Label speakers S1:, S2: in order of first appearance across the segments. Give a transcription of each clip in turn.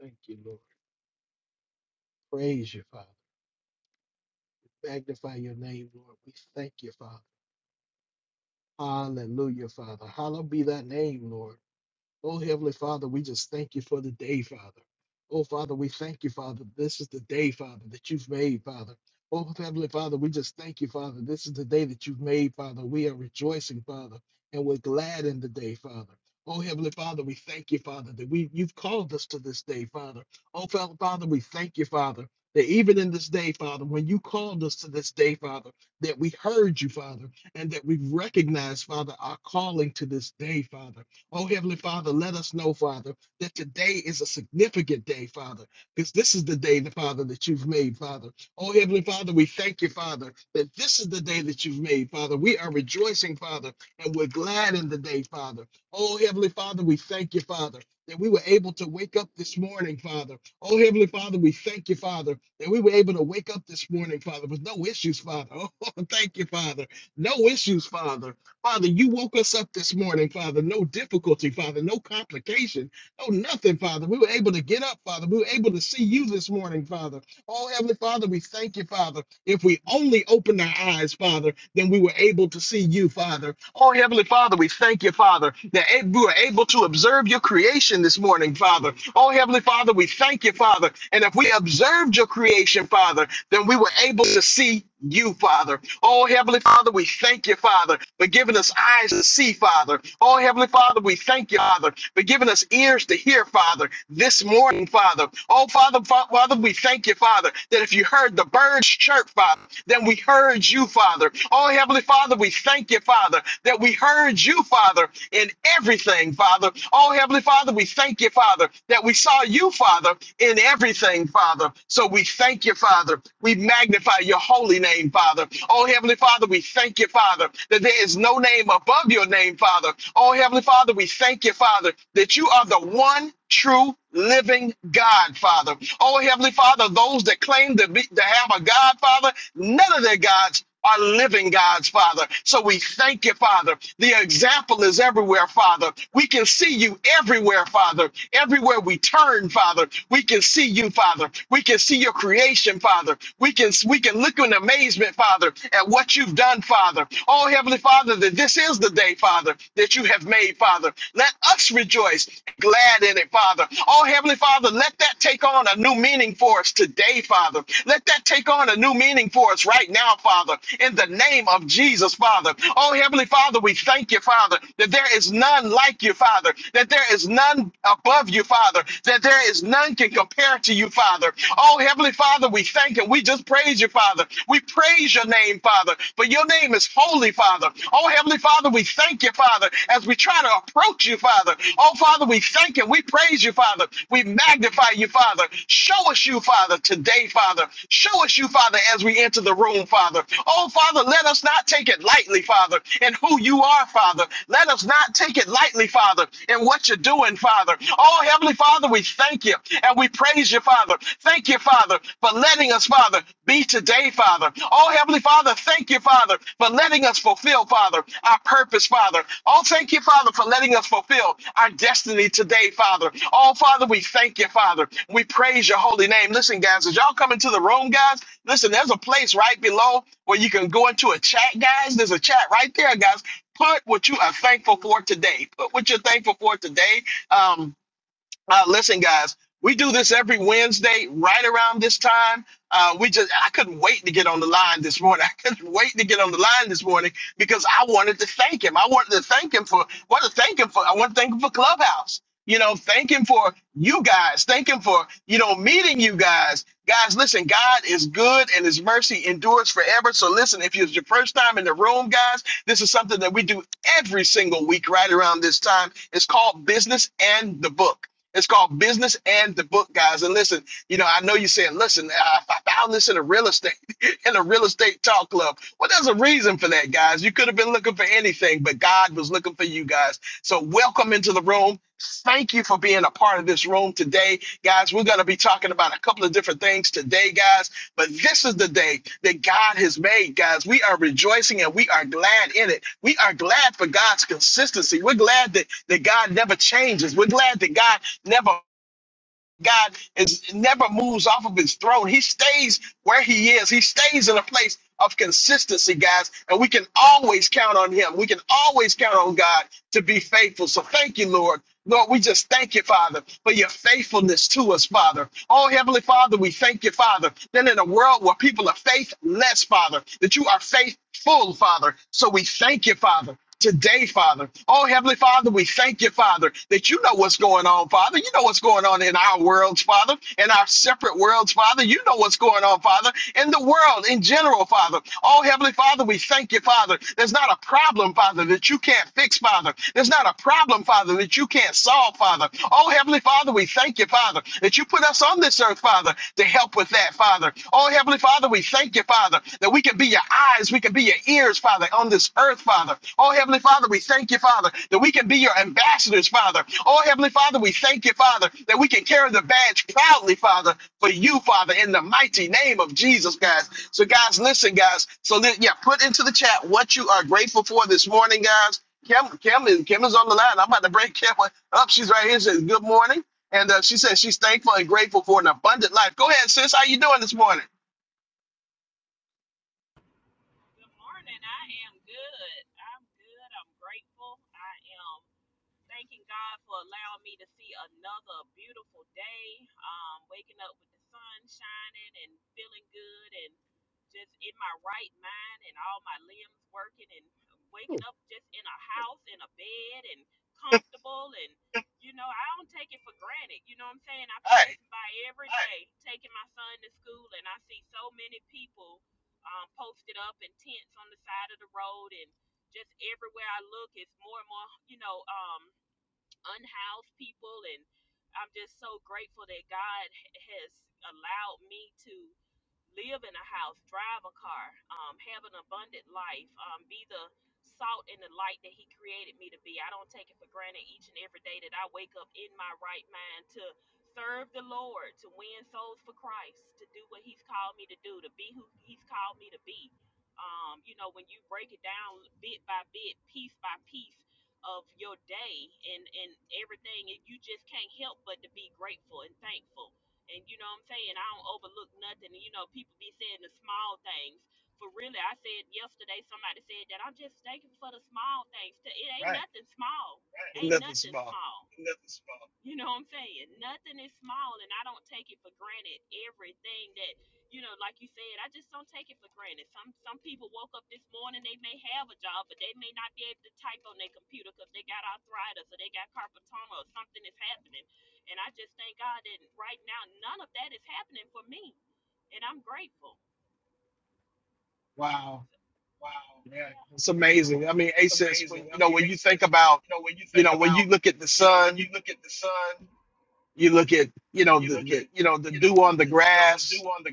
S1: Thank you, Lord. Praise you, Father. Magnify your name, Lord. We thank you, Father. Hallelujah, Father. Hallowed be thy name, Lord. Oh, Heavenly Father, we just thank you for the day, Father. Oh, Father, we thank you, Father. This is the day, Father, that you've made, Father. Oh, Heavenly Father, we just thank you, Father. This is the day that you've made, Father. We are rejoicing, Father, and we're glad in the day, Father. Oh, Heavenly Father, we thank you, Father, that we you've called us to this day, Father. Oh, Fa- Father, we thank you, Father, that even in this day, Father, when you called us to this day, Father, that we heard you, Father, and that we recognize, Father, our calling to this day, Father. Oh, Heavenly Father, let us know, Father, that today is a significant day, Father, because this is the day, the Father, that you've made, Father. Oh, Heavenly Father, we thank you, Father, that this is the day that you've made, Father. We are rejoicing, Father, and we're glad in the day, Father. Oh, Heavenly Father, we thank you, Father, that we were able to wake up this morning, Father. Oh, Heavenly Father, we thank you, Father, that we were able to wake up this morning, Father, with no issues, Father. Oh, thank you, Father. No issues, Father. Father, you woke us up this morning, Father. No difficulty, Father. No complication. No nothing, Father. We were able to get up, Father. We were able to see you this morning, Father. Oh, Heavenly Father, we thank you, Father. If we only opened our eyes, Father, then we were able to see you, Father. Oh, Heavenly Father, we thank you, Father, that a- we were able to observe your creation this morning, Father. Oh, Heavenly Father, we thank you, Father. And if we observed your creation, Father, then we were able to see you, Father. Oh, Heavenly Father, we thank you, Father, for giving us eyes to see, Father. Oh, Heavenly Father, we thank you, Father, for giving us ears to hear, Father, this morning, Father. Oh, Father, Fa- Father, we thank you, Father, that if you heard the birds chirp, Father, then we heard you, Father. Oh, Heavenly Father, we thank you, Father, that we heard you, Father, in everything, Father. Oh, Heavenly Father, we thank you, Father, that we saw you, Father, in everything, Father. So we thank you thank you, Father. We magnify your holy name, Father. Oh, Heavenly Father, we thank you, Father, that there is no name above your name, Father. Oh, Heavenly Father, we thank you, Father, that you are the one true living God, Father. Oh, Heavenly Father, those that claim to, be, to have a God, Father, none of their gods are living gods, Father. So we thank you, Father. The example is everywhere, Father. We can see you everywhere, Father. Everywhere we turn, Father, we can see you, Father. We can see your creation, Father. We can we can look in amazement, Father, at what you've done, Father. Oh, Heavenly Father, that this is the day, Father, that you have made, Father. Let us rejoice, glad in it, Father. Oh, Heavenly Father, let that take on a new meaning for us today, Father. Let that take on a new meaning for us right now, Father, in the name of Jesus, Father. Oh, Heavenly Father, we thank you, Father, that there is none like you, Father, that there is none above you, Father, that there is none can compare to you, Father. Oh, Heavenly Father, we thank you. We just praise you, Father. We praise your name, Father, for your name is holy holy, Father. Oh, Heavenly Father, we thank you, Father, as we try to approach you, Father. Oh, Father, we thank you. We praise you, Father. We magnify you, Father. Show us you, Father, today, Father. Show us you, Father, as we enter the room, Father. Oh, Father, let us not take it lightly, Father, in who you are, Father. Let us not take it lightly, Father, in what you're doing, Father. Oh, Heavenly Father, we thank you and we praise praise you, Father. Thank you, Father, for letting us, Father, be today, Father. Oh, Heavenly Father, thank you, Father, for letting us fulfill, Father, our purpose, Father. Oh, thank you, Father, for letting us fulfill our destiny today, Father. Oh, Father, we thank you, Father. We praise your holy name. Listen, guys, as y'all come into the room, guys, listen, there's a place right below where you can go into a chat, guys. There's a chat right there, guys. Put what you are thankful for today. Put what you're thankful for today. Um, uh, listen, guys, we do this every Wednesday right around this time. Uh, we just I couldn't wait to get on the line this morning. I couldn't wait to get on the line this morning because I wanted to thank him. I wanted to thank him for what to thank him for. I want to thank him for Clubhouse. You know, thank him for you guys. Thank him for, you know, meeting you guys. Guys, listen, God is good and his mercy endures forever. So listen, if it's your first time in the room, guys, this is something that we do every single week right around this time. It's called Business and the Book. It's called Business and the Book, guys. And listen, you know, I know you said, listen, I, I found this in a real estate, in a real estate talk club. Well, there's a reason for that, guys. You could have been looking for anything, but God was looking for you guys. So welcome into the room. Thank you for being a part of this room today, guys. We're going to be talking about a couple of different things today, guys. But this is the day that God has made, guys. We are rejoicing and we are glad in it. We are glad for God's consistency. We're glad that, that God never changes. We're glad that God never God is never moves off of his throne. He stays where he is. He stays in a place of consistency, guys. And we can always count on him. We can always count on God to be faithful. So thank you, Lord. Lord, we just thank you, Father, for your faithfulness to us, Father. Oh, Heavenly Father, we thank you, Father. Then in a world where people are faithless, Father, that you are faithful, Father. So we thank you, Father today, Father. Oh, Heavenly Father, we thank you, Father, that you know what's going on, Father. You know what's going on in our worlds, Father, in our separate worlds, Father. You know what's going on, Father, in the world in general, Father. Oh, Heavenly Father, we thank you, Father. There's not a problem, Father, that you can't fix, Father. There's not a problem, Father, that you can't solve, Father. Oh, Heavenly Father, we thank you, Father, that you put us on this earth, Father. Father, to help with that, Father. Oh, Heavenly Father, we thank you, Father, that we can be your eyes, we can be your ears, Father, on this earth, Father. Oh, Heavenly Father, we thank you, Father, that we can be your ambassadors, Father. Oh, Heavenly Father, we thank you, Father, that we can carry the badge proudly, Father, for you, Father, in the mighty name of Jesus, guys. So, guys, listen, guys. So, li- yeah, put into the chat what you are grateful for this morning, guys. Kim, Kim is Kim is on the line. I'm about to break Kim up. She's right here. She Says good morning. And uh, she says she's thankful and grateful for an abundant life. Go ahead, sis. How you doing this morning?
S2: Good morning. I am good. I'm good. I'm grateful. I am thanking God for allowing me to see another beautiful day. Um, waking up with the sun shining and feeling good and just in my right mind and all my limbs working and
S1: Ooh,
S2: waking up just in a house, in a bed and comfortable and you know, I don't take it for granted. You know what I'm saying? I pass
S1: Hey,
S2: by every day taking my son to school and I see so many people um, posted up in tents on the side of the road and just everywhere I look, it's more and more, you know, um, unhoused people and i'm just so grateful that god h- has allowed me to live in a house, drive a car, um, have an abundant life, um, be the salt and the light that He created me to be. I don't take it for granted each and every day that I wake up in my right mind to serve the Lord, to win souls for Christ, to do what He's called me to do, to be who He's called me to be. Um, you know, when you break it down bit by bit, piece by piece of your day and and everything, you just can't help but to be grateful and thankful and you know what I'm saying? I don't overlook nothing. You know, people be saying the small things. For really, I said yesterday, somebody said that I'm just thankful for the small things. T- It ain't
S1: right.
S2: nothing small. Right. Ain't
S1: Nothing
S2: nothing
S1: small.
S2: small. Nothing small. You know what I'm saying? Nothing is small, and I don't take it for granted. Everything that you know, like you said, I just don't take it for granted. Some some people woke up this morning, they may have a job, but they may not be able to type on their computer because they got arthritis or they got carpal tunnel or something is happening and I just thank God that right now none of that is happening for me. And I'm grateful.
S1: Wow.
S2: Wow.
S1: Yeah,
S2: Yeah.
S1: it's amazing. I mean, hey,
S2: It's
S1: sis, when
S2: amazing.
S1: you
S2: I
S1: know
S2: mean,
S1: when
S2: it
S1: you think
S2: says, when-
S1: about,
S2: you know, when you
S1: you
S2: think
S1: know, when
S2: about,
S1: you look at the
S2: you know, when you
S1: sun,
S2: look at the sun,
S1: you look at, you know,
S2: you
S1: the,
S2: look
S1: the
S2: at,
S1: you know the
S2: you know,
S1: dew
S2: the,
S1: on the
S2: the you know, the dew
S1: grass.
S2: on the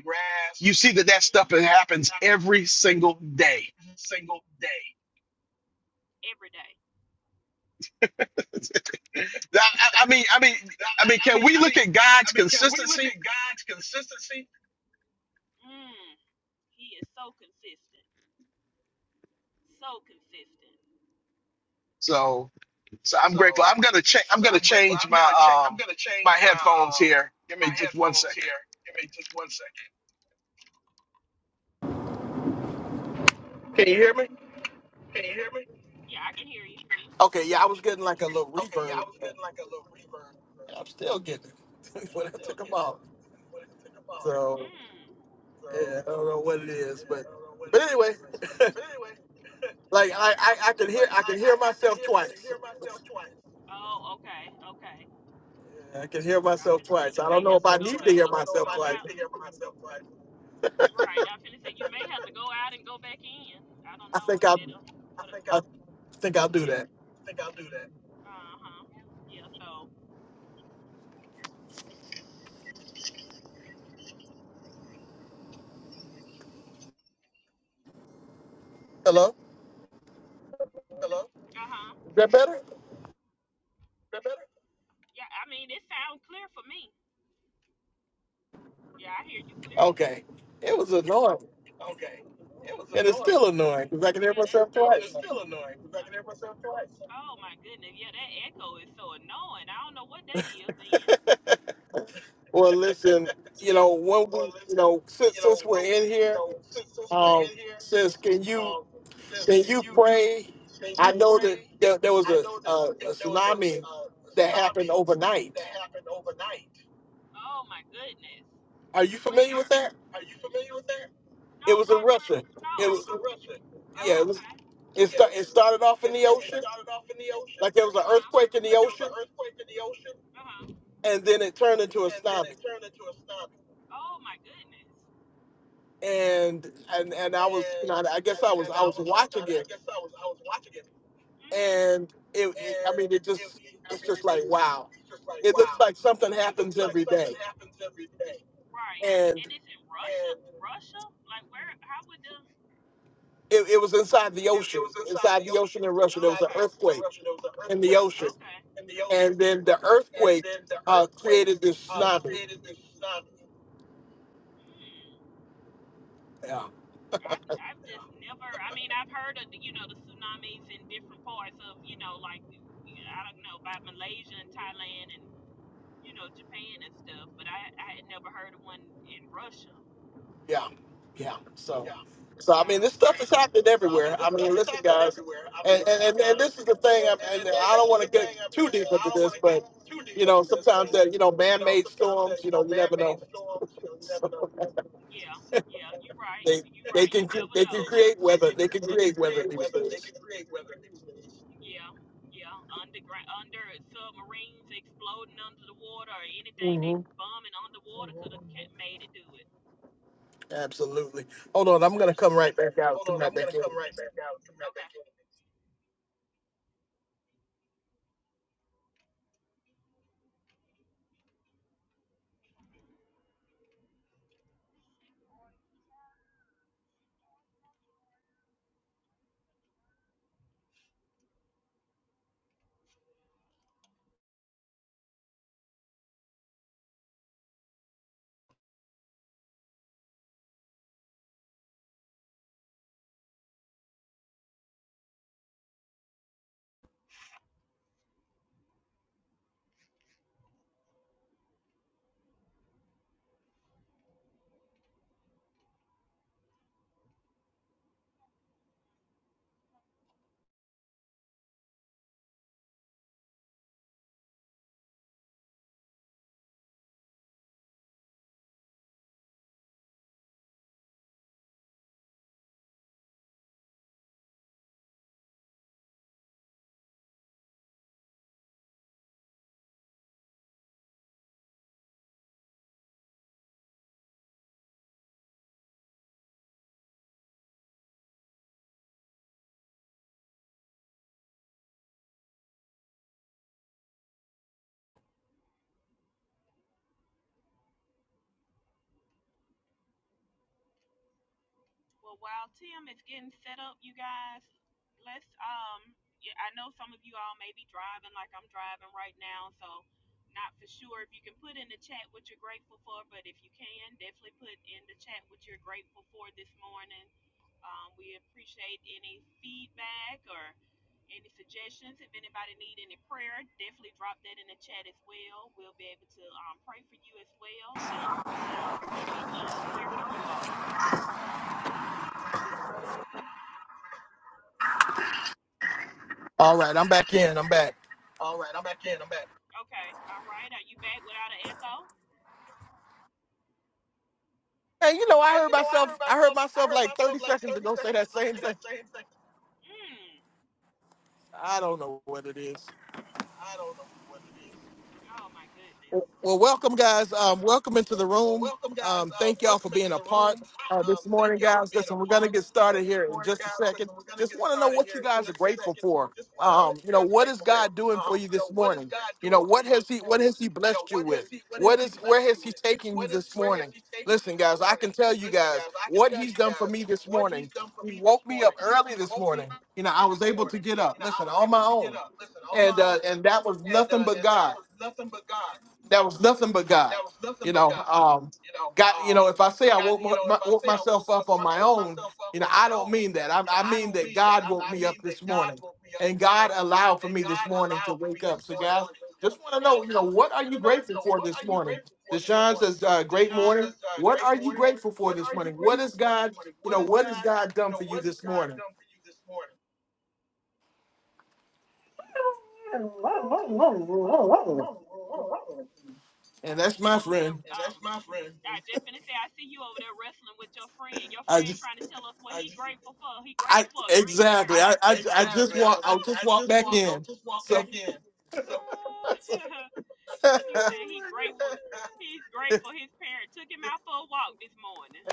S1: You
S2: grass
S1: see that that stuff
S2: Mm,
S1: that happens every single day.
S2: every single day. every day.
S1: I, I
S2: It's-
S1: I
S2: it's-
S1: mean, I mean,
S2: I
S1: I mean,
S2: I- I
S1: can
S2: mean,
S1: we
S2: I
S1: look
S2: mean,
S1: at God's
S2: I mean, can we look
S1: consistency?
S2: at God's consistency? Mm, he is so consistent. So consistent.
S1: So So I'm grateful. I'm gonna change. I'm
S2: So
S1: gonna
S2: I'm grateful.
S1: change
S2: I'm gonna change.
S1: my
S2: I'm
S1: um
S2: gonna
S1: my
S2: change my
S1: headphones
S2: um
S1: here. Give me
S2: my
S1: just one
S2: headphones
S1: second.
S2: here. Give me just one second.
S1: Can you hear me?
S2: Can you hear me? Yeah, I can hear you.
S1: Okay. Yeah, I was getting like a little
S2: Okay, yeah, I
S1: reverb.
S2: was getting like a little reverb.
S1: I'm still getting it
S2: I'm
S1: when I
S2: still
S1: took them
S2: getting
S1: off.
S2: it when I took them off.
S1: So
S2: Mm. So
S1: yeah, I don't know what it is,
S2: yeah, I
S1: but
S2: don't know what
S1: but
S2: it is,
S1: anyway,
S2: but but anyway.
S1: like
S2: Yeah.
S1: I I, I can hear
S2: Like
S1: I
S2: I
S1: can
S2: I,
S1: hear
S2: I could
S1: myself
S2: hear I could
S1: twice.
S2: hear myself twice. Oh, okay, okay.
S1: Yeah, I can hear
S2: I
S1: myself
S2: finna say I
S1: twice. I
S2: could you can hear
S1: don't
S2: may
S1: know
S2: have
S1: if
S2: to
S1: I
S2: myself go
S1: need
S2: twice.
S1: to
S2: back I and
S1: hear
S2: don't know if
S1: myself
S2: I go
S1: twice.
S2: need out. to hear myself twice. Right, I finna say you may have to go out and go back in. I don't
S1: I
S2: know
S1: think
S2: if
S1: I
S2: that'll. I would've- think I'll
S1: I think
S2: You
S1: I'll do
S2: couldn't.
S1: that.
S2: think I'll do that. Uh huh. Yeah. So.
S1: Hello.
S2: Hello? Uh huh.
S1: Is that better?
S2: That better? Yeah. I mean, it sounds clear for me. Yeah, I hear you clearly.
S1: Okay. It was annoying.
S2: Okay. It was
S1: And it's
S2: annoying.
S1: still annoying because I can hear
S2: Yeah. That
S1: myself
S2: that And
S1: twice.
S2: it's still annoying because I can hear myself twice. Oh my goodness. Yeah. That echo is so annoying. I don't know what that is. Then.
S1: Well, listen, you know, when
S2: Well,
S1: we, you
S2: listen,
S1: know, since
S2: you know,
S1: since we're
S2: when we,
S1: in
S2: you
S1: here,
S2: know, since, since we're
S1: um,
S2: in here,
S1: sis, can you
S2: um, uh, since
S1: can
S2: can
S1: you
S2: you
S1: pray?
S2: Since
S1: I
S2: you
S1: know that
S2: pray,
S1: there, there was
S2: I
S1: a,
S2: know
S1: a,
S2: that there
S1: a
S2: there was a,
S1: tsunami
S2: uh, a
S1: that happened
S2: tsunami
S1: overnight.
S2: that happened overnight. Oh my goodness.
S1: Are you familiar
S2: Where?
S1: with that?
S2: Are you familiar with that? No,
S1: It was in
S2: where where
S1: Russia.
S2: It no.
S1: It
S2: was
S1: was
S2: a eruption. It was
S1: yeah.
S2: Oh,
S1: It was
S2: okay.
S1: it
S2: yeah.
S1: start,
S2: It,
S1: it
S2: was,
S1: started off in
S2: it,
S1: the
S2: sta- it
S1: ocean,
S2: started off in the ocean,
S1: like there was an
S2: Uh-huh.
S1: earthquake in the
S2: like there was
S1: ocean,
S2: an earthquake in the ocean, Uh-huh.
S1: and then it turned into a
S2: and then it
S1: tsunami.
S2: turned into a tsunami. Oh my goodness.
S1: And and and I was, you
S2: And
S1: know, I guess
S2: and,
S1: I was
S2: and
S1: I
S2: I
S1: was
S2: was I
S1: watching
S2: I
S1: it
S2: guess I was I was watching it,
S1: and it, it- I
S2: and
S1: mean, it
S2: it,
S1: just
S2: I
S1: it's
S2: mean,
S1: just
S2: it
S1: like
S2: just
S1: wow.
S2: it's just like
S1: It looks
S2: wow.
S1: like something
S2: It looks
S1: happens
S2: like
S1: every
S2: something
S1: day,
S2: happens every day, Right.
S1: and
S2: And it's in Russia? and Russia? Like where how would the
S1: it, it was inside the
S2: it, it
S1: ocean,
S2: was inside
S1: inside
S2: the
S1: the ocean
S2: ocean,
S1: in Russia. There was
S2: inside
S1: an
S2: okay. the okay. ocean in
S1: earthquake
S2: Russia. There was an
S1: in the
S2: earthquake
S1: ocean,
S2: Okay. in the
S1: and
S2: ocean,
S1: then the
S2: and
S1: earthquake
S2: then the
S1: uh,
S2: earthquake
S1: created this
S2: uh,
S1: tsunami.
S2: created this tsunami. Mm,
S1: Yeah,
S2: I've, I've just yeah. never. I mean, I've heard of you know the tsunamis in different parts of you know like I don't know by Malaysia and Thailand and. you know, Japan and stuff, but I, I had never heard of one in Russia.
S1: yeah, yeah. So,
S2: Yeah,
S1: so
S2: yeah.
S1: I mean,
S2: Wow.
S1: this
S2: So,
S1: stuff is happening
S2: so I
S1: everywhere.
S2: mean, this
S1: I
S2: stuff
S1: mean,
S2: is
S1: listen,
S2: happening
S1: guys,
S2: everywhere. I mean,
S1: and and,
S2: listen,
S1: and, and
S2: guys,
S1: this
S2: and
S1: is the thing. I'm,
S2: and,
S1: and
S2: and,
S1: I
S2: this
S1: don't
S2: is
S1: want to
S2: the thing.
S1: get
S2: I
S1: too
S2: mean, and
S1: deep
S2: I
S1: into
S2: don't
S1: this,
S2: want to get
S1: but
S2: too deep
S1: you know,
S2: into this, but
S1: sometimes that you know,
S2: you know,
S1: man-made
S2: sometimes that,
S1: storms. You
S2: you
S1: know,
S2: know,
S1: you
S2: man
S1: never
S2: made
S1: know.
S2: storms, you know, you never know. Yeah, yeah, you're right.
S1: They
S2: You're
S1: they
S2: right. You
S1: can cre-
S2: never
S1: they
S2: know.
S1: can create
S2: They they
S1: weather.
S2: can
S1: They can
S2: cre- they can
S1: create weather
S2: create
S1: these
S2: weather. They
S1: days.
S2: can create weather Yeah, yeah. Underground, under submarines exploding under the water or anything they
S1: hmm
S2: bombing underwater hmm could have made it do it.
S1: Absolutely. Hold on, I'm gonna come right
S2: Absolutely.
S1: back out.
S2: Hold
S1: Come
S2: on,
S1: right
S2: I'm gonna
S1: back in.
S2: come right back out. Come right Okay. back in. Well, while Tim is getting set up, you guys, let's um yeah, I know some of you all may be driving like I'm driving right now, so not for sure if you can put in the chat what you're grateful for, but if you can, definitely put in the chat what you're grateful for this morning. Um, we appreciate any feedback or any suggestions. If anybody need any prayer, definitely drop that in the chat as well. We'll be able to um, pray for you as well. Um, so we'd love to hear from you all.
S1: All right, I'm back in. I'm back.
S2: All right, I'm back in. I'm back. Okay, all right. Are you back without an echo?
S1: Hey, you know, I
S2: Hey,
S1: heard
S2: you know, I
S1: myself.
S2: heard
S1: I heard
S2: myself. I
S1: myself
S2: heard
S1: like 30
S2: myself like
S1: seconds
S2: 30
S1: ago say
S2: seconds
S1: that
S2: ago
S1: same
S2: say
S1: thing.
S2: that same thing. Mm.
S1: I don't know what it is.
S2: I don't know what it is. Oh my goodness.
S1: Well, welcome, guys. Um, welcome into the
S2: Well,
S1: room.
S2: welcome, guys.
S1: Um,
S2: Um,
S1: thank y'all for
S2: welcome
S1: being
S2: into
S1: a
S2: the
S1: part
S2: room.
S1: uh,
S2: Um,
S1: this morning,
S2: thank y'all for
S1: guys.
S2: being
S1: Listen,
S2: a
S1: we're going to
S2: part
S1: get
S2: uh,
S1: started
S2: this
S1: here in
S2: morning,
S1: just a
S2: guys.
S1: second.
S2: Listen, we're going to
S1: Just
S2: get
S1: want to know
S2: started
S1: what
S2: here
S1: you
S2: in
S1: guys are
S2: just a
S1: grateful
S2: second.
S1: for.
S2: Just want to know
S1: Um,
S2: what you
S1: you know,
S2: guys are
S1: what is
S2: grateful for.
S1: God doing for
S2: Um,
S1: you
S2: you
S1: this
S2: know, what is
S1: morning?
S2: God
S1: You know,
S2: doing for
S1: what
S2: you
S1: has
S2: this
S1: He what
S2: morning?
S1: has He
S2: You know,
S1: blessed you
S2: what has
S1: with?
S2: He what has
S1: What
S2: He
S1: is where
S2: blessed you
S1: has He
S2: with?
S1: taken you
S2: What is
S1: this
S2: where has
S1: morning?
S2: He taken you
S1: Listen,
S2: this
S1: guys, I
S2: morning?
S1: can tell you
S2: Listen,
S1: guys
S2: guys, I can
S1: what
S2: tell
S1: He's
S2: you
S1: done for
S2: guys
S1: me this
S2: what He's
S1: morning.
S2: done for
S1: He
S2: me this
S1: woke me up
S2: morning.
S1: early
S2: He
S1: this
S2: woke me
S1: morning.
S2: up
S1: You know, I
S2: early
S1: was
S2: this
S1: able to
S2: morning.
S1: get up.
S2: You know, I
S1: Listen,
S2: was
S1: on my
S2: able to get
S1: own
S2: up. Listen, on my
S1: and uh,
S2: own,
S1: and that was
S2: and
S1: nothing
S2: uh,
S1: but
S2: and that
S1: God
S2: was nothing but God.
S1: that was nothing but God.
S2: That was nothing
S1: You
S2: but
S1: know,
S2: God.
S1: um,
S2: You know,
S1: God. You
S2: um,
S1: know, if I say I
S2: God. You
S1: woke,
S2: know, if
S1: my,
S2: I
S1: woke
S2: say I
S1: myself
S2: woke, my,
S1: up on my
S2: woke
S1: own,
S2: myself up
S1: you know,
S2: on
S1: I
S2: my
S1: don't
S2: own,
S1: mean that. I,
S2: you know,
S1: I
S2: I
S1: mean
S2: don't
S1: that
S2: mean that.
S1: God
S2: I,
S1: woke
S2: I
S1: me up
S2: mean that
S1: this
S2: God
S1: morning,
S2: woke me up
S1: and
S2: this
S1: God
S2: morning,
S1: allowed for
S2: and
S1: me this
S2: God
S1: morning to
S2: allowed for me
S1: wake up.
S2: this
S1: So,
S2: morning
S1: guys,
S2: to wake
S1: just
S2: up. So,
S1: want to know,
S2: y'all
S1: you know, what
S2: just
S1: are you
S2: want to know, you
S1: grateful
S2: know,
S1: for
S2: what
S1: this
S2: are you
S1: morning?
S2: grateful for this
S1: Deshaun
S2: morning?
S1: says, uh, "Great
S2: Deshaun
S1: morning."
S2: says, uh,
S1: What
S2: "Great
S1: are you
S2: morning.
S1: grateful for
S2: What
S1: this
S2: are you
S1: morning? What
S2: grateful
S1: is
S2: for this
S1: God?
S2: morning?
S1: You
S2: What
S1: know,
S2: is
S1: what has
S2: God?
S1: God
S2: You
S1: done
S2: know,
S1: for you
S2: what has
S1: this
S2: God
S1: morning?
S2: done for you this morning?"
S1: And
S2: I
S1: that's
S2: see
S1: my
S2: you over there.
S1: friend.
S2: And Um, that's um, my friend. I just finna say, I see you over there wrestling with your friend. Your
S1: I
S2: friend
S1: just
S2: trying to tell us what I he just grateful for. He
S1: I
S2: grateful for a great parent I
S1: exactly. I,
S2: like
S1: I
S2: you, huh?
S1: I just
S2: exactly. I
S1: walk.
S2: I,
S1: I'll
S2: I
S1: just walk
S2: just
S1: back
S2: walk. I
S1: in.
S2: just walked back
S1: So
S2: in. So he said he grateful. He's grateful his parent took him out for a walk this morning.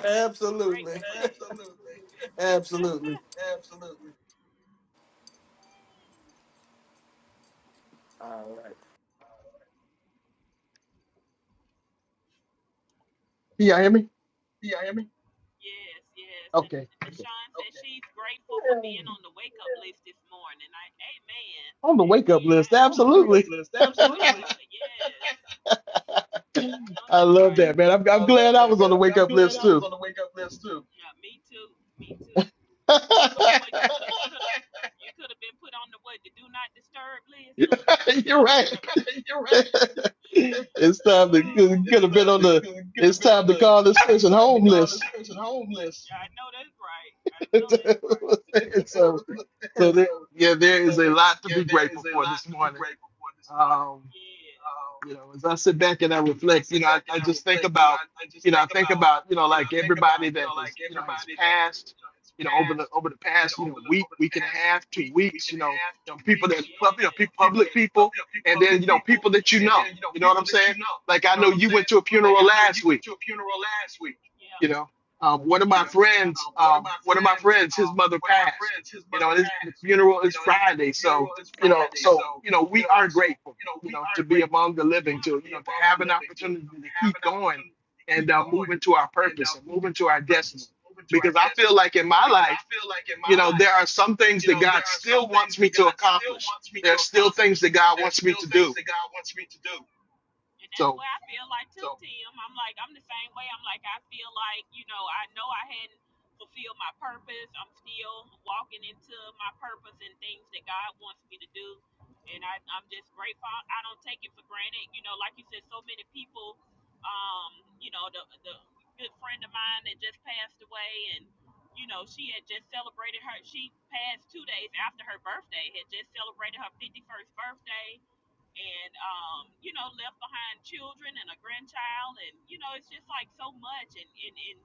S2: He grateful
S1: absolutely,
S2: for that. absolutely,
S1: absolutely.
S2: absolutely.
S1: Can y'all hear me?
S2: Do y'all hear me? Yes, yes. And
S1: Okay.
S2: Deshawn says Okay. she's grateful for being on the wake up list this morning. I, amen.
S1: On the wake up
S2: Amen. I
S1: list,
S2: am On the so wake up
S1: absolutely.
S2: grateful list, on the wake absolutely. up list. Yes. I know
S1: I
S2: that's
S1: love
S2: right.
S1: that, man. I'm,
S2: I
S1: I'm
S2: love
S1: glad I
S2: that,
S1: was on
S2: man.
S1: the
S2: I'm,
S1: wake
S2: I'm
S1: up
S2: glad
S1: list
S2: I was
S1: too.
S2: on the wake up list too. Yeah, me too. Me too. 'Cause What what you could have could have you could have been put on the what the do not disturb list. Or
S1: You're right.
S2: You're right.
S1: it's time to get
S2: It's
S1: a bit
S2: time
S1: on
S2: to
S1: the.
S2: could
S1: It's
S2: have been on
S1: time to
S2: the.
S1: call this
S2: It's
S1: person
S2: time to call this
S1: homeless.
S2: person homeless. Yeah, I know that's right. I know that's right.
S1: so, so there,
S2: so,
S1: yeah, there is
S2: so
S1: a
S2: there,
S1: lot to
S2: yeah,
S1: be
S2: there is
S1: grateful
S2: a
S1: for
S2: lot
S1: this
S2: to be
S1: morning.
S2: grateful for this morning.
S1: Um,
S2: Yes.
S1: you know, as I sit back and I
S2: So I
S1: reflect, you
S2: sit
S1: know, I,
S2: back and
S1: I
S2: I
S1: just think
S2: reflect. You know,
S1: about,
S2: I, I
S1: you
S2: just
S1: know, I
S2: think
S1: think
S2: about,
S1: about, you know,
S2: you know,
S1: like
S2: think
S1: everybody
S2: about, you
S1: that
S2: know, like
S1: has, you know, has
S2: everybody that is,
S1: passed,
S2: you know, has
S1: you know, over the
S2: passed,
S1: over the
S2: you
S1: past,
S2: know,
S1: you
S2: over
S1: know,
S2: the
S1: week,
S2: over the
S1: week and a
S2: past you know,
S1: half, two
S2: week, week
S1: weeks, you
S2: and a
S1: know,
S2: half,
S1: you know,
S2: two
S1: people
S2: weeks,
S1: that
S2: you yes. know,
S1: pub- you know, pe-
S2: Yes. people
S1: public
S2: that
S1: people,
S2: you know,
S1: and then
S2: public
S1: you know,
S2: people,
S1: people that you
S2: mm-hmm. and then
S1: know,
S2: you know,
S1: you know what I'm
S2: people that
S1: saying?
S2: you know.
S1: Like
S2: You
S1: I
S2: know
S1: know
S2: right. what I'm
S1: you went
S2: saying?
S1: to a
S2: Right. Like
S1: funeral
S2: I know
S1: last
S2: you went
S1: week
S2: to a funeral last week. Yeah.
S1: you know um, one of
S2: You
S1: my
S2: know, Yeah.
S1: friends
S2: uh, one of
S1: um,
S2: my
S1: one of my
S2: friends,
S1: friends his
S2: uh,
S1: mother
S2: one of my
S1: passed
S2: friends, his
S1: you know
S2: mother
S1: and his the
S2: passed.
S1: funeral
S2: You
S1: is
S2: know, his
S1: friday so
S2: funeral is
S1: you know
S2: Friday,
S1: so
S2: so
S1: you know
S2: you
S1: we
S2: know,
S1: are
S2: so
S1: grateful
S2: you know,
S1: you
S2: we
S1: know to
S2: are
S1: be
S2: grateful
S1: among the
S2: you know,
S1: living
S2: Yeah. to
S1: to you
S2: be
S1: know to
S2: among the
S1: have an
S2: living, to you
S1: opportunity
S2: know, to
S1: to
S2: have
S1: keep
S2: an
S1: going
S2: opportunity to
S1: and
S2: keep
S1: uh, move
S2: going
S1: into our
S2: and
S1: purpose
S2: uh,
S1: and move
S2: moving to
S1: into our
S2: our
S1: destiny
S2: purpose, moving to
S1: because
S2: our
S1: i feel
S2: destiny.
S1: like in
S2: Yeah.
S1: my
S2: Because I
S1: life
S2: feel like in
S1: you
S2: my
S1: know there
S2: life,
S1: are some things
S2: you
S1: that
S2: know,
S1: god
S2: there are some
S1: still
S2: things
S1: wants
S2: that
S1: me to
S2: God still
S1: accomplish
S2: wants me
S1: there
S2: to
S1: are still things
S2: accomplish.
S1: that god
S2: There's
S1: wants me
S2: still
S1: to
S2: things
S1: do
S2: that God wants me to do. And that's
S1: so
S2: where I feel like too, So Tim. I'm like, I'm the same way. I'm like, I feel like, you know, I know I hadn't fulfilled my purpose. I'm still walking into my purpose and things that God wants me to do. And I, I'm just grateful. I don't take it for granted. You know, like you said, so many people, um, you know, the, the good friend of mine that just passed away and, you know, she had just celebrated her, she passed two days after her birthday, had just celebrated her 51st birthday and um, you know left behind children and a grandchild and you know it's just like so much and and, and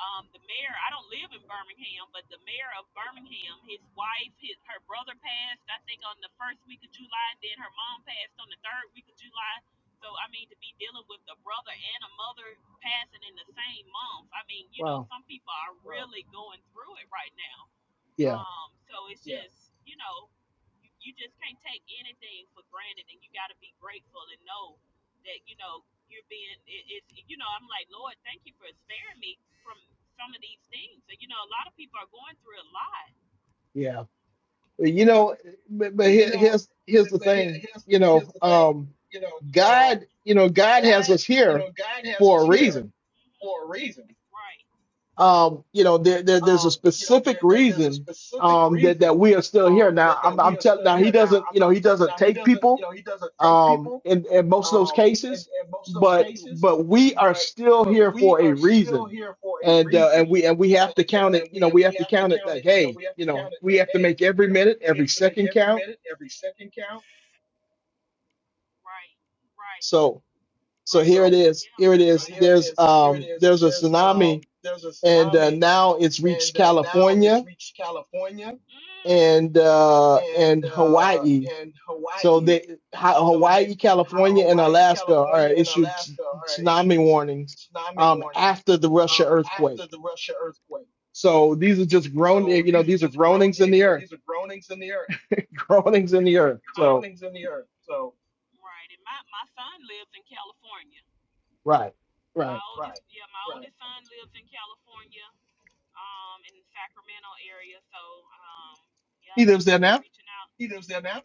S2: um, the mayor i don't live in birmingham but the mayor of birmingham his wife his, her brother passed i think on the first week of july and then her mom passed on the third week of july so i mean to be dealing with the brother and a mother passing in the same month i mean you know some people are Well, really going through it right now um, so it's just, you know, you, you just can't take anything for granted and you got to be grateful and know that, you know, you're being, it, it's, you know, I'm like, Lord, thank you for sparing me from some of these things. And, you know, a lot of people are going through a lot.
S1: yeah you
S2: Yeah,
S1: know but, but
S2: you
S1: here,
S2: know,
S1: here's here's
S2: but,
S1: the
S2: but here-
S1: thing
S2: here's
S1: you
S2: here's
S1: know
S2: the thing.
S1: um,
S2: You know, um,
S1: God, you know, God has
S2: God,
S1: us
S2: you
S1: here
S2: know, God has
S1: for a
S2: us here hmm
S1: reason.
S2: for a reason. Right.
S1: Um, you know, there, there there's a
S2: um, you know, there,
S1: specific
S2: there, there's a
S1: reason
S2: specific
S1: um that, that
S2: reason
S1: we are still
S2: um,
S1: here. Now
S2: that,
S1: I'm
S2: that
S1: I'm
S2: we are
S1: telling
S2: still
S1: now
S2: here.
S1: he
S2: Now,
S1: doesn't,
S2: I'm,
S1: you know,
S2: I'm
S1: he
S2: telling
S1: doesn't
S2: now he
S1: take
S2: doesn't, you
S1: people
S2: know, he doesn't take
S1: um
S2: people
S1: in, in most of those
S2: um, in,
S1: cases,
S2: in most of those
S1: but
S2: cases,
S1: but we are
S2: but
S1: still
S2: but
S1: here
S2: we
S1: for a
S2: are still
S1: reason.
S2: here for a
S1: And uh,
S2: reason,
S1: and we and we have to
S2: and
S1: count
S2: uh,
S1: it,
S2: and
S1: you
S2: we
S1: know,
S2: and
S1: we
S2: we
S1: have to
S2: have to
S1: count it
S2: count
S1: like,
S2: it. You know,
S1: hey,
S2: we have
S1: you
S2: to
S1: know,
S2: count it
S1: we
S2: like,
S1: have to
S2: hey,
S1: make every
S2: you know,
S1: minute,
S2: we
S1: every
S2: have to make
S1: second
S2: every
S1: count.
S2: minute, every second count. Right, right,
S1: So so
S2: right.
S1: here it
S2: So Yeah,
S1: is. Here it
S2: so
S1: is.
S2: here it
S1: There's
S2: is. Here it
S1: um
S2: is.
S1: there's a
S2: There's
S1: tsunami
S2: um there's a
S1: and uh,
S2: tsunami
S1: now it's reached
S2: and uh, now it's
S1: California
S2: reached California
S1: and uh,
S2: Mm. and
S1: and
S2: uh,
S1: Hawaii.
S2: and
S1: So
S2: Hawaii.
S1: they, Ha-
S2: So they,
S1: Hawaii, California, and
S2: Hawaii,
S1: Alaska are
S2: California, and
S1: issued t-
S2: Alaska are
S1: tsunami
S2: issued
S1: warnings
S2: tsunami
S1: um,
S2: warnings
S1: after the Russia
S2: um,
S1: earthquake.
S2: after the Russia earthquake. Oh
S1: So these are just
S2: So
S1: groan, eh,
S2: oh.
S1: you know,
S2: these are
S1: these are
S2: just groan,
S1: groanings in
S2: you
S1: the
S2: know,
S1: earth,
S2: these are groanings in the earth,
S1: groanings in the earth. So
S2: groanings in the earth. So right. And my my son lives in California.
S1: right,
S2: My
S1: right.
S2: oldest, right, yeah, my right. oldest son lives in California. um, in the Sacramento area. So um, yeah,
S1: He
S2: I'll
S1: lives there
S2: definitely be
S1: now.
S2: reaching out. He lives there now.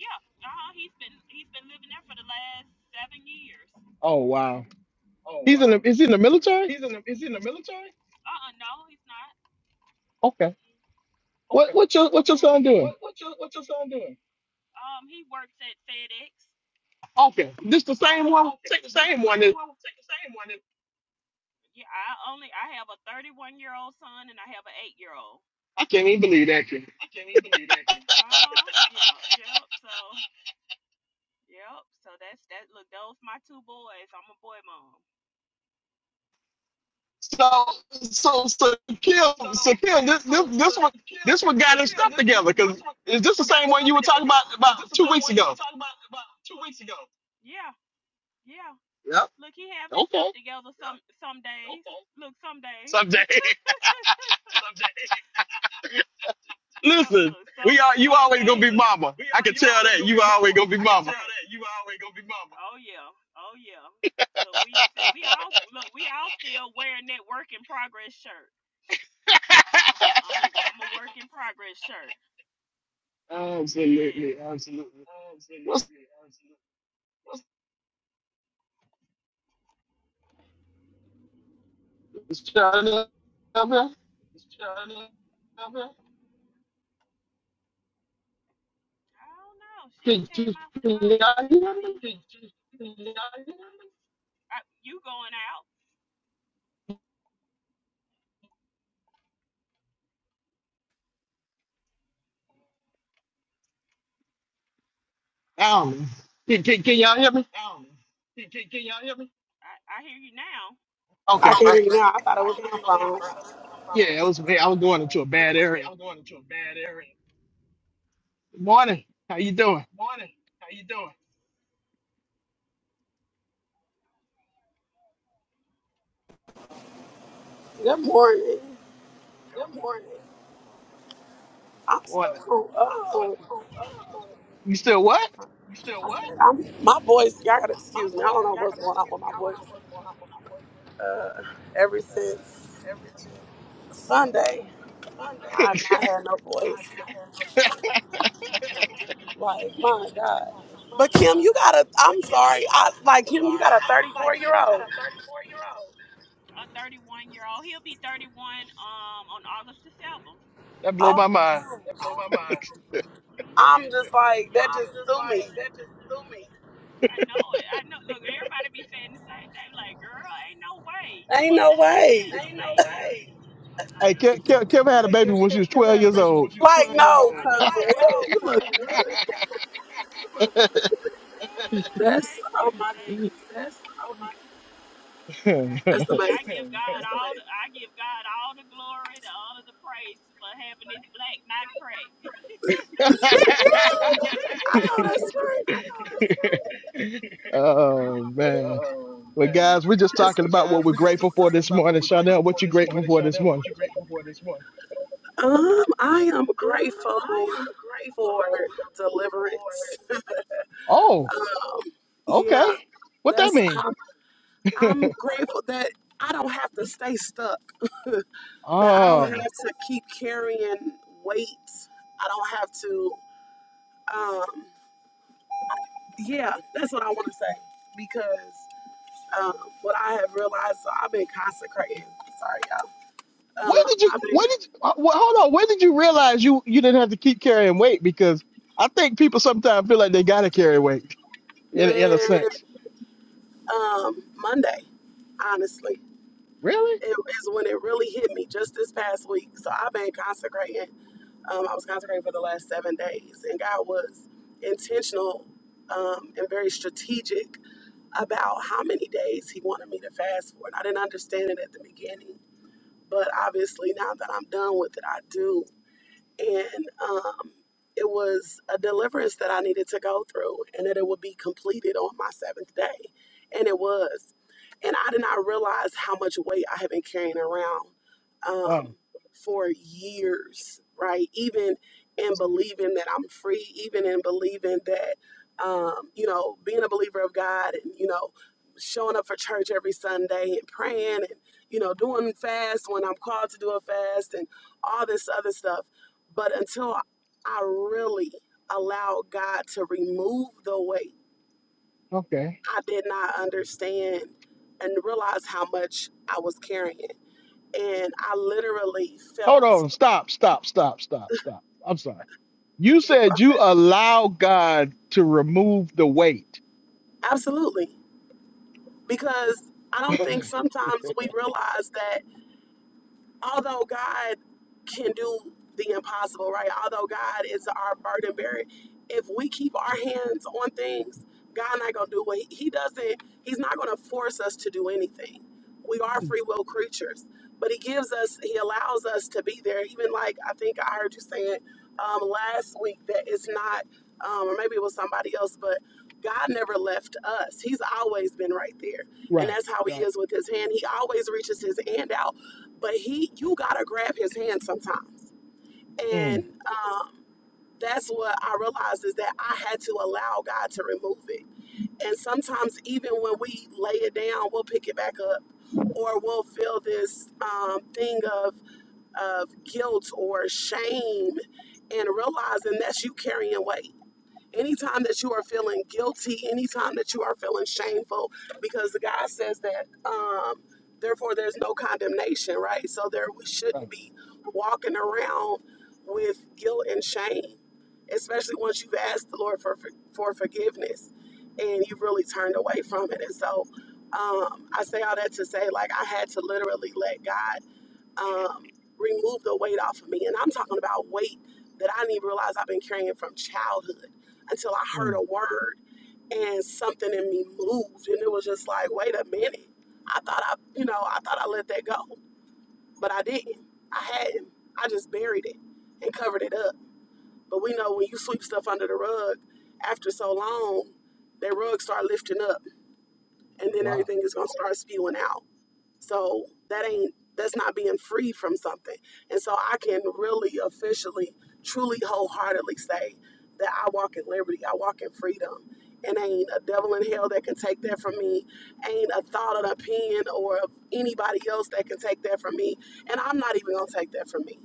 S2: Yeah, uh-huh, he's been he's been living there for the last seven years.
S1: Oh wow,
S2: Oh
S1: he's in. The,
S2: wow.
S1: is he in the military?
S2: He's in the is he in the military? Uh-uh, no, he's not.
S1: Okay.
S2: Mm-mm,
S1: What
S2: Okay.
S1: what's your what's your
S2: no,
S1: son
S2: he's
S1: doing?
S2: What what's your what's your son doing? um he works at FedEx.
S1: Okay, this the same one.
S2: Okay.
S1: Say the
S2: This
S1: same
S2: the
S1: one.
S2: same
S1: that-
S2: one. Take the same one. that- Yeah, I only I have a 31 year old son and I have an eight year old.
S1: I can't even believe that.
S2: I can't even believe that. Uh huh. Yep. Yep. So. Yep. So that's that. Look, those my two boys. I'm a boy mom.
S1: So so so Kim,
S2: So,
S1: so Kim, this
S2: so,
S1: this
S2: so,
S1: this one
S2: Kim,
S1: this one
S2: so
S1: got his
S2: Kim,
S1: stuff
S2: this, this,
S1: together. Cause
S2: this one,
S1: is
S2: this
S1: this the
S2: one got
S1: same
S2: his
S1: one
S2: stuff
S1: you were
S2: together.
S1: talking
S2: Cause
S1: about
S2: is this
S1: about
S2: the
S1: two
S2: same
S1: weeks
S2: one you were
S1: ago?
S2: talking about about two weeks ago? Yeah. Yeah.
S1: Yep.
S2: Look, he have his stuff
S1: Okay.
S2: together Yeah. some some days. Okay. Look, some days.
S1: Someday.
S2: Someday, So,
S1: Listen,
S2: look,
S1: we
S2: some
S1: are you
S2: some
S1: always gonna
S2: listen,
S1: be
S2: days.
S1: mama.
S2: we
S1: I
S2: are
S1: can
S2: you
S1: tell
S2: always
S1: that
S2: gonna be
S1: you always
S2: mama.
S1: gonna be
S2: I can
S1: mama.
S2: tell Right. that you always gonna be mama. Oh yeah. Oh yeah. Look, we said we all look. We all still wearing that work in progress shirt. I'm a I'm a I'm a work in progress shirt.
S1: Absolutely,
S2: Yes.
S1: absolutely. What's
S2: Absolutely, absolutely. What's
S1: this child up here?
S2: this, Charlie? Okay. I don't know. She
S1: Can,
S2: ain't came
S1: can,
S2: off
S1: can
S2: the mic.
S1: y'all
S2: She
S1: hear
S2: may
S1: me?
S2: be. Can, can, can y'all hear me? Uh, you going out?
S1: I don't know. Can, can, can y'all hear me?
S2: Um, can, can, can y'all hear me? I, I hear you now.
S3: I
S1: Okay,
S3: can hear you
S1: perfect.
S3: now. I thought it was my phone.
S1: Yeah, it was. I was going into a
S2: Yeah,
S1: bad
S2: it was, bad.
S1: area.
S2: I'm going into a bad area.
S1: Good morning. How you doing?
S2: Morning. How you doing?
S3: Good morning. I'm still
S1: Morning.
S3: from Oh,
S1: You still what?
S2: You still
S3: I
S2: what?
S3: said I'm my voice. Y'all gotta excuse me. I don't know what's going on with my voice. Uh, ever since Sunday, I've not had no voice. Like my God. But Kim, you got a. I'm sorry. I like Kim. You got a 34 year old.
S2: A 31 year old. He'll be 31 um on August the 7th.
S1: That blow
S3: Oh
S1: my
S3: my
S1: mind.
S3: God.
S2: That my mind.
S3: I'm
S2: hmm
S3: just like
S2: Yep.
S3: that. Just threw me.
S2: I know it. I know. Look, everybody be saying the same thing. Like, girl, ain't no way. You
S3: Ain't
S2: must
S3: no
S2: have had him as
S3: way.
S2: a baby. I'm
S1: Hey,
S2: like,
S1: Kev, Kev, Kev had a
S2: Hey,
S1: baby
S2: Ke-
S1: when she
S2: Ke-
S1: was
S2: Kevin
S1: 12
S2: had a
S1: years
S2: baby when
S1: old.
S2: she was
S3: Like
S2: 12 years I
S3: no,
S2: old. I
S3: cause
S2: know, right?
S3: what? You look.
S2: Oh,
S3: That's
S2: thank you,
S3: oh my goodness.
S2: thank you. Like I get,
S3: That's
S2: look,
S3: amazing.
S2: I give God all the, I give God all the glory, the honor, the praise for having this black not crack.
S3: Yeah, yeah, I know that's
S1: oh man.
S2: oh
S1: Well,
S2: man.
S1: guys, we're just
S3: right.
S1: talking
S2: But
S1: about what
S2: guys,
S1: we're
S2: we're just
S1: grateful for
S2: talking
S1: this
S2: about
S1: morning.
S2: what we're grateful
S1: Chanel,
S2: for
S1: what you
S2: this
S1: grateful
S2: morning.
S1: for this
S2: Chanel, what
S1: morning?
S2: you grateful for this morning?
S3: Um, I am grateful for deliverance.
S1: Oh,
S3: Um, yeah,
S1: okay. What that
S3: that's
S1: mean?
S3: I'm, I'm grateful that I don't have to stay stuck. that I don't
S1: Oh,
S3: have to keep carrying weight. I don't have to. Um, yeah, that's what I want to say because um, what I have realized, so I've been consecrating. Sorry, y'all.
S1: when
S3: Um,
S1: did you?
S3: I've
S1: When
S3: been,
S1: did? You, uh, well, hold on. When did you realize you you didn't have to keep carrying weight? Because I think people sometimes feel like they gotta carry weight in in a
S3: man.
S1: sense.
S3: um, Monday, honestly.
S1: Really?
S3: It is when it really hit me just this past week. So I've been consecrating. Um, I was consecrating for the last seven days, and God was intentional um, and very strategic about how many days He wanted me to fast for. And I didn't understand it at the beginning, but obviously now that I'm done with it, I do and um, it was a deliverance that I needed to go through, and that it would be completed on my seventh day, and it was. And I did not realize how much weight I had been carrying around
S1: Oh,
S3: um, for years, right? Even in believing that I'm free, even in believing that, um, you know, being a believer of God and, you know, showing up for church every Sunday and praying and, you know, doing fast when I'm called to do a fast and all this other stuff but until I really allowed God to remove the weight,
S1: okay.
S3: I did not understand and realize how much I was carrying. And I literally
S1: Hold
S3: felt
S1: on. Stop, stop, stop, stop, stop. I'm sorry. You said you allow God to remove the weight.
S3: absolutely because I don't think sometimes we realize that. although God can do the impossible, right? Although God is our burden bearer, if we keep our hands on things, God not gonna do what He, he doesn't. He's not gonna force us to do anything. We are free will creatures, but He gives us, He allows us to be there. Even like I think I heard you saying um, last week that it's not, um, or maybe it was somebody else, but God never left us. He's always been right there, and
S1: right,
S3: that's how He
S1: right.
S3: is with His hand. He always reaches His hand out but he you gotta grab his hand sometimes and
S1: Mm,
S3: um, that's what i realized is that i had to allow god to remove it and sometimes even when we lay it down we'll pick it back up or we'll feel this um, thing of of guilt or shame and realizing that's you carrying weight Anytime that you are feeling guilty, anytime that you are feeling shameful, because the guy says that, um, therefore there's no condemnation, right? So there we shouldn't
S1: right.
S3: be walking around with guilt and shame, especially once you've asked the Lord for for forgiveness and you've really turned away from it. And so um, I say all that to say, like I had to literally let God um, remove the weight off of me. And I'm talking about weight that I didn't even realize I've been carrying from childhood until I heard
S1: Mm,
S3: a word and something in me moved. And it was just like, wait a minute. I thought I, you know, I thought I let that go, but I didn't. I hadn't. I just buried it and covered it up. But we know when you sweep stuff under the rug after so long, that rug start lifting up and then
S1: wow.
S3: everything is going to start spewing out. So that ain't that's not being free from something. And so I can really officially, truly, wholeheartedly say that I walk in liberty. I walk in freedom. And ain't a devil in hell that can take that from me. Ain't a thought, an opinion, or of anybody else that can take that from me. And I'm not even gonna take that from me.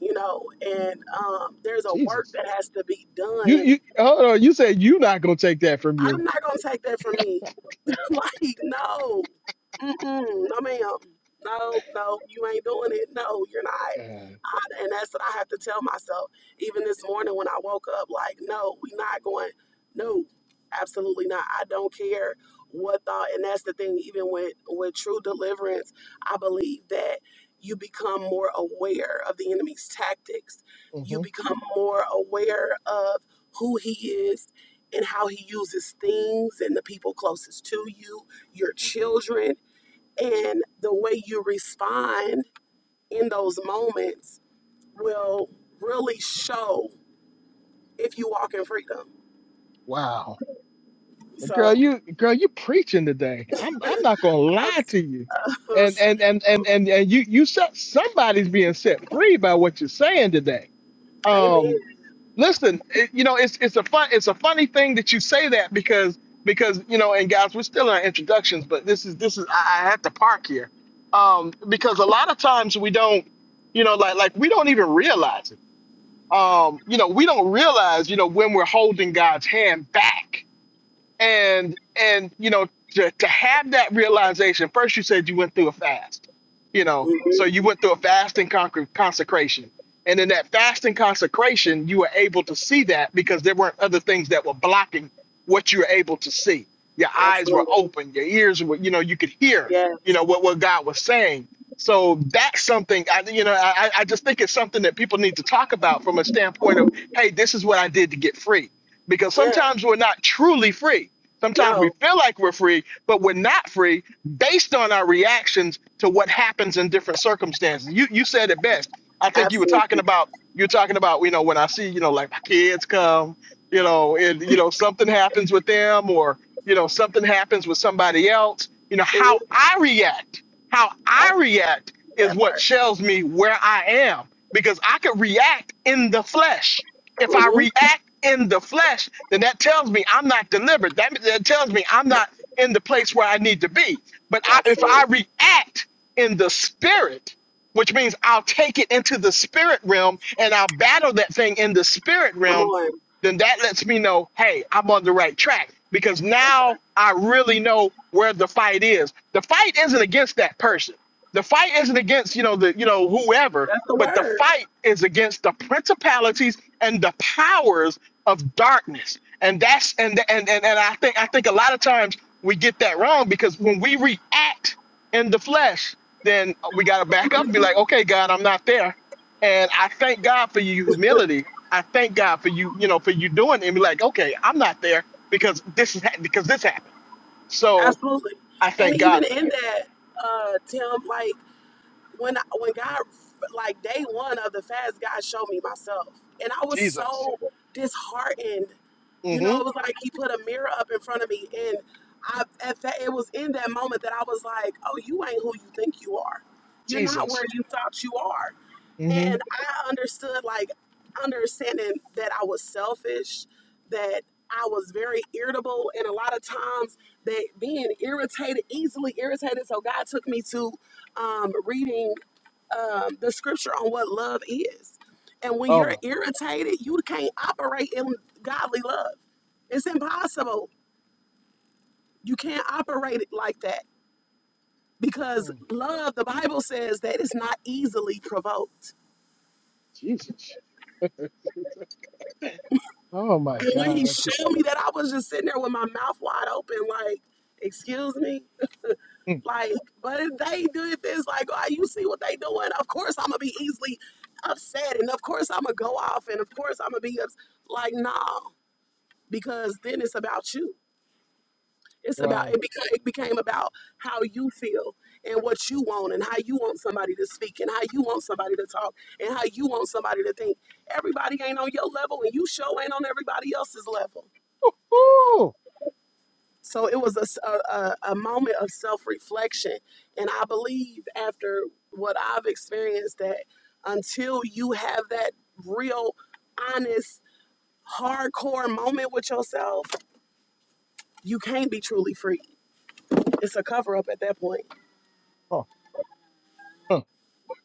S3: You know, and um, there's a work
S1: Jesus.
S3: that has to be
S1: You
S3: done.
S1: you hold on, you said you not gonna take that from
S3: I'm
S1: you.
S3: not gonna take that from me. like, no. Mm-mm, no, ma'am. No, no, you ain't doing it. No, you're not.
S1: God.
S3: I, and that's what I have to tell myself. Even this morning when I woke up, like, no, we not going. No, absolutely not. I don't care what thought. And that's the thing. Even with with true deliverance, I believe that you become more aware of the enemy's tactics.
S1: hmm
S3: You become more aware of who he is and how he uses things and the people closest to you, your
S1: hmm
S3: children and the way you respond in those moments will really show if you walk in freedom.
S1: Wow, but girl,
S3: So,
S1: you girl, you preaching today. I'm I'm not gonna
S3: I'm,
S1: lie to you, and and and and and, and you you set somebody's being set free by what you're saying today. Um
S3: amen.
S1: Listen, it, you know, it's it's a fun it's a funny thing that you say that because because you know, and guys, we're still in our introductions, but this is this is I, I have to park here um, because a lot of times we don't, you know, like like we don't even realize it. Um, you know, we don't realize, you know, when we're holding God's hand back and and you know to, to have that realization first you said you went through a fast you know so
S3: hmm
S1: you went through a fast and con- consecration and in that fast and consecration you were able to see that because there weren't other things that were blocking what you were able to see your eyes were
S3: Absolutely.
S1: open your ears were you know you could hear
S3: Yes.
S1: you know what, what god was saying so that's something i you know I, I I just think it's something that people need to talk about from a standpoint of hey this is what i did to get free because
S3: Yeah.
S1: sometimes we're not truly free Sometimes we
S3: No.
S1: feel like we're free, but we're not free based on our reactions to what happens in different circumstances. You you said it best. I think you were talking
S3: Absolutely.
S1: about you're talking about you know when I see you know like my kids come, you know, and you know something happens with them or you know something happens with somebody else. You know how
S3: hmm
S1: I react, how I
S3: That,
S1: react is
S3: that
S1: what
S3: part.
S1: shows me where I am because I could react in the flesh if I
S3: hmm
S1: react in the flesh, then that tells me I'm not delivered. That, that tells me I'm not in the place where I need to be. But I, if
S3: Absolutely.
S1: I react in the spirit, which means I'll take it into the spirit realm and I'll battle that thing in the spirit
S3: Come
S1: realm
S3: on.
S1: then that lets me know, hey, I'm on the right track because
S3: That's,
S1: now I really know where the fight is. The fight isn't against that person. The fight isn't against, you know, the you know, whoever,
S3: that's the
S1: but the
S3: word.
S1: fight is against the principalities and the powers of darkness. And that's and and and, and I think I think a lot of times we get that wrong because when we react in the flesh, then we gotta back up and be like, okay, God, I'm not there. And I thank God for your humility I thank God for you, you know, for you doing it and be like, okay, I'm not there because this is ha- because this happened. So
S3: Absolutely.
S1: I
S3: And
S1: thank
S3: even
S1: God for
S3: in
S1: that.
S3: that, uh, Tim, like, when I- when God like day one of the fast, God showed me myself, and I was
S1: Jesus.
S3: so disheartened. You know,
S1: hmm
S3: it was like He put a mirror up in front of me, and I at that it was in that moment that I was like, "Oh, you ain't who you think you are. You're not where
S1: Jesus.
S3: you thought you are."
S1: hmm
S3: And I understood like understanding that I was selfish, that I was very irritable, and a lot of times that being irritated, easily irritated. So God took me to um, reading um, the scripture on what love is. And when
S1: Oh
S3: you're
S1: my.
S3: irritated, you can't operate in godly love. It's impossible. You can't operate it like that because
S1: mm.
S3: love, the Bible says that it's not easily provoked.
S1: Oh my
S3: And when he
S1: God.
S3: showed me that, I was just sitting there with my mouth wide open, like, excuse me? Like, but if they did this, like, oh, you see what they doing? Of course I'm going to be easily upset. And of course I'm going to go off. And of course I'm going to be ups- like, no. because then it's about you. It's about
S1: Wow.
S3: it became it became about how you feel and what you want and how you want somebody to speak and how you want somebody to talk and how you want somebody to think. Everybody ain't on your level and you show ain't on everybody else's level.
S1: Woo!
S3: So it was a, s- a- a- a moment of self reflection, and I believe after what I've experienced that until you have that real, honest, hardcore moment with yourself, you can't be truly free It's a cover up at that point.
S1: Oh, huh.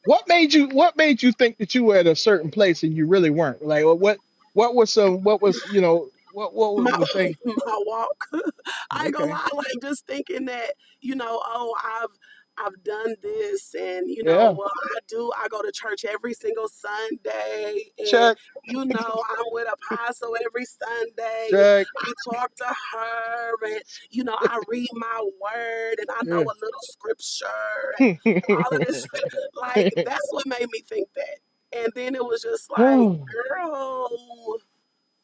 S1: What made you what made you think that you were at a certain place and you really weren't? Like what what was some what was you know what what was
S3: My
S1: the thing?
S3: my walk. I ain't gonna
S1: Okay.
S3: lie, like just thinking that, you know, oh, I've I've done this and you know,
S1: Yeah.
S3: well I do I go to church every single Sunday and
S1: Check.
S3: you know I'm with Apostle every Sunday and
S1: Check.
S3: I talk to her and you know I read my word and I know a little scripture and all of this like that's what made me think that. And then it was just like, girl,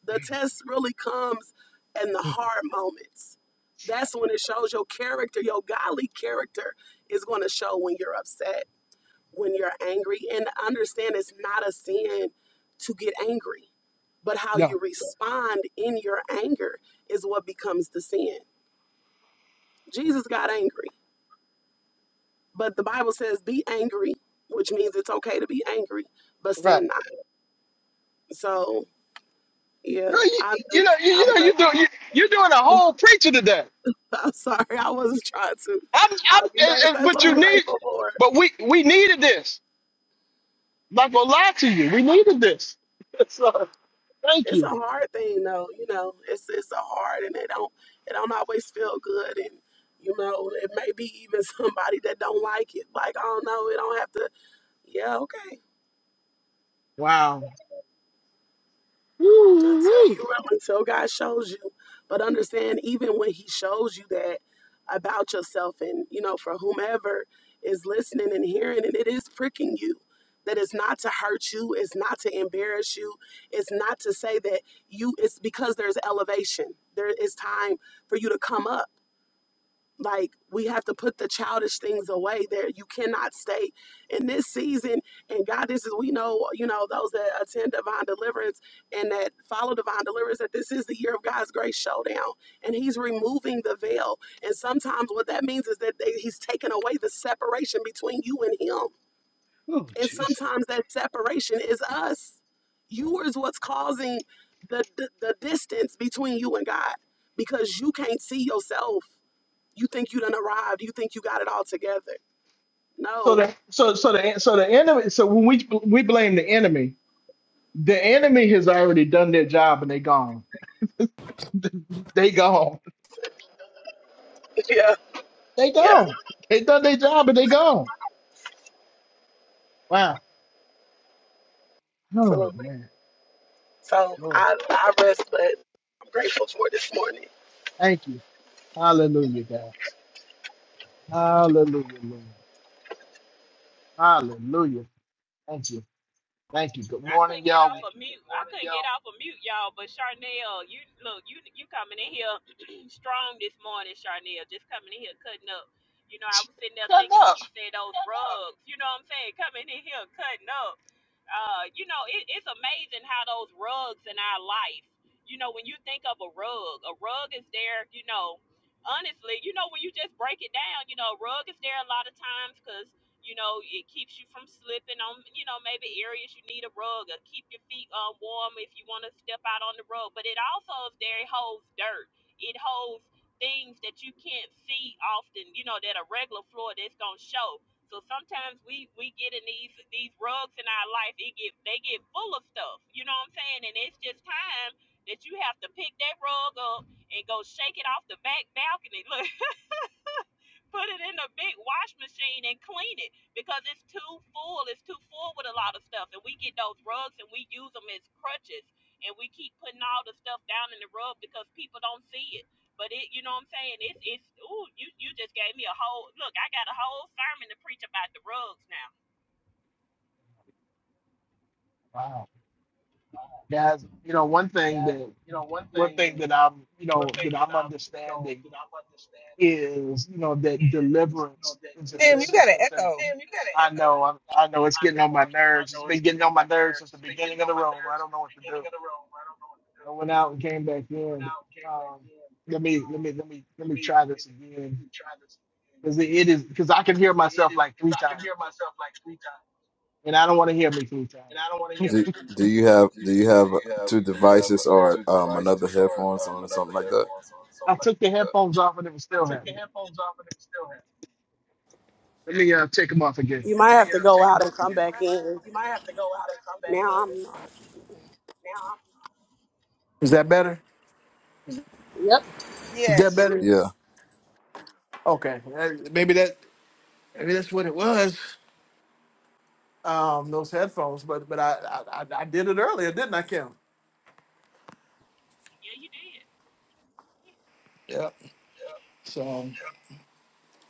S3: The test really comes in the hard moments. That's when it shows your character, your godly character is going to show when you're upset, when you're angry. And understand it's not a sin to get angry, but how
S1: No.
S3: you respond in your anger is what becomes the sin. Jesus got angry, but the Bible says, be angry, which means it's okay to be angry, but
S1: Right.
S3: sin not. So, yeah,
S1: Girl, you,
S3: I'm
S1: you know
S3: just,
S1: you,
S3: I'm
S1: you know you
S3: grateful.
S1: do you you're doing a whole preacher today.
S3: I'm sorry, I wasn't trying to.
S1: I'm,
S3: I,
S1: I'm,
S3: you know,
S1: and-
S3: that's
S1: and-
S3: that's
S1: but
S3: what
S1: you
S3: I'm
S1: need,
S3: grateful for.
S1: but we, we needed this. I'm not gonna lie to you. We needed this. so thank
S3: It's a
S1: you.
S3: hard thing, though. You know, it's it's a hard, and it don't it don't always feel good, and you know, it may be even somebody that don't like it. Like, oh no, it don't have to. Yeah, okay.
S1: Wow.
S3: until
S1: Woo-wee.
S3: you until God shows you. But understand, even when He shows you that about yourself, and you know, for whomever is listening and hearing, and it is pricking you. That it's not to hurt you, it's not to embarrass you, it's not to say that you. It's because there's elevation. There is time for you to come up like we have to put the childish things away. There, you cannot stay in this season. And God, this is we know, you know, those that attend divine deliverance and that follow divine deliverance, that this is the year of God's grace showdown, and He's removing the veil. And sometimes what that means is that they, He's taken away the separation between you and Him. And sometimes that separation is us. You is what's causing the, the the distance between you and God because you can't see yourself you think you done arrived. You think you got it all together.
S1: So
S3: No.
S1: the, so, so the, so the enemy, so when we, we blame the enemy, the enemy has already done their job and they gone. they gone.
S3: Yeah,
S1: They
S3: yeah,
S1: gone. They done their job and they gone. Wow. Oh
S3: absolutely.
S1: man,
S3: So
S1: Lord,
S3: I, I rest, but I'm grateful for this morning.
S1: thank you. Hallelujah, guys. Hallelujah, Lord. Hallelujah. Thank you. Thank you. Good
S2: I
S1: morning,
S2: couldn't get
S1: y'all.
S2: off of mute. I couldn't get off of mute, y'all. But Charnel, you look, you you coming in here strong this morning, Charnel. Just coming in here cutting up. You know, I was sitting there
S1: Good
S2: thinking when
S1: luck.
S2: you said those rugs. You know what I'm saying? Coming in here cutting up. uh, you know, it, it's amazing how those rugs in our life, you know, when you think of a rug, a rug is there, you know, honestly, you know, when you just break it down, you know, a rug is there a lot of times because, you know, it keeps you from slipping on, you know, maybe areas you need a rug or keep your feet uh, warm if you want to step out on the rug. But it also is there, it holds dirt, it holds things that you can't see often, you know, that a regular floor that's going to show so sometimes we we get in these these rugs in our life. It get they get full of stuff. You know what I'm saying? And it's just time that you have to pick that rug up and go shake it off the back balcony. Look, put it in the big wash machine and clean it because it's too full. It's too full with a lot of stuff. And we get those rugs and we use them as crutches. And we keep putting all the stuff down in the rug because people don't see it. But it, you know what I'm saying? It's it's ooh, you you just gave me a whole look. I got a whole sermon to preach about the rugs now
S1: Wow. Guys, you know, one thing
S2: That's
S1: that
S2: you know one
S1: one
S2: thing
S1: thing
S2: that
S1: that I'm, you
S2: one
S1: know,
S2: thing
S1: that
S2: that
S1: I'm
S2: I you know
S1: understanding
S2: that I'm understanding
S1: is, you know, that
S2: is you
S1: deliverance
S2: know that
S1: is a
S4: Tim, you got an
S1: consistent
S2: deliverance.
S1: thing.
S4: echo.
S1: I know, I'm, I know it's
S2: I
S1: getting
S2: know
S1: on my
S2: I,
S1: nerves. It's
S2: know
S1: been
S2: it's getting
S1: getting on
S2: on
S1: my
S2: my
S1: nerves since
S2: nerves.
S1: the
S2: It's been
S1: beginning
S2: getting
S1: of
S2: on
S1: the
S2: my
S1: room. I
S2: nerves at
S1: don't know
S2: the
S1: what to
S2: beginning
S1: do.
S2: of the room. I don't know what to do.
S1: I went
S2: I
S1: out and came back
S2: went
S1: in.
S2: out, came back
S1: Um,
S2: in.
S1: let me, let
S2: Uh,
S1: me, let me, let
S2: let
S1: me
S2: me
S1: try
S2: let me
S1: this
S2: let me let
S1: again
S2: me try this again.
S1: because it it is because I can hear
S2: Cause it
S1: myself
S2: is
S1: like
S2: because
S1: three
S2: I can
S1: times,
S2: hear myself like three times,
S1: and I don't want to hear me three times.
S2: and I don't want to hear
S5: Do,
S2: me three times.
S5: do you have
S2: Do,
S5: do you
S2: do
S5: have
S2: you have
S5: two
S2: do you have
S5: devices or
S2: two
S5: um another
S2: devices or
S5: headphones
S2: um,
S5: on or something
S2: another
S5: like that?
S2: headphones or
S1: I
S2: something like?
S1: took the headphones off and it was
S2: I
S1: still
S2: took the
S1: happening.
S2: headphones off and it still have.
S1: Let me uh, take them off again.
S3: You might have
S2: Yeah,
S3: to
S2: yeah,
S3: go
S2: take
S3: out
S2: them
S3: and
S2: off
S3: come
S2: again.
S3: back in. Now I'm not.
S1: Is that better?
S3: Yep.
S1: Is that
S4: Yes.
S1: better?
S5: Yeah.
S1: Okay, Uh, maybe that maybe that's what it was. Um, those headphones, but but I I, I I did it earlier, didn't I, Kim?
S2: Yeah, you did.
S1: Yep. So.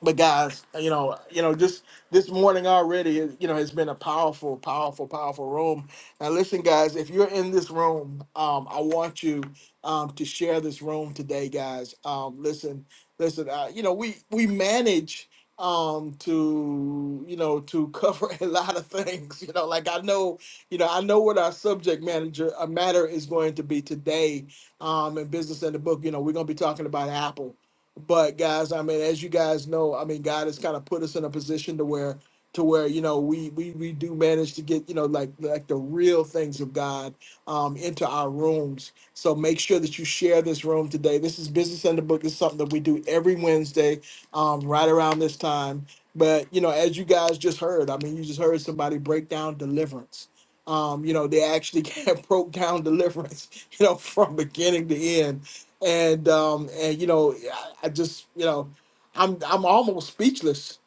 S1: but guys, you know, you know, just this morning already, you know, has been a powerful, powerful, powerful room. Now, listen, guys, if you're in this room, um, I want you um, to share this room today, guys. Um, listen, listen, uh, you know, we we manage um to you know to cover a lot of things you know like i know you know i know what our subject manager a matter is going to be today um in business and the book you know we're going to be talking about apple but guys i mean as you guys know i mean god has kind of put us in a position to where to where you know we we we do manage to get you know like like the real things of god um into our rooms so make sure that you share this room today this is business in the book It's something that we do every wednesday um right around this time but you know as you guys just heard i mean you just heard somebody break down deliverance um you know they actually broke down deliverance you know from beginning to end and um, and you know, I, I just you know, I'm I'm almost speechless.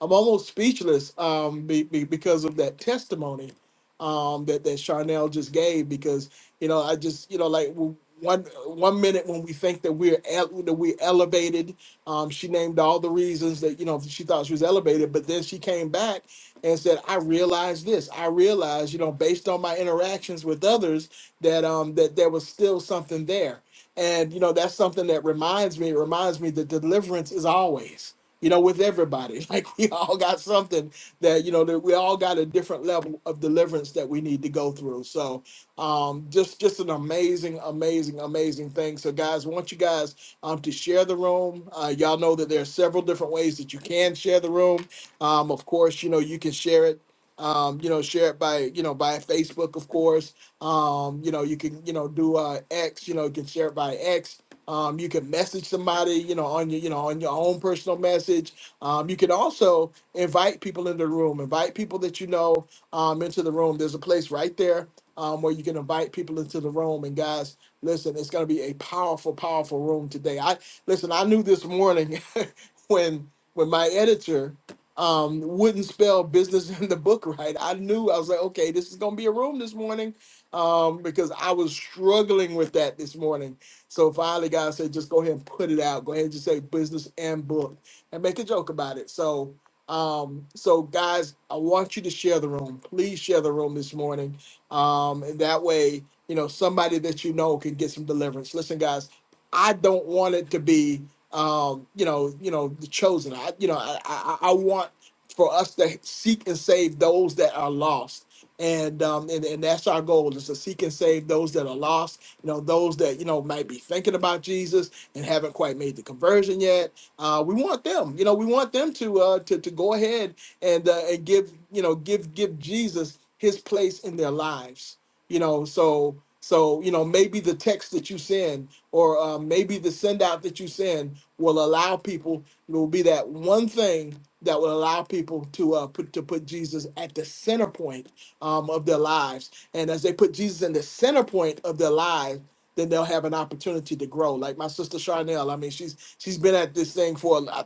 S1: I'm almost speechless um, be, be, because of that testimony um, that that Charnel just gave. Because you know, I just you know, like w- one one minute when we think that we're el- that we elevated, um, she named all the reasons that you know she thought she was elevated, but then she came back and said, "I realized this. I realized, you know, based on my interactions with others, that um that there was still something there." And you know, that's something that reminds me, it reminds me that deliverance is always, you know, with everybody. Like we all got something that, you know, that we all got a different level of deliverance that we need to go through. So um just just an amazing, amazing, amazing thing. So guys, I want you guys um to share the room. Uh y'all know that there are several different ways that you can share the room. Um of course, you know, you can share it um, you know, share it by, you know, by Facebook, of course um, you know, you can, you know, do uh X, you know, you can share it by X. Um, you can message somebody, you know, on your, you know, on your own personal message. Um, you can also invite people into the room, invite people that you know um into the room. There's a place right there um where you can invite people into the room. And guys, listen, it's gonna be a powerful, powerful room today. I listen, I knew this morning when when my editor um wouldn't spell business in the book right. I knew I was like, okay, this is gonna be a room this morning um, because I was struggling with that this morning. So finally, God said, just go ahead and put it out. Go ahead and just say business and book and make a joke about it. So, um, so guys, I want you to share the room. Please share the room this morning. Um, and that way, you know, somebody that you know can get some deliverance. Listen, guys, I don't want it to be, um, you know, you know, the chosen. I, you know, I, I, I want for us to seek and save those that are lost and um and, and that's our goal is to seek and save those that are lost you know those that you know might be thinking about jesus and haven't quite made the conversion yet uh we want them you know we want them to uh to, to go ahead and uh, and give you know give give jesus his place in their lives you know so so you know maybe the text that you send or uh, maybe the send out that you send will allow people it will be that one thing that will allow people to uh put to put jesus at the center point um, of their lives. And as they put Jesus in the center point of their lives, then they'll have an opportunity to grow. Like my sister Charnel, I mean, she's she's been at this thing for uh, uh,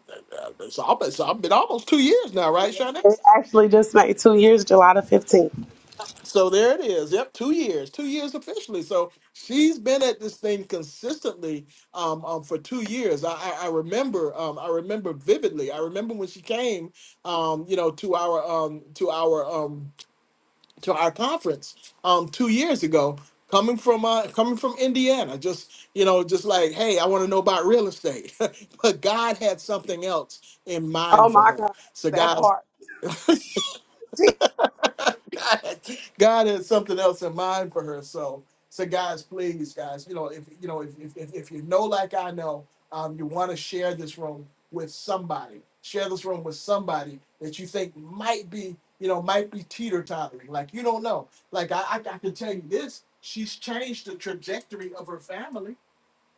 S1: it's almost it's been almost two years now, right, Charnel?
S3: Actually just made two years, July the 15th.
S1: So there it is. Yep, two years, two years officially. So she's been at this thing consistently um, um, for two years. I, I, I remember, um, I remember vividly. I remember when she came, um, you know, to our um, to our um, to our conference um two years ago coming from uh coming from indiana just you know just like hey i want to know about real estate but god had something else in
S3: Oh
S1: mind for
S3: my
S1: her
S3: God.
S1: so
S3: That
S1: guys
S3: part.
S1: God, had- God had something else in mind for her. So, so guys, please, guys, you know, if you know, if if, if if you know, like I know, um, you want to share this room with somebody. Share this room with somebody that you think might be, you know, might be teeter tottering. Like you don't know. Like I, I, I can tell you this: she's changed the trajectory of her family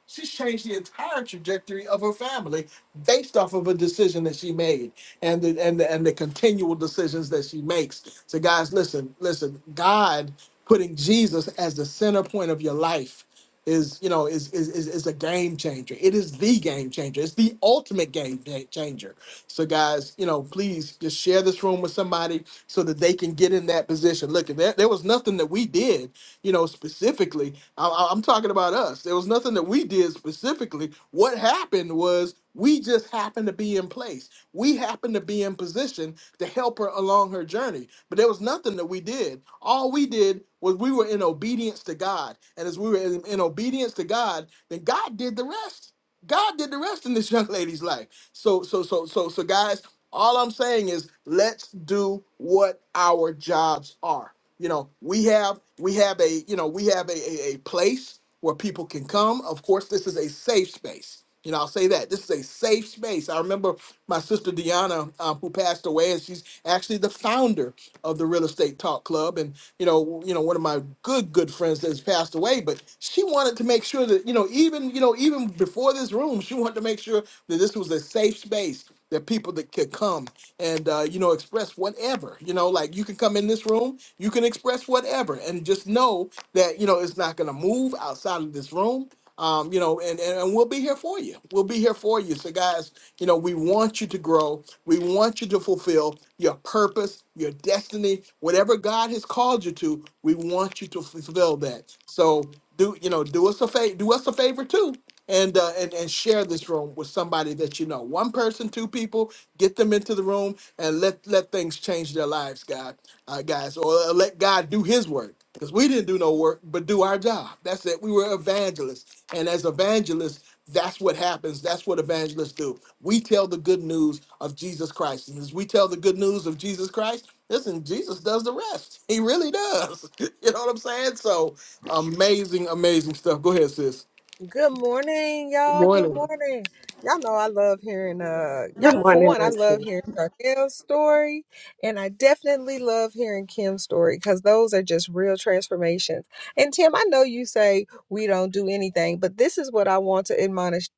S1: She's changed the entire trajectory of her family based off of a decision that she made and the, and the, and the continual decisions that she makes. So, guys, listen, listen. God putting Jesus as the center point of your life is, you know, is is is, is a game changer. It is the game changer. It's the ultimate game cha- changer. So, guys, you know, please just share this room with somebody so that they can get in that position. Look, there, there was nothing that we did you know, specifically. I, I- I'm talking about us. There was nothing that we did specifically. What happened was we just happened to be in place. We happened to be in position to help her along her journey. But there was nothing that we did. All we did was we were in obedience to God. And as we were in, in obedience to God, then God did the rest. God did the rest in this young lady's life. So, so, so, so, so, guys, all I'm saying is let's do what our jobs are you know we have we have a you know we have a, a, a place where people can come of course this is a safe space you know i'll say that this is a safe space i remember my sister deanna um, who passed away and she's actually the founder of the real estate talk club and you know you know one of my good good friends that's passed away but she wanted to make sure that you know even you know even before this room she wanted to make sure that this was a safe space there are people that could come and uh, you know express whatever. You know, like you can come in this room, you can express whatever, and just know that you know it's not going to move outside of this room. Um, you know, and, and and we'll be here for you. We'll be here for you. So, guys, you know, we want you to grow. We want you to fulfill your purpose, your destiny, whatever God has called you to. We want you to fulfill that. So, do you know? Do us a favor. Do us a favor too and uh, and and share this room with somebody that you know. One person, two people, get them into the room and let let things change their lives, God, uh, guys, or uh, let God do His work because we didn't do no work but do our job. That's it. We were evangelists, and as evangelists. That's what happens. That's what evangelists do. We tell the good news of Jesus Christ. And as we tell the good news of Jesus Christ, listen, Jesus does the rest. He really does. You know what I'm saying? So amazing, amazing stuff. Go ahead, sis.
S4: Good morning,
S1: Good
S4: y'all. Good
S1: morning.
S4: morning. Y'all know I love hearing uh yeah, for one, I love hearing Charnel's story and I definitely love hearing Kim's story because those are just real transformations. And Tim, I know you say we don't do anything, but this is what I want to admonish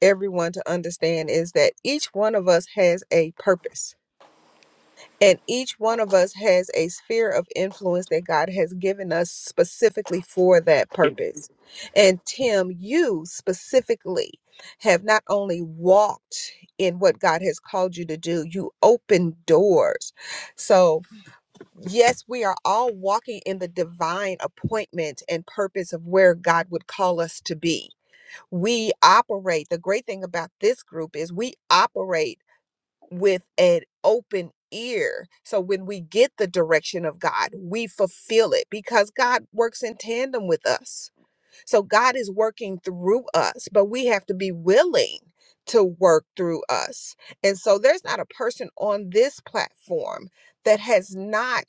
S4: everyone to understand is that each one of us has a purpose And each one of us has a sphere of influence that God has given us specifically for that purpose. And Tim, you specifically have not only walked in what God has called you to do, you opened doors. So, yes, we are all walking in the divine appointment and purpose of where God would call us to be. We operate, the great thing about this group is we operate with an open ear. So when we get the direction of God, we fulfill it because God works in tandem with us. So God is working through us, but we have to be willing to work through us. And so there's not a person on this platform that has not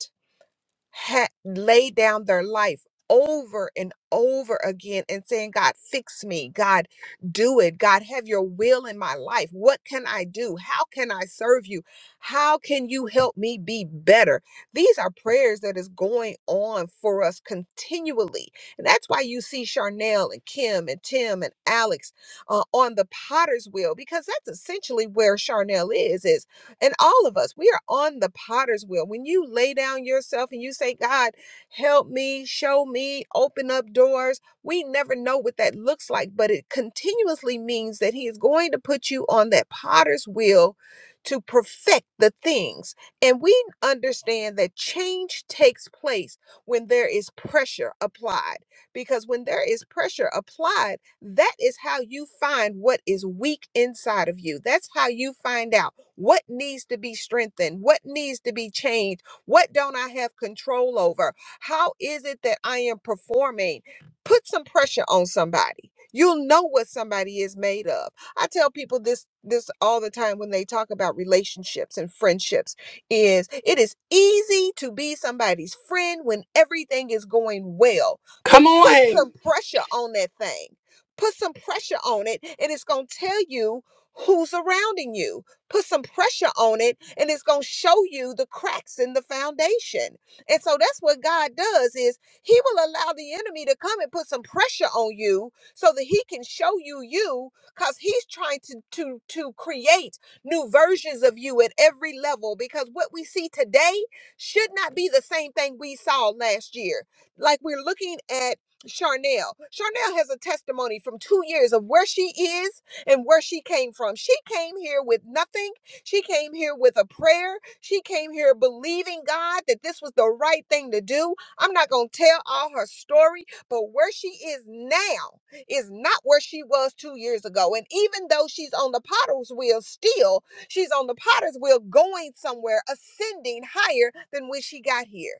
S4: ha- lay down their life over and over again and saying, God, fix me. God, do it. God, have your will in my life. What can I do? How can I serve you? How can you help me be better? These are prayers that is going on for us continually. And that's why you see Charnel and Kim and Tim and Alex uh, on the potter's wheel, because that's essentially where Charnel is, is and all of us, we are on the potter's wheel. When you lay down yourself and you say, God, help me, show me, open up doors, we never know what that looks like, but it continuously means that He is going to put you on that potter's wheel to perfect the things. And we understand that change takes place when there is pressure applied, because when there is pressure applied, that is how you find what is weak inside of you. That's how you find out what needs to be strengthened, what needs to be changed, what don't I have control over? How is it that I am performing? Put some pressure on somebody. You'll know what somebody is made of. I tell people this this all the time when they talk about relationships and friendships is it is easy to be somebody's friend when everything is going well,
S3: Come
S4: but put
S3: on.
S4: some pressure on that thing. Put some pressure on it, and it's going to tell you who's surrounding you. Put some pressure on it, and it's going to show you the cracks in the foundation. And so that's what God does is he will allow the enemy to come and put some pressure on you so that he can show you you cuz he's trying to to to create new versions of you at every level because what we see today should not be the same thing we saw last year. Like we're looking at Charnel. Charnel has a testimony from two years of where she is and where she came from. She came here with nothing. She came here with a prayer. She came here believing God that this was the right thing to do. I'm not going to tell all her story, but where she is now is not where she was two years ago. And even though she's on the potter's wheel still, she's on the potter's wheel going somewhere, ascending higher than when she got here.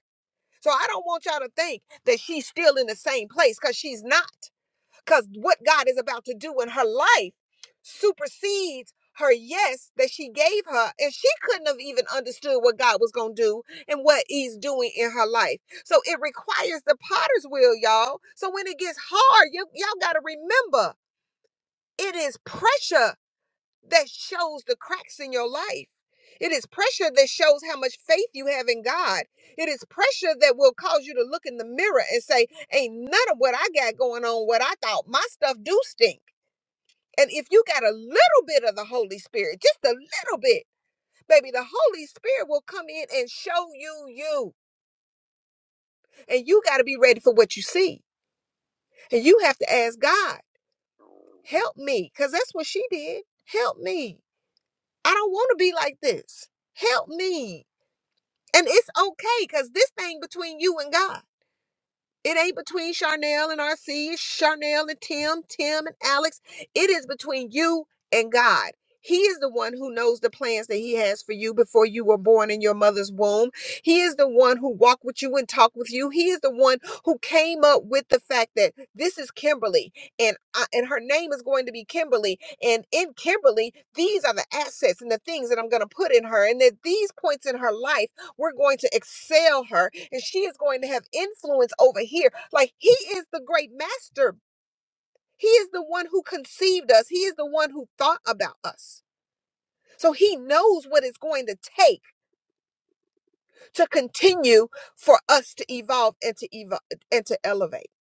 S4: So I don't want y'all to think that she's still in the same place because she's not. Because what God is about to do in her life supersedes her yes that she gave her. And she couldn't have even understood what God was going to do and what He's doing in her life. So it requires the potter's wheel, y'all. So when it gets hard, you, y'all got to remember it is pressure that shows the cracks in your life. It is pressure that shows how much faith you have in God. It is pressure that will cause you to look in the mirror and say, Ain't none of what I got going on what I thought. My stuff do stink. And if you got a little bit of the Holy Spirit, just a little bit, baby, the Holy Spirit will come in and show you you. And you got to be ready for what you see. And you have to ask God, Help me. Because that's what she did. Help me. I don't want to be like this. Help me And it's okay because this thing between you and God. It ain't between Charnel and RC, Charnel and Tim, Tim and Alex. It is between you and God. He is the one who knows the plans that He has for you before you were born in your mother's womb. He is the one who walked with you and talked with you. He is the one who came up with the fact that this is Kimberly and I, and her name is going to be Kimberly. And in Kimberly, these are the assets and the things that I'm going to put in her, and that these points in her life we're going to excel her, and she is going to have influence over here. Like he is the great master. He is the one who conceived us. He is the one who thought about us. So he knows what it's going to take to continue for us to evolve and to evolve and to elevate.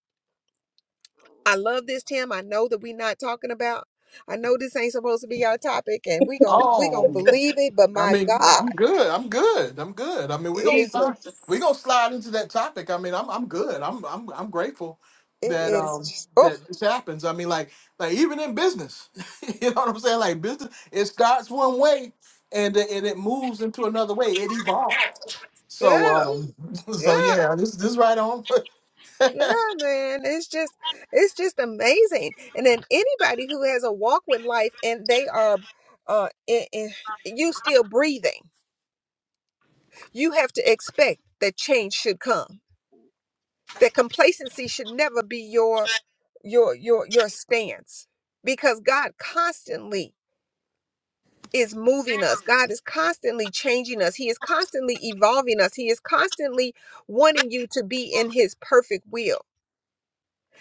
S4: I love this, Tim. I know that we're not talking about. I know this ain't supposed to be our topic, and we gon' we gonna
S1: Oh,
S4: believe it. But
S1: I
S4: my
S1: mean,
S4: God,
S1: I'm good. I'm good. I'm good. I mean, we
S4: it
S1: gonna
S4: is
S1: slide. We gonna slide into that topic. I mean, I'm I'm good. I'm I'm I'm grateful
S4: it
S1: that
S4: is.
S1: um
S4: just- Oh
S1: that this happens. I mean, like like even in business, you know what I'm saying? Like business, it starts one way and it- and it moves into another way. It evolves. So
S4: yeah,
S1: um, so
S4: yeah.
S1: yeah, this this right on.
S4: Yeah, man, it's just it's just amazing. And then anybody who has a walk with life and they are uh in, in, you still breathing, you have to expect that change should come. That complacency should never be your your your your stance because God constantly is moving us. God is constantly changing us. He is constantly evolving us. He is constantly wanting you to be in his perfect will.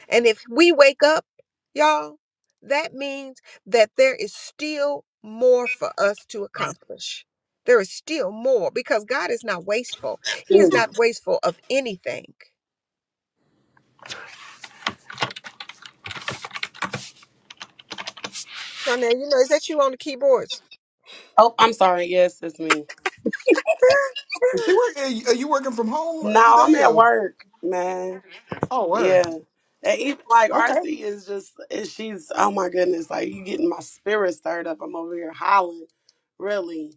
S4: And if we wake up, y'all, that means that there is still more for us to accomplish. There is still more because God is not wasteful. He is
S3: Mm.
S4: not wasteful of anything. So now, you know, is that you on the keyboards?
S3: Oh, I'm sorry. Yes, it's me.
S1: Is she work? Are you are you working from home
S3: No, I'm
S1: today?
S3: at
S1: Or?
S3: work, man.
S1: oh,
S3: Yeah.
S1: word.
S3: And even like
S1: Okay,
S3: RC is just and she's oh my goodness, like you getting my spirit stirred up. I'm over here hollering. Really.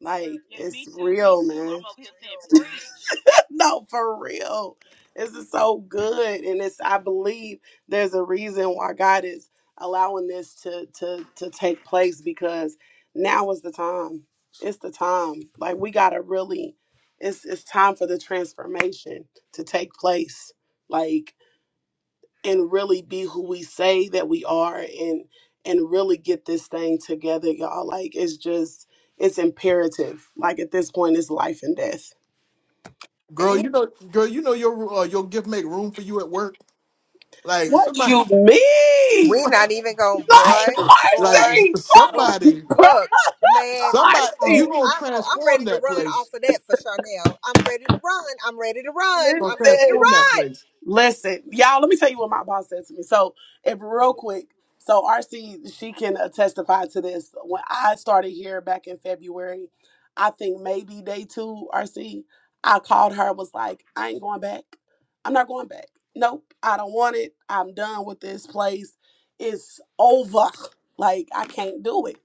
S3: Like
S2: Yeah,
S3: it's
S2: me too. Me
S3: real,
S2: too. I'm
S3: man.
S2: over here saying preach.
S3: no, for real. This is so good. And it's I believe there's a reason why God is allowing this to to to take place because now is the time. It's the time. Like we gotta really it's it's time for the transformation to take place. Like and really be who we say that we are and and really get this thing together y'all like it's just it's imperative like at this point it's life and death
S1: girl.
S4: You-
S1: You know, girl. You know your uh, your gift make room for you at work. Like
S3: What
S1: somebody,
S3: you mean?
S4: we not even going,
S3: Like,
S4: boy,
S1: like
S4: boy,
S3: Arcee,
S4: boy.
S3: tell them,
S1: somebody,
S3: brother
S4: Look, man, you
S1: somebody, you
S4: know,
S3: Arcee,
S1: gonna
S4: I know I'm ready
S1: transform
S4: to
S1: that
S4: run off
S1: place.
S4: of that for Chanel. I'm ready to run. I'm ready to run.
S1: Gonna
S4: I'm ready to
S3: listen.
S1: transform that
S4: run.
S1: place.
S3: Listen, y'all, let me tell you what my boss said to me. So, if real quick, so RC, she can uh, testify to this. When I started here back in February, I think maybe day two, RC, I called her, was like, I ain't going back. I'm not going back. Nope, I don't want it. I'm done with this place. It's over. Like, I can't do it.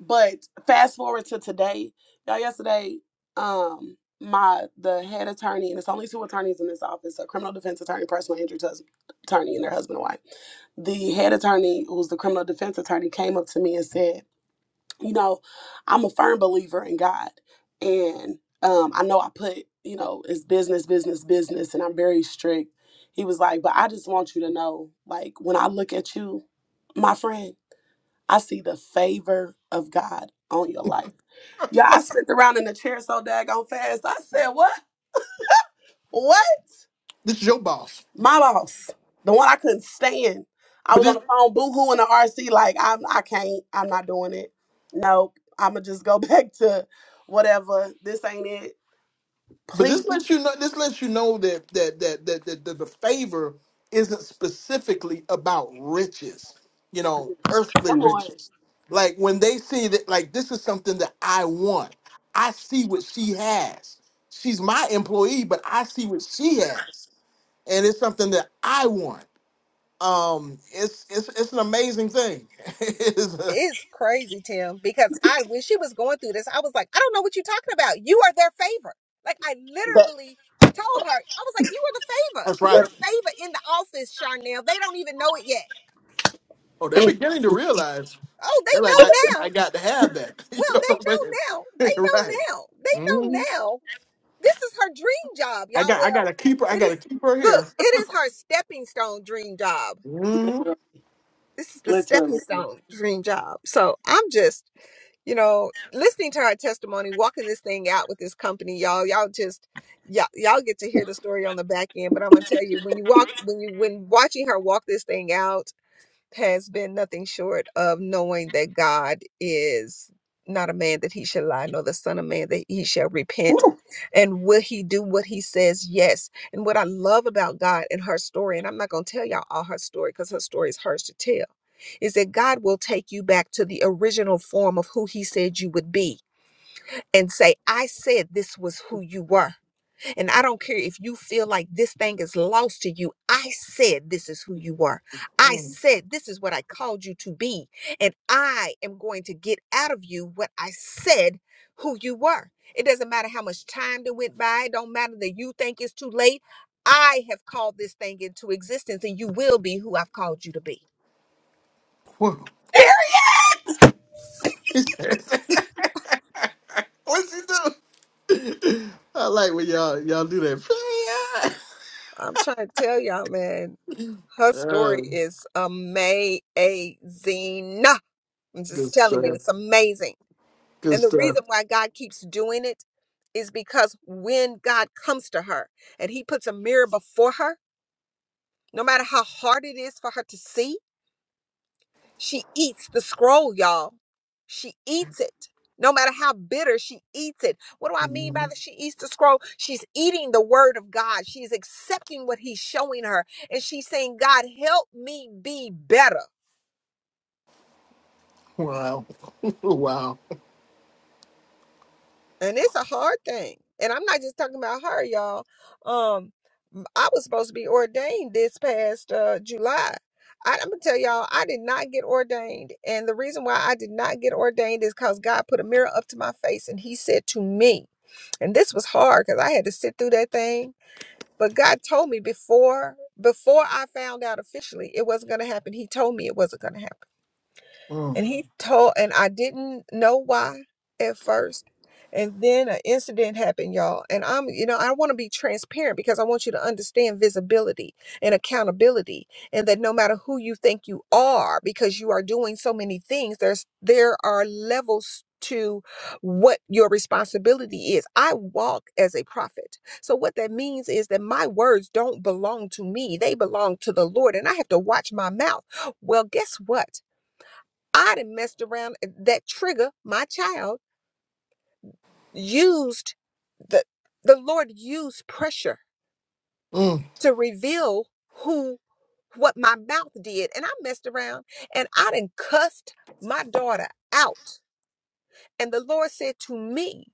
S3: But fast forward to today, y'all. Yesterday, um, my the head attorney, and it's only two attorneys in this office: a criminal defense attorney, personal injury tus- attorney, and their husband and wife. The head attorney, who's the criminal defense attorney, came up to me and said, "You know, I'm a firm believer in God, and um, I know I put, you know, it's business, business, business, and I'm very strict." He was like, "But I just want you to know, like, when I look at you, my friend." I see the favor of God on your life. Yeah, I slipped around in the chair so daggone fast. I said, What? What?
S1: This is your boss,
S3: My boss, the one I couldn't stand. I
S1: but
S3: was on
S1: this,
S3: the phone boohoo in the RC, like, I'm I can't, I'm not doing it. Nope. I'ma just go back to whatever. This ain't it.
S1: but
S3: Please,
S1: this lets you know. This lets you know that that that that, that, that the favor isn't specifically about riches. You know, earthly
S3: come on.
S1: riches. Like when they see that, like this is something that I want. I see what she has. She's my employee, but I see what she has, and it's something that I want um it's it's it's an amazing thing It's, uh,
S4: It's crazy, Tim, because I when she was going through this, I was like, I don't know what you're talking about. You are their favorite. Like I
S3: But,
S4: literally told her, I was like, you are the favor.
S1: that's
S4: You
S1: right
S3: but
S4: the favor in the office, Charnel. They don't even know it yet.
S1: oh they're beginning to realize
S4: Oh, they
S1: they're like i i,
S4: know
S1: I
S4: now.
S1: got to have that you
S4: Well,
S1: know
S4: they
S1: what i'm
S4: know now. They
S1: saying
S4: know
S1: right
S4: now. They know
S1: hmm
S4: now. This is her dream job,
S1: i
S4: y'all.
S1: got i
S4: Well,
S1: got a keeper i
S4: it
S1: got
S4: is
S1: a keeper
S4: look,
S1: here
S4: it is her stepping stone dream job.
S1: hmm
S4: This is the stepping
S3: literally,
S4: stone dream job. So I'm just you know, listening to our testimony, walking this thing out with this company, y'all, y'all just y'all, y'all get to hear the story on the back end. But I'm gonna tell you, when you walk, when you when watching her walk this thing out has been nothing short of knowing that God is not a man that he shall lie, nor the son of man that he shall repent. And will he do what he says? Yes. And what I love about God and her story, and I'm not gonna tell y'all all her story because her story is hers to tell is that God will take you back to the original form of who He said you would be and say, I said this was who you were. And I don't care if you feel like this thing is lost to you. I said this is who you were. I said this is what I called you to be. And I am going to get out of you what I said who you were. It doesn't matter how much time that went by, it don't matter that you think it's too late. I have called this thing into existence, and you will be who I've called you to be.
S1: Whoa. what she do i like when y'all y'all do that
S4: I'm trying to tell y'all, man, her
S1: uh,
S4: story is amazing. I'm
S1: good
S4: just telling you,
S1: stuff
S4: it's amazing.
S1: good
S4: And the
S1: stuff
S4: reason why God keeps doing it is because when God comes to her and he puts a mirror before her, no matter how hard it is for her to see, she eats the scroll, y'all. She eats it. No matter how bitter, she eats it. What do I mean by
S1: Mhm.
S4: that? She eats the scroll. She's eating the word of God. She's accepting what he's showing her. And she's saying, God, help me be better.
S1: wow wow
S4: And it's a hard thing. And I'm not just talking about her, y'all. Um, I was supposed to be ordained this past uh, July. I, I'm gonna tell y'all, I did not get ordained, and the reason why I did not get ordained is because God put a mirror up to my face, and He said to me, And this was hard because I had to sit through that thing. But God told me before before I found out officially it wasn't gonna happen. He told me it wasn't gonna happen
S1: mm.
S4: and he told and i didn't know why at first and then an incident happened y'all and i'm you know i want to be transparent because i want you to understand visibility and accountability and that no matter who you think you are because you are doing so many things there's there are levels to what your responsibility is. I walk as a prophet. So, what that means is that my words don't belong to me, they belong to the Lord, and I have to watch my mouth. Well, guess what? I done messed around that trigger, my child used the the Lord used pressure
S1: Mm.
S4: to reveal who what my mouth did. And I messed around and I done cussed my daughter out. And the Lord said to me,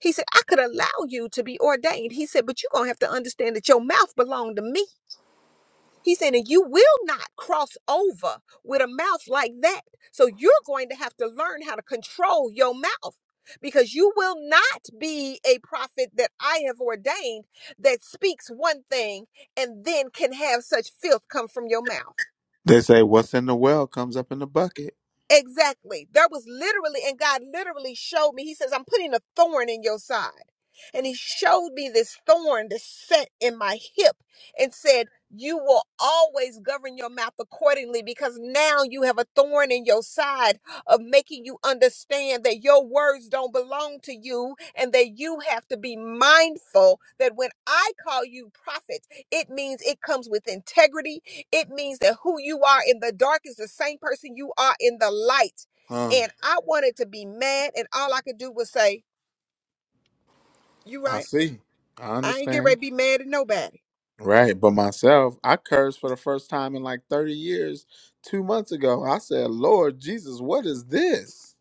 S4: He said, I could allow you to be ordained. He said, but you're gonna have to understand that your mouth belonged to me. He said, and you will not cross over with a mouth like that. So you're going to have to learn how to control your mouth because you will not be a prophet that I have ordained that speaks one thing and then can have such filth come from your mouth.
S6: They say what's in the well comes up in the bucket.
S4: Exactly. There was literally, and God literally showed me. He says, I'm putting a thorn in your side. And He showed me this thorn that set in my hip and said, You will always govern your mouth accordingly because now you have a thorn in your side of making you understand that your words don't belong to you and that you have to be mindful that when I call you prophet. It means it comes with integrity. It means that who you are in the dark is the same person you are in the light.
S6: Huh.
S4: And I wanted to be mad, and all I could do was say, You
S6: I
S4: right.
S6: see. I
S4: I ain't get ready
S6: understand.
S4: to be mad at nobody.
S6: Right. But myself, I cursed for the first time in like 30 years two months ago. I said, Lord Jesus, what is this?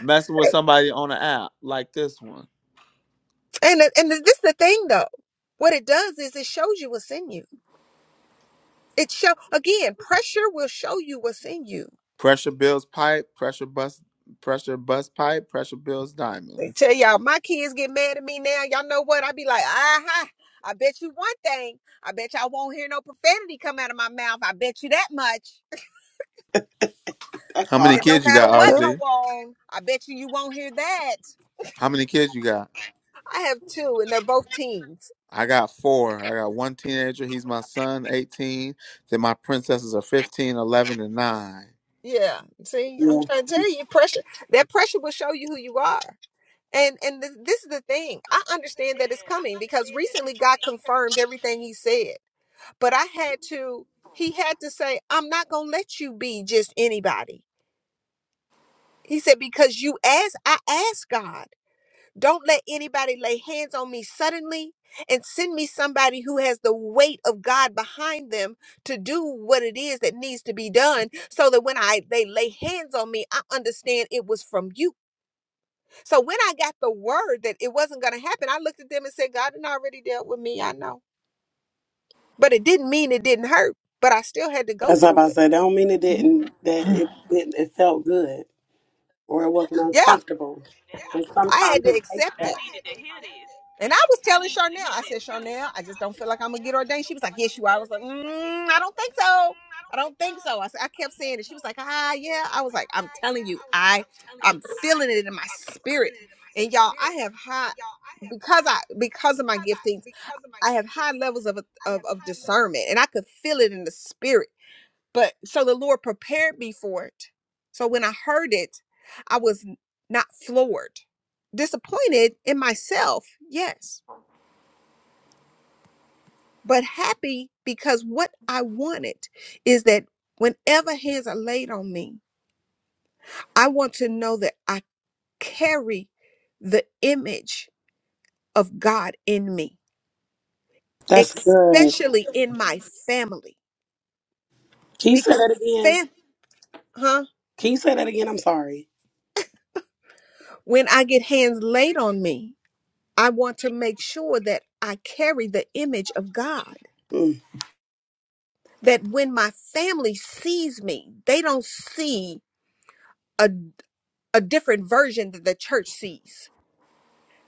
S6: Messing with somebody on an app like this one.
S4: And and this is the thing though. What it does is it shows you what's in you. It show again, pressure will show you what's in you.
S6: Pressure builds pipe, pressure bust. pressure bust pipe, pressure builds diamond.
S4: They tell y'all my kids get mad at me now. Y'all know what? I be like, aha. I bet you one thing. I bet y'all won't hear no profanity come out of my mouth. I bet you that much.
S3: that
S6: How many
S4: said,
S3: part.
S4: no
S6: kids you
S4: matter
S6: got,
S4: what
S7: Good.
S4: go
S6: RC?
S4: on, I bet you you won't hear that.
S6: How many kids you got?
S4: I have two, and they're both teens.
S6: I got four. I got one teenager. He's my son, 18. Then my princesses are 15, 11, and 9.
S4: Yeah, see, I'm trying to tell you, pressure. That pressure will show you who you are. And and th- this is the thing. I understand that it's coming because recently God confirmed everything He said. But I had to. He had to say, I'm not gonna let you be just anybody. He said because you asked. I asked God. Don't let anybody lay hands on me suddenly and send me somebody who has the weight of God behind them to do what it is that needs to be done so that when I they lay hands on me, I understand it was from you. So when I got the word that it wasn't going to happen, I looked at them and said, God had already dealt with me, I know. But it didn't mean it didn't hurt, but I still had to go
S3: That's what
S4: through
S3: I
S4: it.
S3: said. I don't mean it didn't that it didn't it felt good or it wasn't
S4: Yeah,
S3: uncomfortable.
S4: I had to
S2: what. And
S4: accept
S2: I
S4: it.
S2: Head.
S4: And I
S2: Yeah,
S4: was
S2: I
S4: telling
S2: needed to
S4: Charnel, I said, Charnel, I just
S2: I'm
S4: don't feel like I'm gonna get ordained. She was like, Yes, you are. I was like, mm,
S2: Mhm.
S4: I don't think
S2: Yeah.
S4: so.
S2: I'm
S4: I don't think so. I said, I kept saying it. She was like, Ah, yeah. I was like, I'm telling you, I, I'm feeling it in my spirit. And y'all, I have high because I because of my giftings, I have high levels of of, of discernment, and I could feel it in the spirit. But so the Lord prepared me for it. So when I heard it, I was not floored, disappointed in myself. Yes but happy because what I wanted is that whenever hands are laid on me, I want to know that I carry the image of God in me,
S3: That's good.
S4: especially in my family.
S3: Can you say
S4: Because
S3: that again?
S4: fam- huh?
S3: Can you say that again? I'm sorry.
S4: when I get hands laid on me, I want to make sure that I carry the image of God.
S3: Mm.
S4: That when my family sees me, they don't see a, a different version that the church sees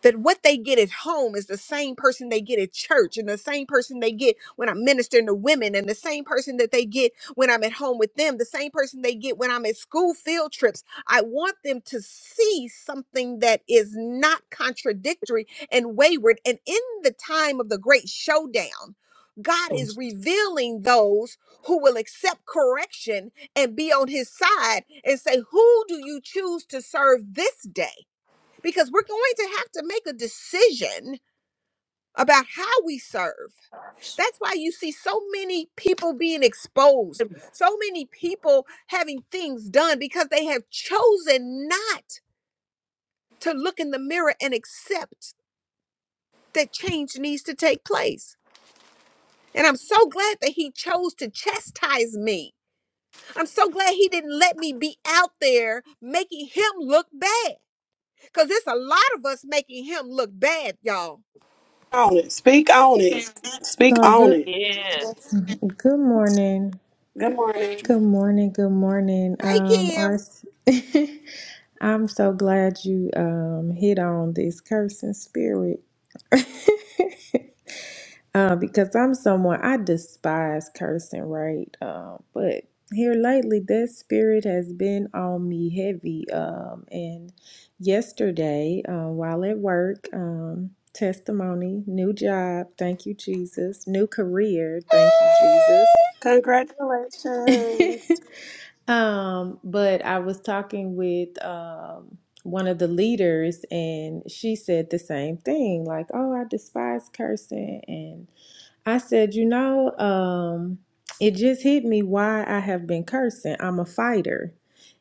S4: that what they get at home is the same person they get at church and the same person they get when I'm ministering to women and the same person that they get when I'm at home with them, the same person they get when I'm at school field trips. I want them to see something that is not contradictory and wayward. And in the time of the great showdown, God is revealing those who will accept correction and be on his side and say, Who do you choose to serve this day? because we're going to have to make a decision about how we serve. That's why you see so many people being exposed, so many people having things done because they have chosen not to look in the mirror and accept that change needs to take place. And I'm so glad that he chose to chastise me. I'm so glad he didn't let me be out there making him look bad because it's a lot of us making him look bad, y'all.
S3: On it. Speak on it. Speak
S7: So
S3: on
S7: good.
S3: it.
S2: Yeah,
S7: Good morning.
S3: Good morning.
S7: Good morning. Good morning.
S4: Hey,
S7: Um,
S4: Kim.
S7: our, I'm so glad you um hit on this cursing spirit. Uh, because I'm someone I despise cursing, right? Um, but here lately, that spirit has been on me heavy. Um, and yesterday, um, while at work, um, testimony, new job, thank you, Jesus, new career, thank you, Jesus.
S3: Congratulations.
S7: um, but I was talking with um, one of the leaders, and she said the same thing like, oh, I despise cursing. And I said, you know, um, it just hit me why I have been cursing. I'm a fighter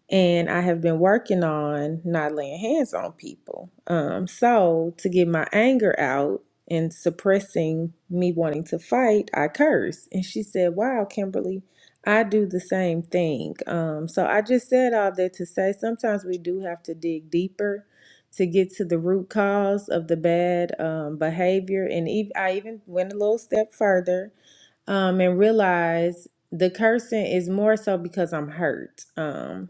S7: and I have been working on not laying hands on people. Um, so to get my anger out and suppressing me wanting to fight, I curse. And she said, "Wow, Kimberly, I do the same thing." Um, so I just said all that to say sometimes we do have to dig deeper to get to the root cause of the bad um, behavior. And ev- I even went a little step further um, and realized the cursing is more so because I'm hurt. Um,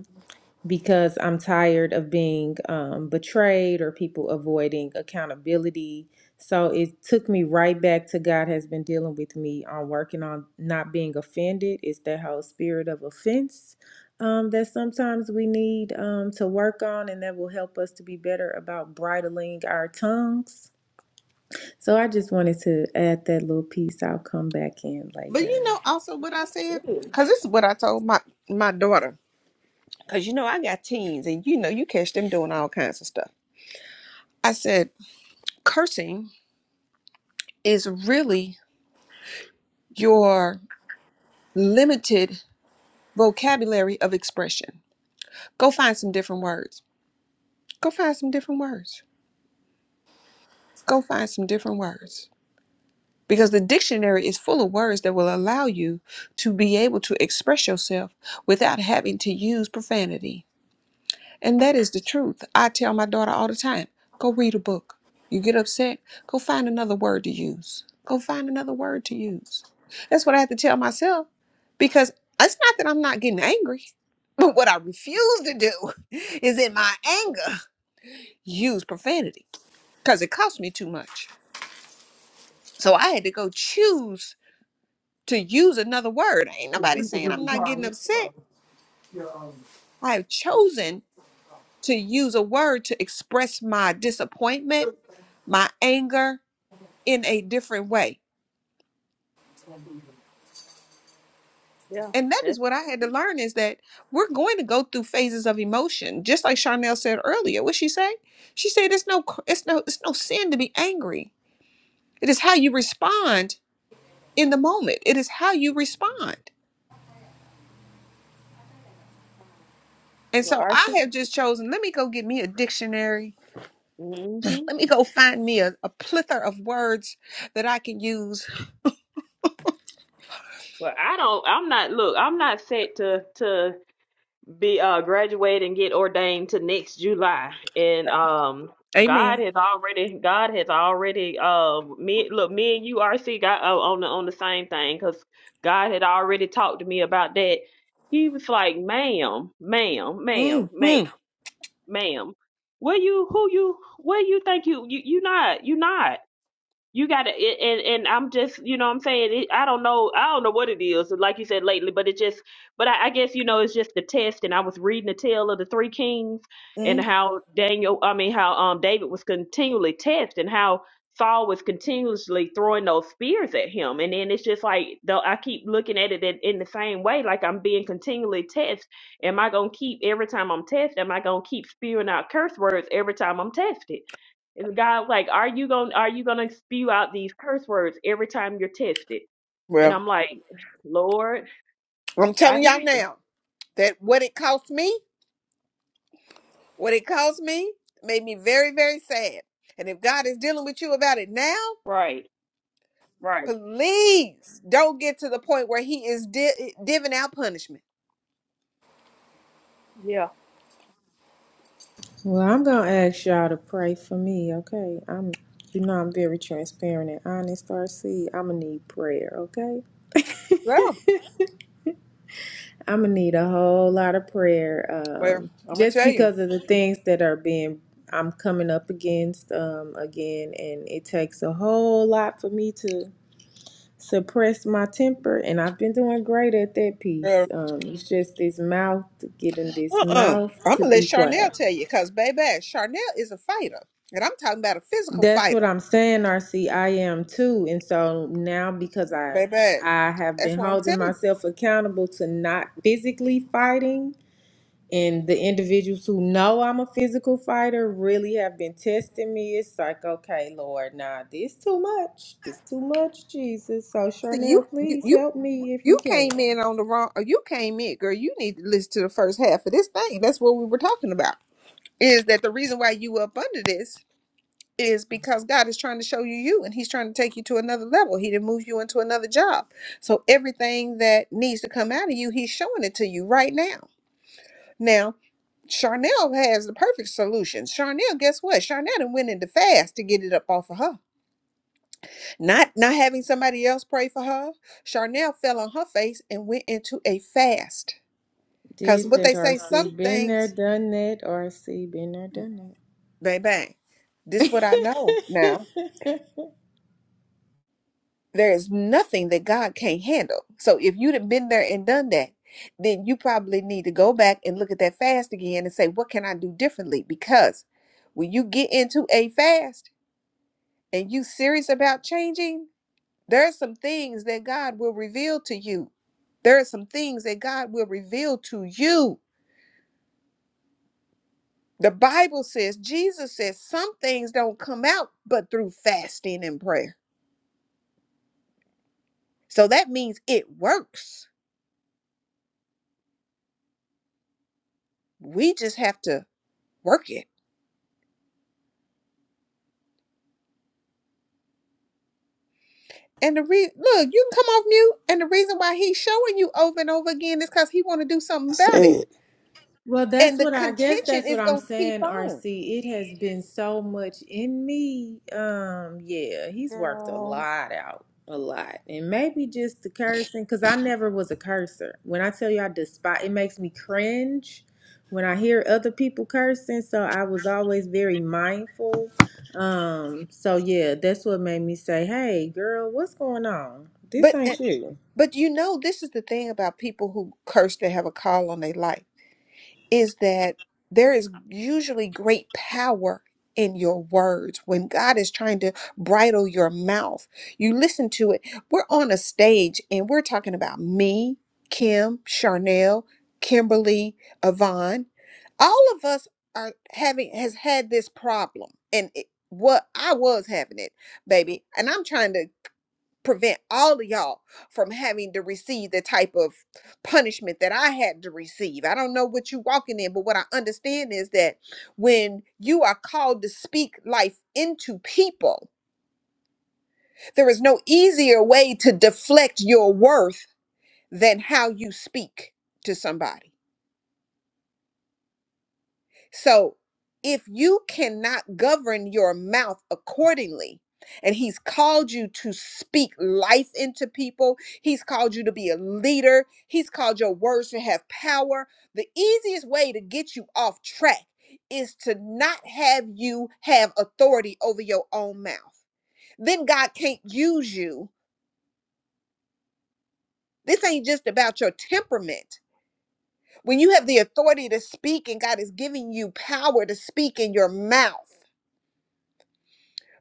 S7: because I'm tired of being um, betrayed or people avoiding accountability. So it took me right back to God has been dealing with me on working on not being offended. It's that whole spirit of offense um, that sometimes we need um, to work on, and that will help us to be better about bridling our tongues. So I just wanted to add that little piece. I'll come back in
S4: But you
S7: later.
S4: know, also what I said, because this is what I told my my daughter. Because you know, I got teens, and you know, you catch them doing all kinds of stuff. I said, cursing is really your limited vocabulary of expression. Go find some different words. Go find some different words. Go find some different words. Because the dictionary is full of words that will allow you to be able to express yourself without having to use profanity And that is the truth. I tell my daughter all the time go read a book. You get upset, go find another word to use. Go find another word to use. That's what I have to tell myself because it's not that I'm not getting angry, but what I refuse to do is in my anger use profanity because it costs me too much. So I had to go choose to use another word. Ain't nobody saying I'm not getting upset. I have chosen to use a word to express my disappointment, my anger in a different way.
S2: yeah.
S4: And that is
S2: That's
S4: what I had to learn is that we're going to go through phases of emotion. Just like Charnel said earlier, what she say? She said it's no it's no it's no sin to be angry. It is how you respond in the moment. It is how you respond. And so
S2: well,
S4: I have just chosen, let me go get me a dictionary.
S2: mm hmm
S4: Let me go find me a, a plethora of words that I can use.
S2: Well, I don't, I'm not, look, I'm not set to to be uh graduate and get ordained to next July. And um God
S4: Amen.
S2: has already God has already uh me look, me and you RC got uh, on the on the same thing because God had already talked to me about that. He was like, ma'am, ma'am,
S4: hmm
S2: ma'am, ma'am, ma'am. Where you who you where you think you you you not you not you gotta it, and and i'm just you know what i'm saying it, i don't know i don't know what it is like you said lately but it just but I, I guess you know it's just the test and i was reading the tale of the three kings and how daniel i mean how um david was continually tested and how saul was continuously throwing those spears at him and then it's just like though i keep looking at it in, in the same way like i'm being continually tested am i gonna keep every time i'm tested am i gonna keep spewing out curse words every time i'm tested and God, like, are you going to are you gonna spew out these curse words every time you're tested? And I'm like, Lord,
S4: Well, I'm
S2: I
S4: telling y'all
S2: hear you.
S4: now that what it cost me, what it cost me, made me very, very sad. And if God is dealing with you about it now,
S2: Right, right.
S4: please don't get to the point where He is di- divvying out punishment.
S2: Yeah.
S7: Well, I'm gonna ask y'all to pray for me, okay? I'm, you know, I'm very transparent and honest, RC. I'm gonna need prayer, okay?
S4: Well,
S7: I'm gonna need a whole lot of prayer,
S4: well,
S7: um,
S4: I'm gonna
S7: just
S4: tell you.
S7: because of the things that are being I'm coming up against um, again, and it takes a whole lot for me to suppress my temper, and I've been doing great at that piece.
S4: Uh
S7: Um, it's just this mouth getting this
S4: uh-uh. uh.
S7: mouth
S4: i
S7: to
S4: gonna let
S7: be
S4: Charnel
S7: quiet.
S4: tell you, cause baby, Charnel is a fighter, and I'm talking about a physical
S7: That's what
S4: fighter,
S7: I'm saying, RC. I am too. And so now because I
S4: baby.
S7: I have
S4: That's
S7: been
S4: what I'm
S7: holding
S4: telling you.
S7: myself accountable to not physically fighting and the individuals who know I'm a physical fighter really have been testing me. It's like, okay, Lord, nah, this too much. This too much, Jesus. So
S4: See, you,
S7: Charnel,
S4: you,
S7: please
S4: you,
S7: help me if
S4: you
S7: you
S4: came
S7: can.
S4: in on the wrong. Or you came in, girl. You need to listen to the first half of this thing. That's what we were talking about. Is that the reason why you up under this? Is because God is trying to show you you, and He's trying to take you to another level. He didn't move you into another job. So everything that needs to come out of you, He's showing it to you right now. Now, Charnel has the perfect solution. Charnel, guess what? Charnel done went into fast to get it up off of her. Not not having somebody else pray for her. Charnel fell on her face and went into a fast. Cause
S7: Did
S4: what
S7: that
S4: they say, some
S7: RC. Been there,
S4: things,
S7: done that, RC. Been there, done
S4: bang bang. This what I know now.
S7: that.
S4: There is nothing that God can't handle. So if you'd have been there and done that, then you probably need to go back and look at that fast again and say, what can I do differently? Because when you get into a fast and you serious about changing, There are some things that God will reveal to you. There are some things that God will reveal to you. The Bible says, Jesus says, some things don't come out but through fasting and prayer. So that means it works. We just have to work it. And the re- look, you can come off mute. And the reason why he's showing you over and over again is because he want to do something
S3: That's
S4: about it.
S3: it.
S7: Well,
S4: And
S7: that's
S4: the
S7: what I guess
S4: contention
S7: that's
S4: is
S7: what I'm
S4: gonna keep
S7: saying,
S4: on.
S7: RC. It has been so much in me. Um, yeah, he's worked a
S4: Girl.
S7: lot out, a lot. And maybe just the cursing, because I never was a cursor. When I tell you I despise it makes me cringe when I hear other people cursing. So I was always very mindful. Um, so yeah, that's what made me say, Hey girl, what's going on? This
S4: But uh,
S7: ain't you.
S4: But you know, this is the thing about people who curse that have a call on their life is that there is usually great power in your words when God is trying to bridle your mouth. You listen to it. We're on a stage and we're talking about me, Kim, Charnel, Kimberly, Yvonne. All of us are having has had this problem. And it, what I was having it, baby. And I'm trying to prevent all of y'all from having to receive the type of punishment that I had to receive. I don't know what you're walking in, but what I understand is that when you are called to speak life into people, there is no easier way to deflect your worth than how you speak to somebody. So if you cannot govern your mouth accordingly, and he's called you to speak life into people. He's called you to be a leader. He's called your words to have power. The easiest way to get you off track is to not have you have authority over your own mouth. Then God can't use you. This ain't just about your temperament. When you have the authority to speak and God is giving you power to speak in your mouth,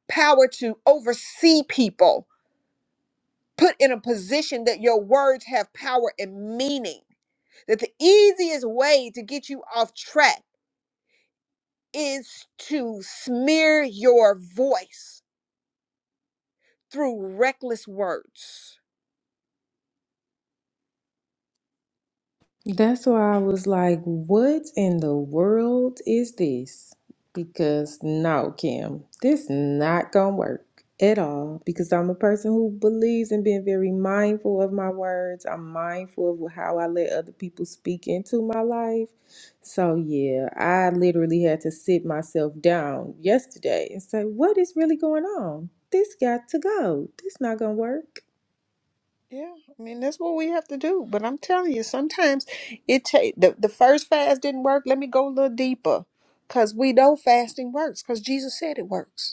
S4: power to oversee people, put in a position that your words have power and meaning. That the easiest way to get you off track is to smear your voice through reckless words.
S7: That's why I was like, what in the world is this? Because no, Kim, this not gonna work at all. Because I'm a person who believes in being very mindful of my words. I'm mindful of how I let other people speak into my life. So yeah, I literally had to sit myself down yesterday and say, what is really going on? This got to go. This not gonna work.
S4: Yeah, I mean that's what we have to do. But I'm telling you, sometimes it take the, the first fast didn't work. Let me go a little deeper, cause we know fasting works, cause Jesus said it works.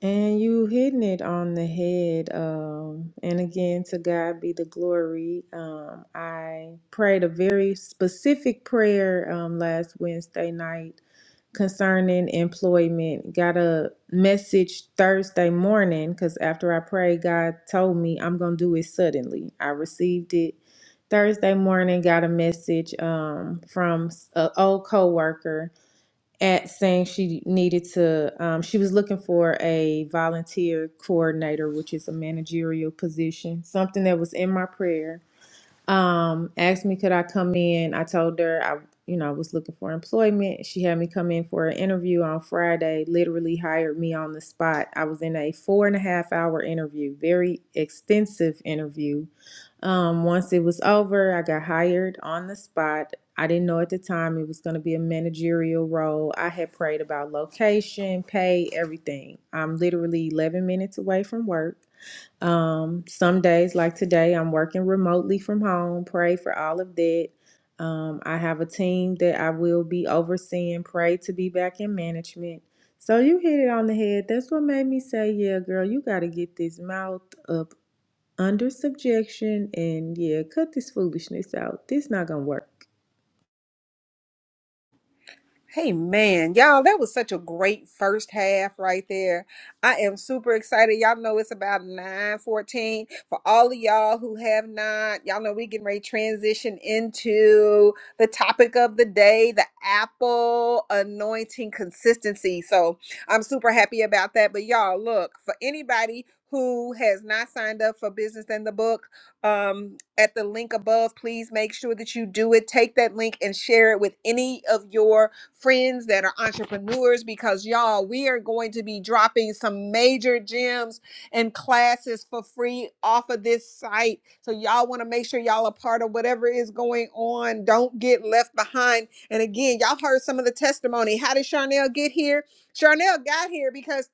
S7: And you hitting it on the head. Um, and again, to God be the glory. Um, I prayed a very specific prayer um, last Wednesday night concerning employment. Got a message Thursday morning because after I prayed, God told me I'm going to do it suddenly. I received it Thursday morning, got a message um, from an old coworker at saying she needed to um, she was looking for a volunteer coordinator which is a managerial position something that was in my prayer um asked me could i come in i told her i you know i was looking for employment she had me come in for an interview on friday literally hired me on the spot i was in a four and a half hour interview very extensive interview um once it was over i got hired on the spot i didn't know at the time it was going to be a managerial role i had prayed about location pay everything i'm literally 11 minutes away from work um, some days, like today, I'm working remotely from home. Pray for all of that. Um, I have a team that I will be overseeing. Pray to be back in management. So you hit it on the head. That's what made me say, yeah, girl, you got to get this mouth up under subjection and yeah, cut this foolishness out. This not gonna work.
S4: Hey man, y'all, that was such a great first half right there. I am super excited. Y'all know it's about 9:14. For all of y'all who have not, y'all know we getting ready to transition into the topic of the day, the apple anointing consistency. So I'm super happy about that. But y'all, look, for anybody who has not signed up for Business in the Book, um, at the link above. Please make sure that you do it. Take that link and share it with any of your friends that are entrepreneurs because, y'all, we are going to be dropping some major gems and classes for free off of this site. So, y'all want to make sure y'all are part of whatever is going on. Don't get left behind. And again, y'all heard some of the testimony. How did Charnel get here? Charnel got here because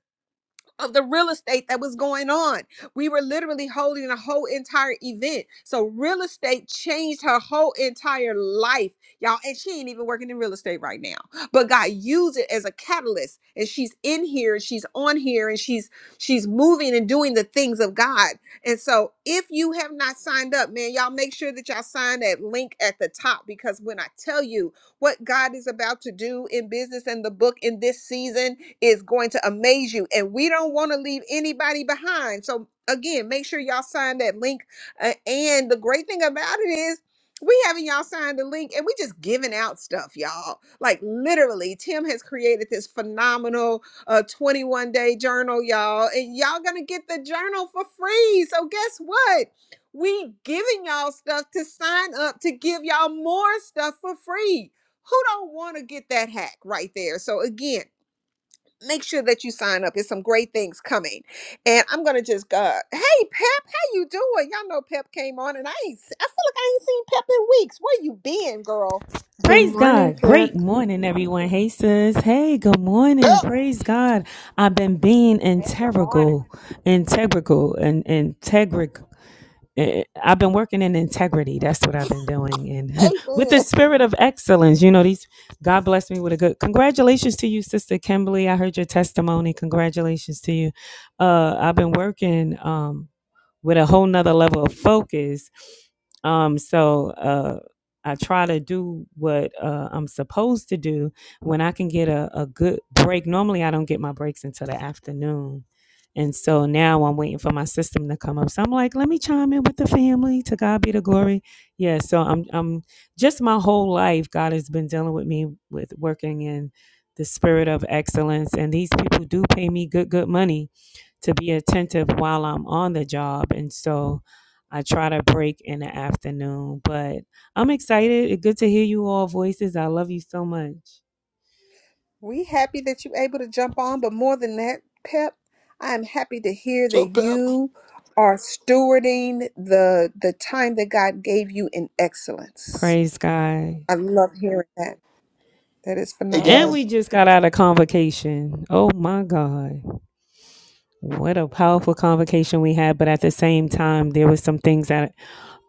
S4: of the real estate that was going on. We were literally holding a whole entire event. So real estate changed her whole entire life, y'all. And she ain't even working in real estate right now. But God used it as a catalyst. And she's in here and she's on here and she's she's moving and doing the things of God. And so if you have not signed up, man, y'all make sure that y'all sign that link at the top because when I tell you what God is about to do in business and the book in this season is going to amaze you. And we don't want to leave anybody behind. So, again, make sure y'all sign that link. Uh, and the great thing about it is, we having y'all sign the link and we just giving out stuff, y'all. Like literally, Tim has created this phenomenal uh 21 day journal, y'all. And y'all gonna get the journal for free. So guess what? We giving y'all stuff to sign up to give y'all more stuff for free who don't want to get that hack right there? So again, make sure that you sign up. There's some great things coming. And I'm gonna just uh hey Pep, how you doing? Y'all know Pep came on and I ain't se- I feel like I ain't seen Pep in weeks. Where you been, girl?
S7: Good
S8: Praise
S7: morning,
S8: God.
S7: Pep.
S8: Great morning, everyone. Hey, sis. Hey, good morning.
S1: pep
S8: Praise God. I've been being
S2: Hey, good morning.
S8: integral, integral, and integral. eh, eh, I've been working in integrity. That's what I've been doing. And with the
S4: Amen.
S8: spirit of excellence, you know, these, God bless me with a good, congratulations to you, Sister Kimberly. I heard your testimony. Congratulations to you. Uh, I've been working. um, with a whole nother level of focus. Um, so uh, I try to do what uh, I'm supposed to do when I can get a, a good break. Normally, I don't get my breaks until the afternoon. And so now I'm waiting for my system to come up. So I'm like, let me chime in with the family. To God be the glory. Yeah. So I'm, I'm just my whole life, God has been dealing with me with working in the spirit of excellence. And these people do pay me good, good money to be attentive while I'm on the job. And so I try to break in the afternoon. But I'm excited. Good to hear you all voices. I love you so much.
S4: We happy that you able to jump on, but more than that, Pep, I am happy to hear
S1: so
S4: that
S1: pep
S4: you are stewarding the the time that God gave you in excellence.
S8: Praise God.
S4: I love hearing that. That is
S1: hey
S8: And
S4: phenomenal.
S8: we
S1: guys
S8: just got out of convocation. Oh my God. What a powerful convocation we had. But at the same time, there was some things that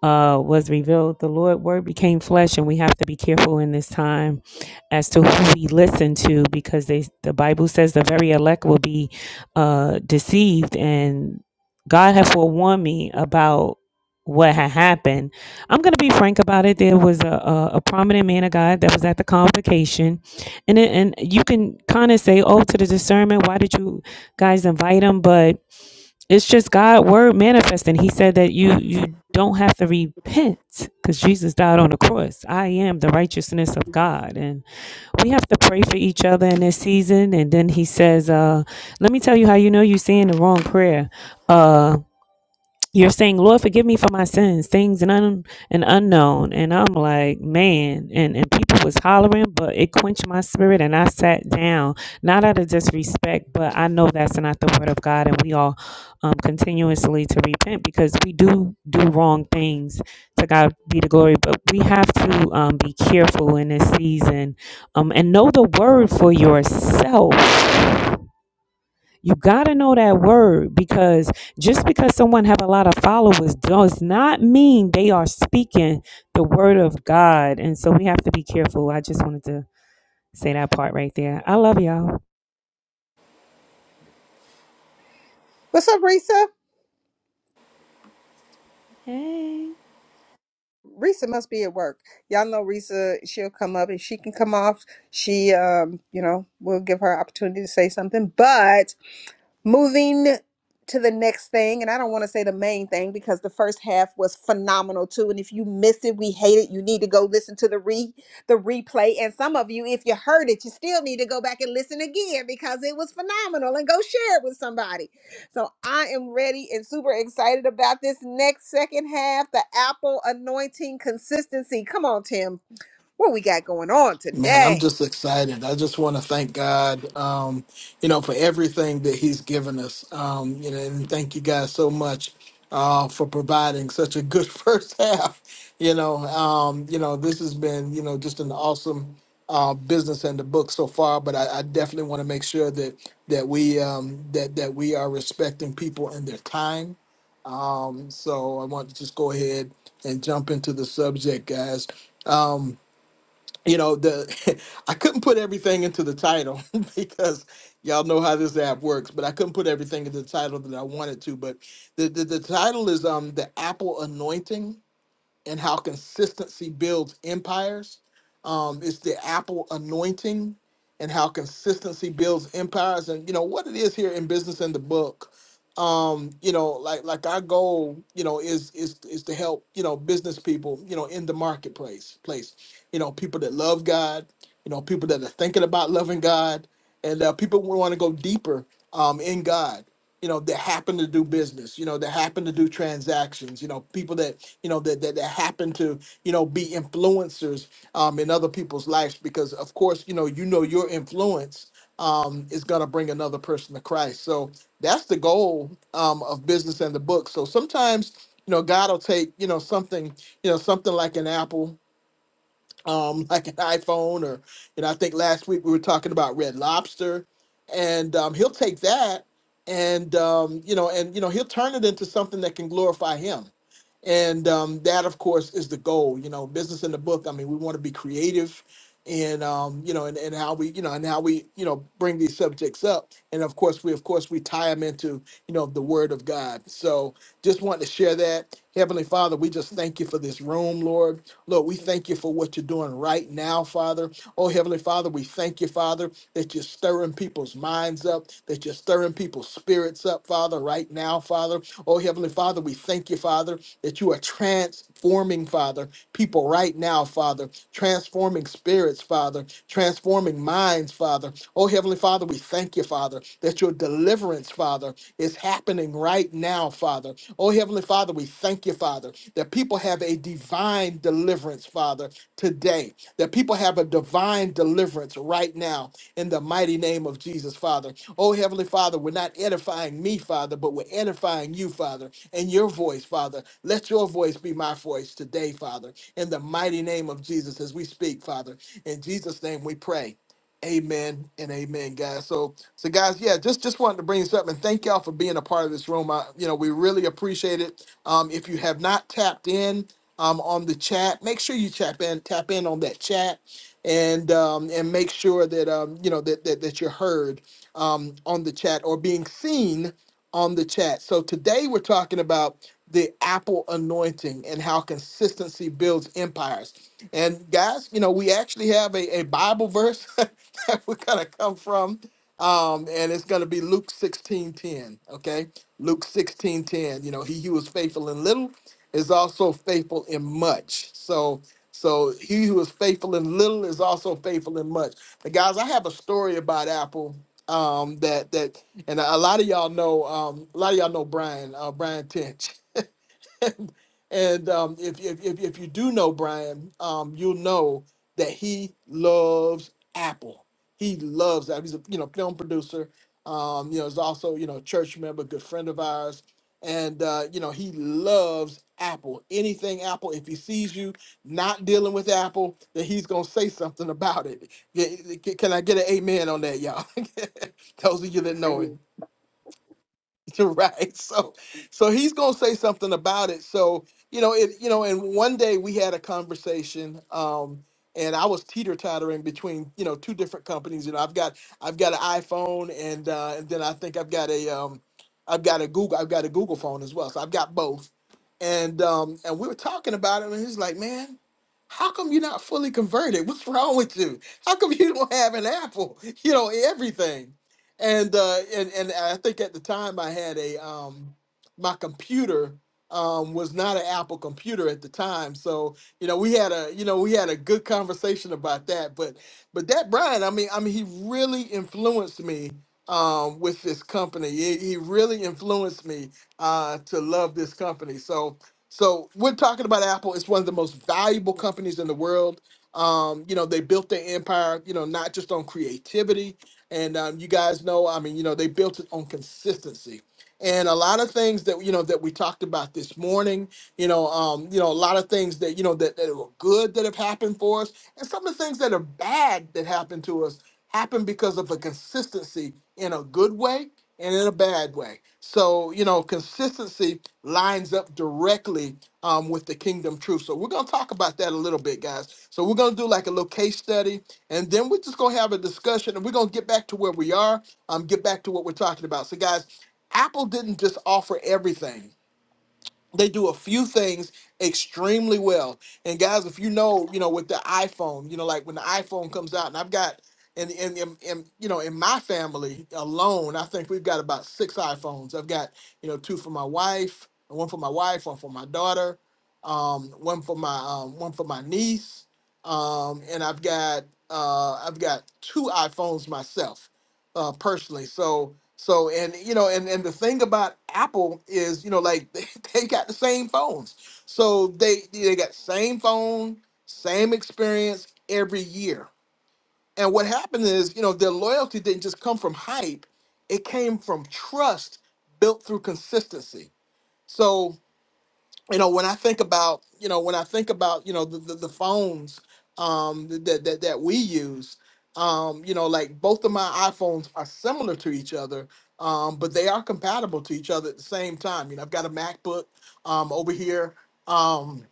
S8: uh, was revealed. The Lord word became flesh, and we have to be careful in this time as to who we listen to, because they, the Bible says the very elect will be uh, deceived. And God had forewarned me about what had happened. I'm going to be frank about it. There was a, a, a prominent man of God that was at the convocation, and it, and you can kind of say, "Oh, to the discernment, why did you guys invite him?" But it's just God word manifesting. He said that you you don't have to repent because Jesus died on the cross. I am the righteousness of God, and we have to pray for each other in this season. And then He says, uh, "Let me tell you how you know you're saying the wrong prayer. Uh you're saying, Lord, forgive me for my sins, things and un- and unknown. And I'm like, man, and, and people was hollering, but it quenched my spirit and I sat down. Not out of disrespect, but I know that's not the word of God and we all um continuously to repent because we do do wrong things to God be the glory. But we have to um be careful in this season um and know the word for yourself you got to know that word because just because someone have a lot of followers does not mean they are speaking the word of God. And so we have to be careful. I just wanted to say that part right there. I love y'all.
S4: What's up, Risa?
S8: Hey.
S4: Risa must be at work. Y'all know Risa, she'll come up. If she can come off, she um, you know, will give her opportunity to say something. But Moving to the next thing, and I don't want to say the main thing because the first half was phenomenal too. And if you missed it, we hate it. You need to go listen to the re the replay. And some of you, if you heard it, you still need to go back and listen again because it was phenomenal and go share it with somebody. So I am ready and super excited about this next second half, the Apple anointing consistency. Come on, Tim. What we got going on
S1: Man, I'm
S4: today?
S1: just excited. I just want to thank God, um, you know, for everything that He's given us. Um, you know, and thank you guys so much uh, for providing such a good first half. You know, um, you know, this has been, you know, just an awesome uh, business and the book so far. But I, I definitely want to make sure that that we um, that that we are respecting people and their time. Um, so I want to just go ahead and jump into the subject, guys. Um, you know the i couldn't put everything into the title because y'all know how this app works but i couldn't put everything into the title that i wanted to but the, the, the title is um the apple anointing and how consistency builds empires. Um, it's the Apple anointing and how consistency builds empires. And you know what it is here in business in the book. Um, you know, like like our goal, you know, is is is to help you know business people, you know, in the marketplace, place, you know, people that love God, you know, people that are thinking about loving God, and uh, people want to go deeper um, in God you know that happen to do business you know that happen to do transactions you know people that you know that that, that happen to you know be influencers um, in other people's lives because of course you know you know your influence um, is going to bring another person to christ so that's the goal um, of business and the book so sometimes you know god will take you know something you know something like an apple um, like an iPhone, or you know, I think last week we were talking about Red Lobster, and um, he'll take that, and um, you know, and you know, he'll turn it into something that can glorify him, and um, that, of course, is the goal. You know, business in the book. I mean, we want to be creative, and um, you know, and, and how we, you know, and how we, you know, bring these subjects up, and of course, we, of course, we tie them into, you know, the Word of God. So, just wanted to share that. Heavenly Father, we just thank you for this room, Lord. Lord, we thank you for what you're doing right now, Father. Oh, Heavenly Father, we thank you, Father, that you're stirring people's minds up, that you're stirring people's spirits up, Father, right now, Father. Oh, Heavenly Father, we thank you, Father, that you are transforming, Father, people right now, Father, transforming spirits, Father, transforming minds, Father. Oh, Heavenly Father, we thank you, Father, that your deliverance, Father, it's happening right now, Father. Oh, Heavenly Father, we thank you, Father, that people have a divine deliverance, Father, today, that people have a divine deliverance right now in the mighty name of Jesus, Father. Oh, Heavenly Father, we're not edifying me, Father, but we're edifying you, Father, and your voice, Father. Let your voice be my voice today, Father, in the mighty name of Jesus as we speak, Father. In Jesus' name we pray. Amen and amen, guys. So, so guys, yeah, just just wanted to bring this up and thank y'all for being a part of this room. I, you know, we really appreciate it. Um, if you have not tapped in um, on the chat, make sure you tap in, tap in on that chat, and um, and make sure that um, you know that that, that you're heard um, on the chat or being seen on the chat. So today we're talking about the Apple anointing and how consistency builds empires. And guys, you know, we actually have a, a Bible verse that we're gonna come from. Um, and it's going to be Luke 16 10, Okay. Luke 16 10. You know, he who is faithful in little is also faithful in much. So, so he who is faithful in little is also faithful in much. But guys, I have a story about Apple. Um, that that and a lot of y'all know um a lot of y'all know Brian, uh Brian Tench. and um, if, if if if you do know Brian, um, you'll know that he loves Apple. He loves Apple. He's a you know film producer. Um, you know, he's also you know a church member, good friend of ours, and uh, you know he loves Apple. Anything Apple. If he sees you not dealing with Apple, then he's gonna say something about it. Yeah, Can I get an amen on that, y'all? Those of you that know
S3: Amen.
S1: him. right so so he's going to say something about it so you know it you know and one day we had a conversation um and i was teeter-tottering between you know two different companies you know i've got i've got an iphone and uh and then i think i've got a um i've got a google i've got a google phone as well so i've got both and um and we were talking about it and he's like man how come you're not fully converted what's wrong with you how come you don't have an apple you know everything and uh and and I think at the time I had a um my computer um was not an Apple computer at the time. So, you know, we had a you know, we had a good conversation about that, but but that Brian, I mean, I mean he really influenced me um with this company. He, he really influenced me uh to love this company. So so we're talking about Apple. It's one of the most valuable companies in the world. Um, you know, they built their empire, you know, not just on creativity, and um, you guys know, I mean, you know, they built it on consistency. And a lot of things that you know that we talked about this morning, you know, um, you know, a lot of things that you know that, that were good that have happened for us, and some of the things that are bad that happened to us happened because of the consistency in a good way and in a bad way. So you know, consistency lines up directly um, with the kingdom truth. So we're gonna talk about that a little bit, guys. So we're gonna do like a little case study and then we're just going to have a discussion and we're going to get back to where we are, um, get back to what we're talking about. So, guys, Apple didn't just offer everything they do a few things extremely well. And guys, if you know, you know, with the iPhone, you know, like when the iPhone comes out, and I've got, and and and, and you know, in my family alone, I think we've got about six iPhones. I've got, you know, two for my wife, one for my wife, one for my daughter, um, one for my um, one for my niece, um, and I've got uh, I've got two iPhones myself, uh, personally. So so and you know and and the thing about Apple is you know like they, they got the same phones. So they they got same phone, same experience every year. And what happened is you know their loyalty didn't just come from hype, it came from trust built through consistency. So you know when i think about you know when i think about you know the the, the phones um that, that that we use um you know like both of my iphones are similar to each other um but they are compatible to each other at the same time you know i've got a macbook um over here um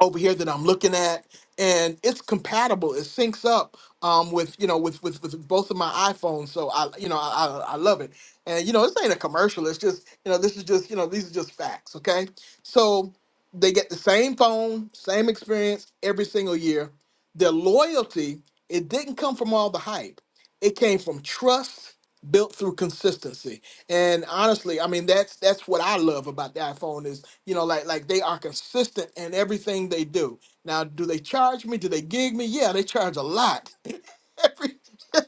S1: over here that I'm looking at, and it's compatible. It syncs up um, with you know with, with with both of my iPhones. So I you know I, I I love it. And you know this ain't a commercial. It's just you know this is just you know these are just facts. Okay, so they get the same phone, same experience every single year. Their loyalty it didn't come from all the hype. It came from trust built through consistency. And honestly, I mean that's that's what I love about the iPhone you know, like like they are consistent in everything they do. Now, do they charge me? Do they gig me? Yeah, they charge a lot every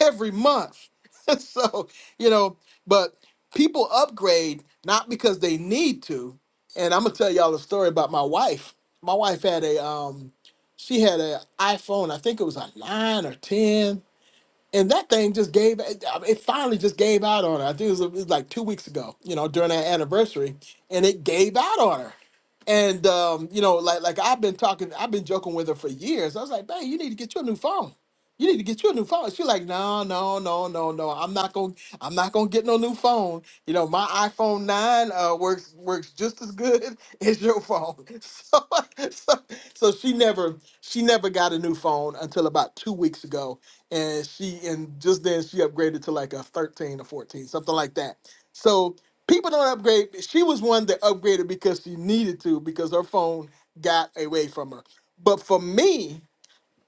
S1: every month. so, you know, but people upgrade not because they need to. And I'm gonna tell y'all a story about my wife. My wife had a um she had an iPhone, I think it was a nine or ten and that thing just gave it it finally just gave out on her. I think it was, it was like two weeks ago, you know, during our anniversary, and it gave out on her. And um, you know, like like I've been talking, I've been joking with her for years. I was like, "Babe, you need to get you a new phone. You need to get you a new phone." She's like, "No, no, no, no, no. I'm not gonna, I'm not gonna get no new phone. You know, my iPhone nine uh, works works just as good as your phone." So, so, so she never she never got a new phone until about two weeks ago and she and just then she upgraded to like a 13 or 14 something like that so people don't upgrade she was one that upgraded because she needed to because her phone got away from her but for me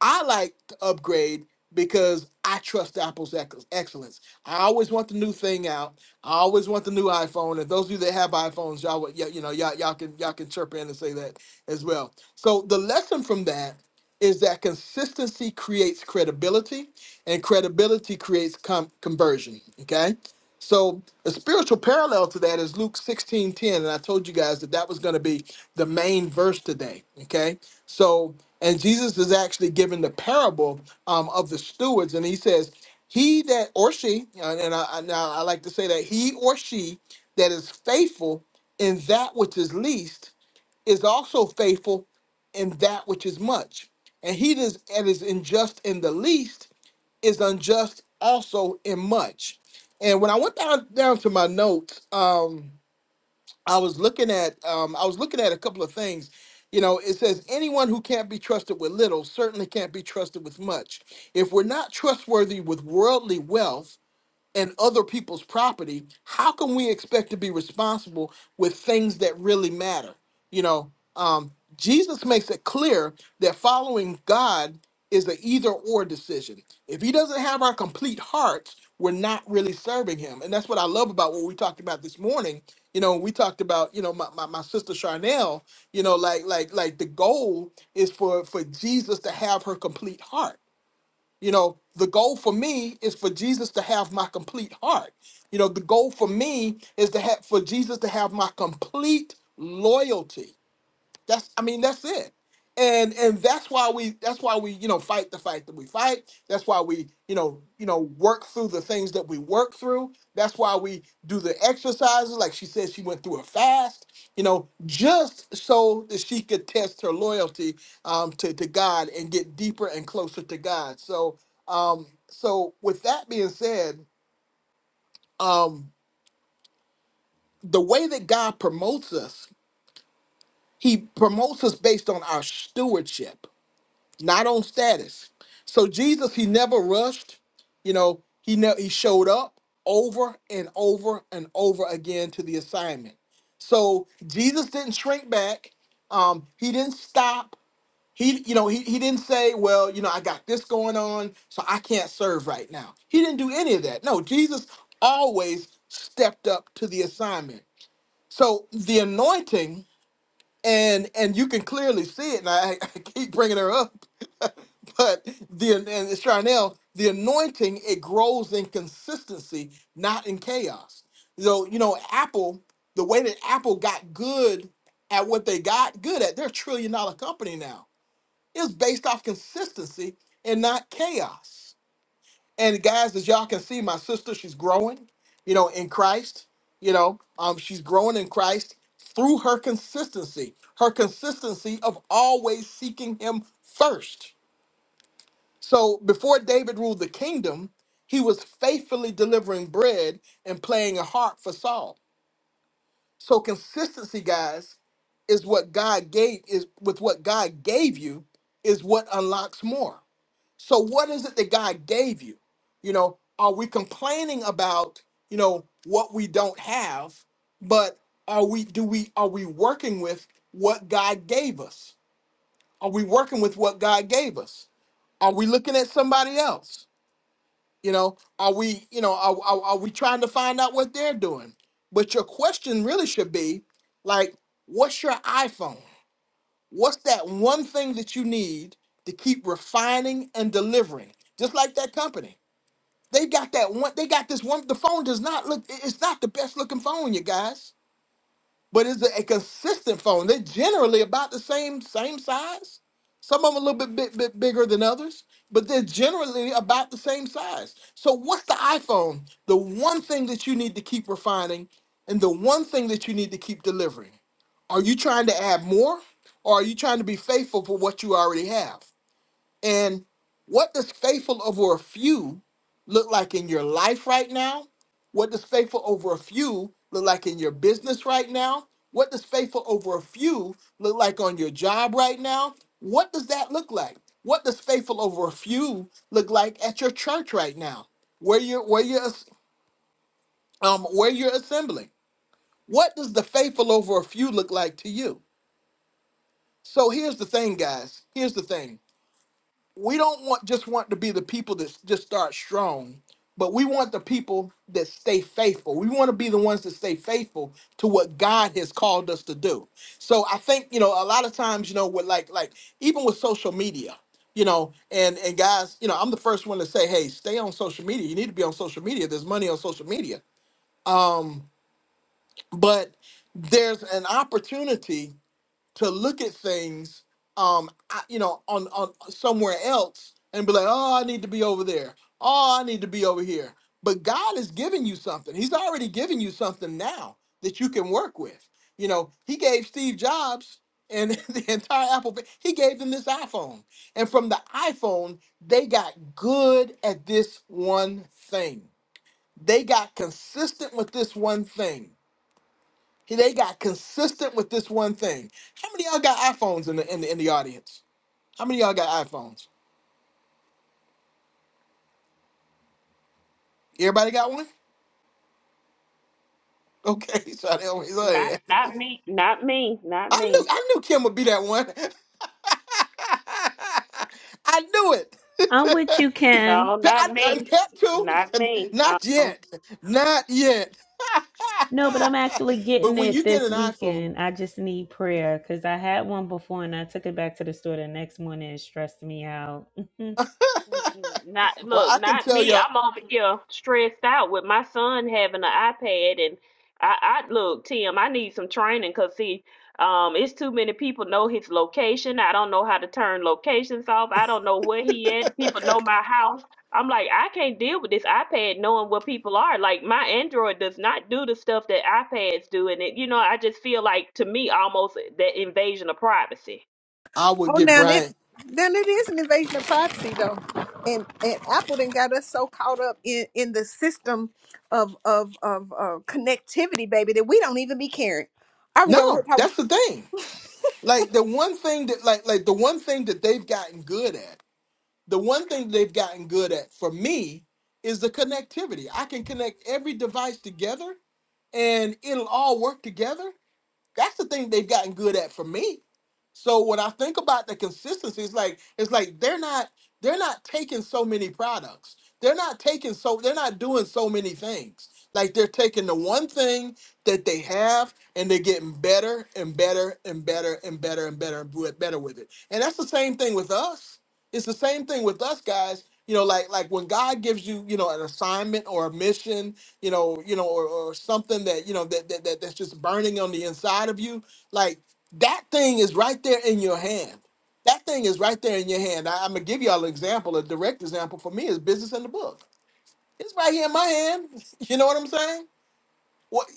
S1: I like to upgrade because I trust Apple's ec- excellence. I always want the new thing out. I always want the new iPhone. And those of you that have iPhones, y'all, would- y- you know, y'all, y'all can y'all can chirp in and say that as well. So the lesson from that is that consistency creates credibility, and credibility creates com- conversion. Okay so a spiritual parallel to that is Luke 16 10, And I told you guys that that was going to be the main verse today. Okay. So, and Jesus is actually giving the parable um, of the stewards. And he says, he that or she, uh, and I, I, now I like to say that he or she that is faithful in that which is least is also faithful in that which is much. And he that is, and unjust in the least is unjust also in much. And when I went down down to my notes, um, I was looking at um, I was looking at a couple of things. You know, it says anyone who can't be trusted with little certainly can't be trusted with much. If we're not trustworthy with worldly wealth, and other people's property, how can we expect to be responsible with things that really matter? You know, um, Jesus makes it clear that following God is an either or decision. If he doesn't have our complete hearts, we're not really serving him. And that's what I love about what we talked about this morning. You know, we talked about, you know, my, my, my sister Charnel, you know, like like like the goal is for for Jesus to have her complete heart you know, the goal for me is for Jesus to have my complete heart. You know, the goal for me is to have for Jesus to have my complete loyalty. That's I mean that's it. And and that's why we that's why we you know fight the fight that we fight. That's why we you know you know work through the things that we work through. That's why we do the exercises like she said she went through a fast. You know just so that she could test her loyalty um, to to God and get deeper and closer to God. So um so with that being said, um the way that God promotes us, He promotes us based on our stewardship not on status. So Jesus, he never rushed. You know, he ne- he showed up over and over and over again to the assignment. So Jesus didn't shrink back. Um, he didn't stop. He, you know, he, he didn't say, well, you know, I got this going on, so I can't serve right now. He didn't do any of that. No, Jesus always stepped up to the assignment. So the anointing, and and you can clearly see it, and I, I keep bringing her up but the and it's Charnel, the anointing, it grows in consistency, not in chaos. So, you know, Apple, the way that Apple got good at what they got good at, they're a trillion dollar company now. It's based off consistency and not chaos. And guys, as y'all can see, my sister, she's growing, you know, in Christ. You know, um, she's growing in Christ through her consistency, her consistency of always seeking him first so before David ruled the kingdom, he was faithfully delivering bread and playing a harp for Saul. So consistency, guys, is what God gave is with what God gave you is what unlocks more. So what is it that God gave you? You know, are we complaining about, you know, what we don't have, but are we do we are we working with what God gave us? Are we working with what God gave us? Are we looking at somebody else? You know, are we, you know, are, are, are we trying to find out what they're doing? But your question really should be like, what's your iPhone? What's that one thing that you need to keep refining and delivering? Just like that company. They got that one, they got this one. The phone does not look, it- it's not the best looking phone, you guys but it's a, a consistent phone. They're generally about the same same size. Some of them a little bit, bit bit bigger than others, but they're generally about the same size. So what's the iPhone? The one thing that you need to keep refining, and the one thing that you need to keep delivering. Are you trying to add more, or are you trying to be faithful for what you already have? And what does faithful over a few look like in your life right now? What does faithful over a few look like in your business right now? What does faithful over a few look like on your job right now? What does that look like? What does faithful over a few look like at your church right now? Where you're where you're as- um where you're assembling? What does the faithful over a few look like to you? So here's the thing, guys. Here's the thing we don't want just want to be the people that just start strong, but we want the people that stay faithful. We want to be the ones that stay faithful to what God has called us to do. So I think you know a lot of times you know with like like even with social media, you know, and and guys, you know, I'm the first one to say, hey, stay on social media. You need to be on social media. There's money on social media. Um, but there's an opportunity to look at things um I- you know on on somewhere else and be like oh i need to be over there oh i need to be over here but god is giving you something he's already giving you something now that you can work with you know he gave steve jobs and the entire apple fa- he gave them this iphone and from the iPhone, they got good at this one thing they got consistent with this one thing they got consistent with this one thing. How many of y'all got iPhones in the in the, in the audience? How many of y'all got iPhones? Everybody got one? Okay, so they always
S2: Not
S1: say,
S2: not me. Not me. Not
S1: I
S2: me.
S1: knew I knew Kim would be that one. I knew it.
S8: I'm with you, Kim.
S2: No, not
S1: I, am
S2: me.
S1: pet too.
S2: Not me.
S1: Not
S2: Uh-uh.
S1: yet. Not yet.
S8: No, but I'm actually
S1: but
S8: getting
S1: when
S8: it
S1: you get
S8: this
S1: an iPhone,
S8: weekend. I just need prayer because I had one before and I took it back to the store the next morning and it stressed me out.
S2: Mm-mm. Not
S1: well,
S2: look,
S1: I can
S2: not
S1: tell
S2: me.
S1: y'all,
S2: I'm over here stressed out with my son having an iPad, and I, I look, Tim. I need some training because see, um, it's too many people know his location. I don't know how to turn locations off. I don't know where he at. People know my house. I'm like, I can't deal with this iPad knowing where people are. Like my Android does not do the stuff that iPads do, and it, you know, I just feel like to me almost that invasion of privacy.
S1: I would
S4: Oh,
S1: get
S4: now it
S1: Brian.
S4: then it is an invasion of privacy though, and and Apple then got us so caught up in in the system of of of uh, connectivity, baby, that we don't even be caring. I be over here
S1: No,
S4: talking
S1: that's the thing. like the one thing that like like the one thing that they've gotten good at the one thing they've gotten good at for me is the connectivity i can connect every device together and it'll all work together that's the thing they've gotten good at for me so when I think about the consistency, it's like it's like they're not they're not taking so many products. They're not taking so they're not doing so many things. Like they're taking the one thing that they have and they're getting better and better and better and better and better and bu- better with it. And that's the same thing with us. It's the same thing with us guys. You know, like like when God gives you, you know, an assignment or a mission, you know, you know, or, or something that, you know, that, that that that's just burning on the inside of you, like that thing is right there in your hand. That thing is right there in your hand. I, am gonna give y'all an example, a direct example for me is business in the book. It's right here in my hand. You know what I'm saying? What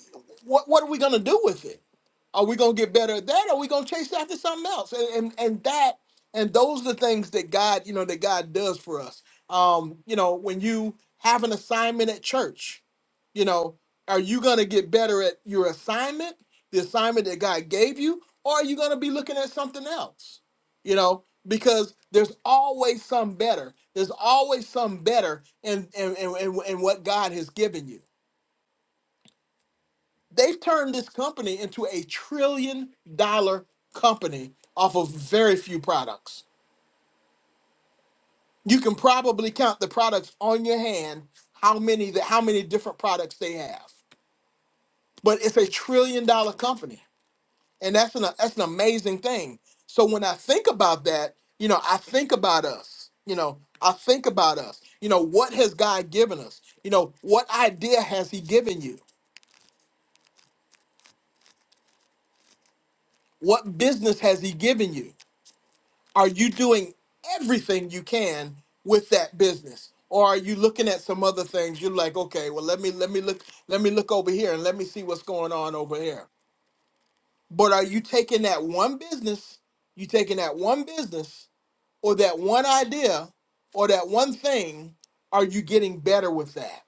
S1: what what are we gonna do with it? Are we gonna get better at that? Or are we gonna chase after something else? And and, and that and those are the things that God, you know, that God does for us. Um, you know, when you have an assignment at church, you know, are you gonna get better at your assignment, the assignment that God gave you, or are you gonna be looking at something else? You know, because there's always some better. There's always some better in in, in, in in what God has given you They've turned this company into a trillion dollar company off of very few products. You can probably count the products on your hand how many that how many different products they have. But it's a trillion dollar company. And that's an that's an amazing thing. So when I think about that, you know, I think about us. You know, I think about us. You know, what has God given us? You know, what idea has he given you? What business has he given you? are you doing everything you can with that business or are you looking at some other things you're like okay well let me let me look let me look over here and let me see what's going on over here but are you taking that one business you taking that one business or that one idea or that one thing are you getting better with that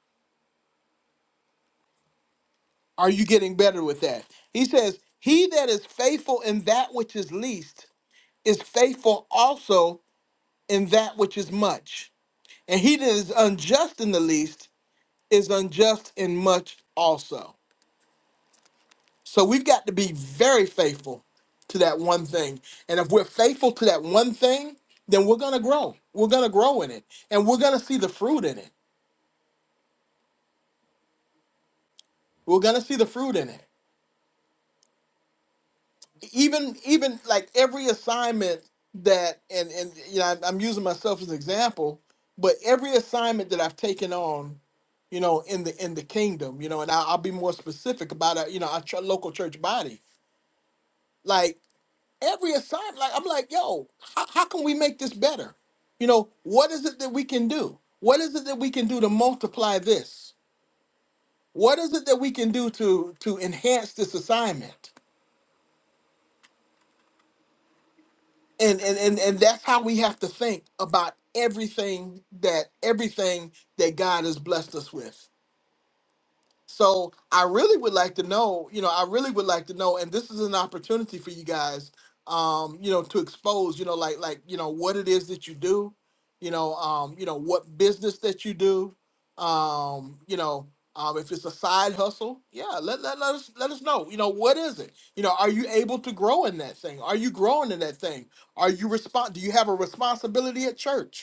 S1: are you getting better with that he says he that is faithful in that which is least is faithful also in that which is much And he that is unjust in the least is unjust in much also. So we've got to be very faithful to that one thing. And if we're faithful to that one thing, then we're going to grow. We're going to grow in it. And we're going to see the fruit in it. We're going to see the fruit in it. even even like every assignment that and and you know I'm, I'm using myself as an example but every assignment that i've taken on you know in the in the kingdom you know and I, i'll be more specific about it you know our ch- local church body like every assignment like i'm like yo how, how can we make this better you know what is it that we can do what is it that we can do to multiply this what is it that we can do to to enhance this assignment and and and, and that's how we have to think about everything that everything that God has blessed us with. So I really would like to know, you know, I really would like to know, and this is an opportunity for you guys, um, you know, to expose, you know, like like you know what it is that you do, you know, um, you know what business that you do, um, you know, um, if it's a side hustle, yeah, let let let us let us know, you know, what is it, you know, are you able to grow in that thing? Are you growing in that thing? Are you respond? Do you have a responsibility at church?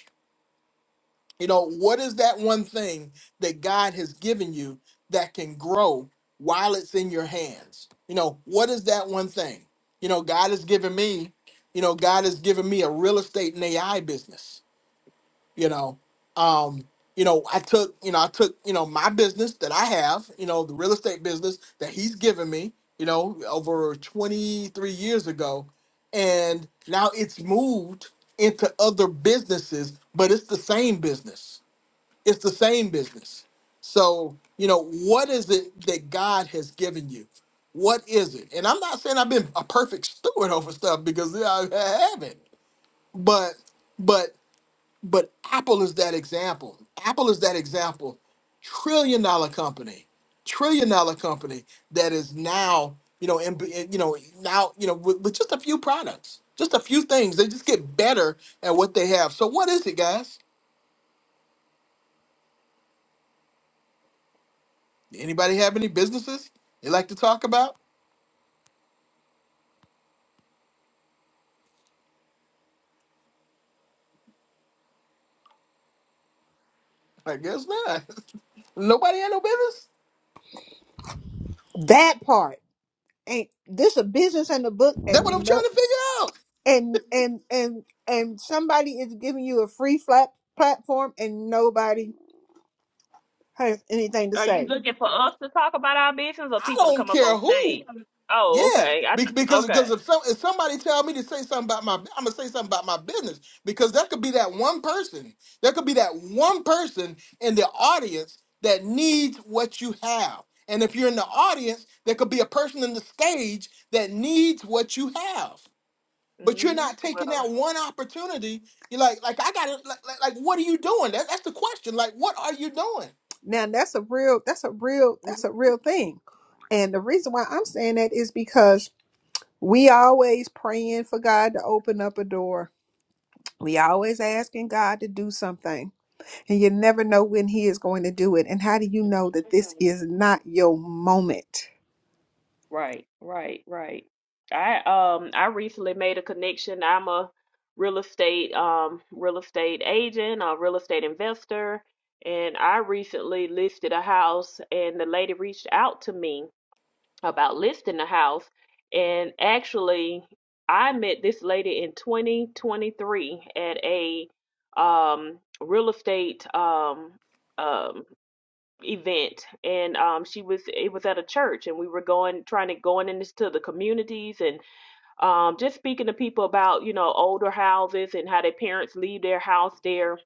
S1: You know, what is that one thing that God has given you that can grow while it's in your hands? You know, what is that one thing? You know, God has given me, you know, God has given me a real estate and AI business. You know, um, you know, I took, you know, I took, you know, my business that I have, you know, the real estate business that he's given me, you know, over 23 years ago, and now it's moved into other businesses, but it's the same business it's the same business. So, you know, what is it that God has given you? What is it? And I'm not saying I've been a perfect steward over stuff because yeah, I haven't. But but but Apple is that example. Apple is that example. Trillion dollar company. Trillion dollar company that is now, you know, and you know, now, you know, with, with just a few products, just a few things. They just get better at what they have. So what is it, guys? Anybody have any businesses they like to talk about? I guess not. Nobody had no business.
S4: that part. Ain't this a business in the book?
S1: That's what I'm
S4: And
S1: trying
S4: no,
S1: to figure out.
S4: and and and and somebody is giving you a free flat platform, and nobody has anything to
S2: Are you
S4: say.
S2: looking for us to talk about our business or
S1: I
S2: people to
S1: don't
S2: come up
S1: care
S2: on stage?
S1: who.
S2: Oh,
S1: Yeah,
S2: okay. I
S1: Be-
S2: th-
S1: because because
S2: okay.
S1: if some if somebody tell me to say something about my I'm gonna say something about my business because that could be that one person. There could be that one person in the audience that needs what you have. And if you're in the audience, there could be a person in the stage that needs what you have. but you're
S2: hmm
S1: not taking
S2: Well,
S1: that one opportunity. You're like, like I got to, like, like, like, what are you doing? That, that's the question. Like, what are you doing?
S4: Now that's a real that's a real that's a
S2: mhm.
S4: real thing, and the reason why I'm saying that is because We always praying for God to open up a door. We always asking God to do something. And you never know when he is going to do it. And how do you know that this
S2: Mhm.
S4: is not your moment?
S2: right, right, right. I um I recently made a connection. I'm a real estate um real estate agent, a real estate investor, and I recently listed a house and the lady reached out to me about listing the house. And actually, I met this lady in 2023 at a um, real estate um, um, event, and um, she was it was at a church, and we were going trying to going into the communities and um, just speaking to people about you know older houses and how their parents leave their house there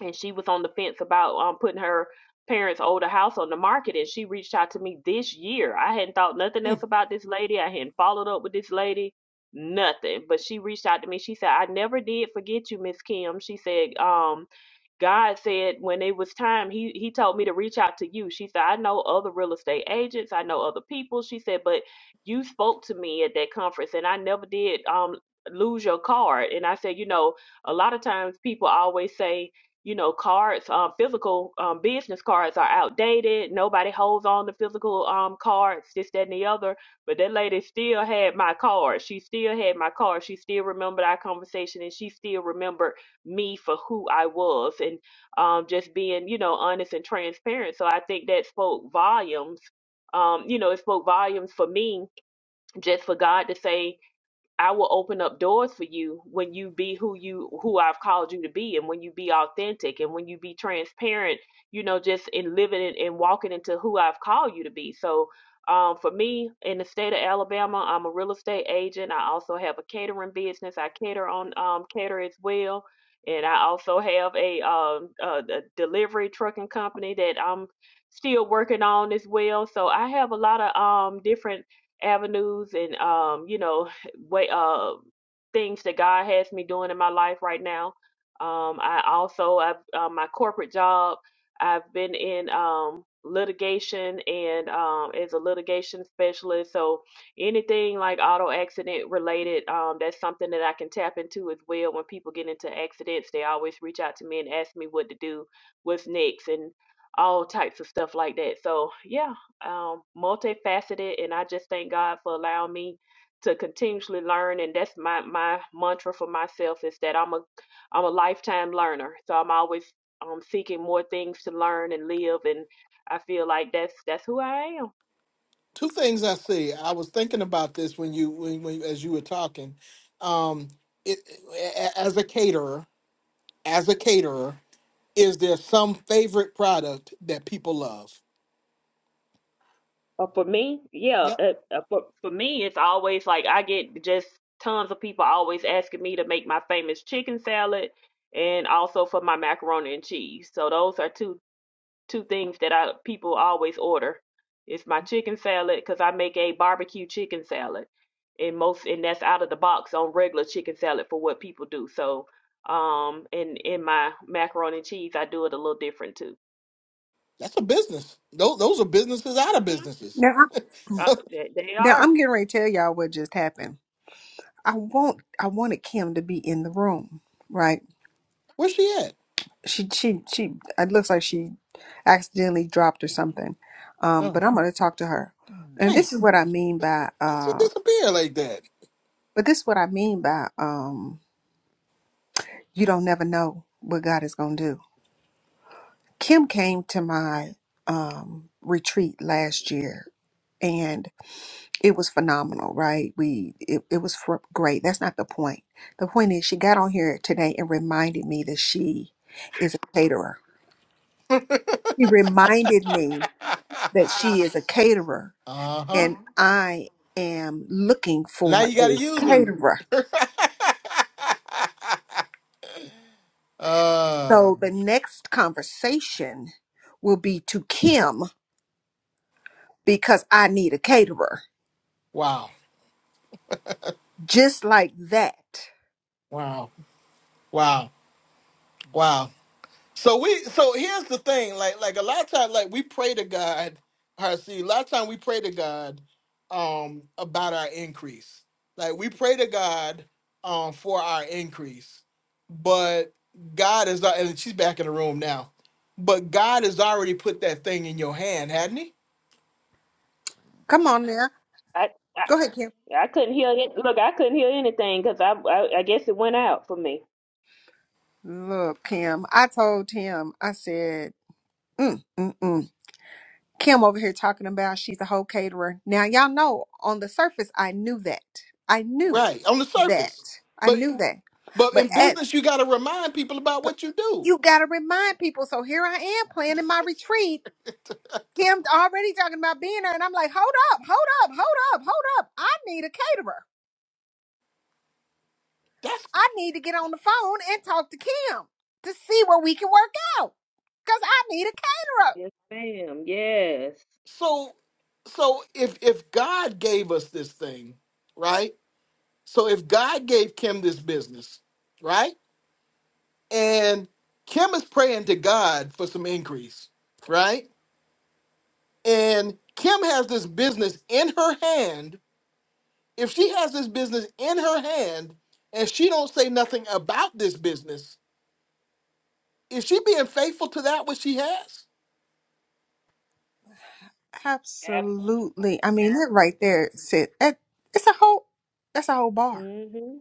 S2: and she was on the fence about um, putting her parents' older house on the market. And she reached out to me this year. I hadn't thought nothing
S1: Hmm.
S2: else about this lady. I hadn't followed up with this lady, nothing. But she reached out to me. She said, "I never did forget you, Miss Kim." She said, um, "God said when it was time, He He told me to reach out to you." She said, "I know other real estate agents. I know other people." She said, "But you spoke to me at that conference, and I never did um lose your card." And I said, "You know." a lot of times people always say you know, cards, um, physical um, business cards are outdated. Nobody holds on to physical um, cards, this, that, and the other. But that lady still had my card. She still had my card. She still remembered our conversation and she still remembered me for who I was and um, just being, you know, honest and transparent. So I think that spoke volumes. Um, you know, it spoke volumes for me just for God to say, I will open up doors for you when you be who you who I've called you to be and when you be authentic and when you be transparent, you know, just in living and, and walking into who I've called you to be. So um, for me in the state of Alabama, I'm a real estate agent. I also have a catering business. I cater on um, cater as well. And I also have a, um, a, a delivery trucking company that I'm still working on as well. So I have a lot of um, different avenues and um, you know way uh things that God has me doing in my life right now. Um, I also I've uh, my corporate job. I've been in um litigation and um as a litigation specialist. So anything like auto accident related, um, that's something that I can tap into as well. When people get into accidents, they always reach out to me and ask me what to do, what's next, and all types of stuff like that. So yeah, um, multifaceted, and I just thank God for allowing me to continuously learn and that's my my mantra for myself is that I'm a I'm a lifetime learner. So I'm always um seeking more things to learn and live and I feel like that's that's who I am.
S1: Two things I see. I was thinking about this when you, when, when as you were talking. Um, it, a- as a caterer, as a caterer, is there some favorite product that people love?
S2: Uh, for me, yeah.
S1: Yep,
S2: Uh, uh, for for me, it's always like I get just tons of people always asking me to make my famous chicken salad, and also for my macaroni and cheese. So those are two two things that I people always order. It's my chicken salad because I make a barbecue chicken salad, and most and that's out of the box on regular chicken salad for what people do. So um, and in my macaroni and cheese, I do it a little different too.
S1: that's a business. Those, those are businesses out of
S2: hmm
S1: businesses.
S4: Now, I-
S2: Uh, they, they
S4: now
S2: are.
S4: I'm getting ready to tell y'all what just happened. I want I wanted Kim to be in the room, right?
S1: Where's she at?
S4: She she she it looks like she accidentally dropped or something. Um,
S1: Oh,
S4: but I'm gonna talk to her. And
S1: dang,
S4: this is what I mean by
S1: How'd she
S4: uh
S1: disappear like that.
S4: but this is what I mean by um you don't never know what God is going to do. Kim came to my um, retreat last year and it was phenomenal, right? We it, it was fr- great. That's not the point. The point is she got on here today and reminded me that she is a caterer. She reminded me that she is a caterer
S1: uh huh.
S4: and I am looking
S1: Now
S4: for
S1: you gotta
S4: a
S1: use them.
S4: caterer.
S1: uh,
S4: So the next conversation will be to Kim because I need a caterer
S1: wow,
S4: Just like that.
S1: wow, wow, wow. So we, so here's the thing. Like, like a lot of times, like we pray to God. see, a lot of time we pray to God um about our increase. Like we pray to God um for our increase, but God is not. And she's back in the room now. But God has already put that thing in your hand, hadn't He?
S4: Come on now.
S2: I, I
S4: Go ahead, Kim.
S2: I couldn't hear it. Look, I couldn't hear anything because I, I I guess it went out for me.
S4: Look, Kim, I told him, I said, mm, mm, mm. Kim over here talking about she's a whole caterer. Now, y'all know on the surface, I knew that. I knew
S1: Right on the surface.
S4: that. I
S1: But
S4: knew that.
S1: But
S4: But
S1: in
S4: at,
S1: business, you got to remind people about
S4: but
S1: what you do.
S4: you got to remind people. So here I am planning my retreat. Kim already talking about being there. And I'm like, hold up, hold up, hold up, hold up. I need a caterer.
S1: That's
S4: I need to get on the phone and talk to Kim to see what we can work out. Cause I need a caterer.
S2: Yes, ma'am. Yes.
S1: so. So if if God gave us this thing, right? So if God gave Kim this business, right? And Kim is praying to God for some increase, right? And Kim has this business in her hand. If she has this business in her hand and she don't say nothing about this business, is she being faithful to that which she has?
S2: Absolutely.
S4: Absolutely. I mean, that right there, said that it's a whole that's a whole bar.
S2: Mm-hmm.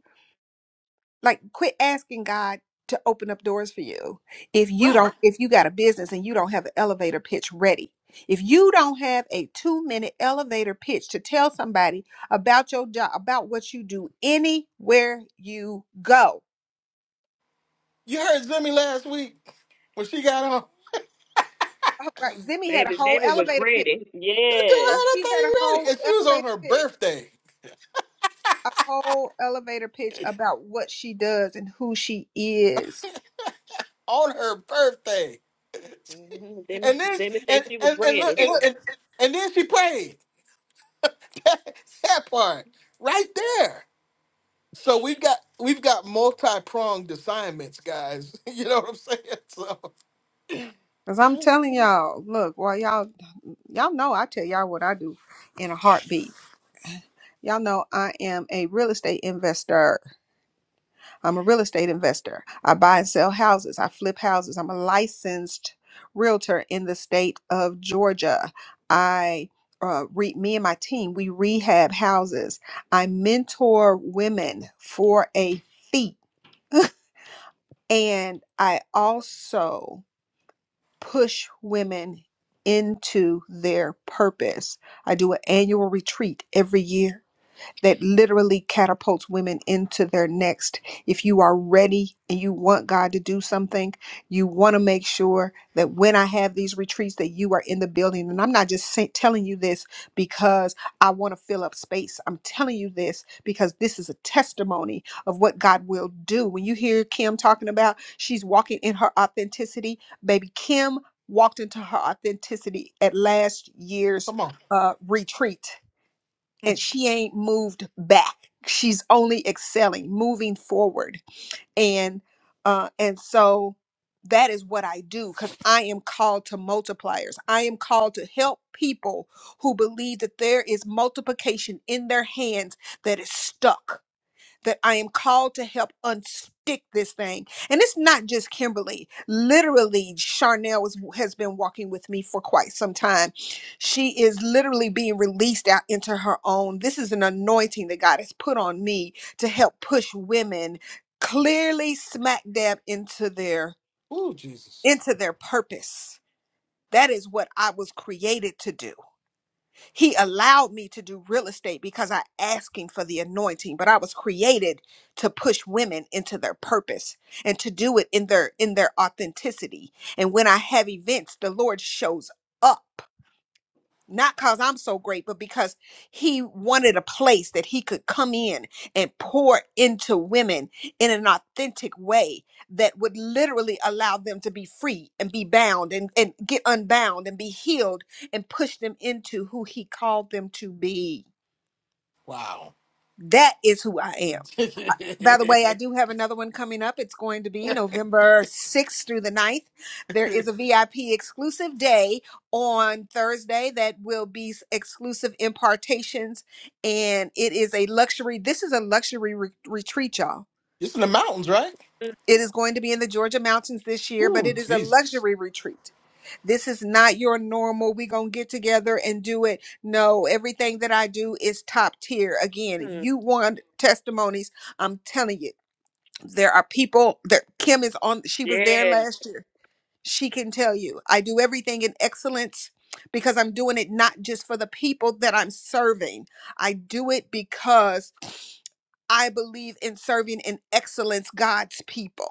S4: Like quit asking God to open up doors for you. If you
S1: right?
S4: don't if you got a business and you don't have an elevator pitch ready. If you don't have a 2-minute elevator pitch to tell somebody about your job, about what you do anywhere you go.
S1: You heard Zimmy last week when she got on.
S4: All right, Zimmy had a
S2: Baby
S4: whole
S2: Zimmy was
S4: elevator pitch.
S2: ready.
S1: That girl
S2: Yes.
S1: had that
S4: She had a
S1: thing ready,
S4: whole
S1: and she was on
S4: elevator
S1: her
S4: pitch,
S1: birthday.
S4: a whole elevator pitch about what she does and who she is.
S1: On her birthday,
S2: Mm-hmm. Zimmy,
S1: and then
S2: Zimmy said
S1: and
S2: she was
S1: and, and look
S2: ready.
S1: and, and and then she prayed. that part right there. So we've got we've got multi pronged assignments, guys. You know what I'm saying? So
S4: Cause I'm telling y'all, look, while y'all y'all know I tell y'all what I do in a heartbeat. Y'all know I am a real estate investor. I'm a real estate investor. I buy and sell houses. I flip houses. I'm a licensed realtor in the state of Georgia. I uh, re- me and my team we rehab houses. I mentor women for a fee, and I also push women into their purpose. I do an annual retreat every year that literally catapults women into their next. If you are ready and you want God to do something, you want to make sure that when I have these retreats that you are in the building. And I'm not just say, telling you this because I want to fill up space. I'm telling you this because this is a testimony of what God will do. When you hear Kim talking about she's walking in her authenticity, baby Kim walked into her authenticity at last year's
S1: come on.
S4: uh, retreat and she ain't moved back. She's only excelling, moving forward. And uh and so that is what I do cuz I am called to multipliers. I am called to help people who believe that there is multiplication in their hands that is stuck that I am called to help unstick this thing. And it's not just Kimberly. Literally, Charnel is, has been walking with me for quite some time. She is literally being released out into her own. This is an anointing that God has put on me to help push women clearly smack dab into their
S1: Ooh, Jesus!
S4: into their purpose. That is what I was created to do he allowed me to do real estate because I asked him for the anointing, but I was created to push women into their purpose and to do it in their in their authenticity. And when I have events, the Lord shows up not because I'm so great, but because he wanted a place that he could come in and pour into women in an authentic way that would literally allow them to be free and be bound and, and get unbound and be healed and push them into who he called them to be.
S1: Wow.
S4: That is who I am. By the way, I
S1: it's
S4: do have another one coming up. It's going to be November 6th through the ninth. There is a VIP exclusive day on Thursday that will be s- exclusive impartations. And it is a luxury, this is a luxury re- retreat, y'all.
S1: in the mountains, right?
S4: It is going to be in the Georgia mountains this year, but
S1: Ooh,
S4: it is a
S1: Jesus!
S4: luxury retreat. This is not your normal, we going to get together and do it. No, everything that I do is top tier. Again, if
S2: Mm-hmm.
S4: you want testimonies, I'm telling you there are people that Kim is on. She was there
S2: Yeah.
S4: last year. She can tell you, I do everything in excellence because I'm doing it not just for the people that I'm serving. I do it because I believe in serving in excellence God's people.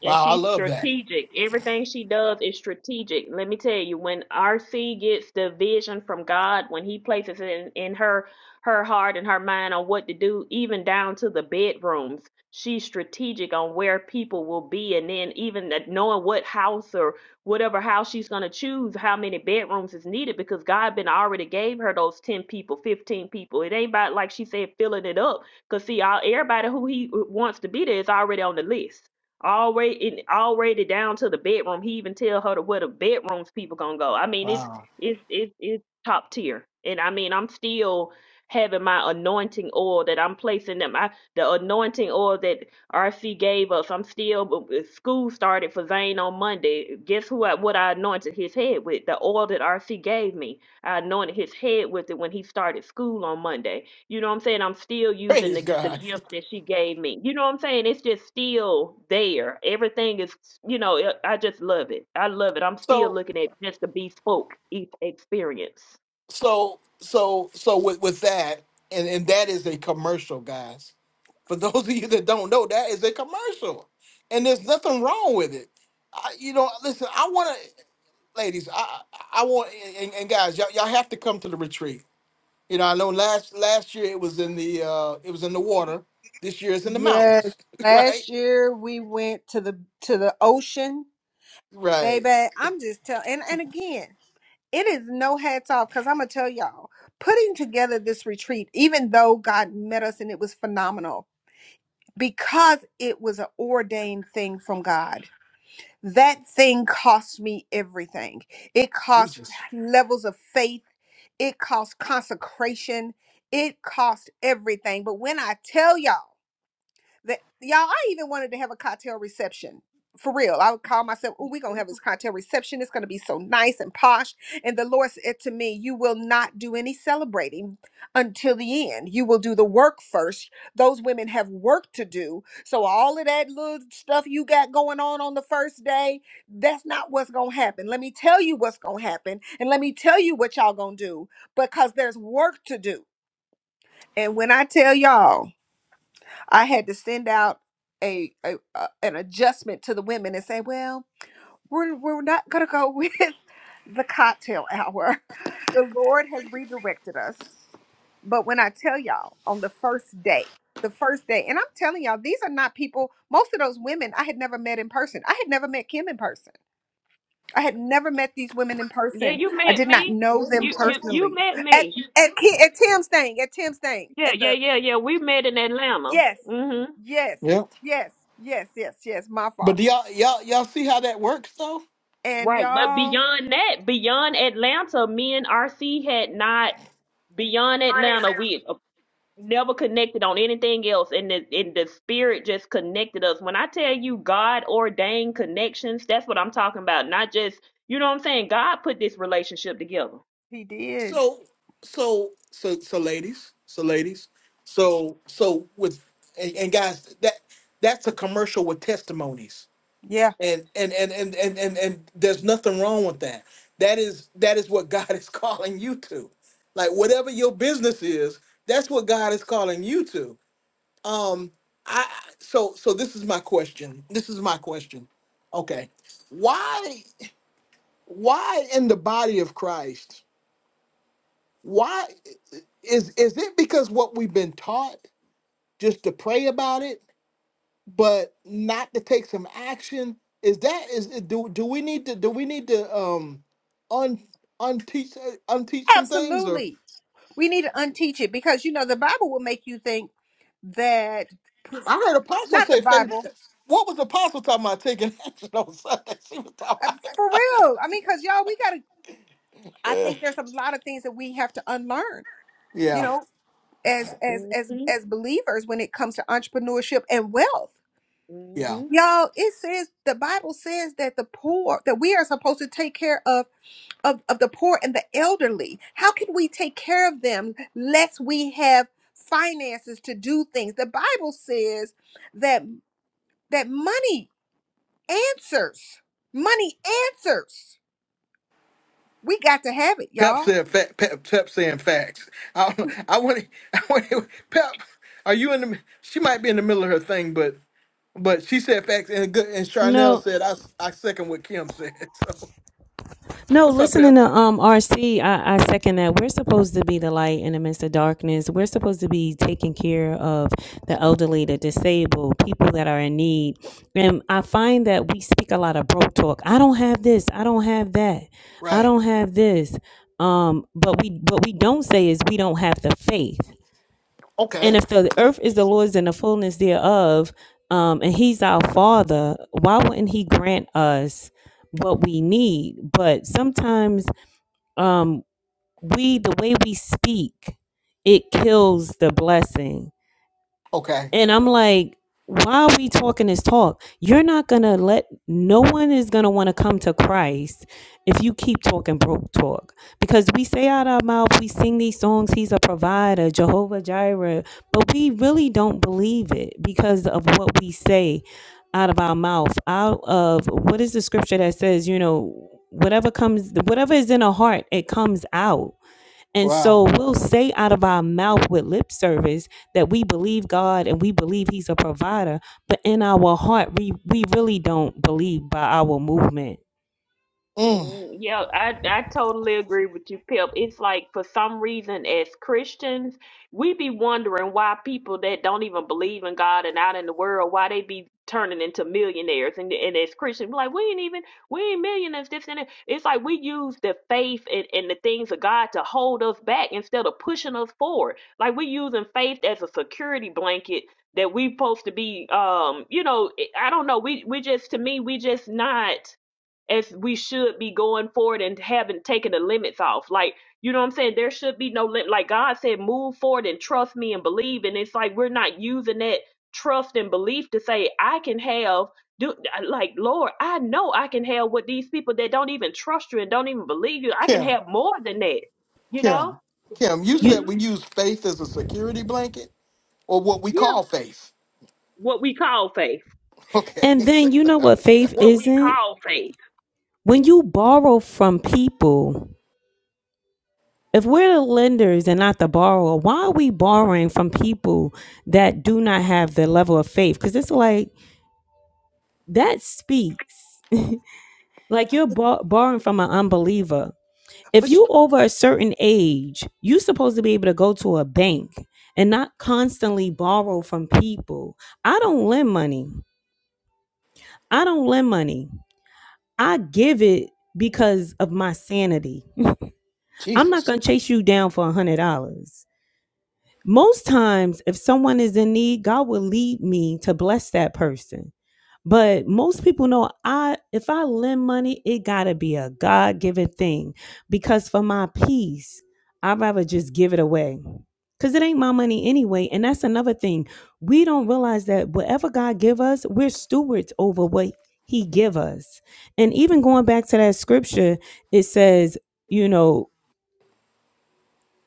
S2: And
S1: Wow, I
S2: she's
S1: love that.
S2: strategic. Everything she does is strategic. Let me tell you, when RC gets the vision from God, when he places it in, in her her heart and her mind on what to do, even down to the bedrooms, she's strategic on where people will be and then even that- knowing what house or whatever house she's gonna choose, how many bedrooms is needed because God been already gave her those ten people, fifteen people. It ain't about like she said, filling it up. Cause see, all everybody who he wants to be there is already on the list already it already down to the bedroom. He even tell her to where the bedrooms people gonna go. I mean, it's
S1: Wow.
S2: it's it's it's top tier. And I mean, I'm still having my anointing oil that I'm placing them. I the anointing oil that RC gave us. I'm still b- b- school started for Zane on Monday. Guess who? I, what I anointed his head with? The oil that RC gave me. I anointed his head with it when he started school on Monday. You know what I'm saying? I'm still using
S1: Praise
S2: the, the
S1: God.
S2: gift that she gave me. You know what I'm saying? It's just still there. Everything is, you know, it- I just love it. I love it. I'm still
S1: So
S2: looking at just the bespoke e- experience.
S1: so so so with with that and and that is a commercial guys for those of you that don't know that is a commercial and there's nothing wrong with it I, you know listen i want to ladies i i I want and, and guys y'all, y'all have to come to the retreat you know i know last last year it was in the uh it was in the water this year it's in the
S4: Yes.
S1: mountains right
S4: Last year we went to the to the ocean,
S1: right
S4: baby. I'm just telling and, and again, it is no hats off because I'm gonna tell y'all putting together this retreat, even though God met us and it was phenomenal because it was an ordained thing from God. That thing cost me everything. It cost levels of faith. It cost consecration. It cost everything. But when I tell y'all that y'all i even wanted to have a cocktail reception for real i would call myself oh we're gonna have this cocktail reception it's gonna be so nice and posh and the lord said to me you will not do any celebrating until the end you will do the work first those women have work to do so all of that little stuff you got going on on the first day that's not what's gonna happen let me tell you what's gonna happen and let me tell you what y'all gonna do because there's work to do and when i tell y'all I had to send out a, a, a an adjustment to the women and say, well, we're we're not gonna go with the cocktail hour. The Lord has redirected us. But when I tell y'all on the first day, the first day, and I'm telling y'all, these are not people, most of those women I had never met in person. I had never met Kim in person. I had never met these women in
S2: Yeah,
S4: person.
S2: you
S4: I
S2: met
S4: did not
S2: me.
S4: know them
S2: You you you
S4: personally.
S2: met
S4: At
S2: me.
S4: at, Ki- at Tim's thing, at Tim's thing,
S2: Yeah,
S4: at the
S2: yeah, yeah, yeah. We met in Atlanta.
S4: Yes,
S2: hmm
S4: yes,
S1: yeah
S4: yes, yes, yes, yes. My
S1: but
S4: fault.
S1: do y'all y'all y'all see how that works though
S4: And
S2: Right. But
S4: y'all,
S2: beyond that, beyond Atlanta, me and RC had not beyond Atlanta, we never connected on anything else and the and the spirit just connected us. When I tell you God ordained connections, that's what I'm talking about. Not just you know what I'm saying? God put this relationship together.
S4: he did.
S1: so so so so ladies so ladies so so with and, and guys that that's a commercial with testimonies
S4: Yeah,
S1: and and, and and and and and there's nothing wrong with that that is that is what god is calling you to like whatever your business is that's what god is calling you to um i so so this is my question this is my question okay why why in the body of christ why is is it because what we've been taught just to pray about it but not to take some action is that is do do we need to do we need to um un unteach uh, unteach some things or
S4: absolutely. We need to unteach it because you know the Bible will make you think that
S1: i heard apostle
S4: not the
S1: say faith
S4: Bible
S1: what was apostle talking about taking action on sunday she was talking
S4: for
S1: about
S4: real. I mean, because y'all, we gotta. I
S1: yeah
S4: think there's a lot of things that we have to unlearn. You
S1: yeah
S4: know, as as
S2: hmm
S4: as as believers when it comes to entrepreneurship and wealth.
S1: yeah.
S2: hmm
S4: Y'all, it says the Bible says that the poor that we are supposed to take care of of, of the poor and the elderly. How can we take care of them lest we have finances to do things? The Bible says that that money answers. Money answers. We got to have it,
S1: Pep
S4: y'all.
S1: said fa- Pep, Pep saying facts. I I want I want Pep. Are you in the? She might be in the middle of her thing, but but she said facts and good. And Charnel
S8: No,
S1: said I I second what Kim said. So
S8: no,
S1: what's up,
S8: listening
S1: Pep?
S8: to um RC, I, I second that. We're supposed to be the light in the midst of darkness. We're supposed to be taking care of the elderly, the disabled, people that are in need. And I find that we speak a lot of broke talk. I don't have this, I don't have that, I
S1: Right.
S8: don't have this. Um, but we what we don't say is we don't have the faith. And
S1: Okay.
S8: if the earth is the Lord's and the fullness thereof, um, and He's our Father, why wouldn't He grant us what we need? But sometimes um, we, the way we speak, it kills the blessing
S1: Okay.
S8: and I'm like, why are we talking this talk? You're not going to let, no one is going to want to come to Christ if you keep talking broke talk. Because we say out our mouth, we sing these songs, He's a provider, Jehovah Jireh, but we really don't believe it because of what we say out of our mouth, out of what is the scripture that says, you know, whatever comes, whatever is in our heart, it comes out. And so
S1: Wow.
S8: we'll say out of our mouth with lip service that we believe God and we believe He's a provider, but in our heart, we, we really don't believe by our movement.
S1: Mm.
S2: Mm, Yeah, I I totally agree with you, Pip. It's like for some reason as Christians, we be wondering why people that don't even believe in God and out in the world, why they be turning into millionaires. And and as Christians, we like we ain't even we ain't millionaires. This and that. It's like we use the faith and, and the things of God to hold us back instead of pushing us forward. Like we using faith as a security blanket that we supposed to be um you know I don't know we we just to me we just not as we should be going forward and haven't taken the limits off. Like, you know what I'm saying? There should be no limit. Like God said, move forward and trust me and believe. And it's like we're not using that trust and belief to say, I can have do uh, like Lord, I know I can have what these people that don't even trust you and don't even believe you, I can
S1: Kim.
S2: have more than that. You know?
S1: Kim. Kim. You
S8: You
S1: said
S2: hmm
S1: we use faith as a security blanket, or what we
S2: Yeah.
S1: call faith.
S2: What we call faith.
S1: Okay.
S8: and then you know what faith
S2: What we
S8: isn't?
S2: call faith.
S8: When you borrow from people, if we're the lenders and not the borrower, why are we borrowing from people that do not have the level of faith? Because it's like that speaks. Like you're bor- borrowing from an unbeliever if
S4: But sh-
S8: you over a certain age, you supposed to be able to go to a bank and not constantly borrow from people. I don't lend money. I don't lend money. I give it because of my sanity. I'm not
S1: Jesus.
S8: going to chase you down for a $100. Most times, if someone is in need, God will lead me to bless that person. But most people know I if I lend money, it gotta be a God given thing. Because for my peace, I'd rather just give it away. Cause it ain't my money anyway. And that's another thing. We don't realize that whatever God give us, we're stewards over what he give us. And even going back to that scripture, it says, you know,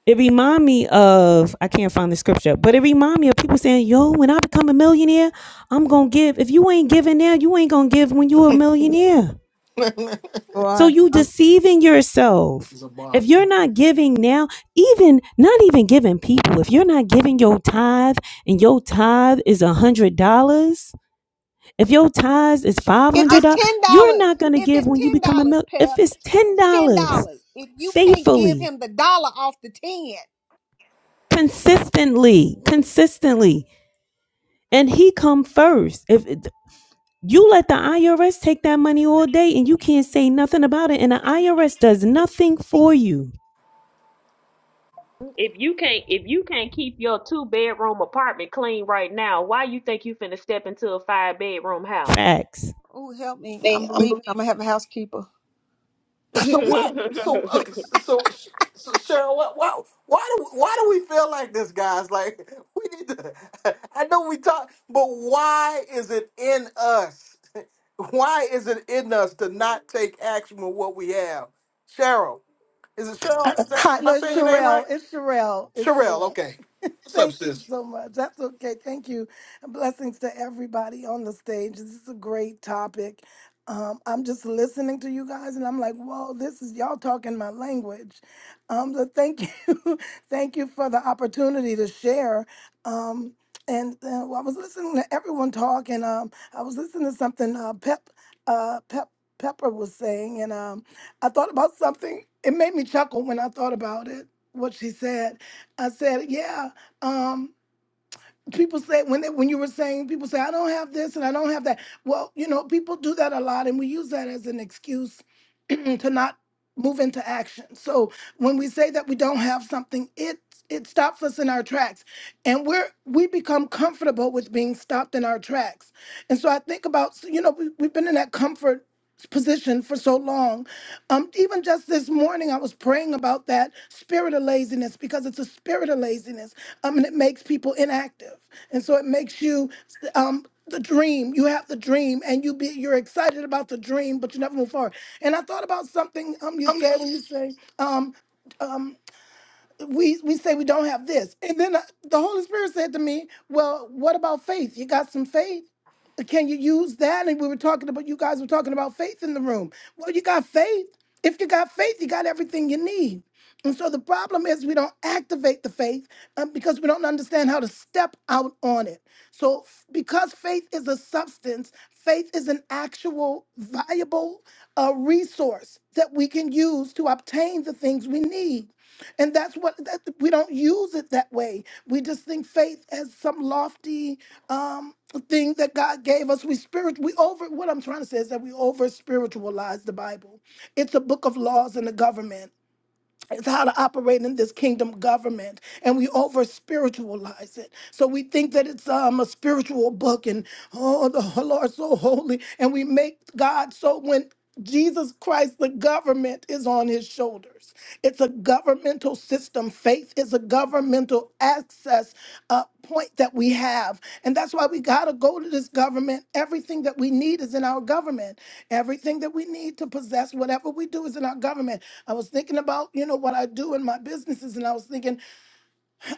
S8: it remind me of I can't find the scripture, but it remind me of people saying, "Yo, when I become a millionaire, I'm gonna give. If you ain't giving now, you ain't gonna give when you're a millionaire." So
S4: boy,
S8: you
S4: um,
S8: deceiving yourself. If
S1: Zabar.
S8: you're not giving now, even not even giving people, if you're not giving your tithe and your tithe is a hundred dollars, if your tithe is five
S4: if
S8: hundred
S4: it's
S8: dollars,
S4: ten
S8: you're
S4: dollars,
S8: not gonna
S4: if
S8: give
S4: it's
S8: when you
S4: ten
S8: become a
S4: dollars,
S8: mil. If
S4: Pep,
S8: it's ten
S4: ten
S8: dollars,
S4: dollars. If you can't give
S8: faithfully,
S4: him the dollar off the ten,
S8: consistently, consistently. and he come first. If you let the IRS take that money all day and you can't say nothing about it, and the IRS does nothing for you.
S2: If you can't if you can't keep your two bedroom apartment clean right now, why you think you finna step into a five bedroom house?
S8: Facts.
S4: oh help me! I'm believing I'm gonna have a housekeeper.
S1: So what? So okay, so so so, Cheryl, what? Why, why do why do we feel like this, guys? Like we need to. I know we talk, but why is it in us? Why is it in us to not take action with what we have? Cheryl, is it Cheryl? Is that?
S9: Hi,
S1: Am I
S9: no, it's
S1: saying your name
S9: Sherelle.
S1: right?
S9: It's Sherelle. It's
S1: Cheryl.
S9: Sherelle.
S1: Okay. What's up,
S9: Thank you
S1: sis?
S9: so much. That's okay. Thank you. And blessings to everybody on the stage. This is a great topic. Um, I'm just listening to you guys and I'm like, whoa, this is y'all talking my language. Um, so thank you. thank you for the opportunity to share. Um, and uh, well, I was listening to everyone talk and um, I was listening to something uh, Pep, uh, Pep, Pepper was saying, and um, I thought about something. It made me chuckle when I thought about it, what she said. I said, yeah um people say when they, when you were saying people say i don't have this and i don't have that well you know people do that a lot and we use that as an excuse to not move into action so when we say that we don't have something it it stops us in our tracks and we're we become comfortable with being stopped in our tracks and so i think about so, you know we, we've been in that comfort position for so long um even just this morning i was praying about that spirit of laziness because it's a spirit of laziness um, and it makes people inactive. And so it makes you um, the dream. You have the dream, and you be you're excited about the dream, but you never move forward. And I thought about something um you
S1: Come
S9: said when you say um. um we we say we don't have this and then uh, the holy spirit said to me well what about faith you got some faith can you use that and we were talking about you guys were talking about faith in the room well you got faith if you got faith you got everything you need and so the problem is we don't activate the faith uh, because we don't understand how to step out on it so f- because faith is a substance faith is an actual viable uh, resource that we can use to obtain the things we need and that's what that, we don't use it that way. We just think faith as some lofty um, thing that God gave us. We spirit we over what I'm trying to say is that we over spiritualize the Bible. It's a book of laws and the government. It's how to operate in this kingdom government, and we over spiritualize it. So we think that it's um, a spiritual book, and oh, the Lord's so holy, and we make God so when Jesus Christ, the government is on his shoulders. It's a governmental system. Faith is a governmental access uh, point that we have. And that's why we got to go to this government. Everything that we need is in our government. Everything that we need to possess, whatever we do, is in our government. I was thinking about, you know, what I do in my businesses, and I was thinking,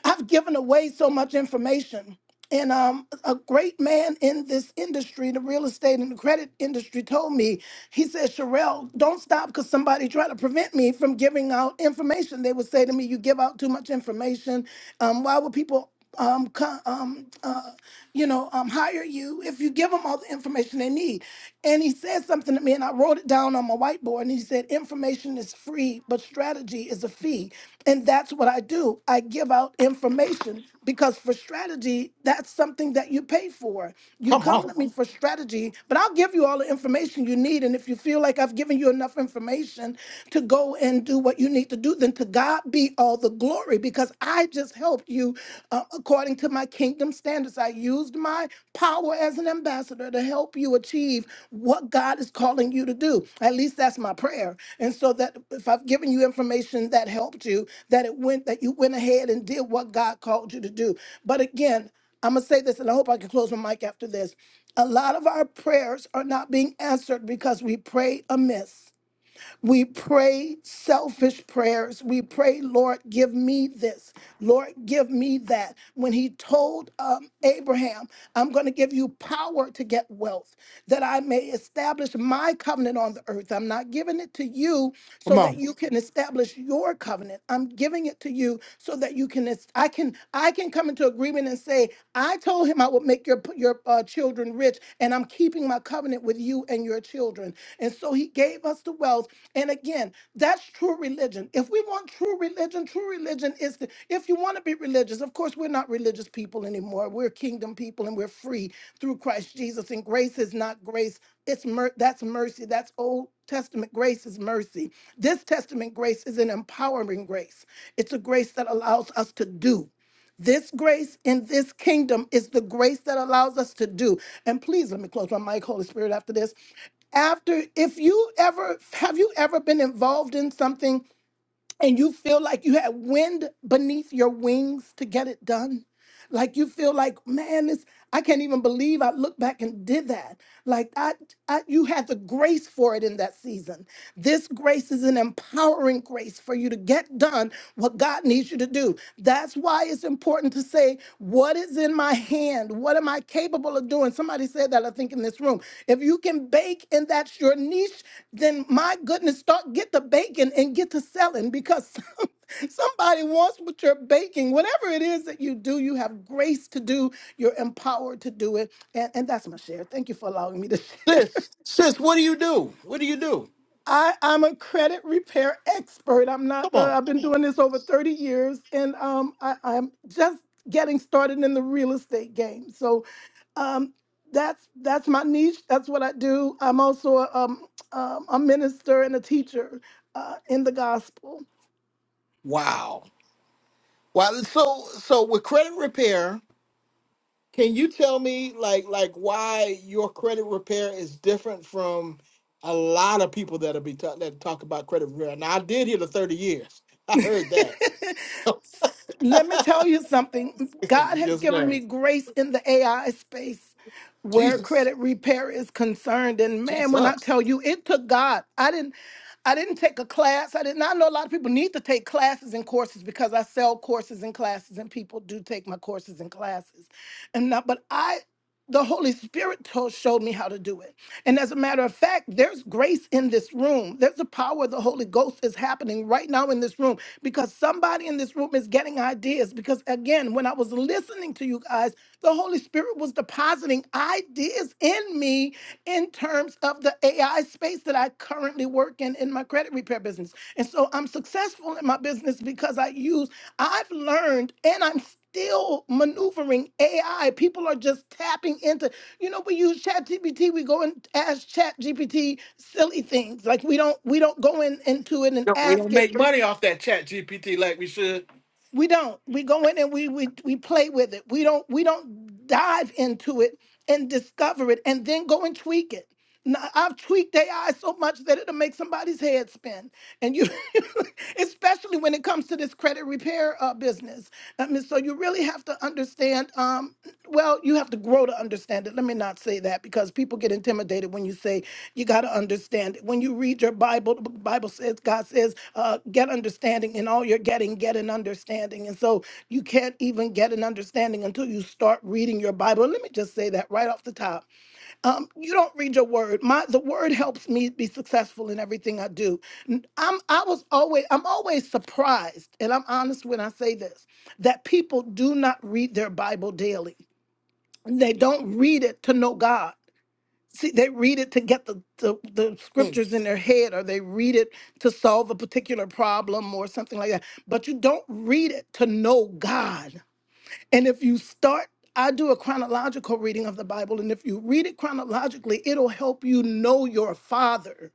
S9: I've given away so much information. And um, a great man in this industry, the real estate and the credit industry, told me, he said, Sherelle, don't stop because somebody tried to prevent me from giving out information. They would say to me, You give out too much information. Um, why would people um, co- um, uh, you know, um, hire you if you give them all the information they need. And he said something to me, and I wrote it down on my whiteboard. And he said, Information is free, but strategy is a fee. And that's what I do. I give out information because for strategy, that's something that you pay for. You
S1: come on,
S9: come to me Mhm. for strategy, but I'll give you all the information you need. And if you feel like I've given you enough information to go and do what you need to do, then to God be all the glory glory because I just helped you uh, according to my kingdom standards. I used my power as an ambassador to help you achieve what God is calling you to do. At least that's my prayer. And so that if I've given you information that helped you, that it went that you went ahead and did what God called you to do. But again, I'm gonna say this, and I hope I can close my mic after this. A lot of our prayers are not being answered because we prayed amiss. We pray selfish prayers. We pray, Lord, give me this. Lord, give me that. When he told um, Abraham, I'm going to give you power to get wealth, that I may establish my covenant on the earth. I'm not giving it to you so
S1: come
S9: that
S1: on,
S9: you can establish your covenant. I'm giving it to you so that you that you can es- I can I can come into agreement and say, I told him I would make your your uh, children rich and I'm keeping my covenant with you and your children. And so he gave us the wealth. And again, that's true religion. If we want true religion, true religion is the, if you want to be religious, of course we're not religious people anymore. We're kingdom people and we're free through Christ Jesus and grace is not grace it's mer- that's mercy that's old testament grace is mercy this testament grace is an empowering grace it's a grace that allows us to do. This grace in this kingdom is the grace that allows us to do. And please let me close my mic, Holy Spirit, after this. After, if you ever have you ever been involved in something and you feel like you had wind beneath your wings to get it done? Like you feel like, man, this I can't even believe I looked back and did that. Like I, I you had the grace for it in that season. This grace is an empowering grace for you to get done what God needs you to do. That's why it's important to say, What is in my hand? What am I capable of doing? Somebody said that, I think, in this room. If you can bake and that's your niche, then my goodness, start get the baking and get to selling because some, somebody wants what you're baking. Whatever it is that you do, you have grace to do, you're empowered to do it. And, and that's my share. Thank you for allowing me to share.
S1: sis, sis. What do you do? What do you do?
S9: I, I'm a credit repair expert. I'm
S1: Come
S9: not. Uh,
S1: on.
S9: I've been doing this over 30 years, and um, I, I'm just getting started in the real estate game. So, um, that's that's my niche. That's what I do. I'm also a, um, um, a minister and a teacher uh, in the gospel.
S1: Wow. Wow. So so with credit repair. Can you tell me like like why your credit repair is different from a lot of people that'll be talk, that talk about credit repair? Now I did hear the 30 years. I heard that. So
S9: Let me tell you something. God has
S1: yes,
S9: given
S1: ma'am.
S9: me grace in the AI space where
S1: Jesus.
S9: credit repair is concerned. And man, when I
S1: Jesus.
S9: tell you, it took God. I didn't I didn't take a class. I did not know a lot of people need to take classes and courses because I sell courses and classes and people do take my courses and classes. And not but I the Holy Spirit Lord showed me how to do it. And as a matter of fact, there's grace in this room. There's the power of the Holy Ghost is happening right now in this room because somebody in this room is getting ideas. Because again, when I was listening to you guys, the Holy Spirit was depositing ideas in me in terms of the AI space that I currently work in in my credit repair business. And so I'm successful in my business because I use, I've learned, and I'm still maneuvering AI. People are just tapping into you know, we use ChatGPT. we go and ask ChatGPT silly things. Like we don't we don't go in into it and
S1: No, We
S9: ask
S1: don't
S9: it
S1: make money off that chat GPT like we should.
S9: we don't we go in and we we we play with it we don't we don't dive into it and discover it and then go and tweak it Now, i've tweaked ai so much that it'll make somebody's head spin and you especially when it comes to this credit repair uh, business i mean so you really have to understand um well you have to grow to understand it let me not say that because people get intimidated when you say you got to understand it. When you read your Bible, the Bible says, God says, uh, get understanding, and all you're getting, get an understanding. And so you can't even get an understanding until you start reading your Bible. Let me just say that right off the top. Um, you don't read your word. My the word helps me be successful in everything I do. N- I'm I was always I'm always surprised, and I'm honest when I say this, that people do not read their Bible daily. They don't read it to know God. See, they read it to get the, the, the
S1: Hmm.
S9: scriptures in their head, or they read it to solve a particular problem or something like that. But you don't read it to know God. And if you start, I do a chronological reading of the Bible, and if you read it chronologically, it'll help you know your Father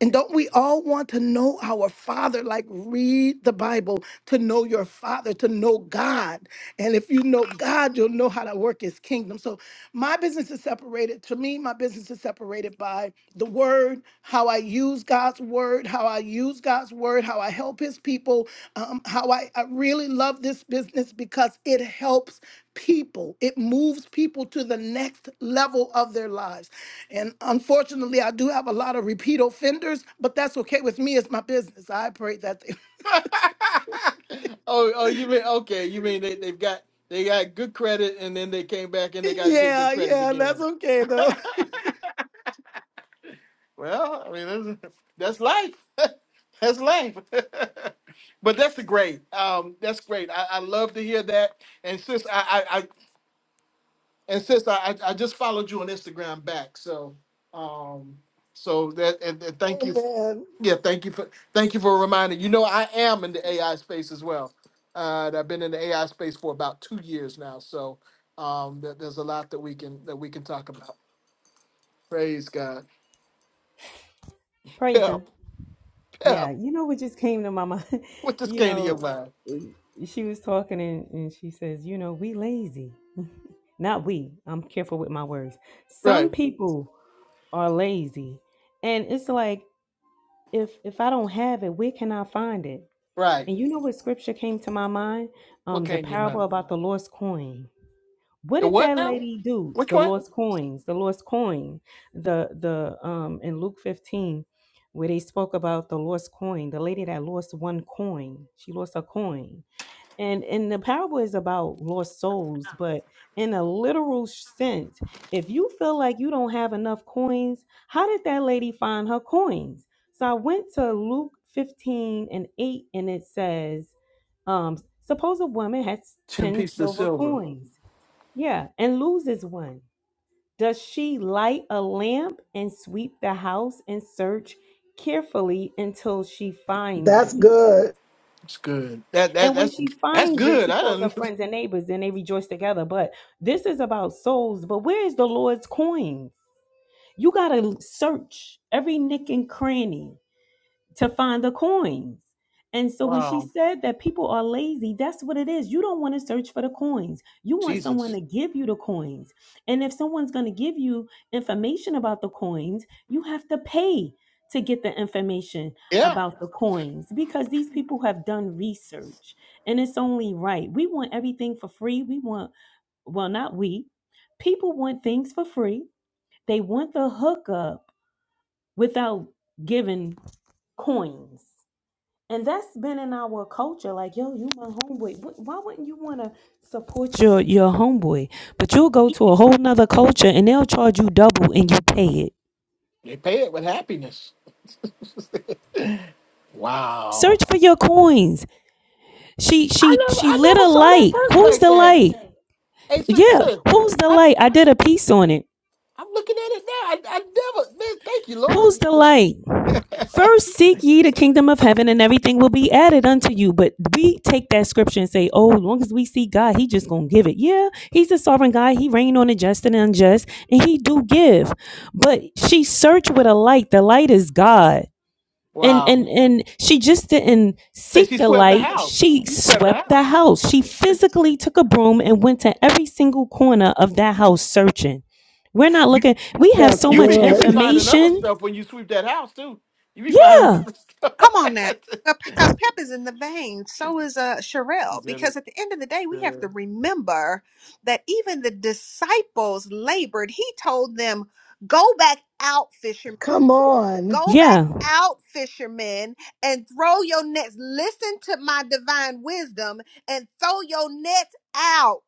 S9: and don't we all want to know our Father? Like, read the Bible to know your Father, to know God. And if you know God, you'll know how to work His kingdom. So, my business is separated. To me, my business is separated by the word, how I use God's word, how I use God's word, how I help his people, um, how I, I really love this business because it helps people. It moves people to the next level of their lives. And unfortunately, I do have a lot of repeat offenders, but that's okay with me. It's my business. I pray that they.
S1: oh, oh, you mean okay, you mean they, they've got they got good credit and then they came back and they gotta get good
S9: Yeah,
S1: credit
S9: yeah,
S1: again.
S9: that's okay though.
S1: Well, I mean, that's, that's life. that's life. but that's great. Um, that's great. I, I love to hear that. And sis, I, I, I and sis, I, I I just followed you on Instagram back. So, um, so that and, and thank you.
S9: Amen.
S1: Yeah, thank you for thank you for reminding. You know, I am in the AI space as well. Uh, and I've been in the AI space for about two years now. So, um, there, there's a lot that we can that we can talk about. Praise God.
S8: Praise
S1: Pep,
S8: him. Yeah,
S1: pep.
S8: you know what just came to my mind.
S1: What this
S8: You
S1: came to your
S8: know,
S1: mind?
S8: she was talking and, and she says, you know, we lazy. Not we. I'm careful with my words. Some
S1: Right,
S8: people are lazy, and it's like if if I don't have it, where can I find it?
S1: right.
S8: And you know what scripture came to my mind?
S1: What
S8: Um, the
S1: came to your
S8: parable
S1: mouth?
S8: about the lost coin. What
S1: The
S8: did
S1: what
S8: that
S1: now?
S8: lady do?
S1: Which
S8: The
S1: one?
S8: lost coins, the lost coin. The the um in Luke 15, where they spoke about the lost coin, the lady that lost one coin. She lost a coin. And and the parable is about lost souls, but in a literal sense, if you feel like you don't have enough coins, how did that lady find her coins? So I went to Luke 15 and 8, and it says, um, suppose a woman has
S1: Ten
S8: 10
S1: pieces of
S8: silver
S1: silver.
S8: coins, yeah, and loses one. Does she light a lamp and sweep the house and search carefully until she finds
S9: That's
S8: it?
S9: good.
S1: It's good. That that
S8: And when
S1: that's
S8: she
S1: that's
S8: finds it,
S1: good.
S8: she
S1: I
S8: calls her
S1: don't.
S8: friends and neighbors and they rejoice together. But this is about souls. But where is the Lord's coins? You got to search every nick and cranny to find the coins. And so when she
S1: Wow,
S8: said that people are lazy, that's what it is. You don't want to search for the coins. You want someone
S1: Jesus.
S8: to give you the coins. And if someone's going to give you information about the coins, you have to pay to get the information
S1: Yeah,
S8: about the coins because these people have done research. And it's only right. We want everything for free. We want, well, not we. People want things for free. They want the hookup without giving coins. And that's been in our culture. Like, yo, you my homeboy. Wh- Why wouldn't you want to support your, your homeboy? But you'll go to a whole nother culture and they'll charge you double and you pay it.
S1: they pay it with happiness. wow.
S8: Search for your coins. She
S1: I
S8: she
S1: never
S8: she
S1: I
S8: lit
S1: never
S8: a
S1: saw that
S8: light.
S1: verse
S8: Who's
S1: like
S8: the
S1: that.
S8: light?
S1: Hey, sis,
S8: Yeah,
S1: sis
S8: who's the
S1: I
S8: light? I did a piece on it
S1: I'm looking at it now. I I never. Man, thank you, Lord.
S8: Who's the light? First seek ye the kingdom of heaven and everything will be added unto you. But we take that scripture and say, oh, as long as we see God, he just gonna give it. Yeah, he's a sovereign God. He reign on the just and the unjust, and he do give. But she searched with a light. The light is God. And
S1: wow.
S8: and and she just didn't
S1: Say
S8: seek
S1: she
S8: the
S1: swept the
S8: light.
S1: house.
S8: She
S1: She swept the
S8: swept the
S1: house.
S8: house. She physically took a broom and went to every single corner of that house searching. We're not looking, we have
S9: That's
S8: so
S1: You be
S8: much
S1: you be
S9: good.
S1: finding other
S8: information.
S1: stuff when you sweep that house too. You be finding
S8: Yeah.
S1: other stuff.
S4: Come on now. Because Pep is in the vein, so is uh, Sherelle.
S1: Yeah,
S4: Because at the end of the day,
S1: yeah.
S4: we have to remember that even the disciples labored. He told them, Go back out fishing."
S9: Come on.
S4: Go back
S8: Yeah.
S4: out, fishermen, and throw your nets. Listen to my divine wisdom and throw your nets out.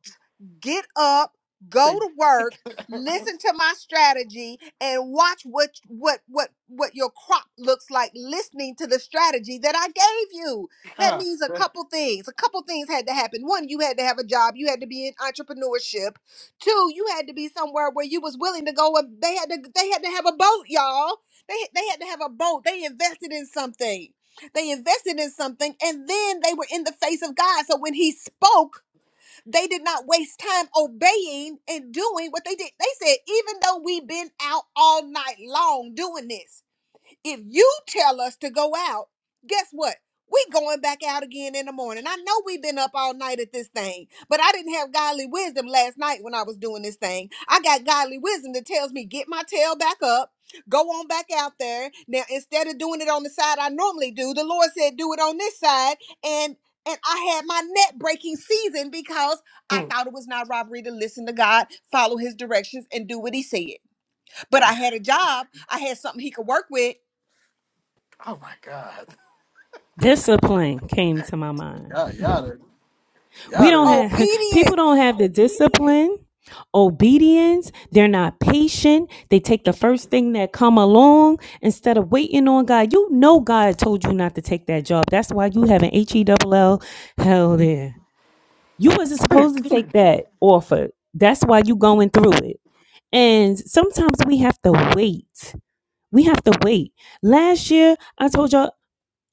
S4: Get up, go
S1: Take-
S4: to work, listen to my strategy, and watch what what what what your crop looks like listening to the strategy that I gave you. That
S1: God,
S4: means a
S1: that's-
S4: couple things. A couple things had to happen. One, you had to have a job, you had to be in entrepreneurship. Two, you had to be somewhere where you was willing to go and they had to they had to have a boat, y'all they they had to have a boat. They invested in something. They invested in something and then they were in the face of God. So when he spoke, they did not waste time obeying and doing what they did. They said, even though we've been out all night long doing this, if you tell us to go out, guess what? We going back out again in the morning. I know we've been up all night at this thing, but I didn't have godly wisdom last night when I was doing this thing. I got godly wisdom that tells me get my tail back up, go on back out there. Now instead of doing it on the side I normally do, the Lord said do it on this side and and I had my net breaking season because I
S1: hmm,
S4: thought it was not robbery to listen to God, follow his directions and do what he said. But I
S1: God.
S4: had a job, I had something he could work with
S1: Oh my God.
S8: Discipline came to my mind.
S1: Yeah, yeah,
S8: We
S1: yeah,
S8: don't have people don't
S4: Obedience.
S8: have the discipline, obedience, they're not patient. They take the first thing that come along instead of waiting on God. You know God told you not to take that job. That's why you have an H E double L hell there. You wasn't supposed to
S1: yeah.
S8: take that offer. That's why you going through it. And sometimes we have to wait. We have to wait. Last year, I told y'all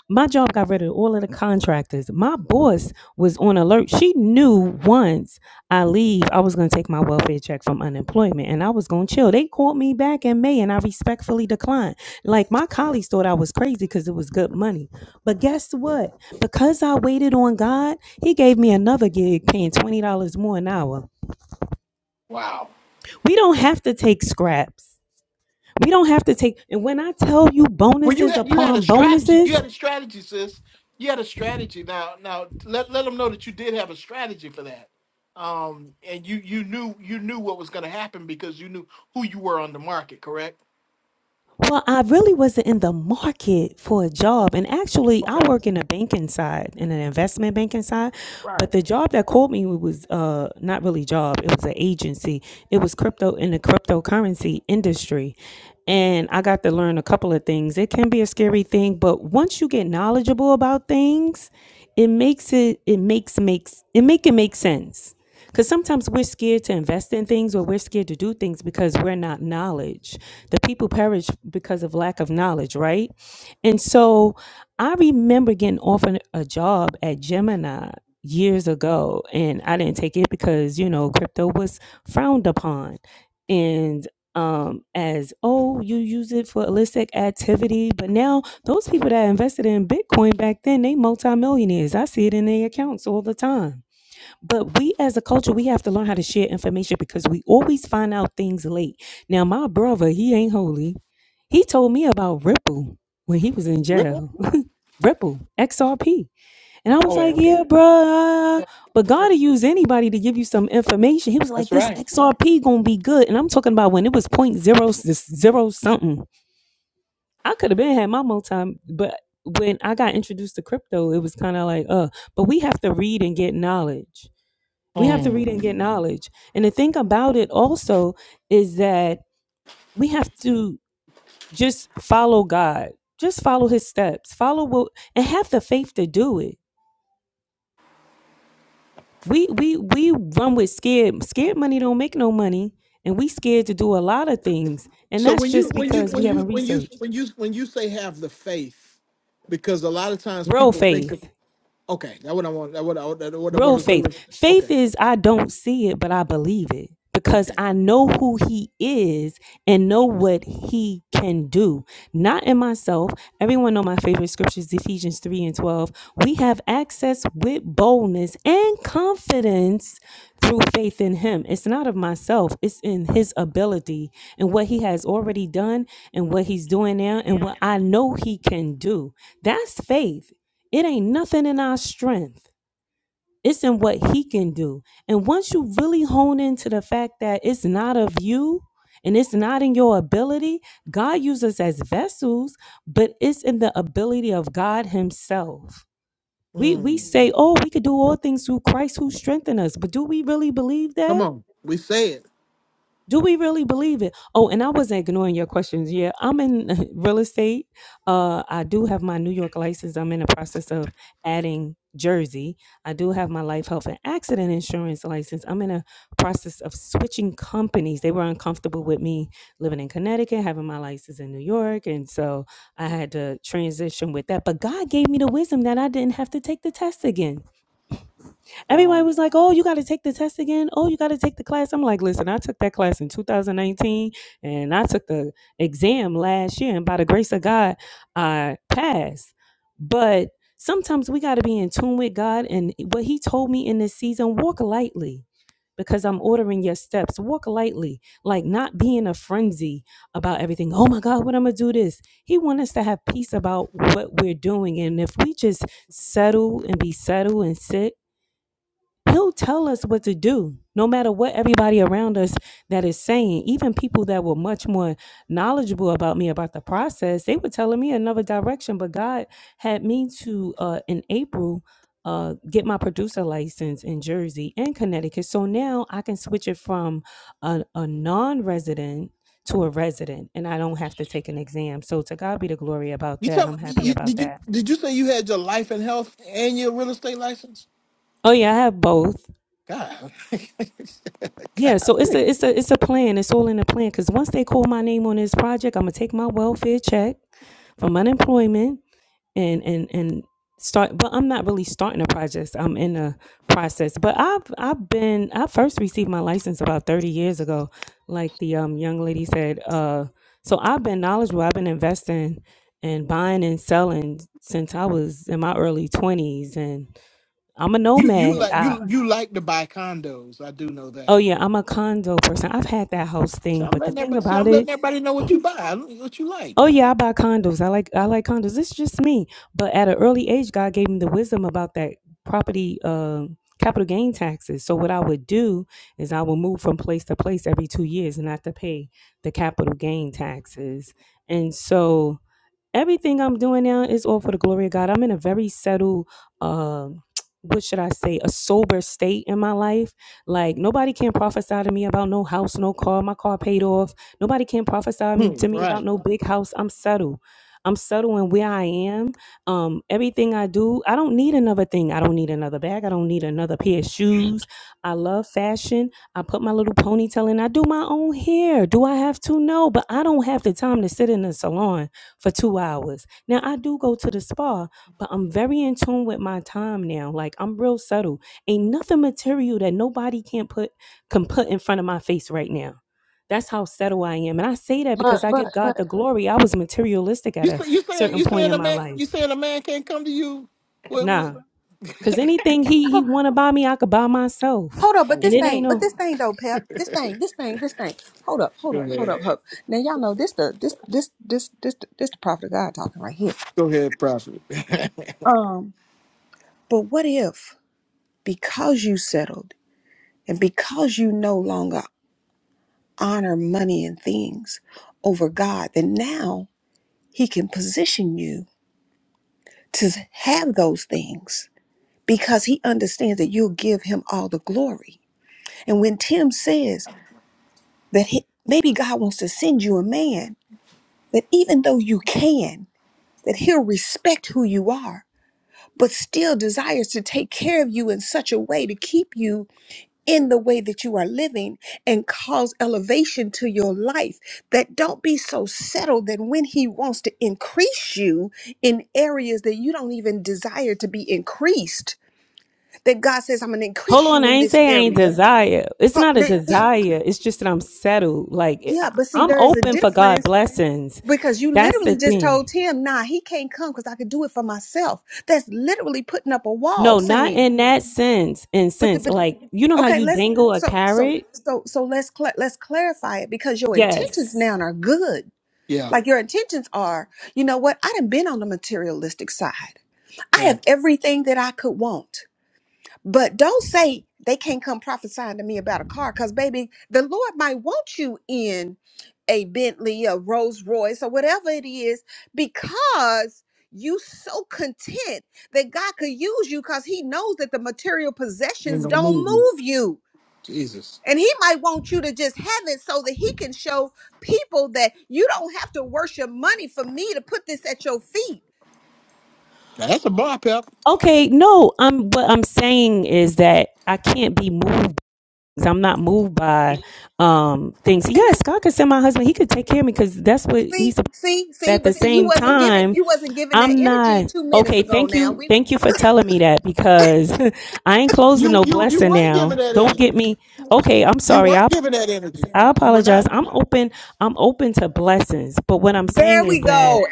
S8: my job got rid of all of the contractors. My boss was on alert. She knew once I leave, I was going to take my welfare check from unemployment and I was going to chill. They called me back in May and I respectfully declined. Like my colleagues thought I was crazy because it was good money. But guess what? Because I waited on God, He gave me another gig paying $20 more an hour.
S1: Wow.
S8: We don't have to take scraps. We don't have to take, and when I tell you
S1: Well, you
S8: bonuses
S1: had you had a
S8: upon
S1: strategy.
S8: bonuses,
S1: You had a strategy, sis. You had a strategy. Now, now let let them know that you did have a strategy for that. Um, and you you knew you knew what was going to happen because you knew who you were on the market, correct?
S8: Well, I really wasn't in the market for a
S1: Oh,
S8: job. And actually, I
S1: okay.
S8: work in the banking side, in an investment banking side. But
S1: Right.
S8: the job that called me was uh, not really a job, it was an agency. It was crypto in the cryptocurrency industry. And I got to learn a couple of things. It can be a scary thing, but once you get knowledgeable about things, it makes it, it makes, makes, it make it make sense. Because sometimes we're scared to invest in things or we're scared to do things because we're not knowledgeable. The people perish because of lack of knowledge, right? And so I remember getting offered a job at Gemini years ago, and I didn't take it because, you know, crypto was frowned upon. And um, as, oh, you use it for illicit activity. But now, those people that invested in Bitcoin back then, they multimillionaires. I see it in their accounts all the time. But we as a culture, we have to learn how to share information because we always find out things late. Now, my brother, he ain't holy. He told me about Ripple when he was in
S1: Ripple.
S8: jail. Ripple, XRP. And I was
S1: Oh, yeah,
S8: like,
S1: okay.
S8: yeah, bruh.
S4: Yeah.
S8: But God will use anybody to give you some information. He was
S1: That's
S8: like, this
S1: right.
S8: XRP gonna be good. And I'm talking about when it was point zero, s- zero something. I could have been had my multi, but when I got introduced to crypto, it was kind of like, uh, but we have to read and get knowledge we have to read
S1: Um,
S8: and get knowledge. And the thing about it also is that we have to just follow God. Just follow his steps. Follow what and have the faith to do it. We we we run with scared scared money don't make no money and we scared to do a lot of things. And
S1: So
S8: that's
S1: when
S8: just
S1: you when you
S8: because
S1: when
S8: we
S1: you
S8: haven't
S1: when you
S8: researched.
S1: when you when you say have the faith, because a lot of times
S8: Real
S1: people think of
S8: faith.
S1: okay, that what I want, that what I that what I
S8: Real
S1: want to do
S8: faith.
S1: is okay,
S8: Faith is I don't see it, but I believe it because
S1: okay.
S8: I know who he is and know what he can do. Not in myself. Everyone know my favorite scriptures, Ephesians 3 and 12. We have access with boldness and confidence through faith in him. It's not of myself. It's in his ability and what he has already done and what he's doing now and what I know he can do. That's faith. It ain't nothing in our strength. It's in what he can do. And once you really hone into the fact that it's not of you and it's not in your ability, God uses us as vessels, but it's in the ability of God himself. We we
S1: mm,
S8: say, "Oh, we could do all things through Christ who strengthened us." But do we really believe that?
S1: Come on, we say it.
S8: do we really believe it oh and i wasn't ignoring your questions yeah i'm in real estate uh i do have my new york license i'm in the process of adding jersey i do have my life health and accident insurance license i'm in a process of switching companies they were uncomfortable with me living in connecticut having my license in new york and so i had to transition with that but god gave me the wisdom that i didn't have to take the test again Everybody
S1: wow.
S8: was like, "Oh, you got to take the test again. Oh, you got to take the class." I'm like, "Listen, I took that class in 2019, and I took the exam last year, and by the grace of God, I passed." But sometimes we got to be in tune with God, and what He told me in this season: walk lightly. Because I'm ordering your steps. Walk lightly, like not be in a frenzy about everything. Oh my God, what I'm gonna do this. He wants us to have peace about what we're doing. And if we just settle and be settled and sit He'll tell us what to do, no matter what everybody around us that is saying. Even people that were much more knowledgeable about me about the process, they were telling me another direction. But God had me to uh, in April uh, get my producer license in Jersey and Connecticut, so now I can switch it from a, a non-resident to a resident, and I don't have to take an exam. So to God be the glory about
S1: You
S8: that.
S1: tell me,
S8: I'm happy
S1: you,
S8: about
S1: did you
S8: that.
S1: did you say you had your life and health and your real estate license?
S8: Oh yeah, I have both.
S1: God,
S8: Yeah, so it's a it's a it's a plan. It's all in a plan. Cause once they call my name on this project, I'm gonna take my welfare check from unemployment and and and start. But I'm not really starting a project. I'm in a process. But I've I've been I first received my license about 30 years ago, like the um young lady said. Uh, so I've been knowledgeable. I've been investing and buying and selling since I was in my early 20s, and I'm a
S1: you you
S8: nomad.
S1: like
S8: I
S1: you you like to buy condos. I do know
S8: Oh
S1: that.
S8: yeah, I'm a condo person. I've had that house
S1: So
S8: thing,
S1: I'm
S8: but the
S1: letting
S8: thing
S1: everybody see.
S8: about
S1: I'm
S8: it,
S1: letting everybody know what you buy, what you like.
S8: oh yeah, I buy condos. I like I like condos. It's just me. But at an early age, God gave me the wisdom about that property um capital gain taxes. So what I would do is I would move from place to place every two years and have to pay the capital gain taxes. And so everything I'm doing now is all for the glory of God. I'm in a very settled, um, what should I say, a sober state in my life. Like nobody can prophesy to me about no house, no car. My car paid off. Nobody can prophesy
S1: Hmm,
S8: to me
S1: right.
S8: about no big house. I'm settled. I'm settled in where I am. Um, everything I do, I don't need another thing. I don't need another bag. I don't need another pair of shoes. I love fashion. I put my little ponytail in. I do my own hair. Do I have to? No, but I don't have the time to sit in the salon for two hours. Now I do go to the spa, but I'm very in tune with my time now. Like I'm real subtle. Ain't nothing material that nobody can put can put in front of my face right now. That's how subtle I am. And I say that
S4: But
S8: because I
S4: but
S8: give God
S4: but
S8: the glory. I was materialistic at
S1: You
S8: a
S1: say you saying
S8: certain
S1: you
S8: point
S1: saying
S8: in
S1: a
S8: my
S1: man you
S8: life.
S1: saying a man can't come to you with, with
S8: Nah. Cause anything he he wanna buy me, I could buy myself.
S4: Hold up, but this
S8: And
S1: Oh,
S8: it ain't
S4: thing, but this
S8: no
S4: thing though, Pep. This thing, this thing, this thing. Hold up, hold
S1: go
S4: up, hold
S1: ahead.
S4: up, hold up. Now y'all know this the this this this this this the prophet of God talking right here.
S1: Go ahead, prophet.
S4: Um, but what if because you settled and because you no longer honor money and things over God, then now He can position you to have those things because He understands that you'll give Him all the glory. And when Tim says that he, maybe God wants to send you a man that even though you can, that he'll respect who you are, but still desires to take care of you in such a way to keep you in the way that you are living and cause elevation to your life. That don't be so settled that when he wants to increase you in areas that you don't even desire to be increased, that God says, I'm going to
S8: Hold
S4: increase
S8: on,
S4: you
S8: I
S4: in
S8: ain't
S4: this
S8: say I ain't
S4: area.
S8: desire. It's
S4: Huh,
S8: not a
S4: they-
S8: desire. It's just that I'm settled. Like it-
S4: Yeah,
S8: I-
S4: but see,
S8: I'm
S4: there is a
S8: open for
S4: difference
S8: God blessings.
S4: Because you
S8: That's the
S4: literally just told
S8: thing.
S4: Tim, nah, he can't come because I could do it for myself. That's literally putting up a wall
S8: No, not
S4: saying,
S8: in that sense. In
S4: but the,
S8: sense,
S4: but
S8: like you know how
S4: okay,
S8: you
S4: let's
S8: dangle a
S4: so so
S8: carrot.
S4: so so let's cla let's clarify it because your intentions
S8: Yes.
S4: now are good.
S1: yeah,
S4: Like your intentions are, you know what? I done been on the materialistic side. I have
S1: right.
S4: everything that I could want. But don't say they can't come prophesying to me about a car because, baby, the Lord might want you in a Bentley, a Rolls Royce, or whatever it is because you so content that God could use you because he knows that the material possessions don't move you.
S1: Jesus.
S4: And he might want you to just have it so that he can show people that you don't have to worship money for me to put this at your feet
S1: Now that's a bar pep.
S8: Okay. No. I'm. What I'm saying is that I can't be moved. 'cause I'm not moved by um things. Yes, God could send my husband. He could take care of me because that's what
S4: See,
S8: He's
S4: see, see,
S8: at the
S4: but see, you
S8: same
S4: wasn't giving
S8: time,
S4: you wasn't giving that
S8: I'm
S4: energy
S8: not
S4: two minutes
S8: okay.
S4: ago.
S8: Thank
S4: Now
S8: you,
S4: we
S8: thank you for telling me that because I ain't closing
S1: You
S8: no
S1: you you
S8: blessing
S1: weren't giving
S8: down.
S1: that
S8: Don't get
S1: energy.
S8: me okay. I'm
S1: You
S8: sorry.
S1: weren't
S8: I
S1: giving that energy.
S8: I
S1: You were
S8: apologize.
S1: not.
S8: I'm open. I'm open to blessings, but what I'm
S4: there
S8: saying
S4: we
S8: is that.
S4: go.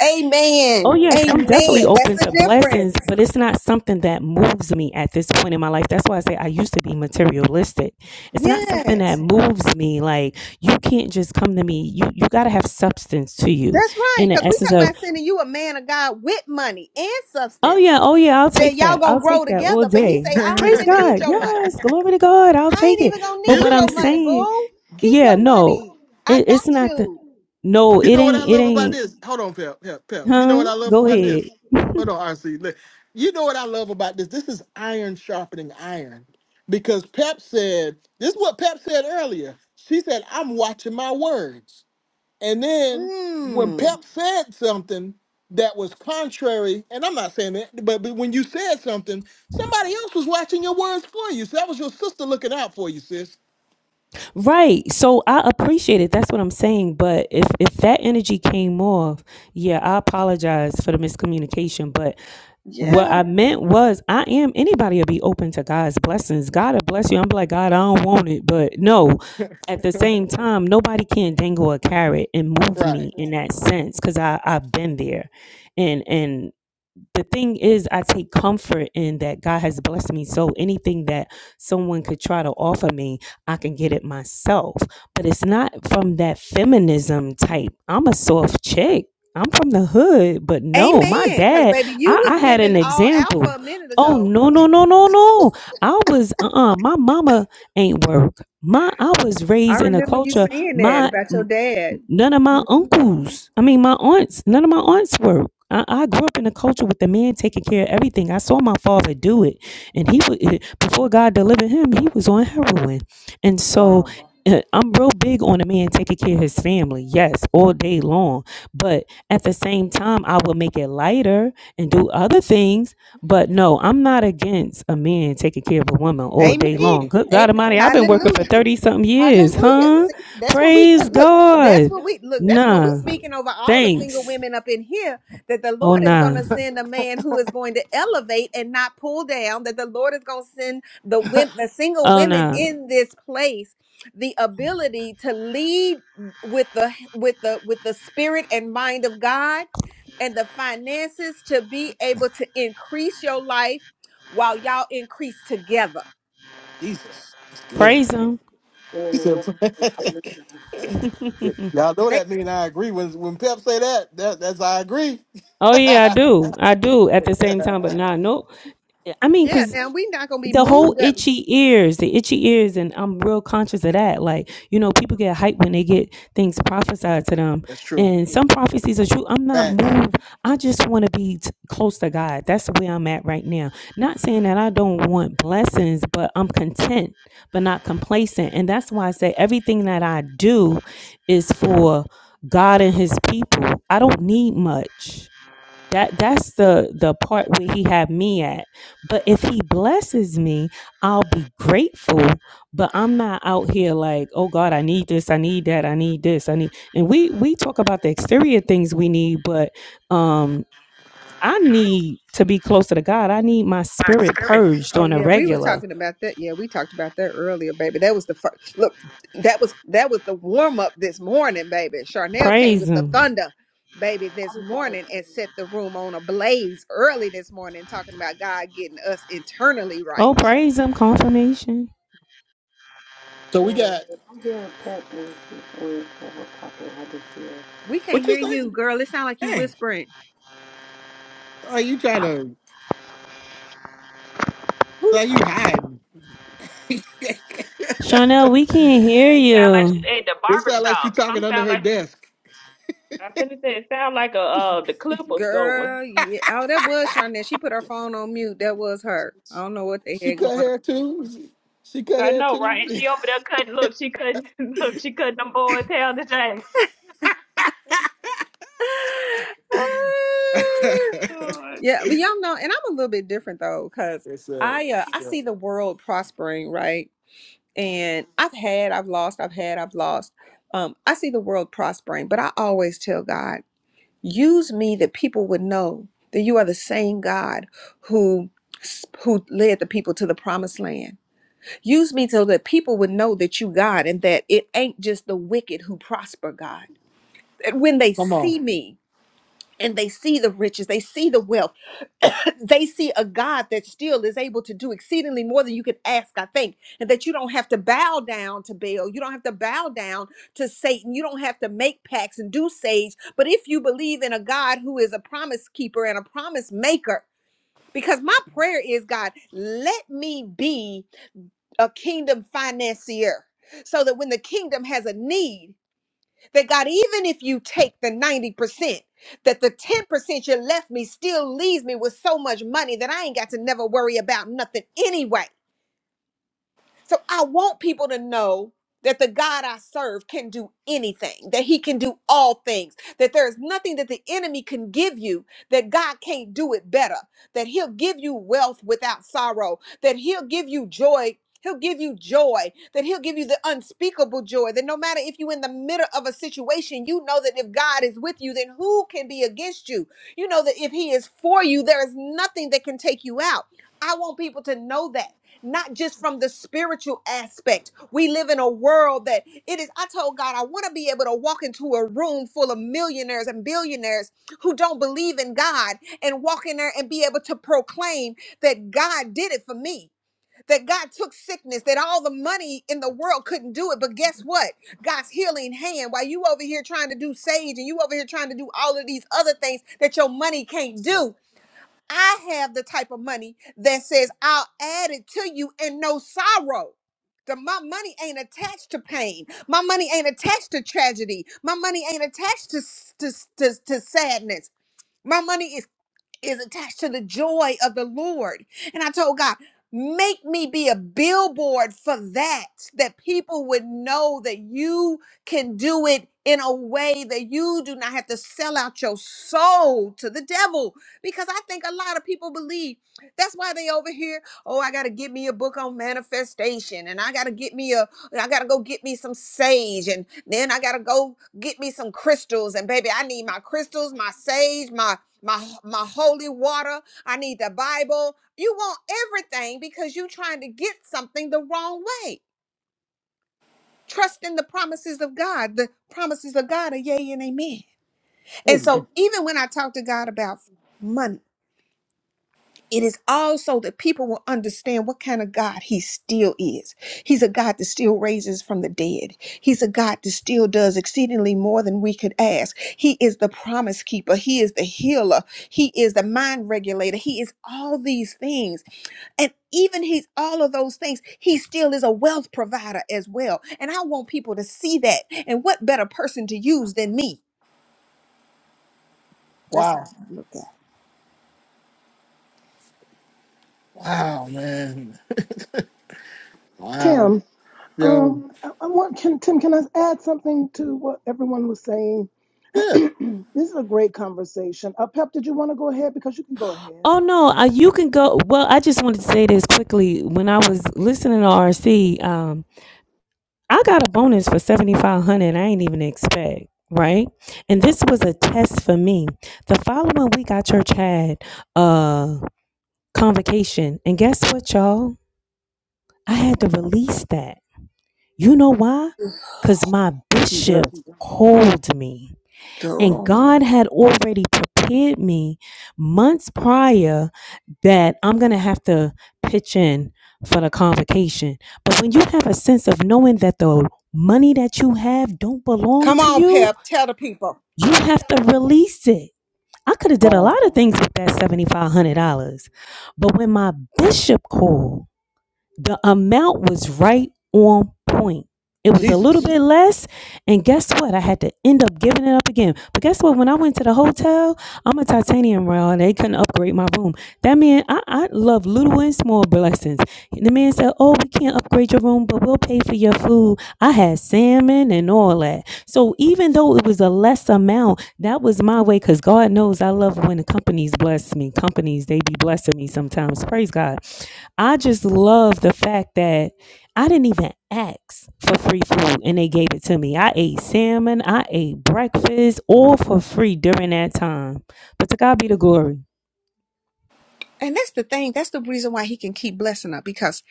S8: Oh
S4: Amen.
S8: yes, I'm definitely
S4: Amen. That's
S8: open
S4: the
S8: to blessings,
S4: difference.
S8: but it's not something that moves me at this point in my life. That's why I say I used to be materialistic. It's not something that
S4: Yes.
S8: moves me. Like you can't just come to me. You you got to have substance to you
S4: That's right.
S8: in the
S4: Because we
S8: essence
S4: talking
S8: of
S4: about sending you a man of God with money and
S8: Oh
S4: substance.
S8: yeah, oh yeah, I'll
S4: That
S8: take
S4: y'all
S8: that.
S4: gonna
S8: I'll take
S4: grow
S8: that all
S4: together. But he say,
S8: day.
S4: I don't
S8: Praise
S4: even
S1: you
S4: need
S8: God.
S4: your money.
S8: Yes, glory to God. I'll
S4: I
S8: take
S4: ain't
S8: it.
S4: even gonna
S8: But
S4: need
S8: what I'm
S4: your
S1: do,
S4: money,
S8: saying,
S4: boo. Keep
S8: yeah,
S4: your
S8: no,
S4: money. I
S8: it,
S4: got
S8: it's not the.
S4: you.
S8: No,
S1: You
S8: it
S1: know what I
S8: ain't. It
S1: love about
S8: ain't.
S1: this? Hold on, Pep, Pep, Pep. You know
S8: Huh?
S1: what I love
S8: Go
S1: about this?
S8: ahead.
S1: Hold on, RC. Look. You know what I love about this? This is iron sharpening iron. Because Pep said, this is what Pep said earlier. She said, I'm watching my words. And then when
S4: Mm.
S1: Pep said something that was contrary, and I'm not saying that, but, but when you said something, somebody else was watching your words for you. So that was your sister looking out for you, sis.
S8: Right. So I appreciate it. That's what I'm saying. But if if that energy came off, yeah, I apologize for the miscommunication. But what
S4: Yeah.
S8: I meant was I am anybody will be open to God's blessings. God will bless you. I'm like, God, I don't want it. But no, at the same time, nobody can dangle a carrot and move
S1: Right.
S8: me in that sense because I've been there. And and the thing is i take comfort in that god has blessed me so anything that someone could try to offer me i can get it myself but it's not from that feminism type i'm a soft chick i'm from the hood but no my
S4: Amen. Because
S8: dad
S4: baby, you
S8: i, I
S4: was
S8: had
S4: giving
S8: an
S4: all
S8: example
S4: alpha a minute
S8: oh
S4: ago
S8: no no no no no i was uh-uh my mama ain't work my i was
S4: I
S8: raised in a
S4: remember you
S8: culture
S4: saying that
S8: my
S4: about your dad.
S8: none of my
S4: hmm
S8: uncles, I mean, my aunts, none of my aunts work. I, I grew up in a culture with the man taking care of everything. I saw my father do it. And he was, before God delivered him, he was on heroin. And
S1: Wow.
S8: so uh, I'm real big on a man taking care of his family, yes, all day long. But at the same time, I will make it lighter and do other things. But no, I'm not against a man taking care of a woman all
S4: Amen.
S8: day long. Good God
S4: Amen.
S8: Almighty, I've been working
S4: Hallelujah.
S8: for 30 something years,
S4: Hallelujah.
S8: huh?
S4: See, that's what we
S8: Praise
S4: that- look. That's
S8: God.
S4: what we look. That's what we
S8: Nah.
S4: speaking over all the single
S8: Thanks.
S4: women up in here. That the
S8: Oh
S4: Lord is going
S8: nah.
S4: to send a man who is going to elevate and not pull down. That the Lord is going to send the women, the single
S8: Oh
S4: women
S8: nah.
S4: in this place, the ability to lead with the with the with the spirit and mind of God, and the finances to be able to increase your life while y'all increase together.
S1: Jesus. That's good.
S8: Praise him.
S1: She said, Yep. Y'all know
S4: They,
S1: that mean I agree. When when Pep say that, that that's I agree.
S8: oh yeah, I do. I do at the same time, but nah, no. I mean, cause.
S4: yeah, now we not gonna be
S8: the whole
S4: moved up.
S8: itchy ears, the itchy ears, and I'm real conscious of that. Like, you know, people get hyped when they get things prophesied to them,
S1: That's true.
S8: and some prophecies are true. I'm not
S1: Facts.
S8: moved. I just want to be t- close to God. That's where I'm at right now. Not saying that I don't want blessings, but I'm content, but not complacent, and that's why I say everything that I do is for God and His people. I don't need much. That that's the the part where he had me at. But if he blesses me, I'll be grateful. But I'm not out here like, oh God, I need this, I need that, I need this, I need. And we we talk about the exterior things we need, but um, I need to be closer to God. I need my spirit purged
S4: Oh
S8: on a
S4: yeah, we were
S8: regular.
S4: talking about that. Yeah, we talked about that earlier, baby. That was the first look. That was that was the warm up this morning, baby. Charnel came
S8: Praise
S4: with the
S8: Him.
S4: thunder, baby,
S3: I
S4: this
S3: just want
S4: morning
S3: to
S4: and set the room on a blaze early this morning, talking about God getting us internally
S8: Oh,
S4: right.
S8: praise him. Confirmation.
S1: So we
S3: say, um,
S1: got
S3: if I hear a pet when people, when people talking, I just
S4: We can't
S1: what you
S4: hear
S3: hear
S1: say?
S4: you, girl. It sounds like you
S1: Dang.
S4: whispering.
S1: Are you trying to are
S4: Who's
S1: you hiding? it
S8: Chanel, we can't hear
S2: It sound like she's
S8: you.
S2: at the barber
S1: sounds like she
S2: shop.
S1: talking
S2: Some
S1: under
S2: sound
S1: her
S2: like
S1: desk.
S2: I finna say it sound like a uh the clippers going.
S4: girl? Yeah. Oh, that was Charnel. She put her phone on mute. That was her. I don't know what they
S1: She
S4: had
S1: cut
S4: going
S1: hair too. She, she cut
S2: I
S1: hair
S2: know,
S1: too.
S2: right? And she over there cutting look, she cutting look, she cutting them boys' hair today.
S4: on.
S2: Lord.
S4: Yeah, but y'all know, and I'm a little bit different though, because
S1: it's uh,
S4: I uh, I
S1: it's, uh,
S4: see the world prospering, right? And I've had, I've lost, I've had, I've lost. Um, I see the world prospering, but I always tell God, use me that people would know that you are the same God who who led the people to the promised land. Use me so that people would know that you God and that it ain't just the wicked who prosper, God. That when they
S1: come on.
S4: see me, and they see the riches, they see the wealth, they see a God that still is able to do exceedingly more than you could ask, I think, and that you don't have to bow down to Baal, you don't have to bow down to Satan, you don't have to make pacts and do sage. But if you believe in a God who is a promise keeper and a promise maker, because my prayer is, God, let me be a kingdom financier so that when the kingdom has a need, that God, even if you take the 90%, that the 10% you left me still leaves me with so much money that I ain't got to never worry about nothing anyway. So I want people to know that the God I serve can do anything, that he can do all things, that there is nothing that the enemy can give you that God can't do it better, that he'll give you wealth without sorrow, that he'll give you joy. He'll give you joy, that he'll give you the unspeakable joy, that no matter if you're in the middle of a situation, you know that if God is with you, then who can be against you? You know that if he is for you, there is nothing that can take you out. I want people to know that not just from the spiritual aspect. We live in a world that it is. I told God, I want to be able to walk into a room full of millionaires and billionaires who don't believe in God and walk in there and be able to proclaim that God did it for me. That God took sickness, that all the money in the world couldn't do it. But guess what? God's healing hand. While you over here trying to do sage and you over here trying to do all of these other things that your money can't do, I have the type of money that says I'll add it to you and no sorrow. That my money ain't attached to pain. My money ain't attached to tragedy. My money ain't attached to, s- to, s- to, to sadness. My money is is attached to the joy of the Lord. And I told God, make me be a billboard for that, that people would know that you can do it in a way that you do not have to sell out your soul to the devil. Because I think a lot of people believe that's why they over here, oh, I gotta get me a book on manifestation, and I gotta get me a I gotta go get me some sage, and then I gotta go get me some crystals. And baby, I need my crystals, my sage, my my my holy water i need the bible you want everything because you're trying to get something the wrong way trust in the promises of god the promises of god are yay and amen
S1: Hey,
S4: and so even when i talk to god about money It is also that people will understand what kind of God he still is. He's a God that still raises from the dead. He's a God that still does exceedingly more than we could ask. He is the promise keeper. He is the healer. He is the mind regulator. He is all these things. And even he's all of those things, he still is a wealth provider as well. And I want people to see that. And what better person to use than me? That's
S1: wow.
S4: how I look at
S1: Wow, man. Wow.
S9: Tim, um,
S1: Yo.
S9: I, I want can Tim. Can I add something to what everyone was saying?
S1: Yeah.
S9: this is a great conversation. Uh, Pep, did you want to go ahead? Because you can go ahead.
S8: Oh no, uh, you can go. Well, I just wanted to say this quickly. When I was listening to RC, I got a bonus for 7500 I ain't even expect, right? And this was a test for me. The following week our church had a convocation. And guess what, y'all? I had to release that. You know why?
S4: it.
S8: Cuz my bishop called me. And
S4: Girl.
S8: God had already prepared me months prior that I'm going to have to pitch in for the convocation. But when you have a sense of knowing that the money that you have don't belong
S4: Come
S8: to
S4: on,
S8: you,
S4: Pep. Tell the people.
S8: you have to release it. I could have did a
S1: Wow.
S8: lot of things with that $7500. But when my bishop called the amount was right on point. It was a little
S1: Jesus.
S8: bit less, and guess what? I had to end up giving it up again. But guess what? When I went to the hotel, I'm a titanium royal, and they couldn't upgrade my room. That man, I, I love little and small blessings. The man said, "Oh, we can't upgrade your room, but we'll pay for your food." I had salmon and all that. So even though it was a less amount, that was my way. Cause God knows I love when the companies bless me. Companies they be blessing me sometimes. Praise God. I just love the fact that I didn't even ask for free food and they gave it to me. I ate salmon, I ate breakfast, all for free during that time. But to God be the glory.
S4: And that's the thing. That's the reason why he can keep blessing her because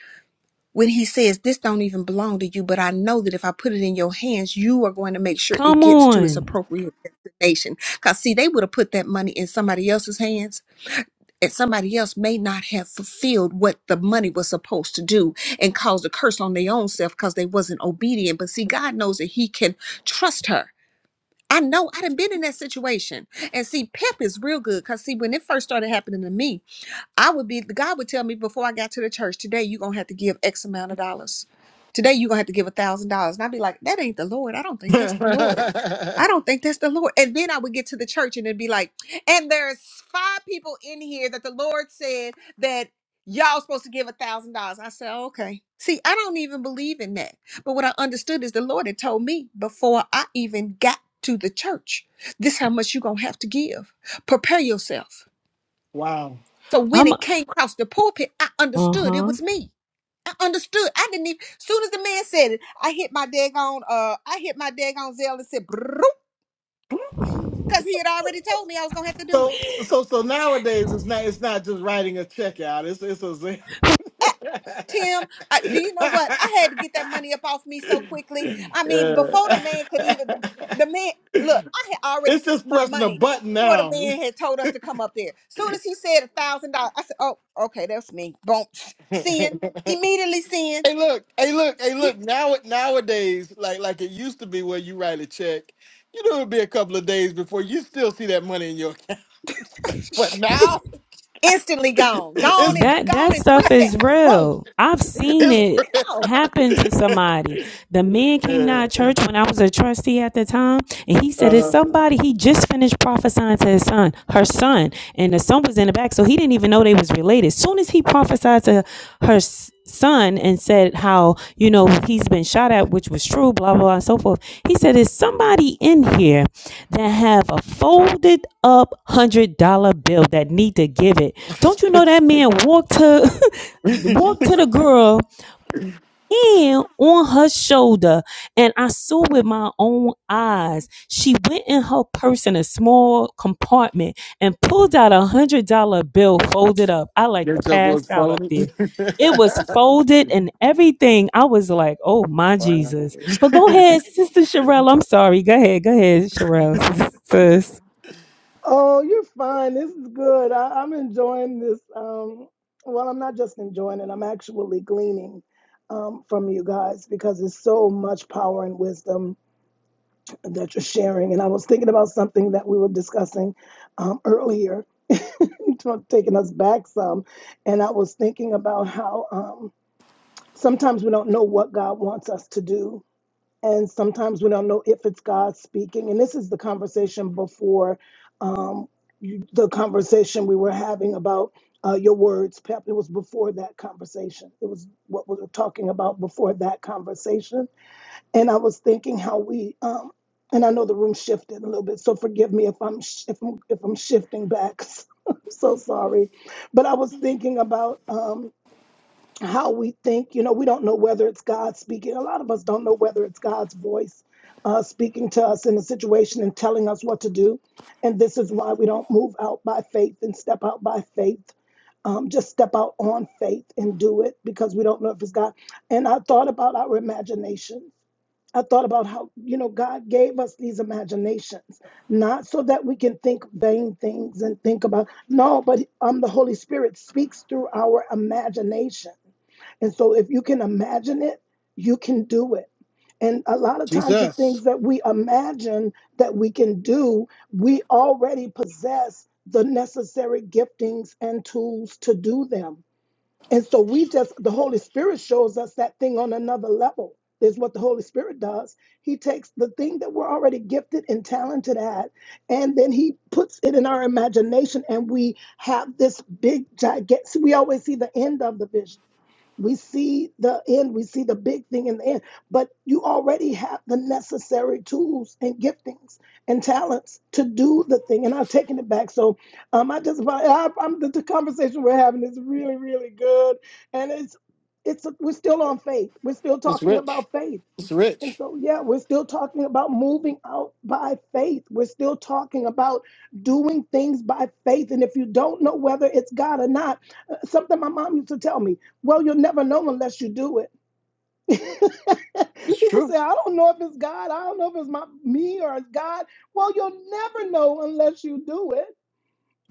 S4: when he says, This don't even belong to you, but I know that if I put it in your hands, you are going to make sure it
S8: Come
S4: gets to its
S8: on.
S4: appropriate destination. Because, see, they would have put that money in somebody else's hands, and somebody else may not have fulfilled what the money was supposed to do and caused a curse on their own self because they wasn't obedient. But, see, God knows that He can trust her. I know I done been in that situation. And see, Pep is real good because see, when it first started happening to me, I would be God would tell me before I got to the church today, you're gonna have to give X amount of dollars. Today you're gonna have to give a thousand dollars. And I'd be like, that ain't the Lord. I don't think that's the Lord. I don't think that's the Lord. And then I would get to the church and it'd be like, and there's five people in here that the Lord said that y'all supposed to give a thousand dollars. I said, "Oh, okay. See, I don't even believe in that. But what I understood is the Lord had told me before I even got to the church, this how much you're gonna have to give. Prepare yourself
S1: wow.
S4: so when
S8: I'm
S4: it came across the pulpit, I
S8: uh
S4: understood
S8: huh.
S4: it was me. I understood. I didn't even. Soon as the man said it, I hit my daggone. Uh, I hit my daggone Zell and said, because he had already told me I was gonna have to do it.
S1: So so so nowadays it's not it's not just writing a check out. It's it's a
S4: Ah, Tim, I, do you know what? I had to get that money up off me so quickly. I mean,
S1: yeah.
S4: before the man could even the, the man look, I had already
S1: It's
S4: sent
S1: just
S4: my
S1: pressing a
S4: money
S1: button
S4: before the
S1: now.
S4: man had told us to come up there. Soon as he said a thousand dollars, I said, "Oh, okay, that's me." Boom, sin immediately sin.
S1: Hey look, hey look, hey look. Now nowadays, like like it used to be where you write a check, you know it'd be a couple of days before you still see that money in your account. But now
S4: instantly gone. Gone
S1: it's
S4: in
S8: That
S4: gone
S8: that
S4: in three
S8: stuff is
S4: seconds. Boom.
S8: real. I've seen it
S4: Go.
S8: happen
S1: it's
S8: to somebody. The man came to
S1: yeah.
S8: our church when I was a trustee at the time, and he said it's
S1: Uh-huh.
S8: somebody he just finished prophesying to his son, her son, and the son was in the back, so he didn't even know they was related. soon as he prophesied to her s- son and said how you know he's been shot at, which was true, blah blah, blah and so forth. He said, "Is somebody in here that have a folded up hundred dollar bill that need to give it?" Don't you know that man walked to walked to the girl and on her shoulder, and I saw with my own eyes. She went in her purse in a small compartment and pulled out a hundred dollar bill folded up. I like
S1: Your
S8: to
S1: joke
S8: pass
S1: was
S8: out up
S1: phony.
S8: there. It was folded and everything. I was like, "Oh my
S1: Wow.
S8: Jesus!" But go ahead, Sister Sherelle. I'm sorry. Go ahead. Go ahead, Sherelle. Sis.
S9: Oh, you're fine. This is good. I, I'm enjoying this. Um, well, I'm not just enjoying it. I'm actually gleaning um, from you guys because there's so much power and wisdom that you're sharing. And I was thinking about something that we were discussing um, earlier, taking us back some. And I was thinking about how um, sometimes we don't know what God wants us to do. And sometimes we don't know if it's God speaking. And this is the conversation before um, you- the conversation we were having about uh, your words, Pep. It was before that conversation. It was what we were talking about before that conversation and I was thinking how we um and I know the room shifted a little bit, so forgive me if I'm sh- if I'm if I'm shifting back. I'm so sorry, but I was thinking about um how we think. You know, we don't know whether it's God speaking. A lot of us don't know whether it's God's voice uh, speaking to us in a situation and telling us what to do. And this is why we don't move out by faith and step out by faith. Um, just step out on faith and do it because we don't know if it's God. And I thought about our imagination I thought about how, you know, God gave us these imaginations, not so that we can think vain things and think about, no, but um, the Holy Spirit speaks through our imagination. And so if you can imagine it, you can do it. And a lot of times, the
S1: Jesus.
S9: things that we imagine that we can do, we already possess the necessary giftings and tools to do them and so we just, the Holy Spirit shows us that thing on another level, is what the Holy Spirit does. He takes the thing that we're already gifted and talented at, and then He puts it in our imagination, and we have this big, gigantic, we always see the end of the vision we see the end, we see the big thing in the end, but you already have the necessary tools and giftings and talents to do the thing. And I've taken it back. So um, I just, I, I'm, the, the conversation we're having is really, really good. And it's, it's, we're still on faith. We're still
S1: it's
S9: talking
S1: rich.
S9: about faith
S1: It's
S9: and
S1: rich.
S9: so, yeah, we're still talking about moving out by faith. We're still talking about doing things by faith. And if you don't know whether it's God or not, uh, something my mom used to tell me, well, you'll never know unless you do it.
S1: It's
S9: People
S1: true.
S9: say, I don't know if it's God. I don't know if it's my me or it's God. Well, you'll never know unless you do it.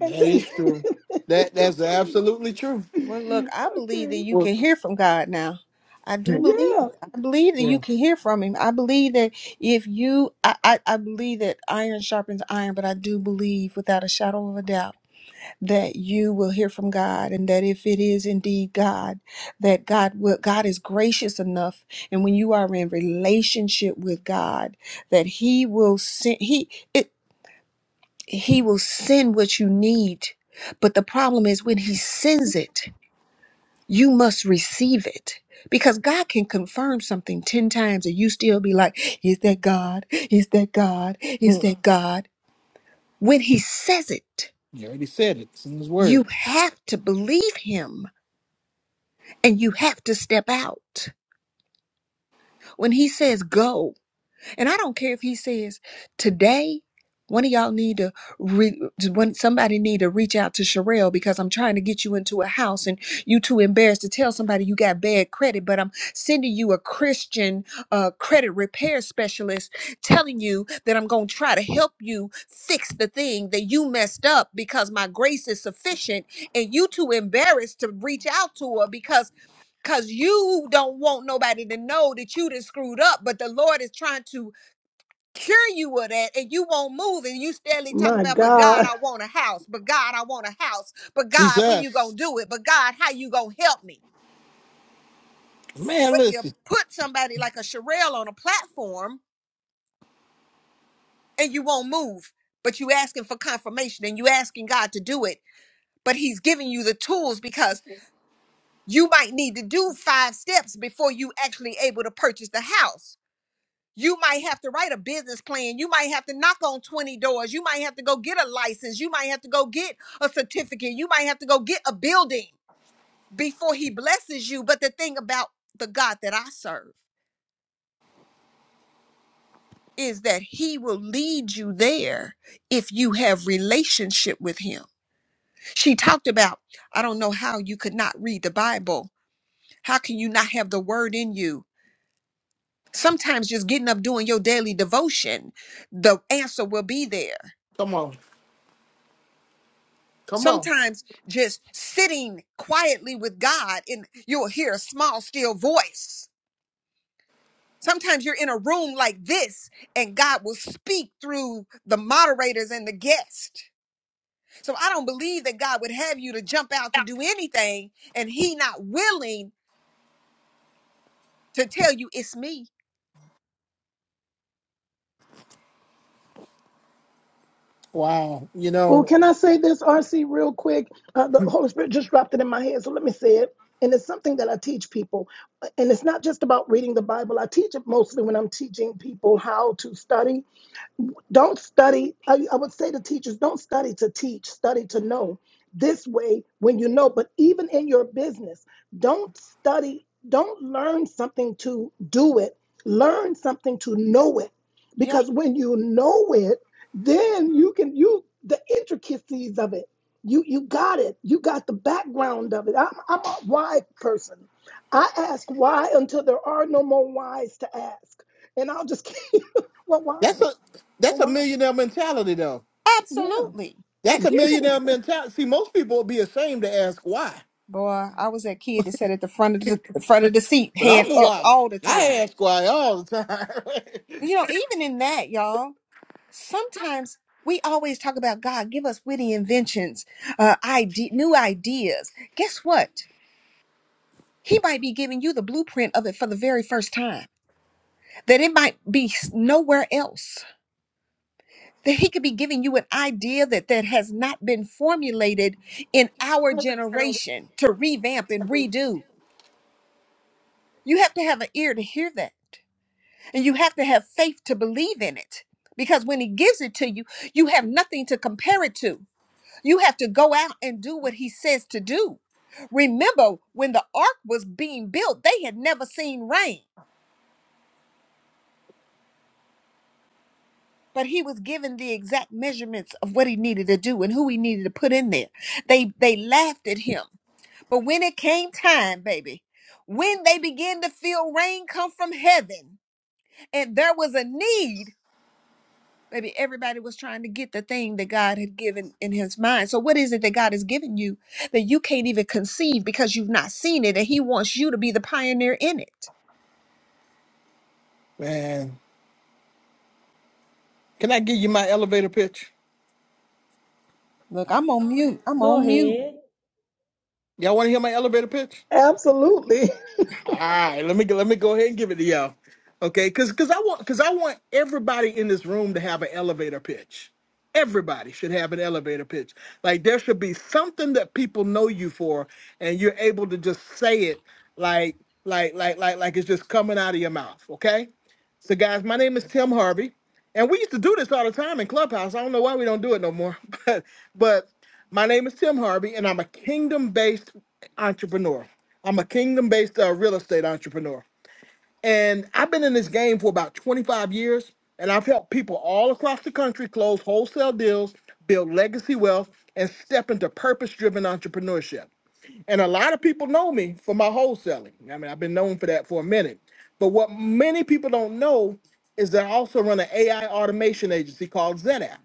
S9: And then
S1: is true.
S9: you, you
S1: That
S9: can
S1: that's absolutely true.
S4: Well, look,
S9: see.
S4: I believe that
S9: Okay.
S4: you
S1: Well,
S4: can hear from God now. I do believe.
S9: Yeah.
S4: I believe that you
S1: yeah.
S4: can hear from him. I believe that if you I, I, I believe that iron sharpens iron, but I do believe without a shadow of a doubt that you will hear from God and that if it is indeed God, that God will God is gracious enough and when you are in relationship with God, that he will send he it. He will send what you need. But the problem is when He sends it, you must receive it. Because God can confirm something 10 times and you still be like, Is that God? Is that God? Is
S1: You
S4: that God? When He says it,
S1: already said it. It's in his
S4: you
S1: word.
S4: have to believe Him and you have to step out. When He says go, And I don't care if he says today one of y'all need to re- one somebody need to reach out to Sherelle because I'm trying to get you into a house and you too embarrassed to tell somebody you got bad credit, but I'm sending you a Christian uh, credit repair specialist telling you that I'm going to try to help you fix the thing that you messed up because my grace is sufficient and you too embarrassed to reach out to her because because you don't want nobody to know that you done screwed up, but the Lord is trying to cure you of that and you won't move and you steadily talking
S9: My
S4: about but
S9: God.
S4: god i want a house but god i want a house but god when you gonna
S1: Jesus.
S4: do it but god how you gonna help me
S1: Man,
S4: but you
S1: listen.
S4: put somebody like a Sherelle on a platform and you won't move but you asking for confirmation and you asking god to do it but he's giving you the tools because you might need to do five steps before you actually able to purchase the house You might have to write a business plan. You might have to knock on 20 doors. You might have to go get a license. You might have to go get a certificate. You might have to go get a building before he blesses you. But the thing about the God that I serve is that he will lead you there if you have relationship with him. She talked about, I don't know how you could not read the Bible. How can you not have the word in you? Sometimes just getting up doing your daily devotion, the answer will be there
S1: Come on. Come on.
S4: Sometimes just sitting quietly with God and you'll hear a small, still voice. Sometimes you're in a room like this and God will speak through the moderators and the guest. So I don't believe that God would have you to jump out to do anything and he not willing to tell you it's me.
S1: Wow. You
S9: Well,
S1: know,
S9: can I say this, RC, real quick? Uh, the Holy Spirit just dropped it in my head, so let me say it. And it's something that I teach people. And it's not just about reading the Bible. I teach it mostly when I'm teaching people how to study don't study. I, I would say to teachers, don't study to teach, study to know. This way, when you know, but even in your business, don't study, don't learn something to do it, learn something to know it.
S4: Yeah,
S9: Because when you know it, then you can you the intricacies of it. You you got it. You got the background of it. I'm I'm a why person. I ask why until there are no more whys to ask. And I'll just keep well why?
S1: that's a that's
S9: Well
S1: a
S9: why?
S1: millionaire mentality though.
S9: Yeah,
S4: absolutely. And
S1: That's a
S4: even
S1: millionaire mentality. See, most people would be ashamed to ask why.
S4: boy, I was that kid that sat at the front of the, the front of the seat,
S1: But I'm
S4: hand
S1: the
S4: up
S1: why.
S4: all the time.
S1: I ask why all the time.
S4: You know, even in that, y'all, sometimes we always talk about God, give us witty inventions, uh, ide- new ideas. Guess what? He might be giving you the blueprint of it for the very first time. That it might be s- nowhere else. That he could be giving you an idea that that has not been formulated in our generation to revamp and redo. You have to have an ear to hear that. And you have to have faith to believe in it. Because when he gives it to you, you have nothing to compare it to. You have to go out and do what he says to do. Remember, when the ark was being built, they had never seen rain, but he was given the exact measurements of what he needed to do and who he needed to put in there. They they laughed at him. But when it came time, baby, when they began to feel rain come from heaven, and there was a need, Maybe everybody was trying to get the thing that God had given in his mind. So, what is it that God has given you that you can't even conceive because you've not seen it and he wants you to be the pioneer in it?
S1: Man. Can I give you my elevator pitch?
S4: Look, I'm on mute. I'm
S8: Go
S4: on mute.
S8: ahead.
S1: Y'all want to hear my elevator pitch?
S9: absolutely.
S1: All right, let me let me go ahead and give it to y'all. Okay, because because I want because I want everybody in this room to have an elevator pitch. Everybody should have an elevator pitch. Like there should be something that people know you for, and you're able to just say it like like like like like it's just coming out of your mouth. Okay. So, guys, my name is Tim Harvey, and we used to do this all the time in Clubhouse. I don't know why we don't do it no more, but but my name is Tim Harvey, and I'm a kingdom-based entrepreneur. I'm a kingdom-based uh, real estate entrepreneur. And I've been in this game for about 25 years, and I've helped people all across the country close wholesale deals, build legacy wealth, and step into purpose driven entrepreneurship. And a lot of people know me for my wholesaling. I mean, I've been known for that for a minute. But what many people don't know is that I also run an AI automation agency called ZenApp.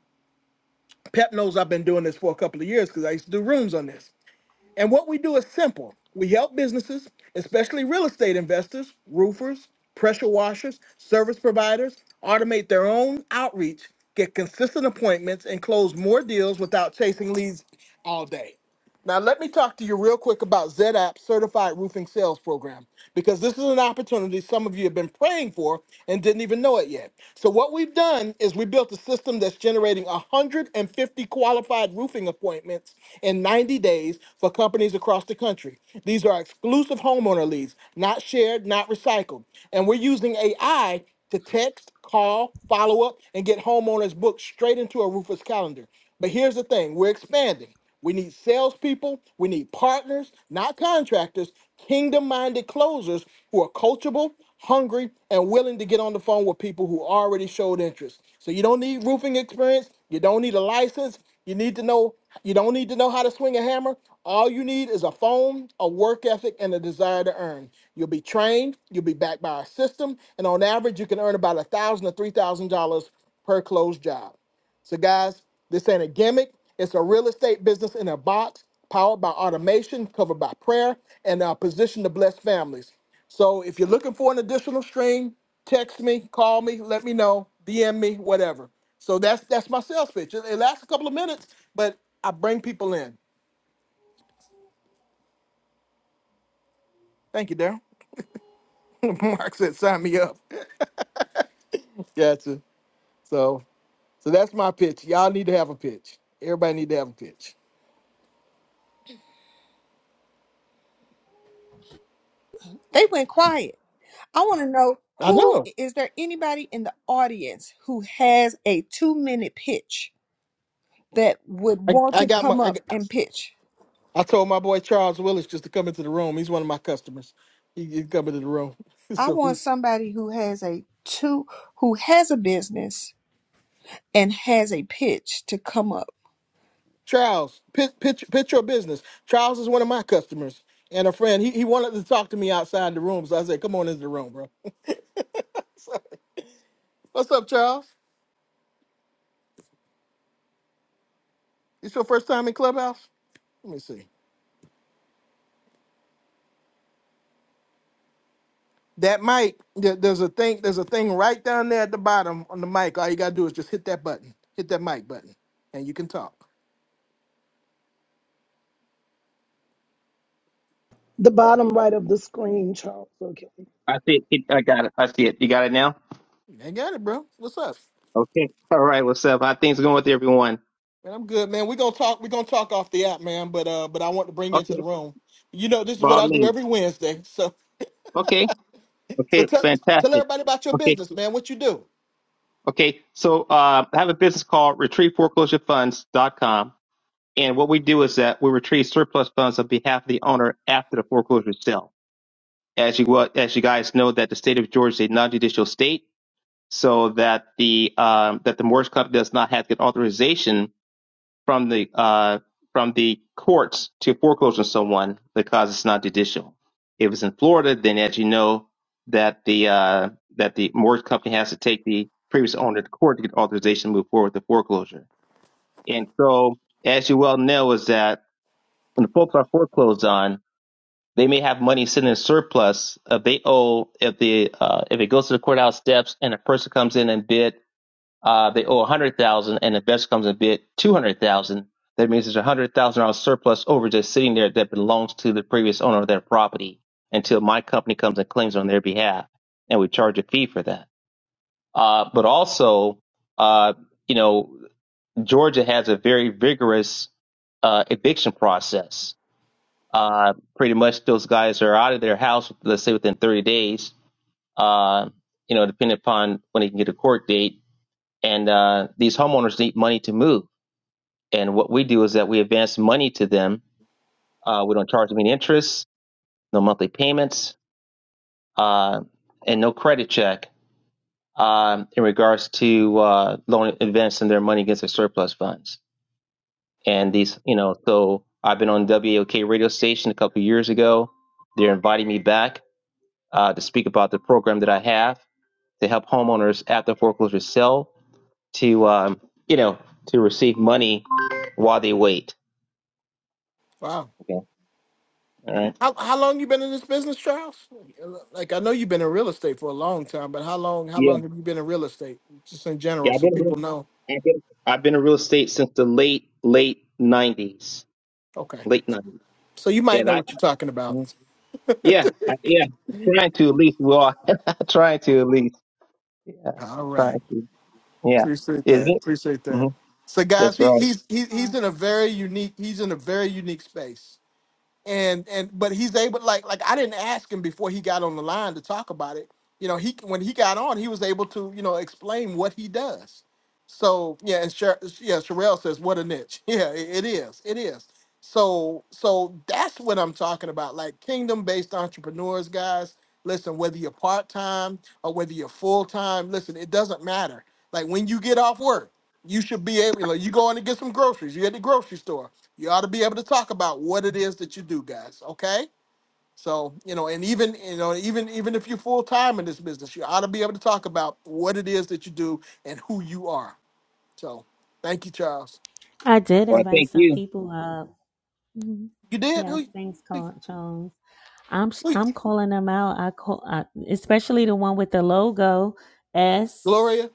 S1: Pep knows I've been doing this for a couple of years because I used to do rooms on this. And what we do is simple. We help businesses, especially real estate investors, roofers, pressure washers, service providers, automate their own outreach, get consistent appointments, and close more deals without chasing leads all day. Now, let me talk to you real quick about ZApp Certified Roofing Sales Program because this is an opportunity some of you have been praying for and didn't even know it yet. So, what we've done is we built a system that's generating 150 qualified roofing appointments in 90 days for companies across the country. These are exclusive homeowner leads, not shared, not recycled. And we're using AI to text, call, follow up, and get homeowners booked straight into a roofer's calendar. But here's the thing we're expanding. We need salespeople. We need partners, not contractors, kingdom minded closers who are coachable, hungry, and willing to get on the phone with people who already showed interest. So you don't need roofing experience. You don't need a license. You need to know you don't need to know how to swing a hammer. All you need is a phone, a work ethic, and a desire to earn. You'll be trained, you'll be backed by our system, and on average you can earn about a thousand to three thousand dollars per closed job. So, guys, this ain't a gimmick. It's a real estate business in a box, powered by automation, covered by prayer, and uh, positioned to bless families. So, if you're looking for an additional stream, text me, call me, let me know, DM me, whatever. So that's that's my sales pitch. It, it lasts a couple of minutes, but I bring people in. Thank you, Daryl. Mark said, "Sign me up." gotcha. So, so that's my pitch. Y'all need to have a pitch. Everybody need to have a pitch.
S4: They went quiet. I want to know
S1: I
S4: who
S1: know.
S4: is there anybody in the audience who has a two minute pitch that would
S1: I,
S4: want
S1: I
S4: to
S1: got my.
S4: come
S1: I
S4: up
S1: got.
S4: and pitch?
S1: I told my boy Charles Willis just to come into the room. He's one of my customers. He, he come into the room.
S4: I
S1: so
S4: want
S1: he's-
S4: somebody who has a two who has a business and has a pitch to come up.
S1: Charles, pit, pitch, pitch your business. Charles is one of my customers and a friend. He, he wanted to talk to me outside the room, so I said, "Come on into the room, bro." So, what's up, Charles? It's your first time in Clubhouse? Let me see. That mic, there- there's a thing, there's a thing right down there at the bottom on the mic. All you gotta do is just hit that button. Hit that mic button, and you can talk.
S9: The bottom right of the screen, Charles. Okay.
S10: I see it. I got it. I see it. You got it now?
S1: I got it, bro. What's up?
S10: Okay. All right. What's up? How things going with everyone?
S1: Man, I'm good, man. We're gonna talk. We're gonna talk off the app, man. But uh, but I want to bring you into the
S10: Okay.
S1: room. You know, this is
S10: By
S1: what
S10: all
S1: I do
S10: means.
S1: every Wednesday. So
S10: Okay.
S1: so
S10: Okay.
S1: tell tell
S10: Fantastic.
S1: everybody about your
S10: Okay.
S1: business, man. What you do?
S10: Okay. So uh, I have a business called retrieve foreclosure funds dot com And what we do is that we retrieve surplus funds on behalf of the owner after the foreclosure sale. As you well, as you guys know, that the state of Georgia is a non-judicial state, so that the um, that the mortgage company does not have to get authorization from the uh, from the courts to foreclose on someone because it's not judicial. If it's in Florida, then as you know, that the uh, that the mortgage company has to take the previous owner to court to get authorization to move forward with the foreclosure. And so, as you well know, is that when the folks are foreclosed on, they may have money sitting in surplus if they owe if the uh, if it goes to the courthouse steps and a person comes in and bid uh, they owe a hundred thousand, dollars and the investor comes and bid two hundred thousand. dollars, That means there's a one hundred thousand dollars surplus over just sitting there that belongs to the previous owner of that property until my company comes and claims on their behalf, and we charge a fee for that. Uh, but also, uh, you know, Georgia has a very vigorous uh, eviction process. Uh, pretty much, those guys are out of their house, let's say within thirty days. Uh, you know, depending upon when they can get a court date and uh, these homeowners need money to move. And what we do is that we advance money to them. Uh, we don't charge them any interest, no monthly payments, uh, and no credit check um, in regards to uh, loan advancing their money against their surplus funds. And these, you know, so I've been on WOK radio station a couple of years ago. They're inviting me back uh, to speak about the program that I have to help homeowners after foreclosure sell to, um, you know, to receive money while they wait
S1: Wow.
S10: Okay. All right.
S1: How how long you been in this business, Charles? Like I know you've been in real estate for a long time, but how long how
S10: Yeah.
S1: long have you been in real estate, just in
S10: Yeah.
S1: general,
S10: I've
S1: so
S10: been, a real-
S1: people know?
S10: I've been, I've been in real estate since the late, late nineties,
S1: Okay.
S10: late nineties.
S1: So you
S10: Yeah.
S1: might know
S10: I,
S1: what you're talking about.
S10: I- yeah. I, yeah. Trying to at least. Well, trying to at least. Yeah.
S1: All right.
S10: Trying to. Yeah.
S1: Appreciate
S10: Is
S1: that.
S10: it?
S1: Appreciate
S10: hmm
S1: that. So guys,
S10: That's
S1: he,
S10: right.
S1: he's he, he's in a very unique he's in a very unique space and and but he's able like like I didn't ask him before he got on the line to talk about it. You know, he when he got on, he was able to you know explain what he does. So yeah, and Sher- yeah, Sherelle says what a niche. Yeah, it it is, it is. So so that's what I'm talking about. Like kingdom based entrepreneurs, guys. Listen, whether you're part time or whether you're full time, listen, it doesn't matter. Like when you get off work, you should be able. Like, you go in to get some groceries. You at the grocery store you ought to be able to talk about what it is that you do guys okay so you know and even you know even even if you're full-time in this business you ought to be able to talk about what it is that you do and who you are so thank you charles
S8: I did
S10: Well,
S8: invite
S10: thank
S8: some
S10: you.
S8: people up. Mhm.
S1: you did
S8: Yes,
S1: who
S8: thanks,
S1: who,
S8: Col- Jones. I'm sh-
S1: who
S8: I'm calling them out. I call I, especially the one with the logo S
S1: gloria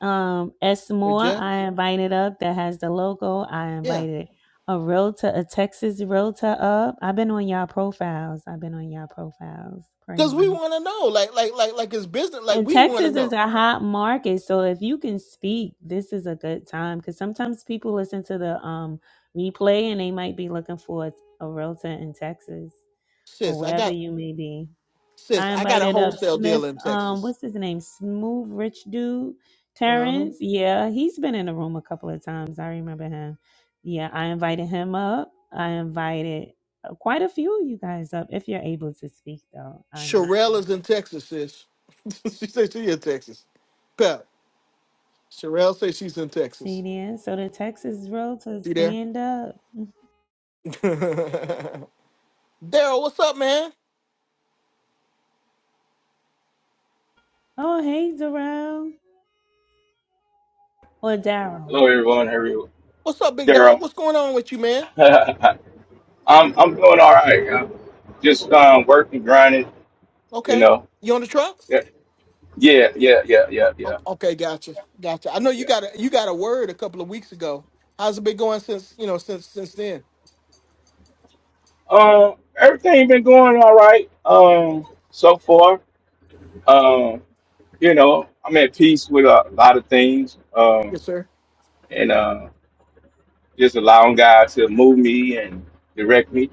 S8: um S
S1: or
S8: Moore.
S1: jeff
S8: I invited up that has the logo. I
S1: yeah
S8: invited a realtor, a Texas realtor up. I've been on y'all profiles. I've been on y'all profiles.
S1: because
S8: Praise
S1: we
S8: them.
S1: want to know like like like like it's business like
S8: And
S1: we want to
S8: Texas is
S1: know
S8: a hot market, so if you can speak, this is a good time because sometimes people listen to the um replay and they might be looking for a a realtor in Texas. or
S1: sis i
S8: wherever
S1: got
S8: you may be.
S1: sis
S8: I
S1: i got a
S8: invited up
S1: wholesale deal
S8: Smith,
S1: in
S8: um,
S1: texas
S8: what's his name? Smooth Rich Dude,
S1: uh-huh
S8: Terrence. Yeah, he's been in the room a couple of times. I remember him. Yeah, I invited him up. I invited uh, quite a few of you guys up if you're able to speak, though. I
S1: Sherelle
S8: understand.
S1: is in texas sis she said she in texas Sherelle says she's in
S8: See
S1: Texas.
S8: there? So the Texas Road to
S1: See there?
S8: stand up.
S1: Daryl, what's up, man?
S8: Oh, hey, Darrell. Or Daryl.
S11: Hello, everyone. How are you,
S1: What's up, big dog?
S11: Daryl?
S1: What's going on with you, man?
S11: I'm I'm doing all right. I'm just um, working, grinding. You
S1: Okay.
S11: know.
S1: You on the truck?
S11: Yeah, yeah, yeah, yeah, yeah, yeah.
S1: Oh, okay, gotcha. Gotcha. I know you
S11: yeah.
S1: got a you got a word a couple of weeks ago. How's it been going since you know since since then?
S11: Um, everything been going all right. Um, so far. Um, you know, I'm at peace with a lot of things. Um,
S1: Yes, sir.
S11: and uh, just allowing God to move me and direct me.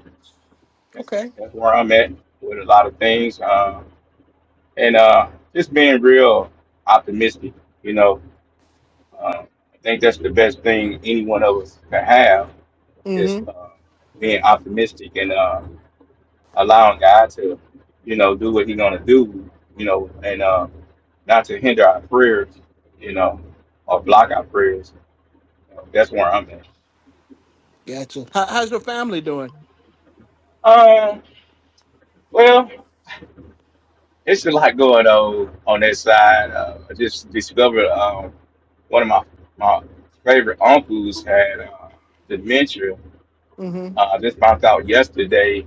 S11: That's
S1: Okay.
S11: that's where I'm at with a lot of things. Um, and uh, just being real optimistic. You know. Uh, I think that's the best thing any one of us can have is
S1: Mm-hmm.
S11: uh, being optimistic and uh, allowing God to, you know, do what He's gonna do, you know, and uh, not to hinder our prayers, you know, or block our prayers. You know, that's where I'm at.
S1: Gotcha. How, how's your family doing?
S11: Um, well, it's a lot going on on that side. Uh, I just discovered um, one of my my favorite uncles had uh, dementia.
S1: Mm-hmm.
S11: Uh, I just found out yesterday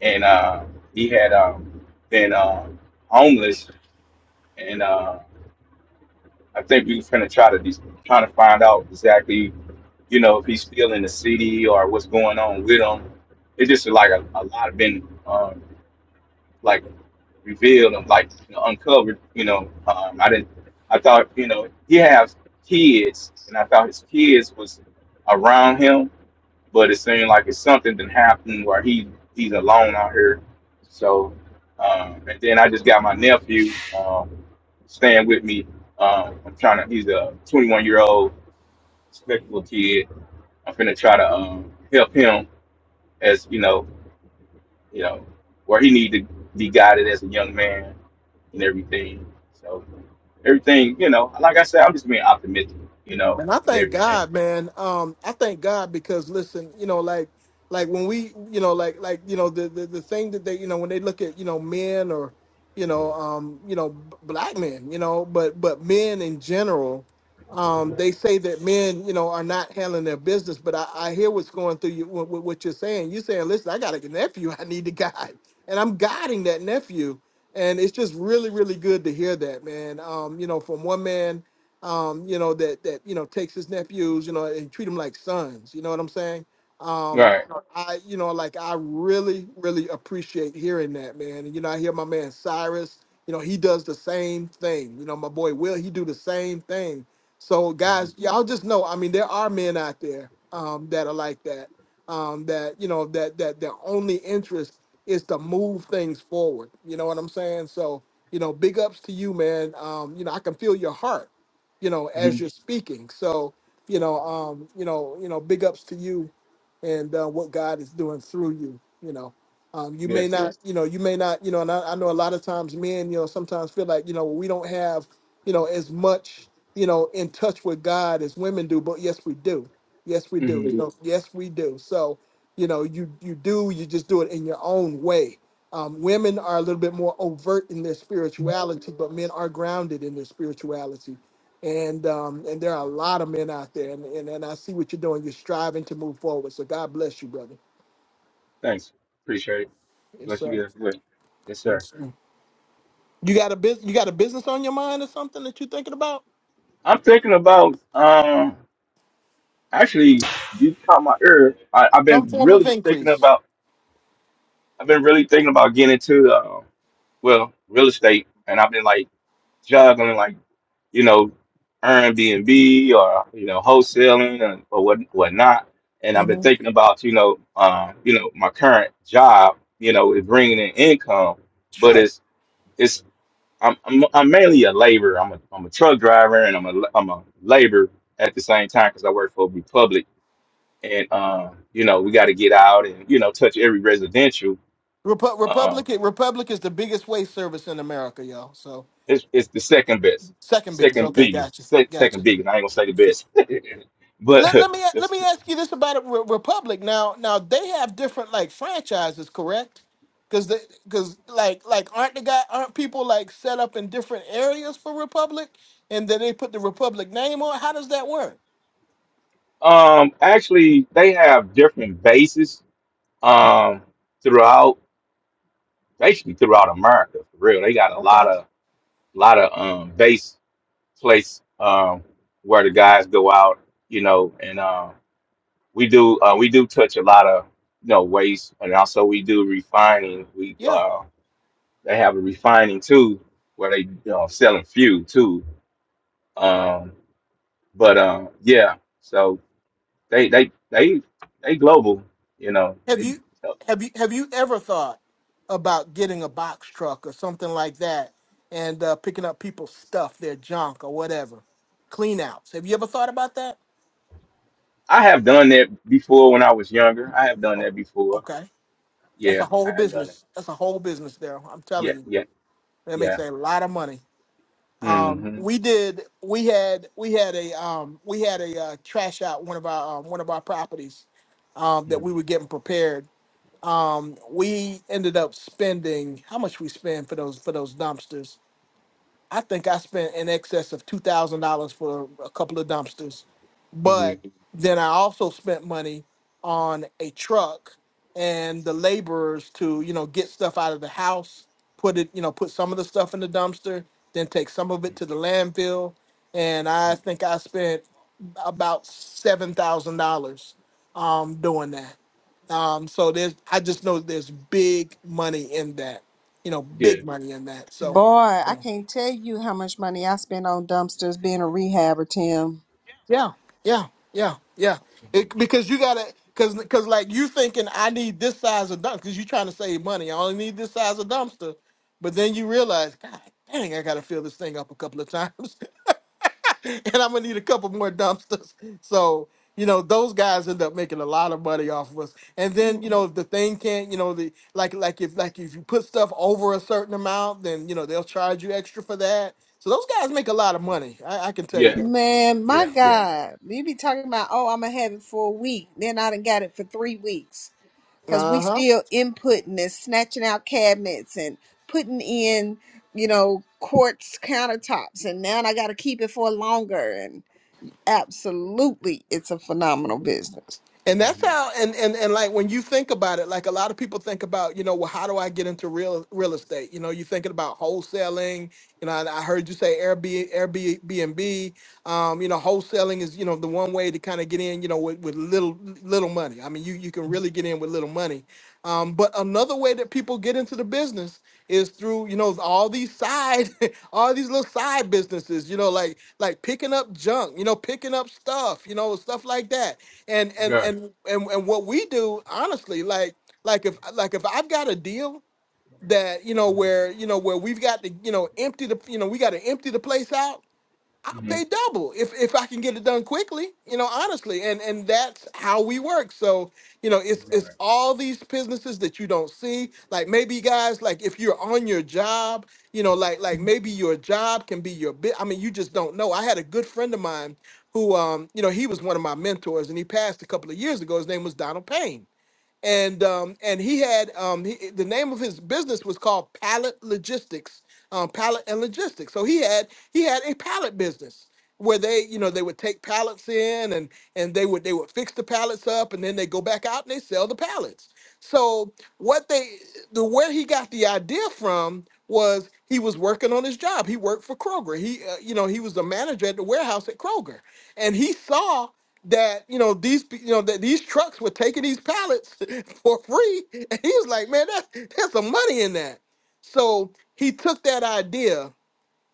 S11: and uh, he had um, been uh, homeless, and uh, I think we was gonna try to de- trying to find out exactly, you know, if he's still in the city or what's going on with him. It's just like a, a lot been um, like revealed and like you know, uncovered. You know, um, I didn't. I thought you know he has kids, and I thought his kids was around him but it seemed like it's something that happened where he he's alone out here. So, um, and then I just got my nephew um, staying with me. Um, I'm trying to. He's a 21 year old respectable kid. I'm finna try to um, help him as you know, you know, where he need to be guided as a young man and everything. So everything, you know, like I said, I'm just being optimistic, you know,
S1: Man, I
S11: and
S1: thank
S11: everything.
S1: God, man. Um, I thank God because listen, you know, like like when we, you know, like like you know, the, the the thing that they, you know, when they look at you know men or you know, um, you know, b- black men, you know, but but men in general, um, they say that men, you know, are not handling their business. But I, I hear what's going through you, what, what what you're saying. You're saying, listen, I got a nephew, I need to guide, and I'm guiding that nephew, and it's just really, really good to hear that, man. Um, you know, from one man um, you know, that that you know takes his nephews, you know, and treat them like sons. You know what I'm saying? Um,
S11: Right.
S1: you know, I, you know, like I really, really appreciate hearing that, man. And you know, I hear my man Cyrus. You know, he does the same thing. You know, my boy Will, he do the same thing. So guys, y'all just know. I mean, there are men out there um, that are like that. Um, that you know, that that their only interest is to move things forward. You know what I'm saying? So you know, big ups to you, man. Um, you know, I can feel your heart you know, as
S11: Mhm.
S1: you're speaking. So, you know, um, you know, you know, big ups to you and uh, what God is doing through you. You know, um, you may
S11: Yes.
S1: not, you know, you may not, you know, and I, I know a lot of times men, you know, sometimes feel like, you know, we don't have, you know, as much, you know, in touch with God as women do, but yes, we do. Yes, we do. You know, Mhm. yes, we do. So, you know, you you do, you just do it in your own way. Um, women are a little bit more overt in their spirituality, but men are grounded in their spirituality and um, and there are a lot of men out there, and, and and I see what you're doing. You're striving to move forward. So God bless you, brother.
S11: Thanks. Appreciate it.
S1: Yes,
S11: Bless you
S1: sir.
S11: guys. Well. Yes, sir.
S1: Yes, sir. You got a business. You got a business on your mind or something that you're thinking about?
S11: I'm thinking about um actually you caught my ear. I, I've
S1: Some
S11: been
S1: form of
S11: really thinking
S1: increase.
S11: about I've been really thinking about getting into uh, well, real estate and I've been like juggling like, you know, Airbnb or you know, wholesaling and or what whatnot. And I've been thinking about, you know, um, you know, my current job, you know, is bringing in income, but
S1: Sure.
S11: it's it's I'm, I'm I'm mainly a laborer. I'm a I'm a truck driver and I'm a I'm a laborer at the same time because I work for Republic and um you know we got to get out and you know touch every residential.
S1: Repu-
S11: Um,
S1: Republic. Republic is the biggest waste service in America, y'all. So
S11: it's it's the second best,
S1: second biggest.
S11: second
S1: Okay, gotcha,
S11: biggest, sec,
S1: gotcha.
S11: second biggest. I ain't gonna say the best, but
S1: Let, let me let me ask you this about it, Re- Republic. Now now they have different like franchises, correct? Because because like like aren't the guy aren't people like set up in different areas for Republic, and then they put the Republic name on? How does that work?
S11: um actually they have different bases um throughout basically throughout America for real. They got a lot
S1: Okay,
S11: of lot of um base place um, where the guys go out, you know, and uh, we do uh, we do touch a lot of you know waste, and also we do refining. We
S1: yeah.
S11: uh, they have a refining too, where they you know selling fuel too. Um, but uh, yeah, so they they they they global, you know.
S1: Have
S11: They,
S1: you
S11: so
S1: have you have you ever thought about getting a box truck or something like that and uh, picking up people's stuff, their junk or whatever, clean outs? Have you ever thought about that?
S11: I have done that before when I was younger. I have done
S1: Oh,
S11: that before.
S1: okay. That's a
S11: Yeah,
S1: whole
S11: I have done it.
S1: business. That's a whole business there. I'm
S11: Yeah,
S1: telling you,
S11: yeah,
S1: that
S11: yeah.
S1: makes a lot of money. Um,
S11: hmm
S1: we did. We had. We had a. Um, we had a uh, trash out one of our um, one of our properties um,
S11: hmm
S1: that we were getting prepared. Um, we ended up spending how much we spend for those for those dumpsters. I think I spent in excess of two thousand dollars for a couple of dumpsters,
S11: hmm
S1: but then I also spent money on a truck and the laborers to you know get stuff out of the house, put it you know put some of the stuff in the dumpster, then take some of it to the landfill, and I think I spent about seven thousand dollars um, doing that. Um, so there's I just know there's big money in that, you know,
S11: Yeah.
S1: big money in that. So.
S4: Boy, I can't tell you how much money I spend on dumpsters being a rehabber, Tim.
S1: Yeah, yeah, yeah, yeah.
S11: Mm-hmm.
S1: It, because you gotta, cause, cause like you thinking I need this size of dumpster. Cause you trying to save money. I only need this size of dumpster. But then you realize, God dang, I gotta fill this thing up a couple of times, and I'm gonna need a couple more dumpsters. So you know, those guys end up making a lot of money off of us. And then you
S4: Mm.
S1: know, if the thing can't, you know, the like, like if like if you put stuff over a certain amount, then you know they'll charge you extra for that. So those guys make a lot of money. I, I can tell you
S11: Yeah,
S1: that.
S4: Man,
S11: yeah,
S4: my
S11: yeah.
S4: God. You be talking about, oh, I'm going to have it for a week. Then I done got it for three weeks. Because we
S1: Uh huh.
S4: still inputting and snatching out cabinets and putting in, you know, quartz countertops. And now I got to keep it for longer. Absolutely, it's a phenomenal business.
S1: And that's
S11: hmm
S1: how, and, and and like when you think about it, like a lot of people think about, you know, well, how do I get into real real estate? You know, you're thinking about wholesaling. You know, I, I heard you say Airbnb, Airbnb. Um, you know, wholesaling is you know the one way to kind of get in. You know, with, with little little money. I mean, you you can really get in with little money. Um, but another way that people get into the business is through you know all these side all these little side businesses you know like like picking up junk you know picking up stuff you know stuff like that and and
S11: Right.
S1: and and, and what we do honestly like like if like if i've got a deal that you know where you know where we've got to you know empty the you know we got to empty the place out I'll
S11: hmm
S1: pay double if if I can get it done quickly, you know, honestly. And and that's how we work. So, you know, it's
S11: Right.
S1: it's all these businesses that you don't see. Like maybe guys, like if you're on your job, you know, like like maybe your job can be your bit. I mean, you just don't know. I had a good friend of mine who um, you know, he was one of my mentors and he passed a couple of years ago. His name was Donald Payne and um, and he had um, he, the name of his business was called Pallet Logistics, um, Pallet and Logistics. So he had he had a pallet business where they you know they would take pallets in and and they would they would fix the pallets up and then they go back out and they sell the pallets. So what they the where he got the idea from was he was working on his job. He worked for Kroger. He uh, you know he was the manager at the warehouse at Kroger, and he saw that you know these pe- you know that these trucks were taking these pallets for free, and he was like, man, that, there's some money in that. So he took that idea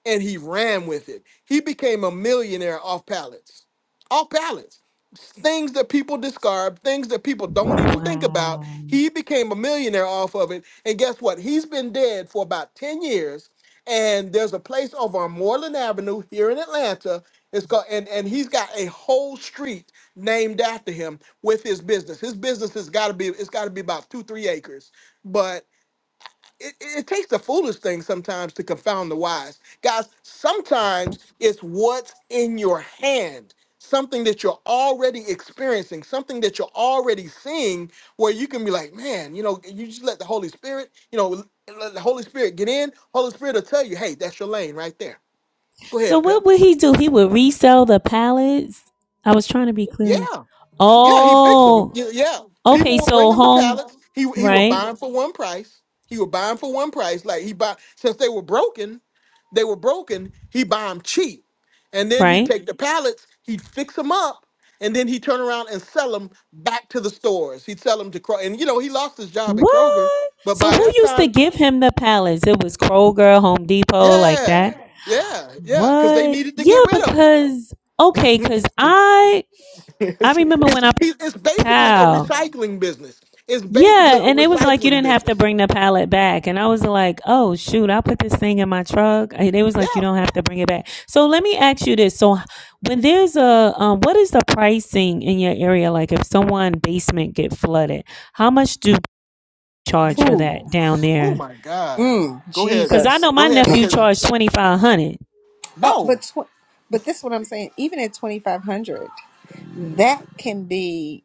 S1: and he ran with it. He became a millionaire off pallets, off pallets, things that people discard, things that people don't even think about.
S8: Wow.
S1: He became a millionaire off of it. And guess what? He's been dead for about 10 years. And there's a place over on Moreland Avenue here in Atlanta. It's called, and, and he's got a whole street named after him with his business. His business has got to be, it's got to be about two, three acres But it, it takes the foolish thing sometimes to confound the wise. Guys, sometimes it's what's in your hand, something that you're already experiencing, something that you're already seeing, where you can be like, man, you know, you just let the Holy Spirit, you know, let the Holy Spirit get in. Holy Spirit will tell you, hey, that's your lane right there. Go
S8: So
S1: ahead, Pep.
S8: what would he do? He would resell the pallets. I was trying to be clear.
S1: Yeah. Yeah, he fixed them.
S8: Oh,
S1: Yeah, yeah.
S8: okay.
S1: people would bring
S8: So
S1: him the
S8: home,
S1: pallets. He he would
S8: right,
S1: buy them for one price. He would buy them for one price. Like he buy since they were broken, they were broken. He buy them cheap, and then he
S8: right.
S1: take the pallets. He'd fix them up, and then he would turn around and sell them back to the stores. He'd sell them to Kroger, and you know he lost his job at Kroger.
S8: What?
S1: But
S8: So
S1: by
S8: who
S1: that
S8: used to
S1: time,
S8: give him the pallets? It was Kroger, Home Depot, like
S1: yeah,
S8: that.
S1: yeah, yeah, because they
S8: What?
S1: needed to
S8: Yeah,
S1: get rid of
S8: because okay,
S1: them.
S8: because I I
S1: it's,
S8: remember when
S1: it's
S8: I
S1: it's
S8: pal.
S1: basically a recycling business. It's basically
S8: Yeah,
S1: a
S8: and it was like you
S1: recycling
S8: didn't have to
S1: business.
S8: bring the pallet back. And I was like, oh, shoot, I'll put this thing in my truck. And they was
S1: Yeah.
S8: like, you don't have to bring it back. So let me ask you this. So when there's a, um, what is the pricing in your area? Like if someone basement get flooded, how much do you
S1: You-
S8: charge for
S4: Ooh,
S8: that down
S1: Oh
S8: there?
S1: my God.
S4: Mm.
S1: Go ahead.
S8: Because I
S4: Jesus.
S8: know my
S1: Go ahead
S8: nephew
S1: because
S8: charged 2500
S4: Uh, but
S1: no
S4: tw- but this is what I'm saying. Even at 2,500, that can be.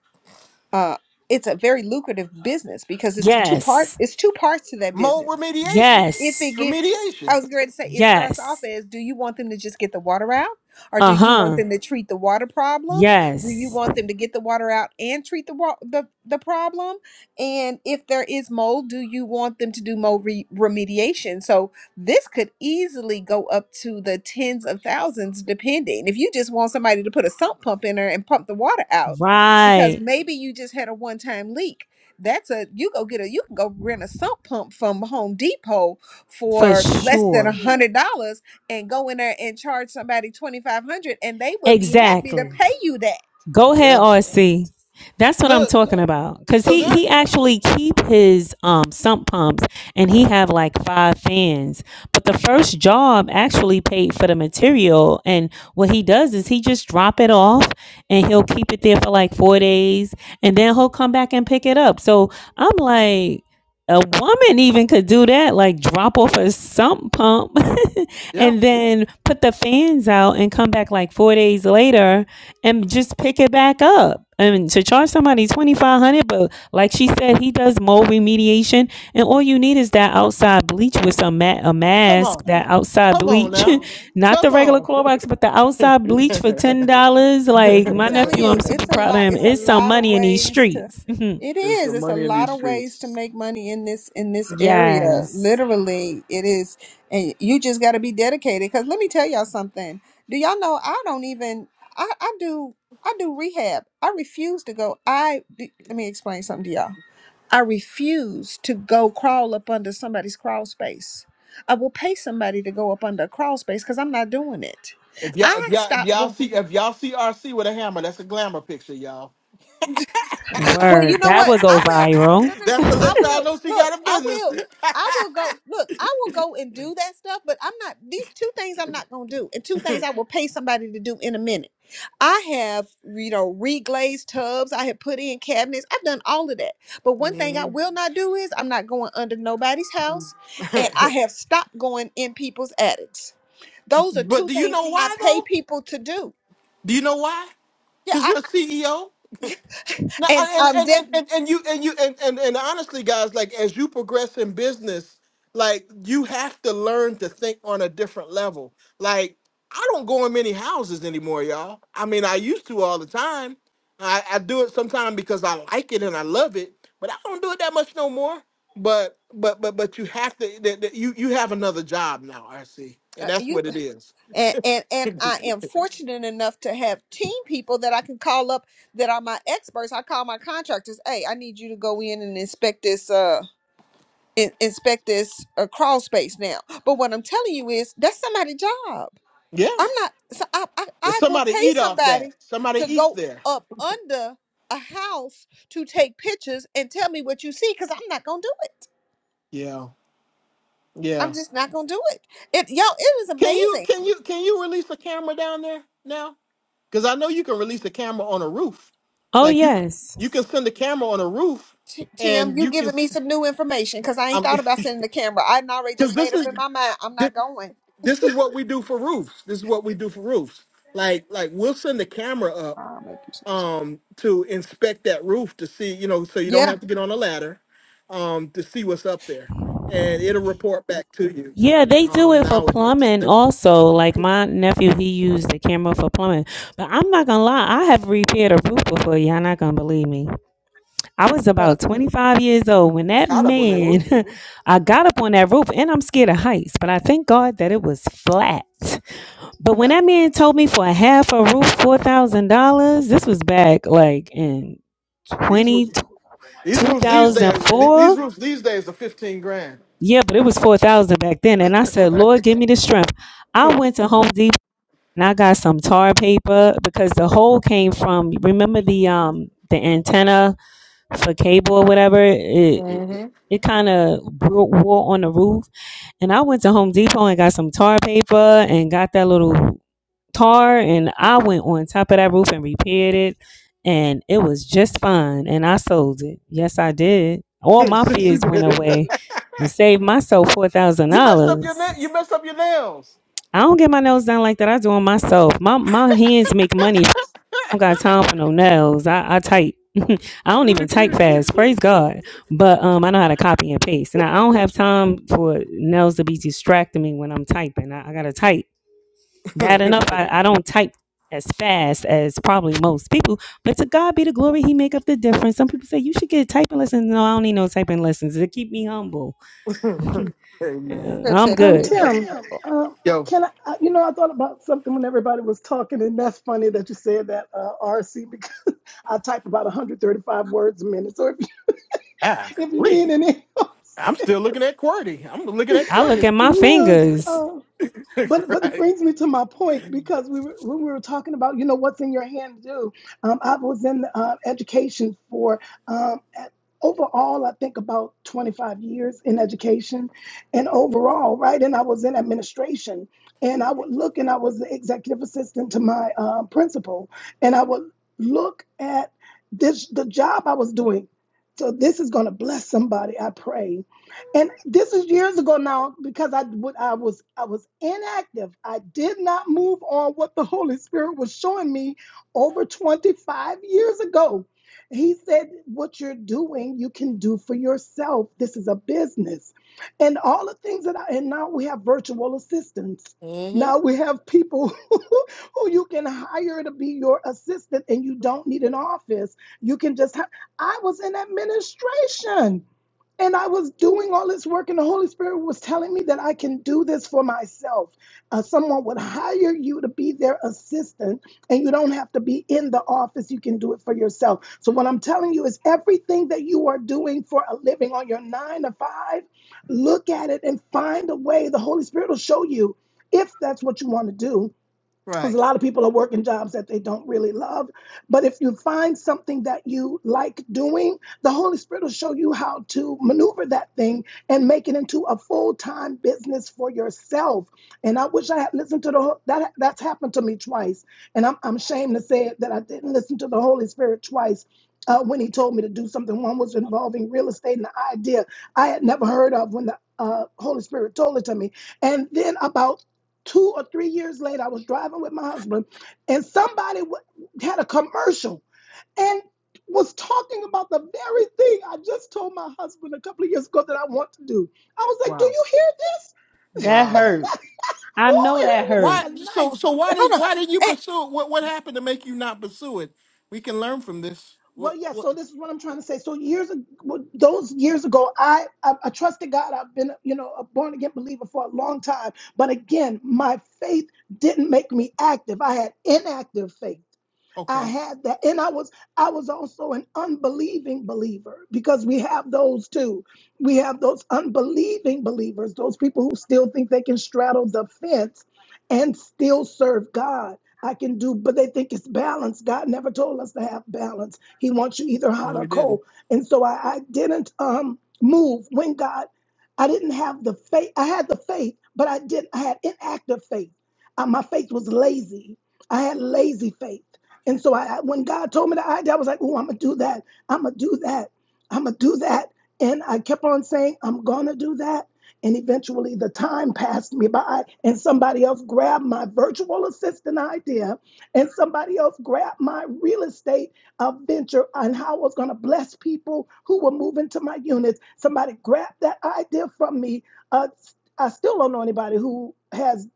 S4: Uh, it's a very lucrative business because it's two part.
S8: Yes.
S4: It's two parts to that
S1: mold
S4: business.
S1: remediation.
S4: if it
S1: It's
S8: Yes.
S4: gets i
S1: remediation.
S4: was going to say it starts off
S8: Yes.
S4: as do you want them to just get the water out or do you want
S8: Uh-huh.
S4: them to treat the water problem do you
S8: Yes.
S4: want them to get the water out and treat the wa- the, the problem and if there is mold do you want them to do mold re- remediation so this could easily go up to the tens of thousands depending if you just want somebody to put a sump pump in there and pump the water out because
S8: Right.
S4: maybe you just had a one-time leak that's a you go get a you can go rent a sump pump from Home Depot
S8: For
S4: for less than a
S8: sure.
S4: hundred dollars and go in there and charge somebody twenty five hundred and they would be happy to
S8: Exactly.
S4: pay you that.
S8: Go ahead,
S1: Yeah.
S8: RC. That's what I'm
S1: Look.
S8: talking about. Cause
S1: So
S8: he
S1: there.
S8: he actually keep his um sump pumps and he have like five fans. But the first job actually paid for the material and what he does is he just drop it off and he'll keep it there for like four days and then he'll come back and pick it up. So I'm like a woman even could do that, like drop off a sump pump
S1: Yeah.
S8: and then put the fans out and come back like four days later and just pick it back up. And to charge somebody twenty five hundred, dollars, but like she said, he does mold remediation, and all you need is that outside bleach with some ma- a
S1: Come
S8: mask,
S1: on.
S8: that outside
S1: Come on
S8: bleach,
S1: now.
S8: not
S1: Come
S8: the regular
S1: on.
S8: Clorox, but the outside bleach for ten dollars. Like
S4: I'm
S8: my
S4: telling
S8: nephew, I'm
S4: you,
S8: super
S4: it's a
S8: proud of
S4: lot.
S8: him.
S4: It's a
S8: It's some
S4: lot of
S8: money in these
S4: ways to.
S8: streets.
S4: It
S1: There's
S4: is.
S1: some
S4: It's a
S1: money in
S4: lot
S1: these
S4: of ways to
S1: streets.
S4: make money in this in this area.
S8: yes,
S4: Literally, it is, and you just got to be dedicated. Because let me tell y'all something. Do y'all know? I don't even. I I do. I do rehab. I refuse to go. I let me explain something to y'all. I refuse to go crawl up under somebody's crawl space. I will pay somebody to go up under a crawl space because I'm not doing it.
S1: If y'all, if
S4: I
S1: y'all, if
S4: stopped
S1: y'all
S4: going.
S1: see, if y'all see RC with a hammer, that's a glamour picture, y'all.
S4: Well, you
S8: word
S4: know
S8: that
S4: what?
S8: would go
S4: I will.
S8: viral.
S4: No, no, no.
S1: That's to
S4: I
S1: let y'all
S4: will.
S1: know she
S4: Look,
S1: got a
S4: I
S1: business.
S4: will. I will go. Look, I will go and do that stuff, but I'm not. These two things I'm not going to do, and two things I will pay somebody to do in a minute. I have, you know, reglazed tubs. I have put in cabinets. I've done all of that. But one thing I will not do is I'm not going under nobody's house, and I have stopped going in people's attics. Those are
S1: but
S4: two
S1: do you
S4: things
S1: know
S4: I
S1: why
S4: pay
S1: though?
S4: people to do.
S1: Do you know why? Because
S4: Yeah,
S1: you're a CEO. No,
S4: And
S1: and
S4: I'm
S1: and and
S4: definitely
S1: and, and you and you and, and and honestly, guys, like as you progress in business, like you have to learn to think on a different level. Like I don't go in many houses anymore, y'all. I mean, I used to all the time. I, I do it sometimes because I like it and I love it, but I don't do it that much no more. But but but but you have to. That, that you you have another job now, RC, and
S4: uh,
S1: that's
S4: you
S1: what it is.
S4: and, and and I am fortunate enough to have team people that I can call up that are my experts. I call my contractors. Hey, I need you to go in and inspect this. Uh, in, inspect this uh, crawl space now. But what I'm telling you is that's somebody's job.
S1: Yeah.
S4: I'm not. So I, I,
S1: Yeah,
S4: I will
S1: somebody
S4: pay
S1: eat off that.
S4: somebody
S1: Somebody
S4: to
S1: eats
S4: go
S1: there.
S4: up under a house to take pictures and tell me what you see because I'm not gonna do it.
S1: Yeah,
S4: I'm
S1: yeah.
S4: just not gonna do it. It y'all, it was
S1: Can you
S4: amazing.
S1: can you can you release a camera down there now? Because I know you can release a camera on a roof.
S8: Oh
S1: Like you
S8: yes.
S1: you can send a camera on a roof,
S4: T- Tim,
S1: and
S4: you
S1: you can.
S4: giving me some new information because I ain't
S1: I'm
S4: thought about
S1: Because
S4: sending the camera. I would already just
S1: this
S4: made up
S1: is
S4: in my mind. I'm
S1: thi-
S4: not going.
S1: this is what we do for roofs. This is what we do for roofs. Like like we'll send the camera up
S4: I'll make you. some-
S1: um to inspect that roof to see you know so you don't
S4: Yeah.
S1: have to get on a ladder um to see what's up there and it'll report back to you
S8: Yeah, they do
S1: um
S8: it for
S1: nowadays
S8: plumbing
S1: It'd
S8: also. Like my nephew, he used the camera for plumbing. But I'm not gonna lie, I have repaired a roof before. Y'all not gonna believe me. I was
S4: Look,
S8: about 25 years old when
S1: be
S8: that
S1: hot up on that roof
S8: man, I got up on that roof, and I'm scared of heights. But I thank God that it was flat. But when
S1: yeah
S8: that man told me for half a roof, four thousand dollars, this was back like in
S1: well these
S8: 20,
S1: roofs these roofs these days th- these
S8: 2004.
S1: roofs these days are 15 grand
S8: Yeah, but it was four thousand back then, and I said,
S1: right
S8: Lord, give me the strength. I went to Home Depot and I got some tar paper because the hole came from remember the um the antenna for cable or whatever it it, it kind of wore on the roof and I went to Home Depot and got some tar paper and got that little tar and I went on top of that roof and repaired it and it was just fine and I sold it yes I did all my
S1: since you
S8: fears
S1: did
S8: went
S1: it
S8: away and saved myself four thousand
S1: you messed up your
S8: dollars.
S1: na- you messed up your nails
S8: I don't get my nails done like that. I do them myself. My my hands make money don't got time for no nails. I, I type. I don't even type fast. Praise God. But um, I know how to copy and paste, and I don't have time for nails to be distracting me when I'm typing. I, I gotta type. Bad enough, I, I don't type as fast as probably most people. But to God be the glory. He make up the difference. Some people say you should get typing lessons. No, I don't need no typing lessons. It keep me humble.
S1: hey,
S8: Yeah,
S4: Pip
S8: I'm
S4: said he
S9: Um,
S8: good.
S4: keep her
S9: Tim, uh,
S1: yo
S9: can I, I- you know, I thought about something when everybody was talking, and that's funny that you said that, uh, RC, because I type about 135 words a minute. So if,
S1: ah
S9: you- if you need any help,
S1: i'm still looking at qwerty i'm looking at
S8: I look at
S1: qwerty
S8: my
S9: look.
S8: fingers.
S9: um, But but it
S1: right
S9: brings me to my point because we were, when we were talking about you know what's in your hand to do. Um, I was in uh, education for um, at, overall I think about 25 years in education, and overall right. And I was in administration, and I would look and I was the executive assistant to my uh, principal, and I would look at this the job I was doing. So this is going to bless somebody. I pray and this is years ago now because I would I was I was inactive. I did not move on what the Holy Spirit was showing me over 25 years ago. He said, What you're doing, you can do for yourself. This is a business. And all the things that I and now we have virtual assistants. Now we have people who you can hire to be your assistant and you don't need an office. You can just hi- I was in administration. And I was doing all this work, and the Holy Spirit was telling me that I can do this for myself. Uh, someone would hire you to be their assistant, and you don't have to be in the office. You can do it for yourself. So, what I'm telling you is everything that you are doing for a living on your nine to five, look at it and find a way. The Holy Spirit will show you if that's what you want to do because a lot of people are working jobs that they don't really love. But if you find something that you like doing, the Holy Spirit will show you how to maneuver that thing and make it into a full time business for yourself. And I wish I had listened to the Hol- that. That's happened to me twice, and I'm I'm ashamed to say it that I didn't listen to the Holy Spirit twice. Uh, when he told me to do something, one was involving real estate and the idea I had never heard of when the uh, Holy Spirit told it to me. And then about two or three years later, I was driving with my husband, and somebody w- had a commercial and was talking about the very thing I just told my husband a couple of years ago that I want to do. I was like, "Do you hear this?"
S8: That hurt. I
S9: oh,
S8: know
S9: it
S8: that
S9: was like
S1: Why?
S8: hurt.
S9: a
S1: So
S9: knife.
S1: so why
S4: Hold
S1: did
S4: on.
S1: why did you
S4: And,
S1: pursue it? What what happened to make you not pursue it? We can learn from this.
S9: Well,
S1: What
S9: yeah.
S1: what?
S9: So this is what I'm trying to say. So years, ag- well, those years ago, I, I I trusted God. I've been, you know, a born again believer for a long time. But again, my faith didn't make me active. I had inactive faith. I
S1: Okay.
S9: had that. And I was I was also an unbelieving believer because we have those too. We have those unbelieving believers, those people who still think they can straddle the fence and still serve God. I can do, but they think it's balance. God never told us to have balance. He wants you either
S1: No,
S9: hot or
S1: we didn't.
S9: cold. And so I, I didn't um move when God I didn't have the faith. I had the faith, but I didn't I had inactive faith. Uh, my faith was lazy. I had lazy faith. And so I, when God told me that idea, I was like, oh, I'm going to do that. I'm going to do that. I'm going to do that. And I kept on saying, I'm going to do that. And eventually the time passed me by, and somebody else grabbed my virtual assistant idea, and somebody else grabbed my real estate uh, venture on how I was going to bless people who were moving to my units. Somebody grabbed that idea from me. Uh, I still don't know anybody who has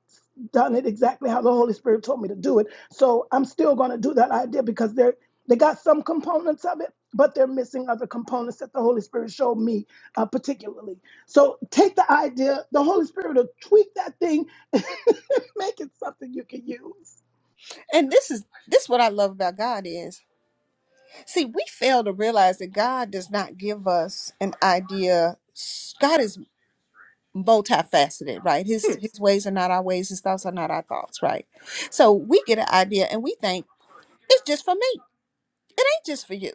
S9: done it exactly how the Holy Spirit told me to do it so I'm still going to do that idea because they're they got some components of it, but they're missing other components that the Holy Spirit showed me uh, particularly. So take the idea, the Holy Spirit will tweak that thing, and make it something you can use.
S4: and this is this what I love about God is See, we fail to realize that God does not give us an idea. God is multifaceted, right? His his ways are not our ways, his thoughts are not our thoughts, right? So we get an idea and we think it's just for me. It ain't just for you.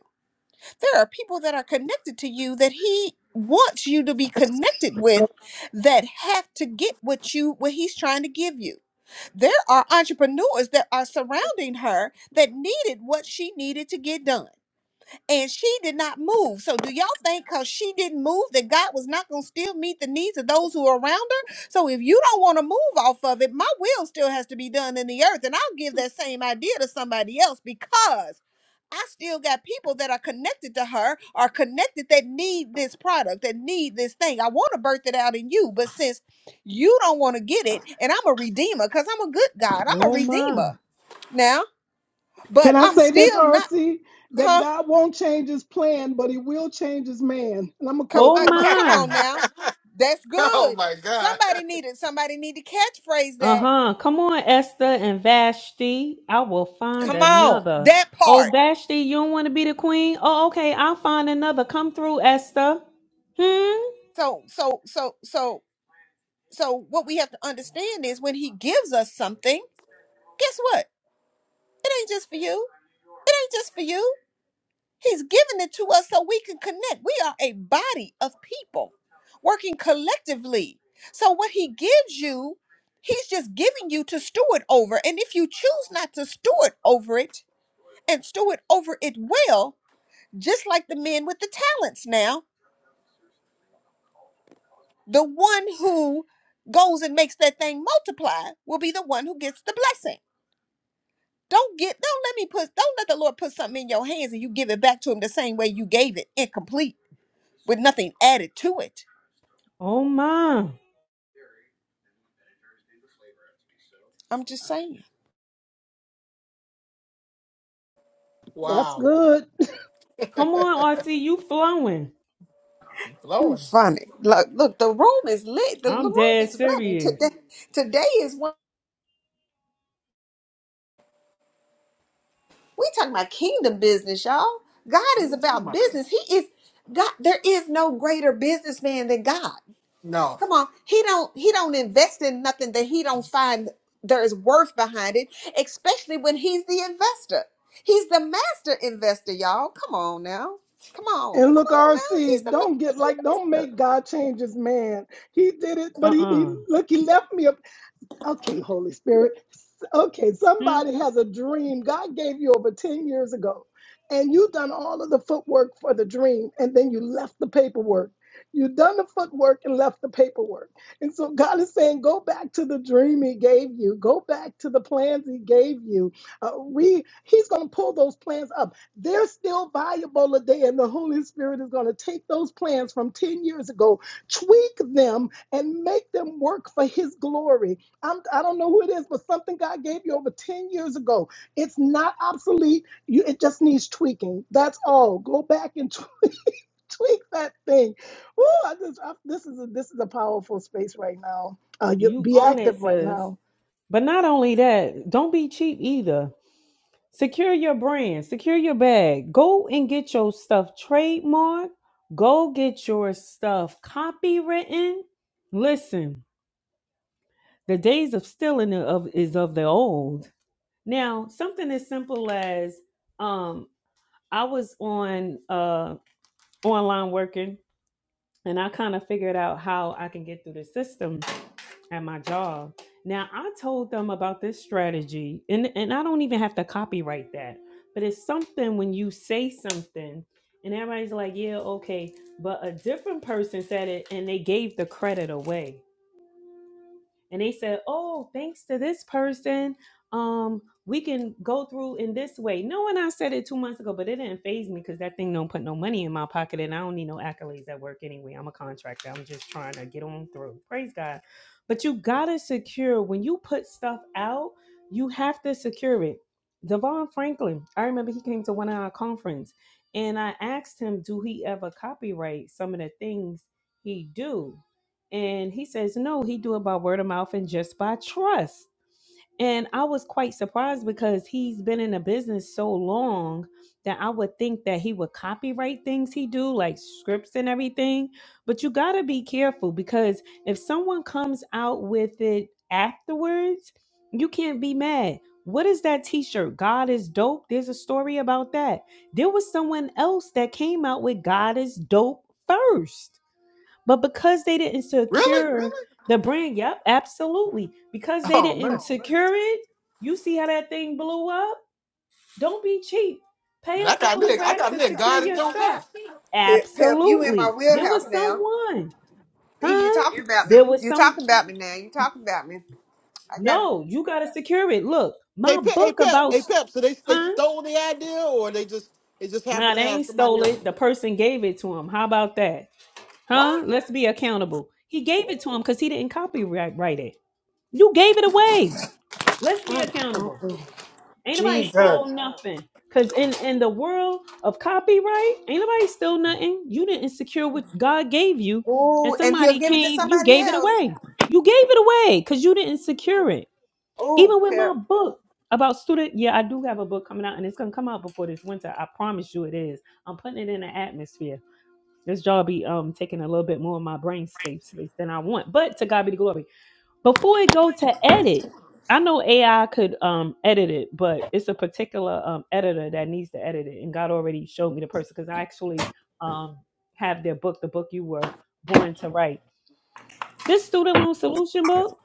S4: There are people that are connected to you that he wants you to be connected with that have to get what you what he's trying to give you. There are entrepreneurs that are surrounding her that needed what she needed to get done and she did not move. So do y'all think because she didn't move that God was not going to still meet the needs of those who are around her? So if you don't want to move off of it, my will still has to be done in the earth, and I'll give that same idea to somebody else because. I still got people that are connected to her, are connected that need this product, that need this thing. I want to birth it out in you, but since you don't want to get it, and I'm a redeemer, because I'm a good God, I'm a
S8: Oh my.
S4: redeemer now,
S9: Can
S4: but
S9: I
S4: I'm
S9: say this,
S4: still not,
S9: RC? That
S4: huh?
S9: God won't change his plan, but he will change his man. And I'm gonna
S4: Come
S9: close
S4: on,
S9: my
S8: Oh
S9: mic.
S4: come
S8: my.
S4: on now. That's good.
S1: My God.
S4: Somebody needed. Somebody need to catchphrase that.
S8: Uh-huh. Come on, Esther and Vashti. I will find
S4: Come on.
S8: another.
S4: That
S8: Oh,
S4: part.
S8: Vashti, you don't want to be the queen? Oh, okay. I'll find another. Come through, Esther. Hmm?
S4: So so so so so what we have to understand is when he gives us something, guess what? It ain't just for you. It ain't just for you. He's giving it to us so we can connect. We are a body of people working collectively. So what he gives you, he's just giving you to steward over. And if you choose not to steward over it, and steward over it well, just like the men with the talents now. The one who goes and makes that thing multiply will be the one who gets the blessing. Don't get don't let me put don't let the Lord put something in your hands and you give it back to him the same way you gave it, incomplete, with nothing added to it.
S8: Oh my.
S4: I'm just saying.
S9: That's
S1: Wow.
S9: good.
S8: Come on, RC. You flowing.
S1: You're
S4: You
S1: flowing.
S4: funny. Look, look, the room is lit. The, the
S8: I'm
S4: room
S8: dead
S4: is ready.
S8: serious.
S4: Today today is one. We talking about kingdom business, y'all. God
S1: What
S4: is
S1: we talking
S4: about
S1: about?
S4: business. He is God. There is no greater businessman than God.
S1: No.
S4: Come on, he don't he don't invest in nothing that he don't find there is worth behind it, especially when he's the investor. He's the master investor, y'all. Come on now, come on,
S9: And
S4: come
S9: look,
S4: on now. He's
S9: RC,
S4: the master.
S9: don't get like, don't make God change his man. He did it, but he, he
S8: Uh-uh.
S9: look, he left me. a. Okay, Holy Spirit. Okay,
S8: Hmm?
S9: somebody has a dream God gave you over 10 years ago, and you done all of the footwork for the dream, and then you left the paperwork. You done the footwork and left the paperwork. And so God is saying, go back to the dream He gave you. Go back to the plans He gave you. Uh, re- he's going to pull those plans up. They're still viable today, and the Holy Spirit is going to take those plans from 10 years ago, tweak them, and make them work for His glory. I'm, I don't know who it is, but something God gave you over 10 years ago. It's not obsolete. You, it just needs tweaking. That's all. Go back and tw- tweak that thing. Ooh, I just, I, this is a, this is a powerful space right now. Uh, you,
S8: You
S9: be
S8: own
S9: active
S8: it,
S9: right
S8: sis.
S9: now.
S8: But not only that, don't be cheap either. Secure your brand, secure your bag. Go and get your stuff trademarked. Go get your stuff copywritten. Listen, the days of stealing are of is of the old. Now, something as simple as um, I was on uh, online working, and I kind of figured out how I can get through the system at my job. Now I told them about this strategy, and and I don't even have to copyright that, but it's something when you say something, and everybody's like, yeah, okay, but a different person said it, and they gave the credit away and they said, "Oh, thanks to this person, um, we can go through in this way." No, and I said it two months ago, but it didn't phase me because that thing don't put no money in my pocket, and I don't need no accolades at work anyway. I'm a contractor. I'm just trying to get on through. Praise God. But you gotta secure when you put stuff out. You have to secure it. Devon Franklin, I remember he came to one of our conference, and I asked him, "Do he ever copyright some of the things he do?" And he says, no, he do it by word of mouth and just by trust. And I was quite surprised because he's been in the business so long that I would think that he would copyright things he do, like scripts and everything. But you gotta be careful because if someone comes out with it afterwards, you can't be mad. What is that t-shirt? God is dope. There's a story about that. There was someone else that came out with God is dope first but because they didn't
S1: Really?
S8: secure Really? the brand, yep, absolutely. Because they
S1: Oh
S8: didn't Oh, man.
S1: man.
S8: secure really? it, you see how that thing blew up? Don't be cheap. Pay
S1: Man,
S8: a
S1: I got
S8: couple
S1: me
S8: I of
S1: a, I
S8: racks big-
S1: got
S8: to
S1: me a
S8: secure
S1: God in
S8: your
S1: Joe's
S8: stuff.
S1: hat.
S8: up.
S4: Pep, Pep, you in my
S8: Absolutely. There was
S4: wheelhouse now.
S8: someone,
S4: See, you
S8: huh?
S4: talking about me.
S8: There was
S4: You
S8: some
S4: talking about me now. You talking about me. I got it.
S8: no, you gotta secure it. Look,
S1: Hey
S8: my
S1: Pep, hey
S8: book
S1: Pep,
S8: about
S1: hey Pep, so they they
S8: huh?
S1: stole the idea or they just they just happened
S8: Nah,
S1: to
S8: they
S1: have
S8: ain't
S1: somebody
S8: stole
S1: else.
S8: it. The person gave it to him. How about that?
S1: What?
S8: Huh? Let's be accountable. He gave it to him because he didn't copyright it. You gave it away. Let's be accountable. Ain't nobody stole
S4: Jesus.
S8: nothing. Cause in in the world of copyright, ain't nobody stole nothing. You didn't secure what God gave you, and
S4: Ooh, and he'll
S8: somebody
S4: give it to
S8: came. You
S4: somebody
S8: gave it
S4: else.
S8: away. You gave it away because you didn't secure it.
S4: Oh,
S8: Even with my
S4: Pep.
S8: book about student, yeah, I do have a book coming out, and it's gonna come out before this winter. I promise you, it is. I'm putting it in the atmosphere. This job be um taking a little bit more of my brain space space than I want, but to God be the glory before it go to edit i know ai could um edit it but it's a particular um editor that needs to edit it and god already showed me the person because i actually um have their book the book you were born to write this student loan solution book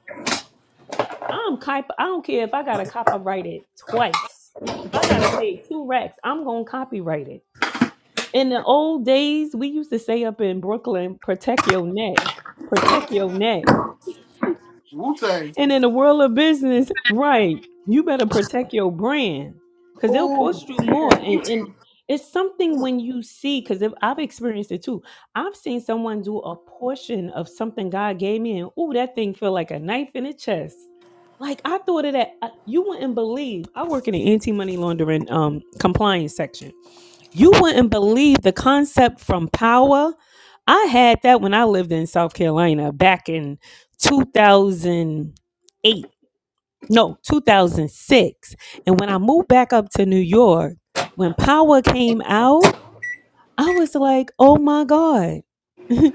S8: i'm cop- i don't care if i gotta copyright it twice if i gotta pay two racks i'm gonna copyright it in the old days we used to say up in brooklyn protect your neck protect your neck
S1: Wu Tang.
S8: And in the world of business, right, you better protect your brand because they'll
S4: Oh,
S8: cost you more. And, and it's something when you see, because I've experienced it too. I've seen someone do a portion of something God gave me, and ooh, that thing feel like a knife in the chest. Like I thought of that. I- You wouldn't believe. I work in the anti-money laundering um compliance section you wouldn't believe the concept from power. I had that when I lived in South Carolina back in 2008. No, 2006. And when I moved back up to New York, when power came out, I was like, oh my God.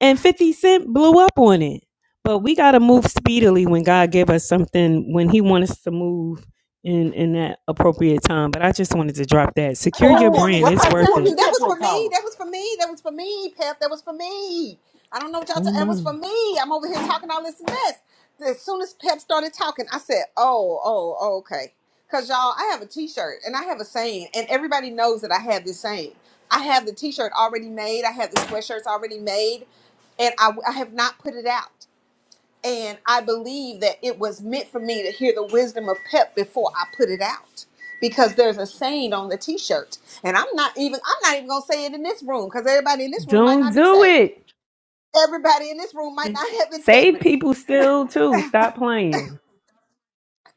S8: and 50 Cent blew up on it. But we got to move speedily when God gave us something, when He wants us to move in, in that appropriate time. But I just wanted to drop that.
S1: I
S8: Secure
S1: thought
S8: your
S4: oh.
S1: Courtney I
S8: brand,
S4: Well,
S8: it's
S4: I'm
S1: thought
S8: worth
S4: telling
S1: Courtney
S8: it.
S4: you, that
S1: Kemp
S4: was for
S1: wrote
S4: me.
S1: power.
S4: That was for me. That was for me, Pep. That was for me. I don't know what y'all. T-
S8: Oh
S4: that was for
S8: man!
S4: me. I'm over here talking all this mess. As soon as Pep started talking, I said, "Oh, oh, oh okay." Cause y'all, I have a T-shirt and I have a saying, and everybody knows that I have this saying. I have the T-shirt already made. I have the sweatshirts already made, and I, I have not put it out. And I believe that it was meant for me to hear the wisdom of Pep before I put it out. Because there's a saying on the t-shirt. And I'm not even I'm not even gonna say it in this room, because everybody in this room might
S8: Don't
S4: not be
S8: do
S4: saved.
S8: it.
S4: Everybody in this room might not have
S8: Save
S4: integrity.
S8: people still too. Stop playing.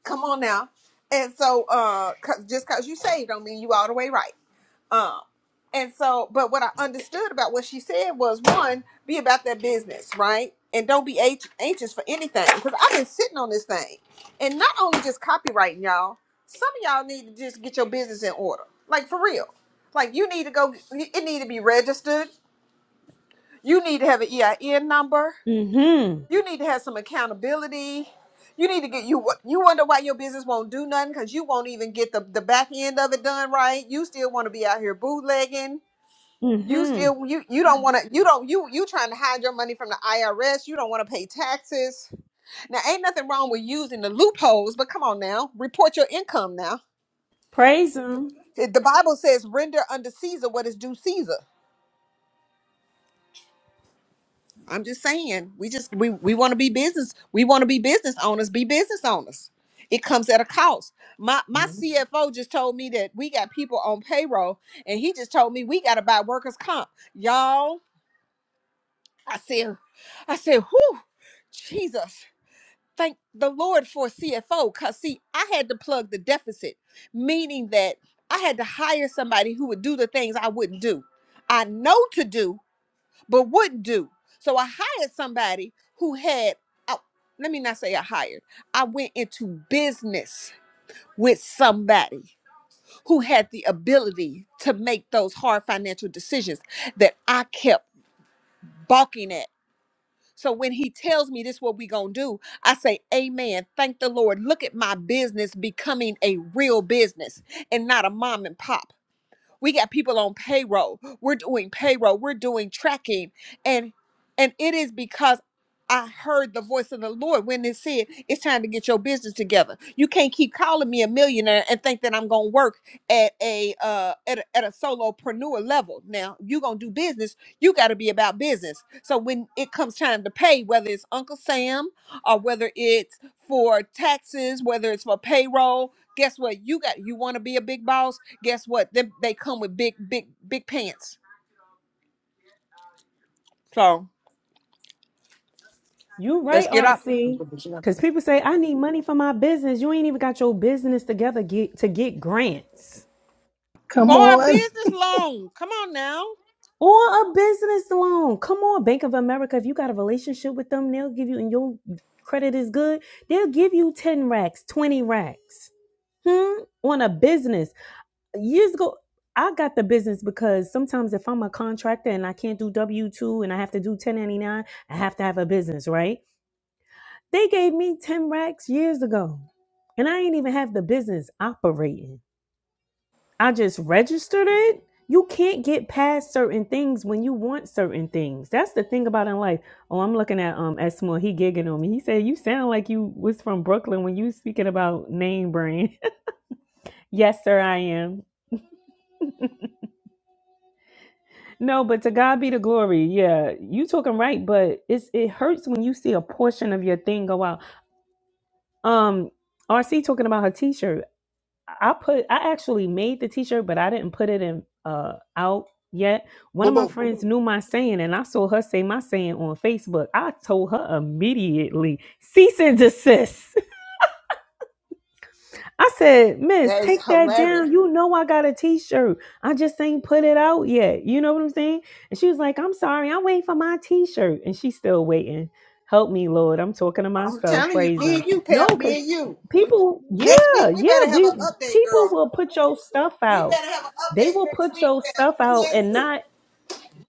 S4: Come on now. And so uh 'cause- just cause you saved don't mean you all the way right. Um, and so, but what I understood about what she said was one, be about that business, right? And don't be ach- anxious for anything because I've been sitting on this thing. And not only just copywriting, y'all, some of y'all need to just get your business in order. Like for real. Like you need to go, it need to be registered. You need to have an EIN number.
S8: Mm-hmm.
S4: You need to have some accountability. You need to get you. You wonder why your business won't do nothing because you won't even get the the back end of it done right. You still want to be out here bootlegging you
S8: Mm-hmm.
S4: still you you don't want to you don't you you trying to hide your money from the IRS. You don't want to pay taxes. Now ain't nothing wrong with using the loopholes, but come on now, report your income now.
S8: Praise him.
S4: It- The Bible says render unto Caesar what is due Caesar. I'm just saying, we just we we want to be business. We want to be business owners, be business owners. It comes at a cost. My my
S1: Mhm.
S4: CFO just told me that we got people on payroll and he just told me we got to buy workers comp. Y'all, I said I said, "Whoo, Jesus." thank the Lord for CFO because see, I had to plug the deficit, meaning that I had to hire somebody who would do the things I wouldn't do. I know to do, but wouldn't do. So I hired somebody who had, oh, let me not say I hired, I went into business with somebody who had the ability to make those hard financial decisions that I kept balking at so when he tells me this what we going to do, I say, "Amen. Thank the Lord. Look at my business becoming a real business and not a mom and pop. We got people on payroll. We're doing payroll. We're doing tracking. And and it is because I heard the voice of the Lord when it said, it's time to get your business together. You can't keep calling me a millionaire and think that I'm gonna work at a uh at a, at a solopreneur level. Now you gonna do business, you gotta be about business. So when it comes time to pay, whether it's Uncle Sam or whether it's for taxes, whether it's for payroll, guess what? You got you want to be a big boss guess what? They, they come with big, big, big pants. So
S8: You
S4: let's
S8: right,
S4: get up
S1: But
S8: RC.
S1: but that's
S8: Because people say, I need money for my business. You ain't even got your business together get, to get grants
S9: Come
S4: for a
S9: on.
S4: business loan. Come on now.
S8: or a business loan. Come on, Bank of America. If you got a relationship with them, they'll give you, and your credit is good, they'll give you 10 racks, 20 racks. Hmm? On a business. Years ago, I got the business because sometimes if I'm a contractor and I can't do W 2 and I have to do 1099, I have to have a business, right? They gave me 10 racks years ago, and I ain't even have the business operating. I just registered it. You can't get past certain things when you want certain things. That's the thing about in life. Oh, I'm looking at um Esmo. He gigging on me. He said, "You sound like you was from Brooklyn when you was speaking about name brand." yes, sir, I am. No, but to God be the glory. Yeah, you talking right, but it's it hurts when you see a portion of your thing go out. Um, RC talking about her T-shirt. I put I actually made the t-shirt, but I didn't put it in uh out yet. One of my friends knew my saying and I saw her say my saying on Facebook. I told her immediately, cease and desist. I said, Miss,
S4: That is
S8: take that
S4: hilarious.
S8: down. You know I got a t-shirt. I just ain't put it out yet. You know what I'm saying? And she was like, I'm sorry, I'm waiting for my t-shirt. And she's still waiting. Help me, Lord. I'm talking to
S4: I'm
S8: myself.
S4: telling you,
S8: Praise
S4: me
S8: him.
S4: and you, Pep,
S8: No,
S4: me
S8: because
S4: and you.
S8: people,
S4: Next
S8: yeah,
S4: week we better
S8: yeah,
S4: have
S8: we
S4: an update,
S8: people
S4: girl.
S8: will put your stuff
S4: We
S8: out.
S4: better have an
S8: They
S4: update
S8: will
S4: next
S8: put
S4: week,
S8: your
S4: Pep.
S8: stuff
S4: Me
S8: out
S4: and
S8: and
S4: you.
S8: not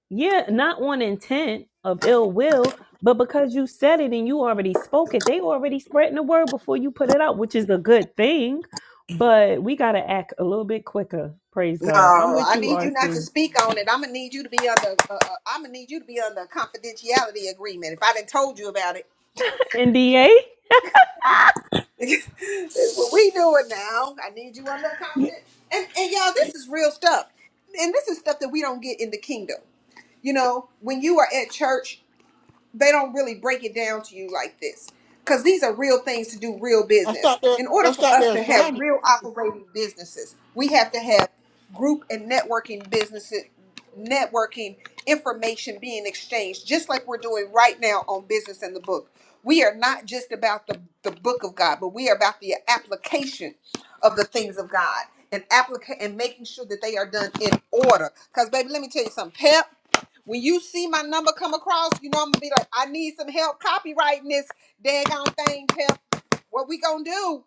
S8: yeah, not on intent of ill will, but because you said it and you already spoke it, they already spreading the word before you put it out, which is a good thing. But we gotta act a little bit quicker. Praise God. I'm
S4: No,
S8: with
S4: I
S8: you,
S4: need you not to
S8: RC.
S4: speak on it. I'm gonna need you to be under. Uh, uh, I'm gonna need you to be under a confidentiality agreement. If I didn't told you about it.
S8: NDA.
S4: Well, we do it now. I need you under confidence. And and y'all, this is real stuff. And this is stuff that we don't get in the kingdom. You know, when you are at church they don't really break it down to you like this because these are real things to do real business
S1: not their
S4: in order
S1: that's
S4: for
S1: not
S4: us
S1: their
S4: to have
S1: assignment.
S4: real operating businesses we have to have group and networking businesses networking information being exchanged just like we're doing right now on business and the book we are not just about the, the book of god but we are about the application of the things of god and applica- and making sure that they are done in order because baby let me tell you something Pep, when you see my number come across, you know I'm gonna be like, I need some help copywriting this daggone thing, Pep. What we gonna do?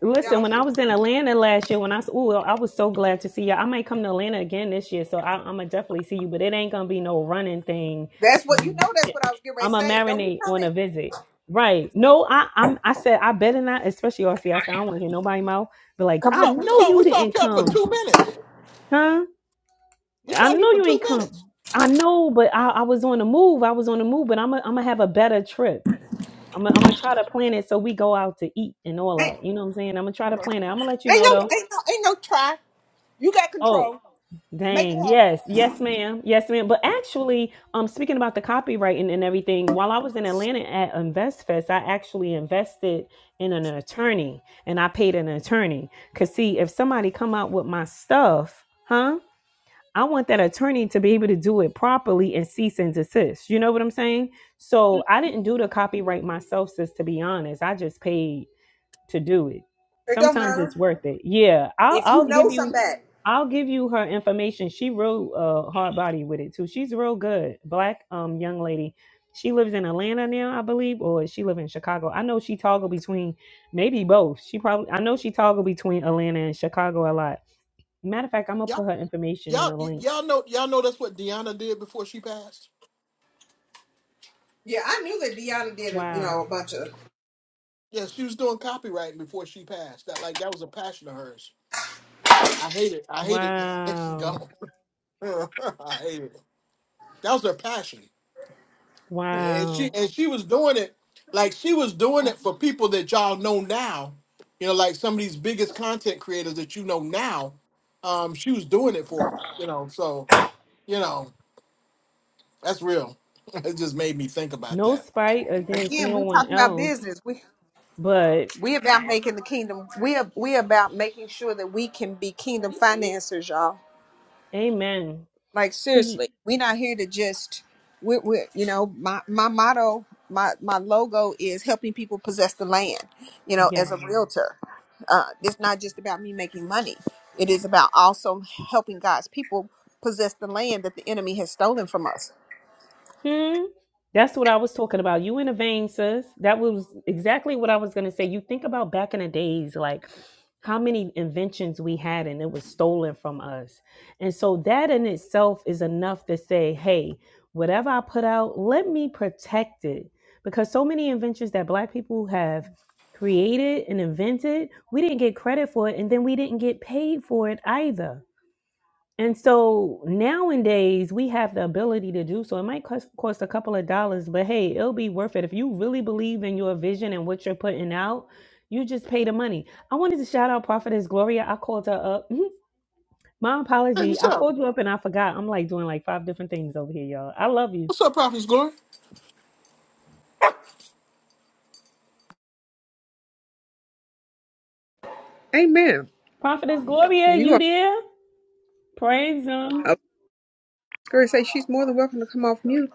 S8: Listen,
S4: Y'all,
S8: when I was in Atlanta last year, when I oh, I was so glad to see you. I might come to Atlanta again this year, so I, I'm gonna definitely see you. But it ain't gonna be no running thing.
S4: that's what you
S8: Um,
S4: know. That's what I was getting ready
S8: I'm
S4: to
S8: going to
S4: say. Don't be
S8: marinate on
S4: coming.
S8: a visit, right? No, I I'm I said I better not, especially RC. I said I don't want to hear nobody mouth, but like
S1: We
S8: I
S1: saw we
S8: know
S1: saw
S8: you
S1: we saw
S8: didn't
S1: Pep for
S8: come,
S1: two minutes.
S8: huh?
S1: We
S8: I
S1: saw you
S8: know
S1: for
S8: you
S1: two
S8: ain't
S1: minutes.
S8: come. I know, but I, I was on the move. I was on the move, but I'm i I'm gonna have a better trip. I'm i I'm gonna try to plan it so we go out to eat and all
S4: Ain't,
S8: that. You know what I'm saying? I'm gonna try to
S1: Okay.
S8: plan it. I'm gonna let you
S4: ain't
S8: know though.
S4: no, ain't no, ain't no try. You got
S8: Oh,
S4: control. Make it
S8: dang.
S4: happen.
S8: Yes. Yes, ma'am. Yes, ma'am. But actually, um, speaking about the copywriting and everything, while I was in Atlanta at InvestFest, I actually invested in an attorney and I paid an attorney. Cause see, if somebody come out with my stuff, huh? I want that attorney to be able to do it properly and cease and desist. You know what I'm saying? So I didn't do the copyright myself, sis, to be honest. I just paid to do it. Sometimes it's worth it. Yeah, I'll
S4: If you
S8: I'll
S4: know
S8: give you
S4: somebody.
S8: I'll give you her information. She wrote uh hard body with it too. She's real good. Black um young lady. She lives in Atlanta now, I believe, or she live in Chicago. I know she toggle between maybe both. She probably I know she toggle between Atlanta and Chicago a lot. Matter of fact, I'm gonna
S1: Y'all
S8: put her information in
S1: y'all
S8: a
S1: y-
S8: link.
S1: y'all know y'all know that's what Deanna did before she passed.
S4: Yeah, I knew that Deanna did. A, you know,
S8: Wow.
S4: a bunch of.
S1: Yeah, she was doing copywriting before she passed. That like that was a passion of hers. I hate it. I hate it that she
S8: Wow.
S1: gone. I hate it. That was her passion. And she
S8: Wow.
S1: and she was doing it like she was doing it for people that y'all know now. You know, like some of these biggest content creators that you know now. Um, she was doing it for them. You know, so you know that's real. It just made me think about
S8: No
S1: that.
S8: spite against
S4: Again,
S8: no
S4: we
S8: one
S4: talking about
S8: else,
S4: business. We
S8: but
S4: we about making the kingdom. We are, we about making sure that we can be kingdom financiers, y'all
S8: amen.
S4: like
S8: Cause. you,
S4: seriously we're not here to just we're, we're you know my my motto my my logo is helping people possess the land you know as a
S8: Yes.
S4: realtor uh it's not just about me making money it is about also helping god's people possess the land that the enemy has stolen from us
S8: Hmm. That's what I was talking about. You in a vein, sis. That was exactly what I was gonna say. You think about back in the days, like how many inventions we had and it was stolen from us. And so that in itself is enough to say, hey, whatever I put out, let me protect it. Because so many inventions that black people have created and invented, we didn't get credit for it, and then we didn't get paid for it either. And so nowadays we have the ability to do so. It might cost, cost a couple of dollars, but hey, it'll be worth it. If you really believe in your vision and what you're putting out, you just pay the money. I wanted to shout out Prophetess Gloria. I called her up. Mhm. My
S1: Hey,
S8: apology.
S1: what's
S8: I
S1: up?
S8: called you up and I forgot. I'm like doing like five different things over here, y'all. I love you.
S1: What's up, Prophet's Glory?
S4: Amen.
S8: Prophetess Gloria,
S4: You
S8: you
S4: are,
S8: there? Praise
S4: I
S8: Him.
S4: was going to say she's more than welcome to come off mute.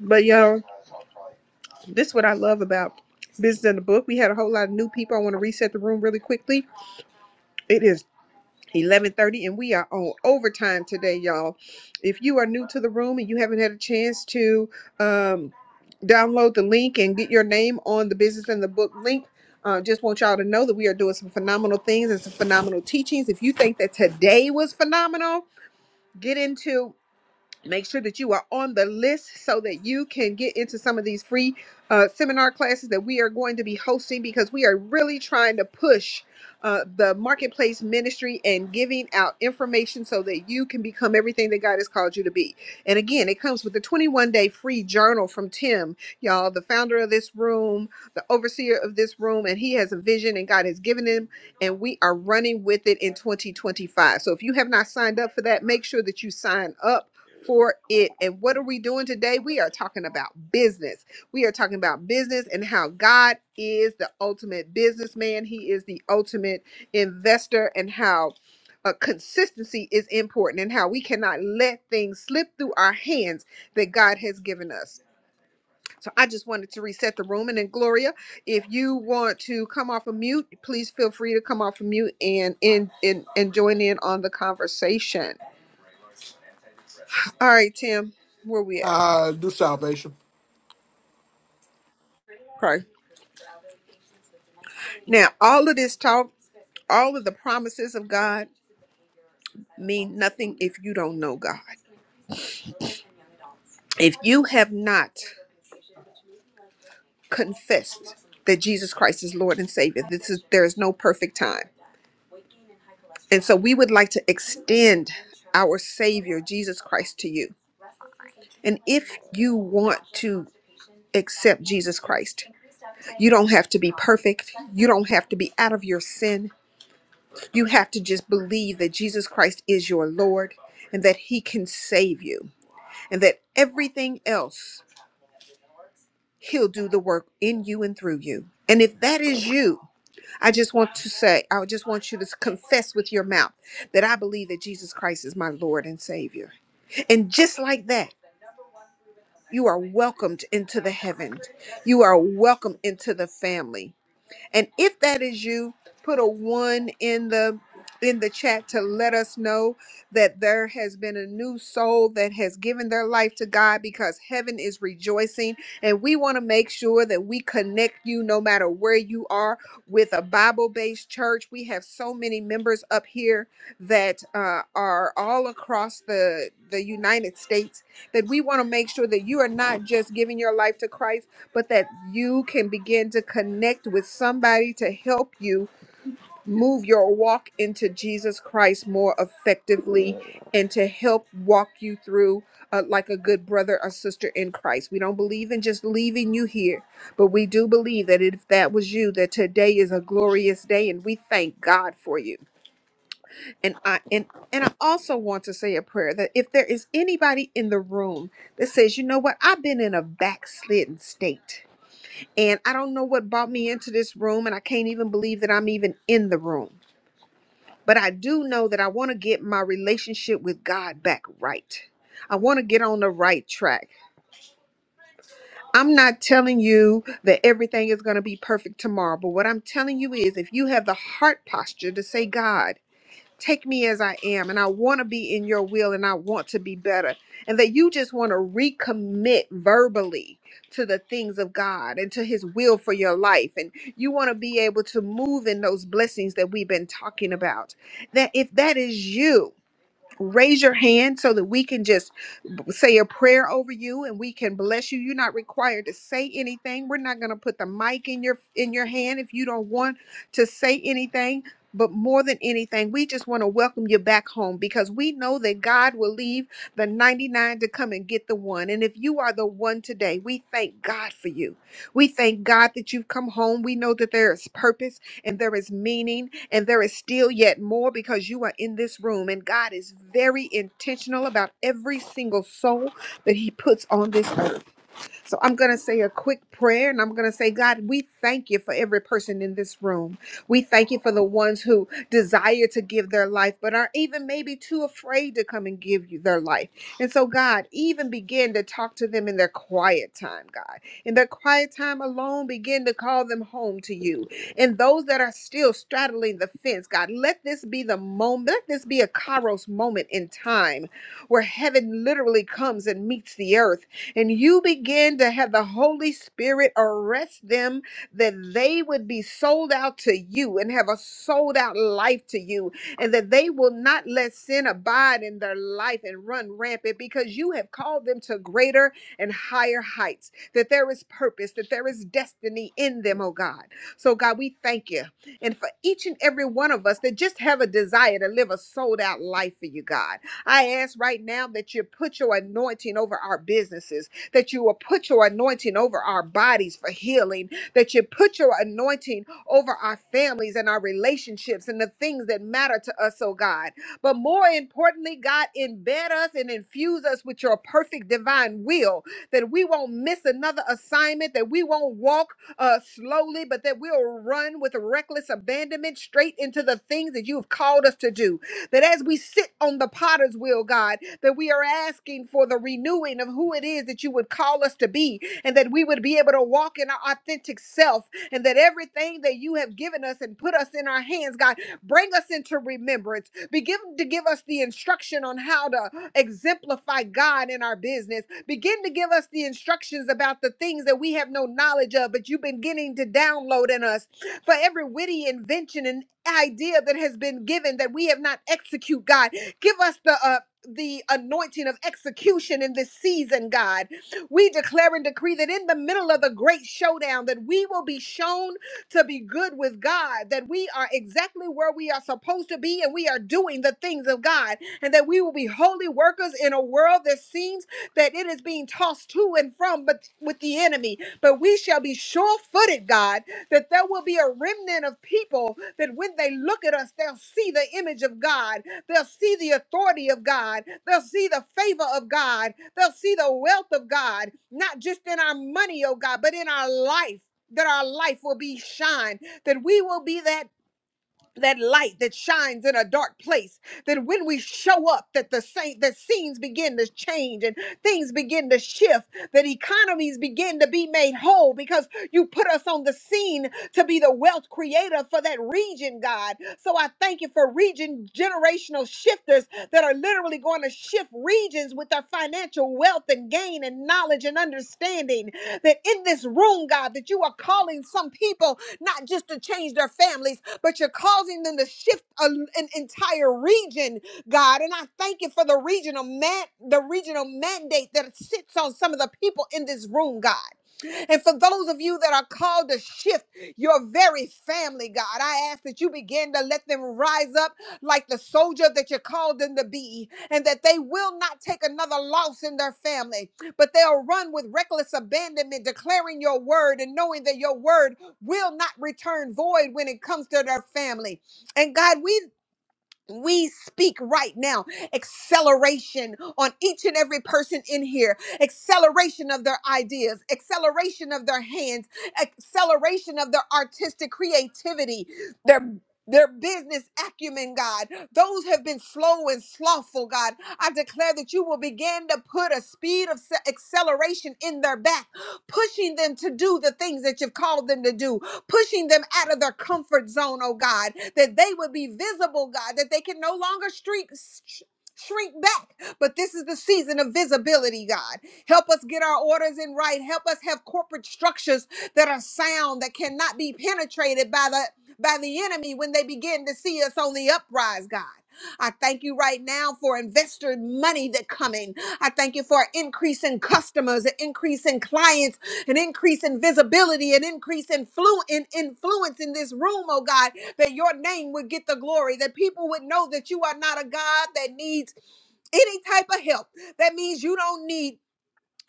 S4: But y'all, this what about business in the book. We had a whole lot of new people. I want to reset the room really quickly. It is 11:30 and we are on overtime today, y'all. If you are new to the room and you haven't had a chance to um, download the link and get your name on the business and the book link, uh, just want y'all to know that we are doing some phenomenal things and some phenomenal teachings. If you think that today was phenomenal, get into make sure that you are on the list so that you can get into some of these free uh, seminar classes that we are going to be hosting because we are really trying to push uh, the marketplace ministry and giving out information so that you can become everything that God has called you to be. And again, it comes with a 21 day free journal from Tim, y'all, the founder of this room, the overseer of this room, and he has a vision and God has given him, and we are running with it in 2025. So if you have not signed up for that, make sure that you sign up for it. And what are we doing today? We are talking about business. We are talking about business and how God is the ultimate businessman. He is the ultimate investor and how uh, consistency is important and how we cannot let things slip through our hands that God has given us. So I just wanted to reset the room. And then, Gloria, if you want to come off of mute, please feel free to come off of mute and, and, and, and join in on the conversation. All right, Tim, where we
S1: Uh, do salvation.
S4: at? Now, all of this talk, all of the promises of God mean nothing if you don't know God. If you have not confessed that Jesus Christ is Lord and Savior, this is there is no perfect time. And so we would like to extend our Savior Jesus Christ to you. And if you want to accept Jesus Christ, you don't have to be perfect. You don't have to be out of your sin. You have to just believe that Jesus Christ is your Lord and that he can save you and that everything else he'll do the work in you and through you and if that is you i just want to say i just want you to confess with your mouth that i believe that jesus christ is my lord and savior and just like that you are welcomed into the heaven. you are welcomed into the family And if that is you, put a one in the in the chat to let us know that there has been a new soul that has given their life to God because heaven is rejoicing and we want to make sure that we connect you no matter where you are with a Bible-based church. We have so many members up here that uh, are all across the the United States that we want to make sure that you are not just giving your life to Christ but that you can begin to connect with somebody to help you move your walk into Jesus Christ more effectively and to help walk you through uh, like a good brother or sister in Christ. We don't believe in just leaving you here, but we do believe that if that was you, that today is a glorious day and we thank God for you. And I and and I also want to say a prayer that if there is anybody in the room that says, you know what, I've been in a backslidden state. And I don't know what brought me into this room, and I can't even believe that I'm even in the room. But I do know that I want to get my relationship with God back right. I want to get on the right track. I'm not telling you that everything is going to be perfect tomorrow, but what I'm telling you is if you have the heart posture to say, God, Take me as I am, and I want to be in your will, and I want to be better. And that you just want to recommit verbally to the things of God and to His will for your life. And you want to be able to move in those blessings that we've been talking about. That if that is you, raise your hand so that we can just b- say a prayer over you and we can bless you you're not required to say anything we're not going to put the mic in your in your hand if you don't want to say anything but more than anything we just want to welcome you back home because we know that god will leave the 99 to come and get the one and if you are the one today we thank god for you we thank god that you've come home we know that there is purpose and there is meaning and there is still yet more because you are in this room and God is very intentional about every single soul that he puts on this earth. So I'm going to say a quick prayer and I'm going to say, God, we thank you for every person in this room. We thank you for the ones who desire to give their life, but are even maybe too afraid to come and give you their life. And so, God, even begin to talk to them in their quiet time, God. In their quiet time alone, begin to call them home to you. And those that are still straddling the fence, God, let this be the moment, let this be a Kairos moment in time where heaven literally comes and meets the earth and you begin to have the Holy Spirit arrest them that they would be sold out to you and have a sold out life to you, and that they will not let sin abide in their life and run rampant because you have called them to greater and higher heights, that there is purpose, that there is destiny in them, oh God. So, God, we thank you. And for each and every one of us that just have a desire to live a sold out life for you, God, I ask right now that you put your anointing over our businesses, that you will put your anointing over our bodies for healing, that you put your anointing over our families and our relationships and the things that matter to us, oh God. But more importantly, God, embed us and infuse us with your perfect divine will, that we won't miss another assignment, that we won't walk uh, slowly, but that we'll run with reckless abandonment straight into the things that you've called us to do. That as we sit on the potter's wheel, God, that we are asking for the renewing of who it is that you would call us to be, and that we would be able to walk in our authentic self, and that everything that you have given us and put us in our hands, God, bring us into remembrance. Begin to give us the instruction on how to exemplify God in our business. Begin to give us the instructions about the things that we have no knowledge of, but you've been beginning to download in us for every witty invention and idea that has been given that we have not execute god give us the uh, the anointing of execution in this season god we declare and decree that in the middle of the great showdown that we will be shown to be good with god that we are exactly where we are supposed to be and we are doing the things of god and that we will be holy workers in a world that seems that it is being tossed to and from but with the enemy but we shall be sure-footed god that there will be a remnant of people that when they look at us, they'll see the image of God. They'll see the authority of God. They'll see the favor of God. They'll see the wealth of God, not just in our money, oh God, but in our life. That our life will be shine, that we will be that that light that shines in a dark place that when we show up that the saint that scenes begin to change and things begin to shift that economies begin to be made whole because you put us on the scene to be the wealth creator for that region god so i thank you for region generational shifters that are literally going to shift regions with their financial wealth and gain and knowledge and understanding that in this room god that you are calling some people not just to change their families, but you're causing them to shift a- an entire region, God. And I thank you for the regional man, the regional mandate that sits on some of the people in this room, God. And for those of you that are called to shift your very family, God, I ask that you begin to let them rise up like the soldier that you called them to be, and that they will not take another loss in their family, but they'll run with reckless abandonment, declaring your word and knowing that your word will not return void when it comes to their family. And God, we we speak right now acceleration on each and every person in here acceleration of their ideas acceleration of their hands acceleration of their artistic creativity their their business acumen, God. Those have been slow and slothful, God. I declare that you will begin to put a speed of se- acceleration in their back, pushing them to do the things that you've called them to do pushing them out of their comfort zone, oh God, that they would be visible, God, that they can no longer streak, sh- shrink back. But this is the season of visibility, God. Help us get our orders in right. Help us have corporate structures that are sound, that cannot be penetrated by the by the enemy when they begin to see us on the uprise, God. I thank you right now for investor money that coming. I thank you for an increase in customers, an increase in clients, an increase in visibility, an increase in, flu- in influence in this room, oh God, that your name would get the glory, that people would know that you are not a God that needs any type of help. That means you don't need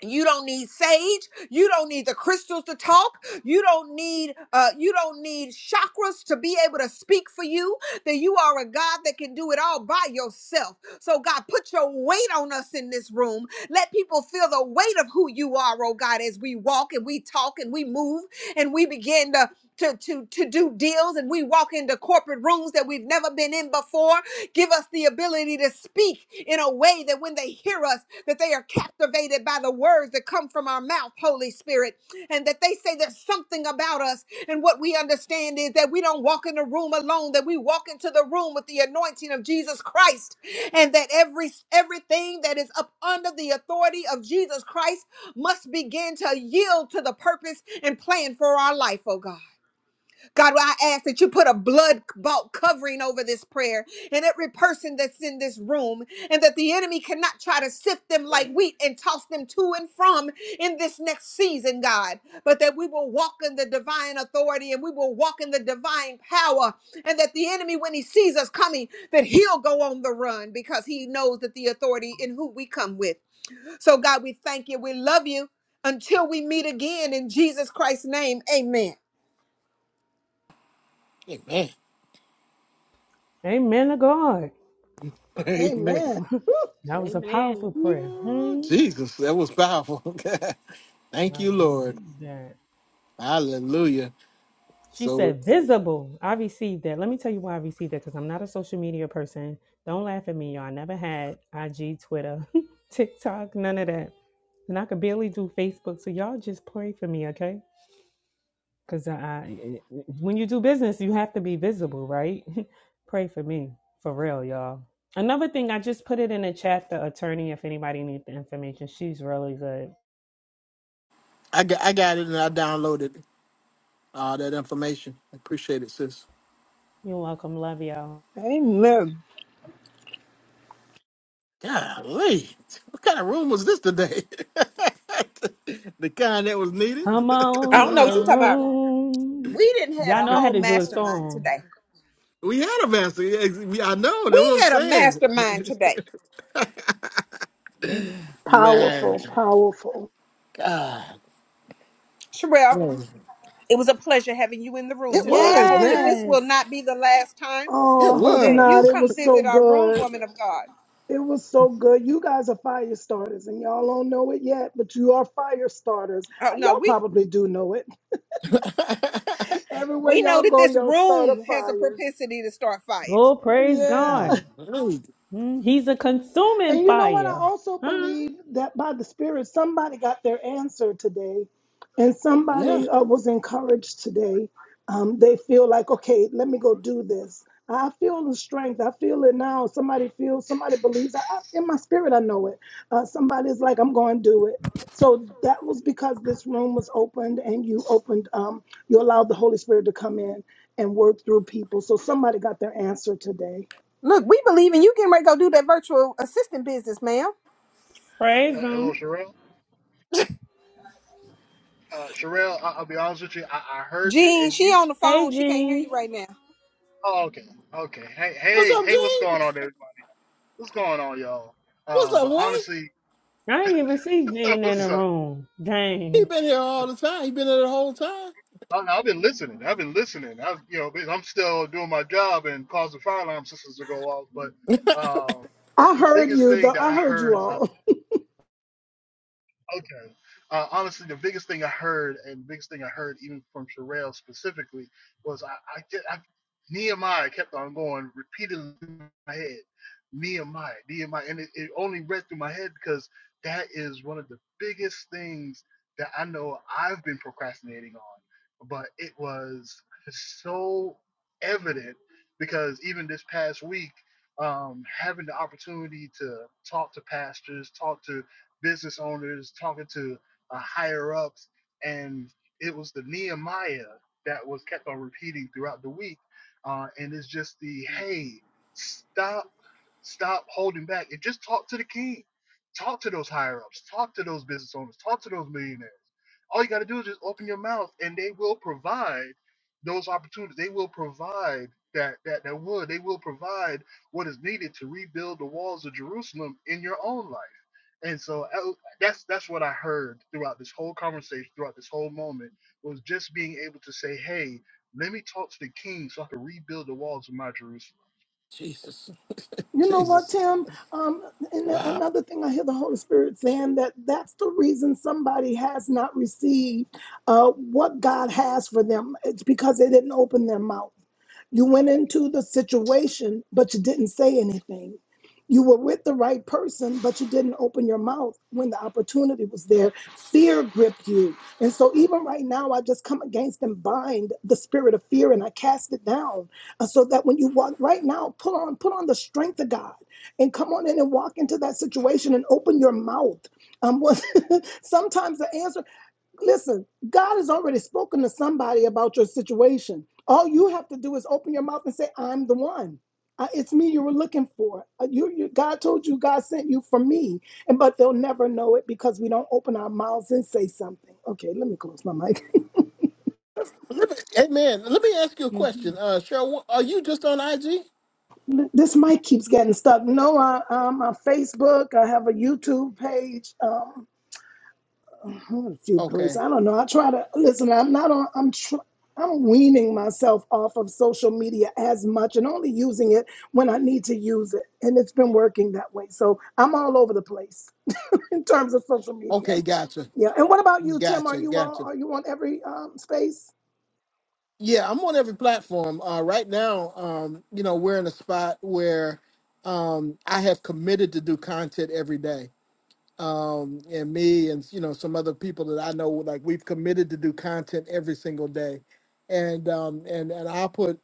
S4: you don't need sage you don't need the crystals to talk you don't need uh you don't need chakras to be able to speak for you that you are a god that can do it all by yourself so god put your weight on us in this room let people feel the weight of who you are oh god as we walk and we talk and we move and we begin to to, to, to do deals and we walk into corporate rooms that we've never been in before. Give us the ability to speak in a way that when they hear us, that they are captivated by the words that come from our mouth, Holy Spirit, and that they say there's something about us. And what we understand is that we don't walk in the room alone, that we walk into the room with the anointing of Jesus Christ, and that every everything that is up under the authority of Jesus Christ must begin to yield to the purpose and plan for our life, oh God. God, well, I ask that you put a blood bought covering over this prayer and every person that's in this room, and that the enemy cannot try to sift them like wheat and toss them to and from in this next season, God, but that we will walk in the divine authority and we will walk in the divine power, and that the enemy, when he sees us coming, that he'll go on the run because he knows that the authority in who we come with. So, God, we thank you. We love you. Until we meet again in Jesus Christ's name, amen.
S1: Amen.
S8: Amen to God.
S1: Amen.
S9: Amen. Woo.
S8: That was a powerful
S2: Amen.
S8: prayer.
S1: Ooh,
S8: Hmm.
S1: Jesus, that was powerful. Thank
S8: I
S1: you, Lord.
S8: received that.
S1: Hallelujah.
S8: She
S1: So
S8: said, visible. I received that. Let me tell you why I received that because I'm not a social media person. Don't laugh at me, y'all. I never had IG, Twitter, TikTok, none of that. And I could barely do Facebook. So y'all just pray for me, okay? Because I, I, eh, eh, when you do business, you have to be visible, right? pray for me, for real, y'all. Another thing, I just put it in the chat, the attorney, if anybody needs the information. She's really good.
S1: I got I got it and I downloaded. all that information. I appreciate it, sis.
S8: You're welcome. Love y'all.
S4: Amen.
S1: Golly, what kind of room was this today? the kind that was needed.
S8: Come
S1: it
S8: on
S4: I
S1: was
S4: don't
S8: in
S4: know
S8: the
S4: what you're
S1: awesome.
S4: talking about.
S8: room.
S4: We didn't had
S8: Y'all
S4: a
S8: know I had
S4: whole
S8: to do a
S4: mastermind
S8: song.
S4: today.
S1: We had a master. Yeah, ex- we- I know.
S4: We
S1: That's what I'm
S4: had a
S1: saying.
S4: mastermind today.
S8: Amen.
S1: Man,
S9: Powerful, powerful.
S1: God,
S4: Sherelle,
S1: man.
S4: it was a pleasure having you in the room
S1: it
S4: today. I
S1: was
S4: hope that
S1: man.
S4: this
S8: Yes.
S4: will not be the last time
S1: It
S9: Oh, I hope
S4: that you
S9: not.
S1: was.
S9: It
S4: come
S9: was so
S4: visit our room,
S9: good.
S4: woman of God.
S9: It was so good. You guys are fire starters, and y'all don't know it yet, but you are fire starters. Uh,
S4: Oh no,
S9: Y'all
S4: we
S9: probably do know it. Everywhere
S4: we know
S9: y'all
S4: that
S9: go,
S4: this
S9: y'all start a
S4: room has a
S9: fire.
S4: propensity to start fires.
S8: Oh, praise
S9: Yeah.
S8: God.
S1: Golly,
S8: Mm, He's a consuming
S9: And you know what? I
S8: fire.
S9: also
S8: Huh?
S9: believe that by the Spirit, somebody got their answer today, and
S1: yeah.
S9: somebody uh, was encouraged today. Um, they feel like, okay, let me go do this. I feel the strength. I feel it now. Somebody feels. Somebody believes. I, I, in my spirit, I know it. Uh, somebody's like, I'm going to do it. So that was because this room was opened, and you opened. Um, you allowed the Holy Spirit to come in and work through people. So somebody got their answer today.
S4: Look, we believe in you getting ready to go do that virtual assistant business, ma'am.
S12: Uh,
S8: Praise
S12: hello,
S8: him.
S12: Sherelle. Uh, Sherelle, I- I'll be honest with you. I, I heard you,
S4: Jean,
S12: and
S4: she
S12: you.
S4: on
S12: s-
S4: the
S8: Hey,
S4: phone. She can't hear you
S8: Jean.
S4: right now.
S12: Oh, okay, okay. Hey,
S1: What's
S12: hey,
S1: up,
S12: hey, what's
S1: Gene?
S12: going on, everybody? What's going on, y'all?
S1: What's
S12: Uh,
S1: up,
S12: but
S1: Way?
S12: honestly,
S8: I didn't even see Jean in the
S12: what's up?
S8: room.
S1: He
S8: Dang.
S1: been here all the time. He been here the whole time.
S12: I, I've been listening. I've been listening. I've, you know, I'm still doing my job and causing fire alarm systems to go off. But um,
S9: I
S12: the
S9: heard
S12: biggest
S9: you,
S12: thing
S9: though.
S12: that
S9: I
S12: I
S9: heard you
S12: heard
S9: all.
S12: Okay. Uh, honestly, the biggest thing I heard, and the biggest thing I heard even from Sherelle specifically, was I, I, get- I Nehemiah kept on going repeatedly in my head. Nehemiah, Nehemiah, and it, it only read through my head because that is one of the biggest things that I know I've been procrastinating on. But it was so evident because even this past week, um, having the opportunity to talk to pastors, talk to business owners, talking to uh, higher ups, and it was the Nehemiah that was kept on repeating throughout the week. Uh, and it's just the hey, stop, stop holding back, and just talk to the king, talk to those higher ups, talk to those business owners, talk to those millionaires. All you got to do is just open your mouth, and they will provide those opportunities. They will provide that that that wood. They will provide what is needed to rebuild the walls of Jerusalem in your own life. And so I- that's that's what I heard throughout this whole conversation, throughout this whole moment, was just being able to say, "Hey, let me talk to the king, so I can rebuild the walls of my Jerusalem."
S1: Jesus,
S9: You know what,
S1: Jesus.
S9: Tim? Um, and the-
S1: Wow.
S9: another thing I hear the Holy Spirit saying that that's the reason somebody has not received uh, what God has for them. It's because they didn't open their mouth. You went into the situation, but you didn't say anything. You were with the right person, but you didn't open your mouth when the opportunity was there. Fear gripped you. And so, even right now, I just come against and bind the spirit of fear and I cast it down. And so that when you walk right now, put on put on the strength of God and come on in and walk into that situation and open your mouth. Um, what- sometimes the answer, listen, God has already spoken to somebody about your situation. All you have to do is open your mouth and say, "I'm the one. Uh, it's me you were looking for. Uh, you, you, God told you, God sent you for me." And but they'll never know it because we don't open our mouths and say something. Okay, let me close my mic.
S1: Let me, hey man, let me ask you a
S8: hmm
S1: question. Uh Cheryl, wh- are you just on IG?
S9: this mic keeps getting stuck. No, I, i on Facebook. I have a YouTube page. Um, a few places.
S1: Okay.
S9: I don't know. I try to listen. I'm not on. I'm tr- I'm weaning myself off of social media as much and only using it when I need to use it. And it's been working that way. So I'm all over the place in terms of social media.
S1: Okay, gotcha.
S9: Yeah. And what about you, Tim? Are
S1: Gotcha.
S9: you all?
S1: Gotcha.
S9: Are you on every um, space?
S1: Yeah, I'm on every platform. Uh right now, um, you know, we're in a spot where um I have committed to do content every day. Um and me and you know some other people that I know like we've committed to do content every single day. And um and and I put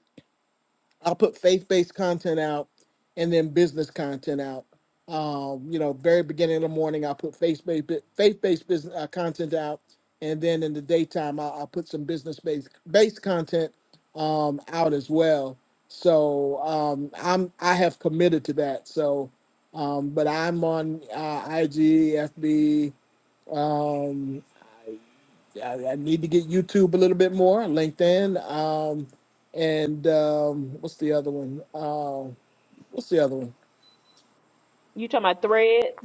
S1: I'll put faith-based content out and then business content out. Um, you know, very beginning of the morning, I'll put faith-based bu- faith-based business uh, content out, and then in the daytime, I'll, I'll put some business-based based content um, out as well. So um, I'm I have committed to that. So, um, but I'm on uh, IG, FB. Um, I, I need to get YouTube a little bit more, LinkedIn, um, and um, what's the other one? Uh, what's the other one?
S2: You talking about threads?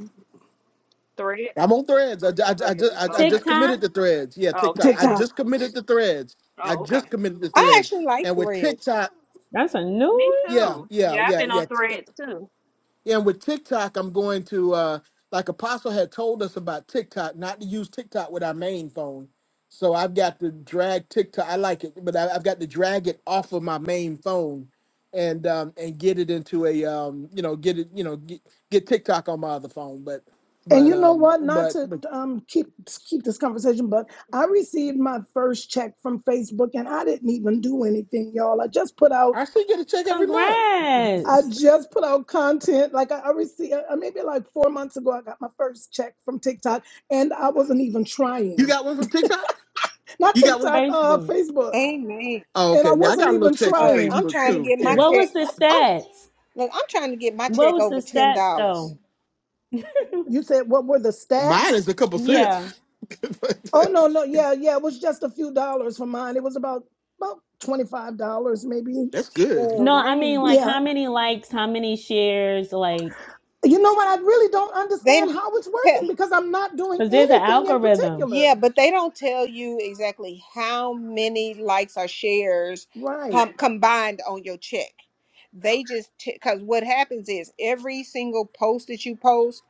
S2: Threads?
S1: I'm on Threads. I, I,
S2: Oh
S1: I
S2: yeah.
S1: just I, I
S2: Okay.
S1: just
S8: TikTok.
S1: committed to Threads. Yeah,
S2: Oh, okay.
S1: TikTok. I
S2: okay.
S9: TikTok.
S1: just committed to Threads. I
S2: Oh, okay.
S1: just committed to
S4: I
S1: Threads.
S4: actually like
S1: And with
S4: threads.
S1: TikTok,
S8: That's a new one.
S2: Me
S1: yeah,
S2: too.
S1: yeah,
S2: Yeah, I've
S1: yeah,
S2: been
S1: yeah.
S2: on threads too.
S1: Yeah, and with TikTok, I'm going to uh like Apostle had told us about TikTok, not to use TikTok with our main phone. So I've got to drag TikTok. I like it, but I, I've got to drag it off of my main phone and um and get it into a um you know get it you know get, get TikTok on my other phone. But
S9: And
S1: but
S9: you know
S1: um
S9: what? Not
S1: but
S9: to
S1: but
S9: um, keep keep this conversation, but I received my first check from Facebook, and I didn't even do anything, y'all. I just put out
S1: I still get a check every month.
S9: I
S8: Congrats.
S9: just put out content. Like I, I received uh, uh, maybe like four months ago, I got my first check from TikTok, and I wasn't even
S1: You
S9: trying.
S1: got one from TikTok?
S9: Not
S1: You got one?
S9: TikTok, uh,
S8: Facebook.
S9: Facebook,
S4: Amen.
S1: Oh,
S9: and
S1: okay.
S9: I
S1: Yeah, I
S9: wasn't
S1: got a little
S9: even
S1: checks from
S4: Look, I'm
S9: trying.
S1: Facebook
S4: trying to
S1: too.
S4: get my
S1: Yeah,
S8: What was the
S4: check.
S8: stats?
S4: Look, I'm trying to get my
S8: What
S4: check
S8: was
S4: over
S8: the
S4: ten
S8: stats
S4: dollars.
S8: though?
S9: You said what were the
S1: mine
S9: stats?
S1: is a couple
S8: Yeah.
S1: cents. But uh,
S9: Oh no, no, yeah, yeah. It was just a few dollars for mine. It was about about twenty five dollars, maybe.
S1: That's good.
S4: Sure,
S8: No,
S4: I
S8: I mean
S4: ain't-
S8: like
S9: Yeah,
S8: how many likes, how many shares, like
S9: You know what? I really don't
S4: they
S9: understand
S4: don't
S9: how it's working
S4: tell.
S9: because I'm not doing
S8: because there's an
S9: anything in
S8: algorithm.
S9: particular.
S4: Yeah, but they don't tell you exactly how many likes or shares
S9: Right.
S4: com- combined on your check. They just because what happens is every single post that you post,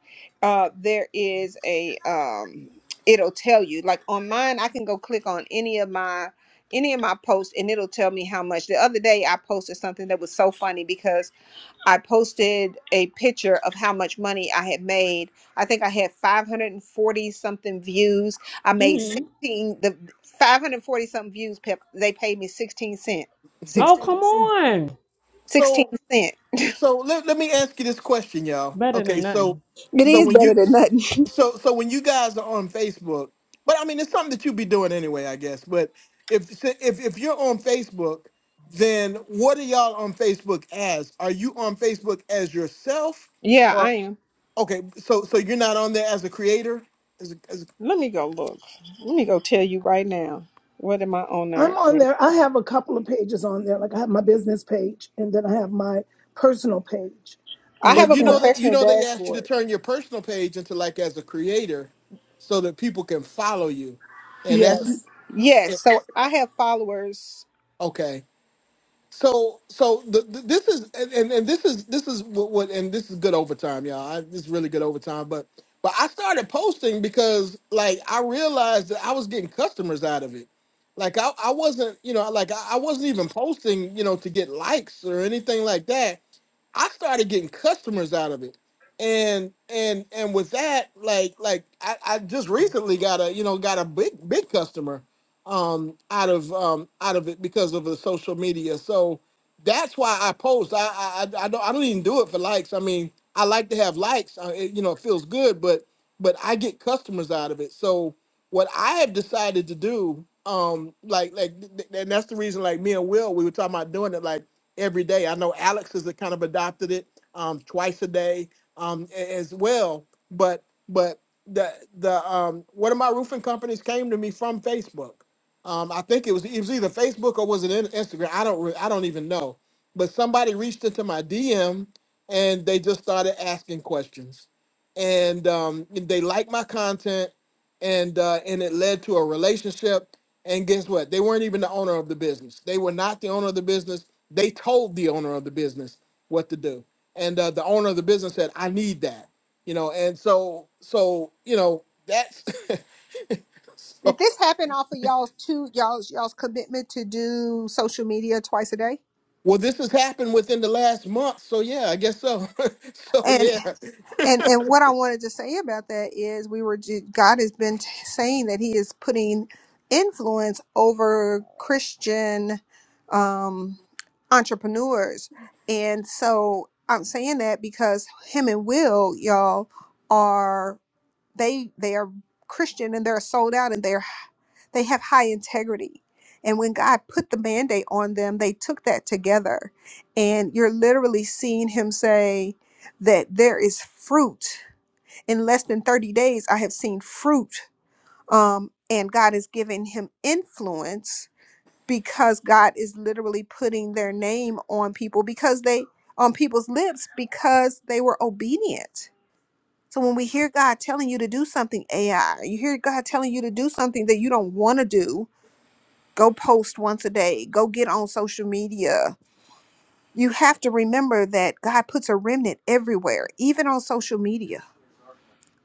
S4: uh, there is a um, it'll tell you. Like on mine, I can go click on any of my any of my posts and it'll tell me how much. The other day I posted something that was so funny because I posted a picture of how much money I had made. I think I had 540 something views. I made 16
S8: hmm
S4: the 540 something views. Pep, they paid me 16 cent.
S8: Oh, come
S4: 16 cent.
S8: on,
S4: 16
S1: So,
S4: cent.
S1: So let, let me ask you this question, y'all.
S8: better
S1: Okay,
S8: than
S1: so
S8: nothing.
S4: It
S1: so
S8: hmm
S4: is
S1: when
S4: better
S1: you
S4: than nothing.
S1: so so when you guys are on Facebook, but I mean it's something that you be doing anyway, I guess. But if if if you're on Facebook, then what are y'all on Facebook as? Are you on Facebook as yourself?
S4: Yeah, I am.
S1: Okay, so so you're not on there as a creator, as a, as a,
S4: Let me go look. Let me go tell you right now. What am I on
S9: I'm
S4: there?
S9: on
S4: with?
S9: there. I have a couple of pages on there. Like I have my business page and then I have my personal page.
S4: I
S9: Um,
S4: have
S1: but
S4: a
S1: you
S9: and
S1: know
S9: uh
S1: that you
S4: professional
S1: know they asked you to
S4: dashboard.
S1: turn your personal page into like as a creator, so that people can follow you, and that's
S9: yes,
S4: Yes, so I have followers.
S1: okay. So, so the, the, this is and, and, and this is this is what, what and this is good overtime, y'all. I, this is really good overtime. But but I started posting because like I realized that I was getting customers out of it. Like I, I wasn't you know like I, I wasn't even posting you know to get likes or anything like that. I started getting customers out of it. And and and with that, like like I, I just recently got a you know got a big big customer um, out of um, out of it because of the social media. So that's why I post. I I, I I don't I don't even do it for likes. I mean, I like to have likes. Uh it, you know, it feels good, but but I get customers out of it. So what I have decided to do, um, like like, th- th- and that's the reason. Like me and Will, we were talking about doing it like every day. I know Alex has kind of adopted it um, twice a day um, a- as well. But but the the um, one of my roofing companies came to me from Facebook um, I think it was it was either Facebook or was it in- Instagram? I don't re- I don't even know. But somebody reached into my DM and they just started asking questions, and um, they liked my content, and uh, and it led to a relationship. And guess what? They weren't even the owner of the business. They were not the owner of the business. They told the owner of the business what to do, and uh, the owner of the business said, "I need that," you know. And so so you know that's
S4: Did this happen off of y'all's two y'all's y'all's commitment to do social media twice a day?
S1: Well, this has happened within the last month, so yeah, I guess so. so
S4: And
S1: yeah,
S4: and and what I wanted to say about that is we were ju- God has been t- saying that He is putting influence over Christian um, entrepreneurs, and so I'm saying that because Him and Will y'all are. they they are Christian and they're sold out and they're they have high integrity. And when God put the mandate on them, they took that together. And you're literally seeing him say that there is fruit. In less than 30 days, I have seen fruit. Um, and God is giving him influence because God is literally putting their name on people because they on people's lips because they were obedient so when we hear God telling you to do something, AI, you hear God telling you to do something that you don't want to do, go post once a day, go get on social media. You have to remember that God puts a remnant everywhere, even on social media.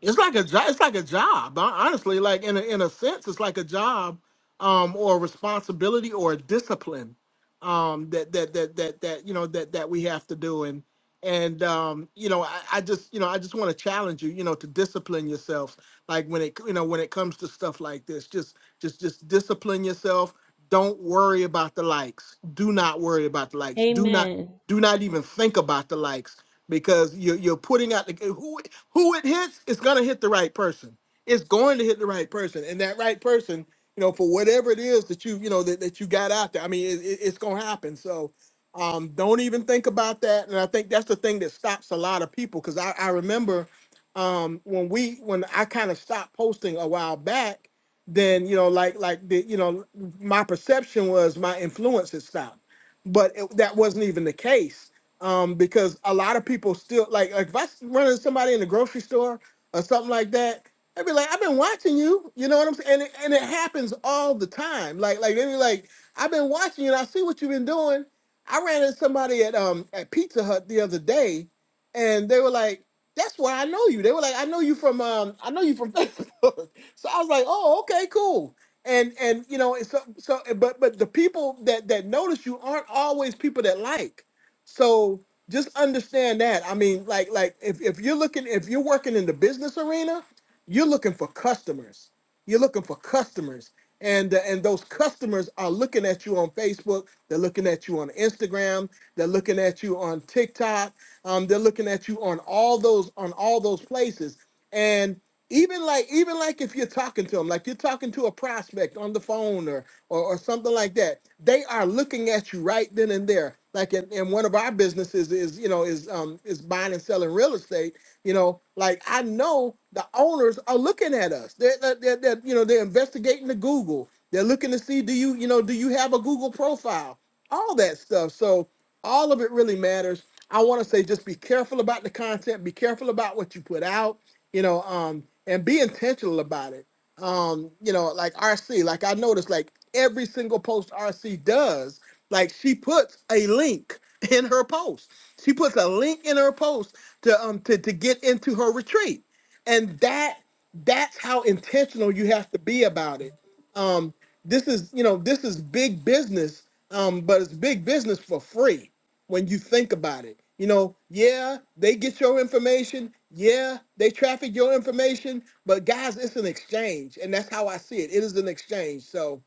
S1: it's like a job. It's like a job. hon- Honestly, like in a, in a sense, it's like a job, um, or a responsibility or a discipline, um, that that that that that you know that that we have to do. And and um, you know, I, I just you know I just want to challenge you, you know, to discipline yourself. Like when it you know when it comes to stuff like this, just just just discipline yourself. Don't worry about the likes. Do not worry about the likes. Do not
S8: Amen.
S1: do not even think about the likes because you're, you're putting out the, who who it hits is going to hit the right person it's going to hit the right person and that right person you know for whatever it is that you you know that, that you got out there i mean it, it- it's going to happen so um, don't even think about that and i think that's the thing that stops a lot of people because I, I remember um, when we when i kind of stopped posting a while back then you know like like the you know my perception was my influence had stopped but it, that wasn't even the case um, because a lot of people still like, like if I run into somebody in the grocery store or something like that, they'd be like, "I've been watching you," you know what I'm saying? And it, and it happens all the time. Like like they be like, "I've been watching you, and I see what you've been doing." I ran into somebody at um at Pizza Hut the other day, and they were like, "That's where I know you." They were like, "I know you from um I know you from Facebook." so I was like, "Oh, okay, cool." And and you know, it's so so but but the people that that notice you aren't always people that like. So just understand that. I mean, like, like if, if you're looking, if you're working in the business arena, you're looking for customers. You're looking for customers. And, uh, and those customers are looking at you on Facebook. They're looking at you on Instagram. They're looking at you on TikTok. Um, they're looking at you on all those on all those places, and even like even like if you're talking to them, like you're talking to a prospect on the phone or or, or something like that, they are looking at you right then and there. Like in, in one of our businesses is you know is um is buying and selling real estate. You know, like I know the owners are looking at us. They're, they're, they're, they're, you know they're investigating the Google. They're looking to see do you you know do you have a Google profile? all that stuff. So all of it really matters. I want to say just be careful about the content, be careful about what you put out, you know, um, and be intentional about it. Um, you know, like RC, like I noticed like every single post RC does, like she puts a link in her post. She puts a link in her post to um to, to get into her retreat. And that that's how intentional you have to be about it. Um, this is you know this is big business um but it's big business for free when you think about it you know yeah they get your information yeah they traffic your information but guys it's an exchange and that's how i see it it is an exchange so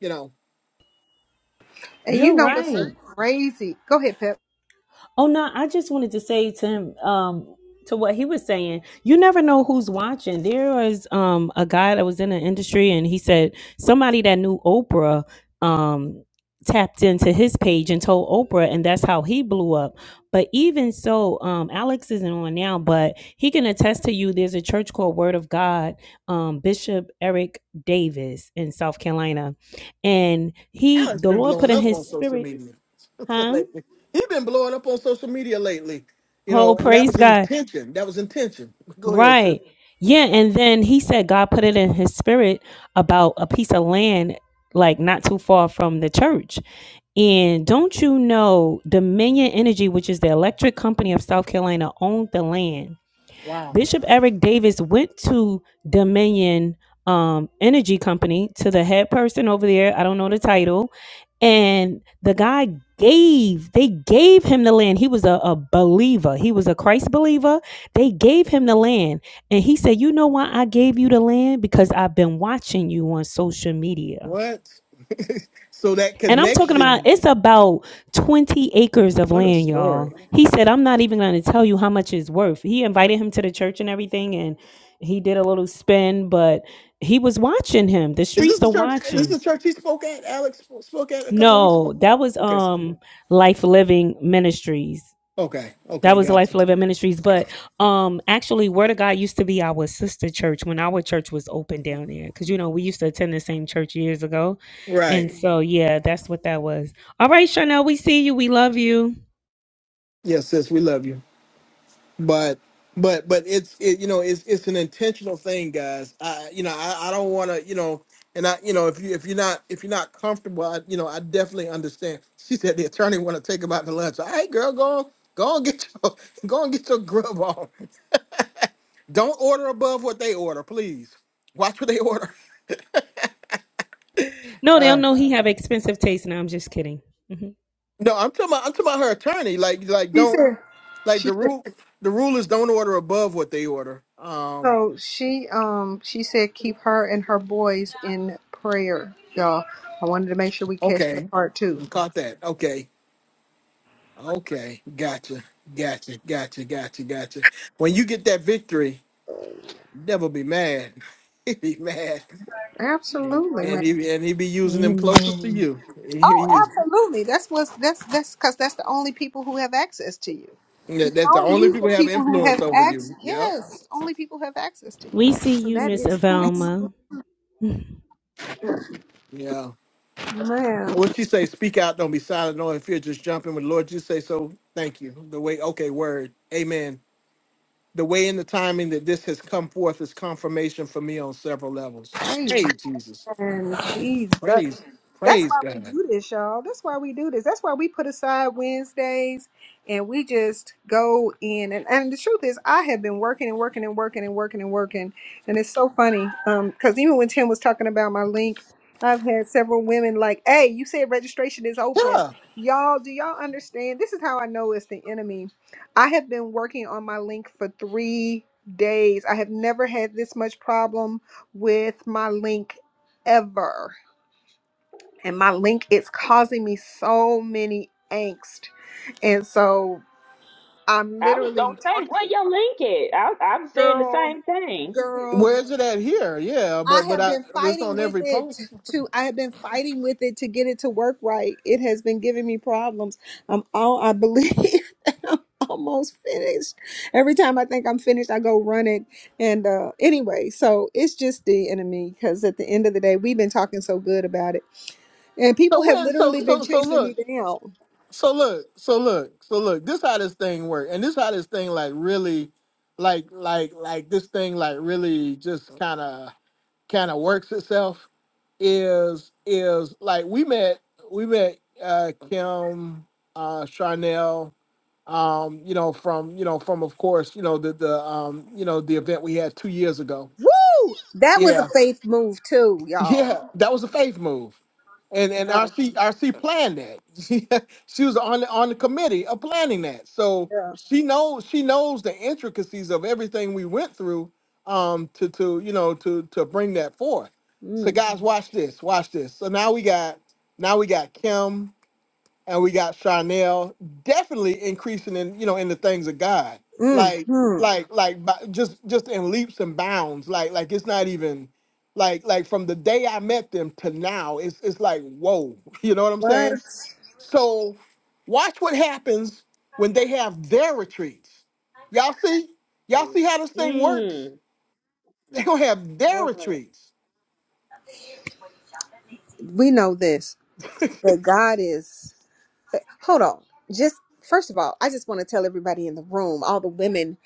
S1: you know
S4: And you
S8: You're
S4: know what's so
S8: right.
S4: crazy? Go ahead, Pep.
S8: Oh no, I just wanted to say to him, um, to what he was saying, you never know who's watching. There was um a guy that was in the industry and he said somebody that knew Oprah um tapped into his page and told Oprah and that's how he blew up. But even so, um Alex isn't on now, but he can attest to you there's a church called Word of God, um, Bishop Eric Davis in South Carolina. And he
S1: alex
S8: the
S1: been
S8: Lord put
S1: blowing
S8: in
S1: up
S8: his
S1: on social
S8: spirit,
S1: media
S8: huh?
S1: lately he's been blowing up on social media lately you
S8: Oh,
S1: know and that
S8: praise
S1: was
S8: God
S1: intention that was intention go ahead sis
S8: Right. Yeah. And then he said God put it in his spirit about a piece of land, like not too far from the church. And don't you know, Dominion Energy, which is the electric company of South Carolina, owned the land.
S1: wow
S8: Bishop Eric Davis went to Dominion um, Energy Company to the head person over there. I don't know the title. And the guy gave, they gave him the land. He was a, a believer, he was a Christ believer. They gave him the land. And he said, You know why I gave you the land? Because I've been watching you on social media.
S1: what so that
S8: And I'm talking about
S1: connection
S8: it's about 20 acres of
S1: what a
S8: land,
S1: story
S8: y'all. He said, I'm not even going to tell you how much it's worth. He invited him to the church and everything, and he did a little spin, but he was watching him. The
S1: Is this
S8: streets
S1: the
S8: are
S1: church? Is this
S8: watching.
S1: the church he spoke at? Alex spoke at a couple weeks ago.
S8: No, that was
S1: Okay,
S8: um Life Living Ministries.
S1: okay,
S8: That
S1: okay,
S8: was Life
S1: gotcha.
S8: Living Ministries. But um actually Word of God used to be our sister church when our church was open down there. Cause you know, we used to attend the same church years ago.
S1: Right.
S8: And so yeah, that's what that was. All right, Chanel, we see you. We love you.
S1: Yes, sis, we love you, but but but it's it, you know it's it's an intentional thing, guys. I you know I, I don't want to you know and I you know if you if you're not if you're not comfortable, I you know I definitely understand. She said the attorney want to take him out to lunch. All right, girl, go on. Go and get your go and get your grub on. Don't order above what they order, please. Watch what they order.
S8: No, they
S1: Uh,
S8: don't know he have expensive taste. Now I'm just kidding. hmm
S1: No, I'm talking about I'm talking about her attorney. Like like
S4: She
S1: don't
S4: said,
S1: like
S4: she
S1: the
S4: said,
S1: rule the rule is don't order above what they order. Um
S4: so she um she said keep her and her boys in prayer, y'all. I wanted to make sure we catch that
S1: okay.
S4: part too.
S1: We caught that. Okay. Okay. Gotcha. Gotcha. Gotcha. Gotcha. Gotcha. When you get that victory, devil be mad. he be mad.
S4: Absolutely,
S1: And he and he be using them closest to
S8: Amen.
S1: you. He,
S4: Oh,
S1: he is-
S4: absolutely. That's what's that's that's because that's the only people who have access to you. You
S1: that-
S4: can
S1: that's the
S4: only
S1: only
S4: use the
S1: people who have
S4: people who have
S1: influence over
S4: access.
S1: you. Yep.
S4: Yes, only people have access to you.
S8: We see
S4: So
S8: you,
S4: that
S8: Miss
S4: is who.
S8: Avelma.
S1: Yeah.
S4: Man,
S1: What she say? Speak out. Don't be silent. No, if you're just jumping with the Lord, just say so. Thank you. The way. Okay. Word. Amen. the way and the timing that this has come forth is confirmation for me on several levels. Praise
S4: amen,
S1: Jesus.
S4: Jesus.
S1: Praise,
S4: That's
S1: praise
S4: why we
S1: God.
S4: do this, y'all. That's why we do this. That's why we put aside Wednesdays and we just go in. And, and the truth is, I have been working and working and working and working and working. And it's so funny um, because even when Tim was talking about my link, I've had several women like, hey, you said registration is open.
S1: Yeah.
S4: Y'all, do y'all understand? This is how I know it's the enemy. I have been working on my link for three days. I have never had this much problem with my link ever and my link is causing me so many angst and so i'm
S2: I was gonna
S4: literally
S2: say,
S4: talking
S2: where your link at? I, I'm saying the
S4: girl
S2: same thing.
S4: girl
S1: Where is
S4: Look,
S1: it at here? Yeah,
S4: i
S1: but but
S4: have
S1: I
S4: been
S1: it's
S4: fighting
S1: on
S4: with
S1: every
S4: it
S1: post.
S4: to i have been fighting with it to get it to work right it has been giving me problems i'm all i believe that i'm almost finished every time i think i'm finished i go run it and uh anyway so it's just the enemy because at the end of the day we've been talking so good about it and people
S1: So
S4: have
S1: when so
S4: literally been
S1: so so
S4: chasing me
S1: look.
S4: down
S1: So look, so look, so look. This how this thing work. And this how this thing like really like like like this thing like really just kinda kinda works itself is is like we met we met uh Kim uh Charnel um, you know, from you know, from of course, you know, the the um, you know, the event we had two years ago.
S4: Woo! That was a
S1: Yeah,
S4: faith move too, y'all.
S1: yeah, that was a faith move, and and
S4: Yeah.
S1: RC RC planned that. She she was on the on the committee of planning that, so
S4: Yeah.
S1: she knows she knows the intricacies of everything we went through, um, to to you know to to bring that forth. So
S4: Mm,
S1: guys, watch this, watch this. So now we got now we got Kim and we got Chanel definitely increasing in you know in the things of God,
S4: mm,
S1: like
S4: mm.
S1: like like by, just just in leaps and bounds. Like like it's not even like like from the day I met them to now, it's it's like whoa, you know what I'm
S4: What?
S1: saying? So watch what happens when they have their retreats. Y'all see, y'all see how this thing works.
S2: Mm.
S1: They gonna have their
S2: Uh, woo,
S1: retreats.
S4: We know this, but God is. Hold on. Just first of all, I just want to tell everybody in the room, all the women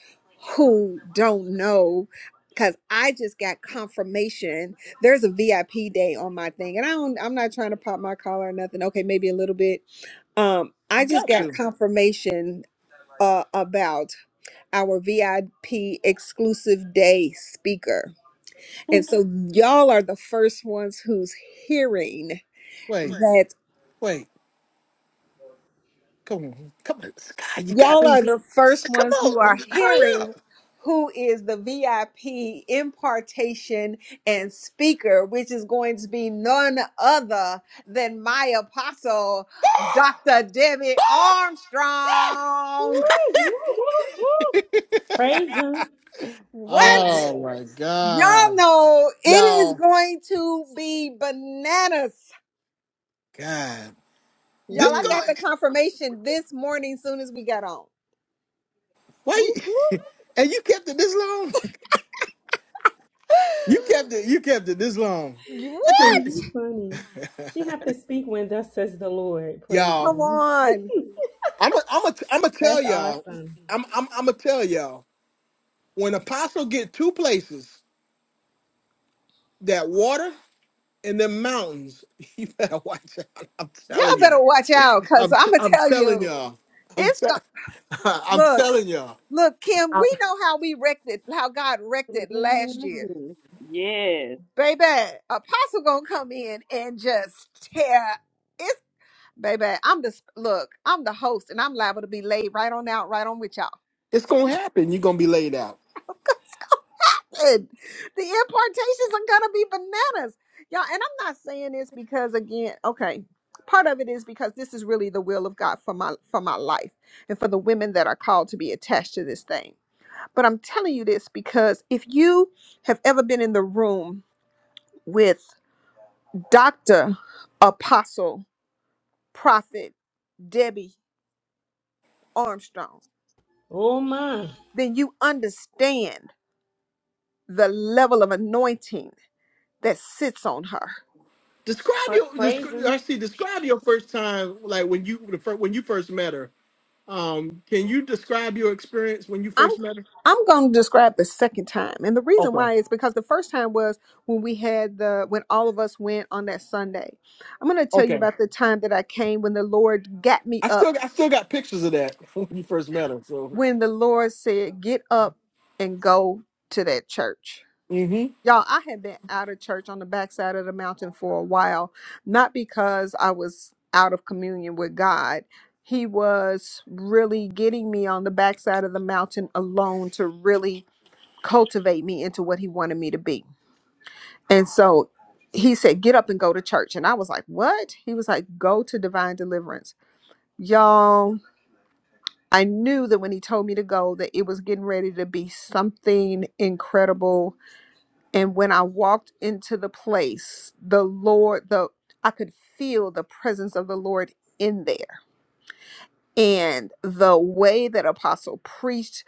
S4: who don't know, because I just got confirmation. There's a VIP day on my thing, and I don't. I'm not trying to pop my collar or nothing. Okay, maybe a little bit. Um, I just
S1: Got
S4: got
S1: to
S4: confirmation. Uh, about our VIP exclusive day speaker. And so y'all are the first ones who's hearing
S1: wait,
S4: that
S1: wait. Come on, come on, Sky, you got
S4: y'all
S1: me.
S4: are the first
S1: Come
S4: ones who are
S1: on, hurry up.
S4: hearing who is the VIP impartation and speaker, which is going to be none other than my apostle, Dr. Debbie
S1: Ah!
S4: Armstrong.
S2: woo, woo, woo.
S8: Praise him. What
S1: Ah!
S8: a
S4: What?
S8: good.
S1: Oh my
S4: Y'all
S1: God,
S4: know it is
S1: y'all,
S4: going to be bananas
S1: God, this
S4: Y'all, I
S2: Mm.
S4: got
S1: going.
S4: the confirmation this morning soon as we got on.
S1: Wait,
S2: Woo, woo.
S1: and you kept it this long? You kept it. You kept it this long.
S4: You-
S1: I
S4: what?
S8: Tim,
S1: can't,
S8: you funny. She have to speak when thus says the Lord. Praise
S1: y'all.
S4: Come
S8: him.
S4: on.
S1: I'm a, I'm a, I'm gonna tell
S8: That's
S1: y'all.
S8: awesome.
S1: I'm, I'm, I'm gonna tell y'all. When apostle get two places, that water and them mountains, you better watch out. I'm
S4: Y'all
S1: telling y'all.
S4: better watch out because
S1: I'm
S4: I'm
S1: t-
S4: going to
S1: I'm
S4: tell
S1: telling
S4: you,
S1: y'all. I'm
S4: it's
S1: t-
S4: going to
S1: I'm
S4: look,
S1: telling y'all.
S4: look, Kim,
S1: I-
S4: we know how we wrecked it, how God wrecked it last year.
S2: Mhm. Yes.
S4: Baby, Apostle going to come in and just tear. It's, baby, I'm the, look, I'm the host and I'm liable to be laid right on out, right on with y'all.
S1: It's gonna happen. You're gonna be laid out.
S4: stupid. The impartations are gonna be bananas, y'all. And I'm not saying this because, again, okay, part of it is because this is really the will of God for my for my life and for the women that are called to be attached to this thing. But I'm telling you this because if you have ever been in the room with Doctor Apostle Prophet Debbie Armstrong,
S8: Oh my.
S4: then you understand the level of anointing that sits on her.
S1: Describe
S8: Pra-
S1: your
S8: praise
S1: descri- I
S8: him.
S1: see. Describe your first time, like when you the fir- when you first met her. Um, can you describe your experience when you
S4: I'm
S1: first met her?
S4: I'm going to describe the second time. And the reason
S1: Okay.
S4: why is because the first time was when we had the when all of us went on that Sunday. I'm going to tell you
S1: Okay.
S4: about the time that I came when the Lord got me
S1: I
S4: up
S1: still I still got pictures of that when you first met her. So.
S4: when the Lord said, "Get up and go to that church."
S1: Mm-hmm.
S4: Y'all, I had been out of church on the backside of the mountain for a while, not because I was out of communion with God. He was really getting me on the backside of the mountain alone to really cultivate me into what he wanted me to be. And so he said, Get up and go to church. And I was like, What? He was like, Go to divine deliverance. Y'all, I knew that when he told me to go, that it was getting ready to be something incredible and when I walked into the place, the Lord, the I could feel the presence of the Lord in there. And the way that Apostle preached,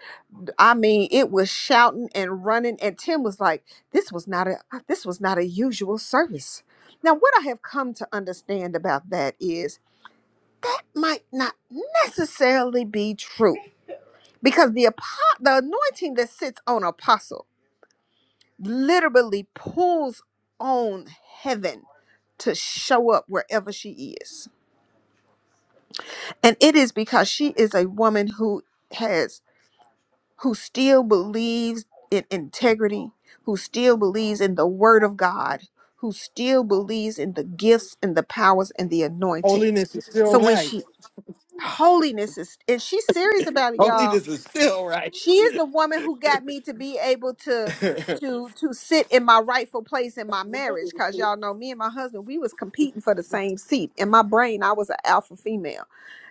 S4: I mean, it was shouting and running. And Tim was like, this was not a this was not a usual service. Now, what I have come to understand about that is might not necessarily be true because the apo- the anointing that sits on apostle literally pulls on heaven to show up wherever she is. And it is because she is a woman who has who still believes in integrity, who still believes in the word of God, who still believes in the gifts and the powers and the anointing.
S1: Holiness is
S4: So
S1: still
S4: when
S1: right.
S4: she holiness is and she's serious about it, y'all
S1: Holiness is still right.
S4: she is the
S1: I
S4: woman who got me to be able to
S1: don't
S4: to to sit in my rightful place in my marriage because y'all know me and my husband we was competing for the same seat in my brain i was an alpha female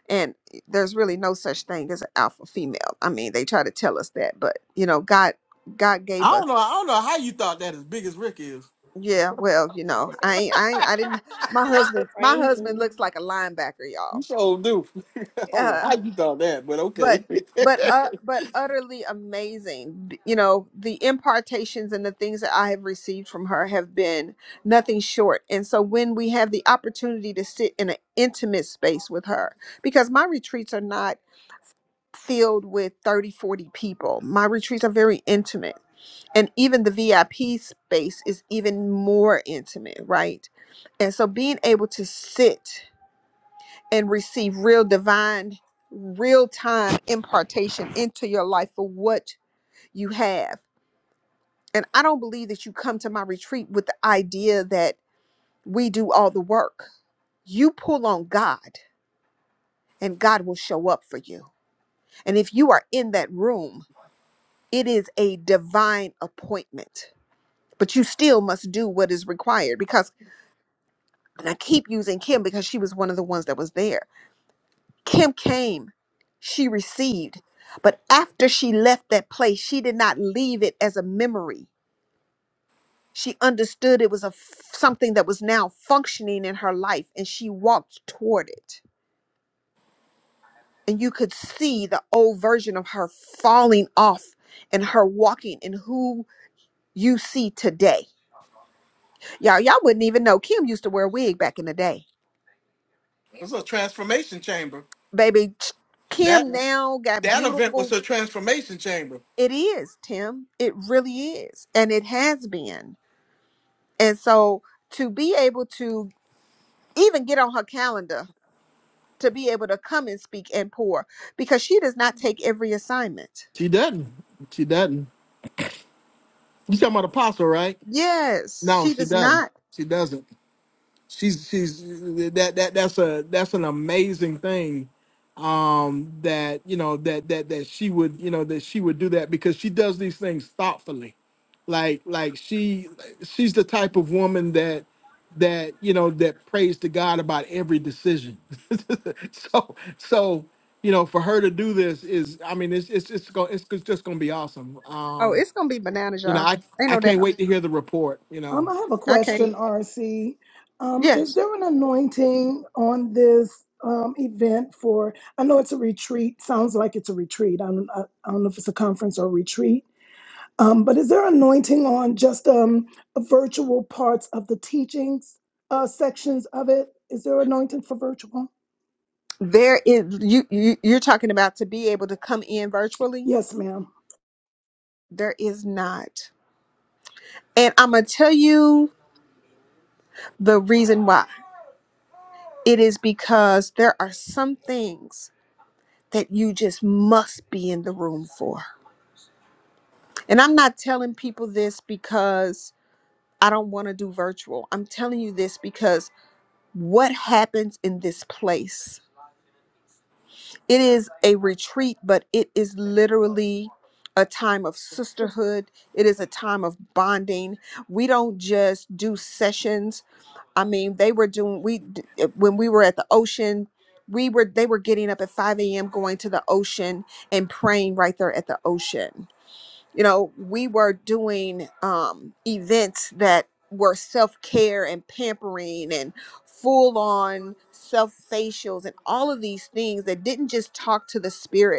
S4: and there's really no such thing as an alpha female i mean they try to tell us that but you know god god gave us
S1: know. I don't know how you thought that as big as Rick is.
S4: yeah well you know i ain't i ain't, i didn't my husband my husband
S8: Crazy.
S4: looks like a linebacker
S1: You
S4: y'all
S1: so do. I don't know
S4: Uh,
S1: how you thought that, but
S4: but
S1: okay. it
S4: but uh, but utterly amazing B- you know the impartations and the things that i have received from her have been nothing short and so when we have the opportunity to sit in an intimate space with her because my retreats are not filled with 30, 40 people my retreats are very intimate and even the vip space is even more intimate right and so being able to sit and receive real divine, real time impartation into your life for what you have. And I don't believe that you come to my retreat with the idea that we do all the work. You pull on God, and God will show up for you. And if you are in that room, it is a divine appointment. But you still must do what is required because, and I keep using Kim because she was one of the ones that was there Kim came, she received, but after she left that place, she did not leave it as a memory. She understood it was a f- something that was now functioning in her life and she walked toward it. And you could see the old version of her falling off and her walking in who you see today. Y'all y'all wouldn't even know Kim used to wear a wig back in the day.
S1: was a transformation chamber.
S4: Baby
S1: That
S4: Kim now got
S1: that event was
S4: beautiful
S1: a transformation chamber.
S4: it is, Tim. It really is. And it has been. And so to be able to even get on her calendar to be able to come and speak and pour because she does not take every assignment.
S1: She doesn't. She doesn't. You talking about apostle, right?
S4: Yes,
S1: No,
S4: she
S1: she
S4: does
S1: doesn't.
S4: not.
S1: She doesn't. She's she's that that that's a that's an amazing thing. Um, that you know that that that she would you know that she would do that because she does these things thoughtfully. like like she she's the type of woman that that you know that prays to god about every decision so so you know for her to do this is i mean it's it's it's, go, it's just gonna be awesome
S4: Oh,
S1: um
S4: it's gonna be bananas,
S1: you know
S4: y'all.
S1: i
S4: Ain't
S1: i
S4: no
S1: can't
S4: doubt.
S1: wait to hear the report you
S9: um,
S1: know
S9: I have a
S4: I can't.
S9: question, RC. Um, is
S4: Yes,
S9: there an anointing on this um, event for? I know it's a retreat. Sounds like it's a retreat. I don't, I I don't know if it's a conference or retreat Um, but is there anointing on just um, virtual parts of the teachings uh, sections of it? Is there anointing for virtual?
S4: there is. You, you you're talking about to be able to come in virtually.
S9: Yes, ma'am.
S4: There is not, and I'm gonna tell you the reason why. It is because there are some things that you just must be in the room for And I'm not telling people this because I don't want to do virtual. I'm telling you this because what happens in this place? It is a retreat, but it is literally a time of sisterhood. It is a time of bonding. We don't just do sessions. I mean, they were doing we d- eh, when we were at the ocean, we were they were getting up at 5 a.m. going to the ocean and praying right there at the ocean you know, we were doing um, events that were self care and pampering and full on self facials and all of these things that didn't just talk to the spirit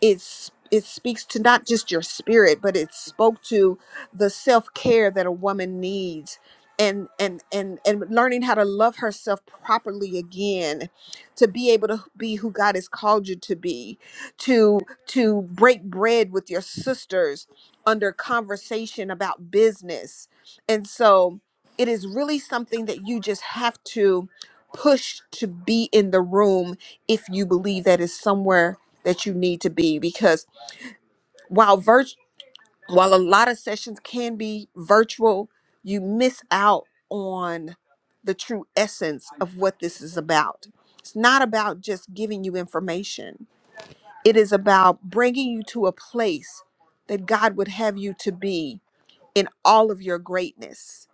S4: it's it speaks to not just your spirit but it spoke to the self-care that a woman needs and and and and learning how to love herself properly again to be able to be who God has called you to be to to break bread with your sisters under conversation about business and so it is really something that you just have to push to be in the room if you believe that is somewhere that you need to be because while virt- while a lot of sessions can be virtual, you miss out on the true essence of what this is about. It's not about just giving you information. It is about bringing you to a place that God would have you to be in all of your greatness.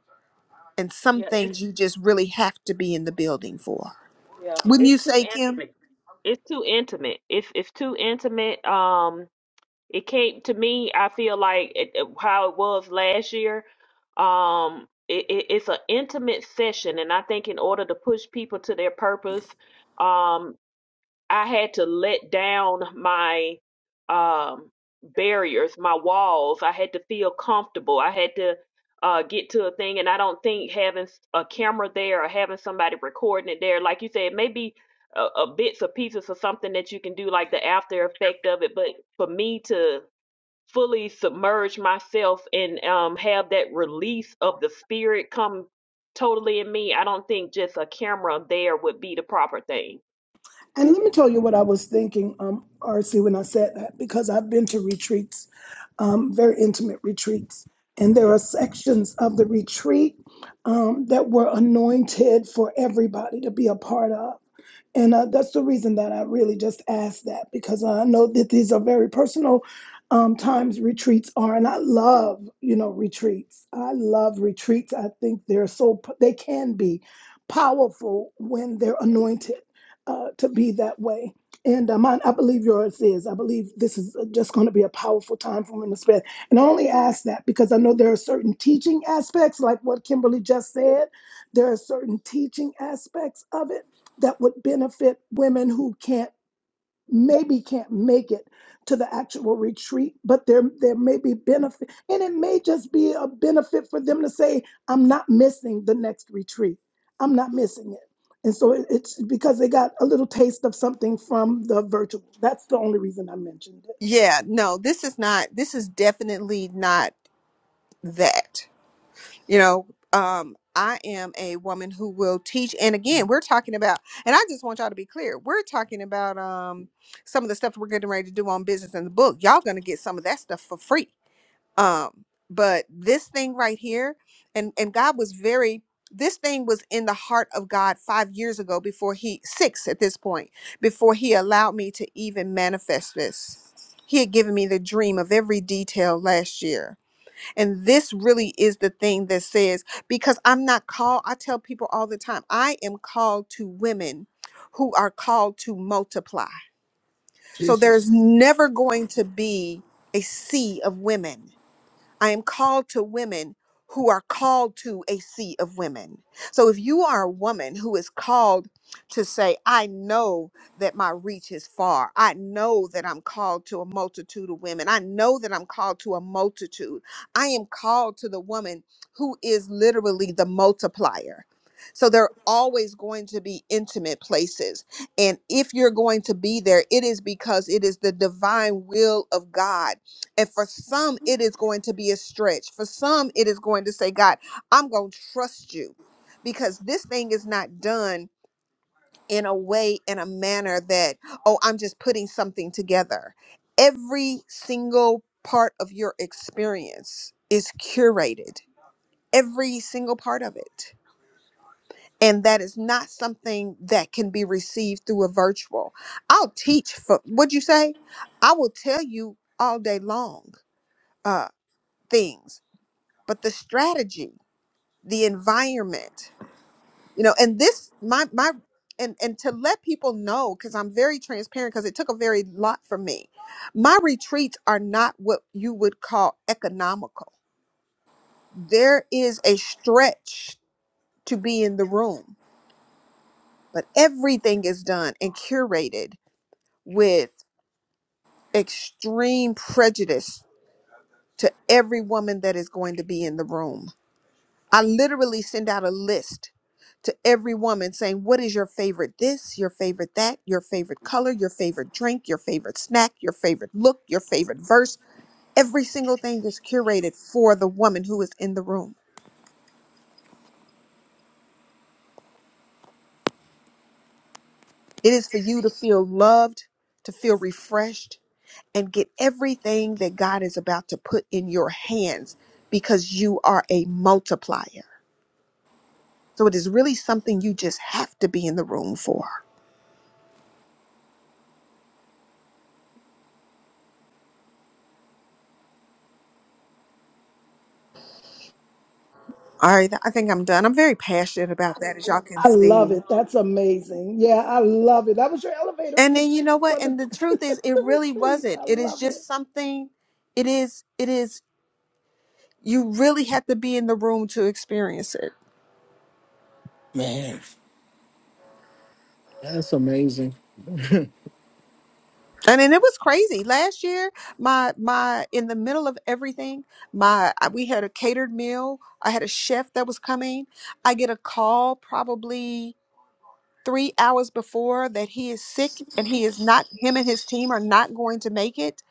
S4: And some
S2: Yeah, it's
S4: things you just really have to be in the building for.
S2: Yeah,
S4: Wouldn't you
S2: it's too
S4: say, Kim?
S2: intimate. It's too intimate. If it's too intimate, um, it came to me. I feel like it, it- how it was last year. Um, it, it, it's an intimate session, and I think in order to push people to their purpose, um. I had to let down my um, barriers, my walls. I had to feel comfortable. I had to uh, get to a thing, and I don't think having s- a camera there or having somebody recording it there, like you said, maybe a, a bits or pieces of something that you can do, like the after effect of it. But for me to fully submerge myself and um, have that release of the spirit come totally in me, I don't think just a camera there would be the proper thing.
S9: And let me tell you what I was thinking, um, RC, when I said that, because I've been to retreats, um, very intimate retreats, and there are sections of the retreat um, that were anointed for everybody to be a part of. And uh, that's the reason that I really just asked that because I know that these are very personal um, times retreats are. And I love, you know, retreats. I love retreats. I think they're so, p- they can be powerful when they're anointed uh, to be that way. And uh, mine, I believe yours is. I believe this is uh, just going to be a powerful time for women to spend. And I only ask that because I know there are certain teaching aspects, like what Kimberly just said. There are certain teaching aspects of it that would benefit women who can't maybe can't make it to the actual retreat, but there there may be benefit, and it may just be a benefit for them to say, "I'm not missing the next retreat. I'm not missing it." And so it- it's because they got a little taste of something from the virtual. That's the only reason I mentioned it.
S4: Yeah, no, this is not, this is definitely not that. you know um i am a woman who will teach and again we're talking about and i just want y'all to be clear we're talking about um some of the stuff we're getting ready to do on business in the book y'all gonna get some of that stuff for free um but this thing right here and and god was very this thing was in the heart of god five years ago before he six at this point before he allowed me to even manifest this he had given me the dream of every detail last year and this really is the thing that says, because I'm not called, I tell people all the time, I am called to women who are called to multiply. So there's
S1: Jesus,
S4: never going to be a sea of women I am called to women who are called to a sea of women. So if you are a woman who is called to say, I know that my reach is far, I know that I'm called to a multitude of women, I know that I'm called to a multitude, I am called to the woman who is literally the multiplier. So there are always going to be intimate places. And if you're going to be there, it is because it is the divine will of God and for some, it is going to be a stretch. For some, it is going to say, God, I'm going to trust you because this thing is not done in a way, in a manner that, oh, I'm just putting something together. Every single part of your experience is curated, every single part of it. And that is not something that can be received through a virtual. I'll teach for, what'd you say? I will tell you all day long uh, things but the strategy, the environment, you know, and this my my and and to let people know because I'm very transparent because it took a very lot from me. My retreats are not what you would call economical. There is a stretch to be in the room, but everything is done and curated with extreme prejudice to every woman that is going to be in the room I literally send out a list to every woman saying, What is your favorite this, your favorite that, your favorite color, your favorite drink, your favorite snack, your favorite look, your favorite verse? Every single thing is curated for the woman who is in the room. It is for you to feel loved, to feel refreshed, and get everything that God is about to put in your hands because you are a multiplier. So it is really something you just have to be in the room for. All right, I think I'm done. I'm very passionate about that, as y'all can
S9: I love
S4: see.
S9: it. That's amazing. Yeah, I love it. That was your elevator
S4: And then
S9: pitch
S4: you know
S9: for
S4: what?
S9: the,
S4: And the truth is, it
S9: the
S4: really
S9: retreat.
S4: wasn't.
S9: I
S4: It is
S9: love it.
S4: just something. It is. It is. You really had to be in the room to experience it.
S1: man, that's amazing
S4: And then it was crazy. Last year, my my in the middle of everything, my I- we had a catered meal. I had a chef that was coming. I get a call probably three hours before that he is sick and he is not. Him and his team are not going to make it.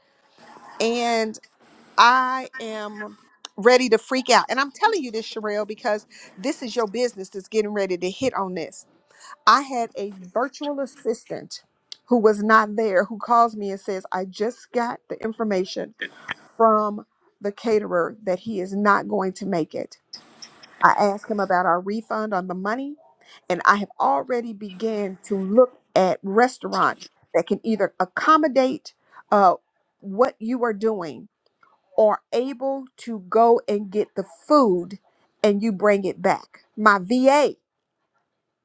S4: And I am ready to freak out. And I'm telling you this, Sherelle, because this is your business that's getting ready to hit on this. I had a virtual assistant who was not there who calls me and says, I just got the information from the caterer that he is not going to make it. I asked him about our refund on the money, and I have already began to look at restaurants that can either accommodate uh, what you are doing are able to go and get the food and you bring it back. My VA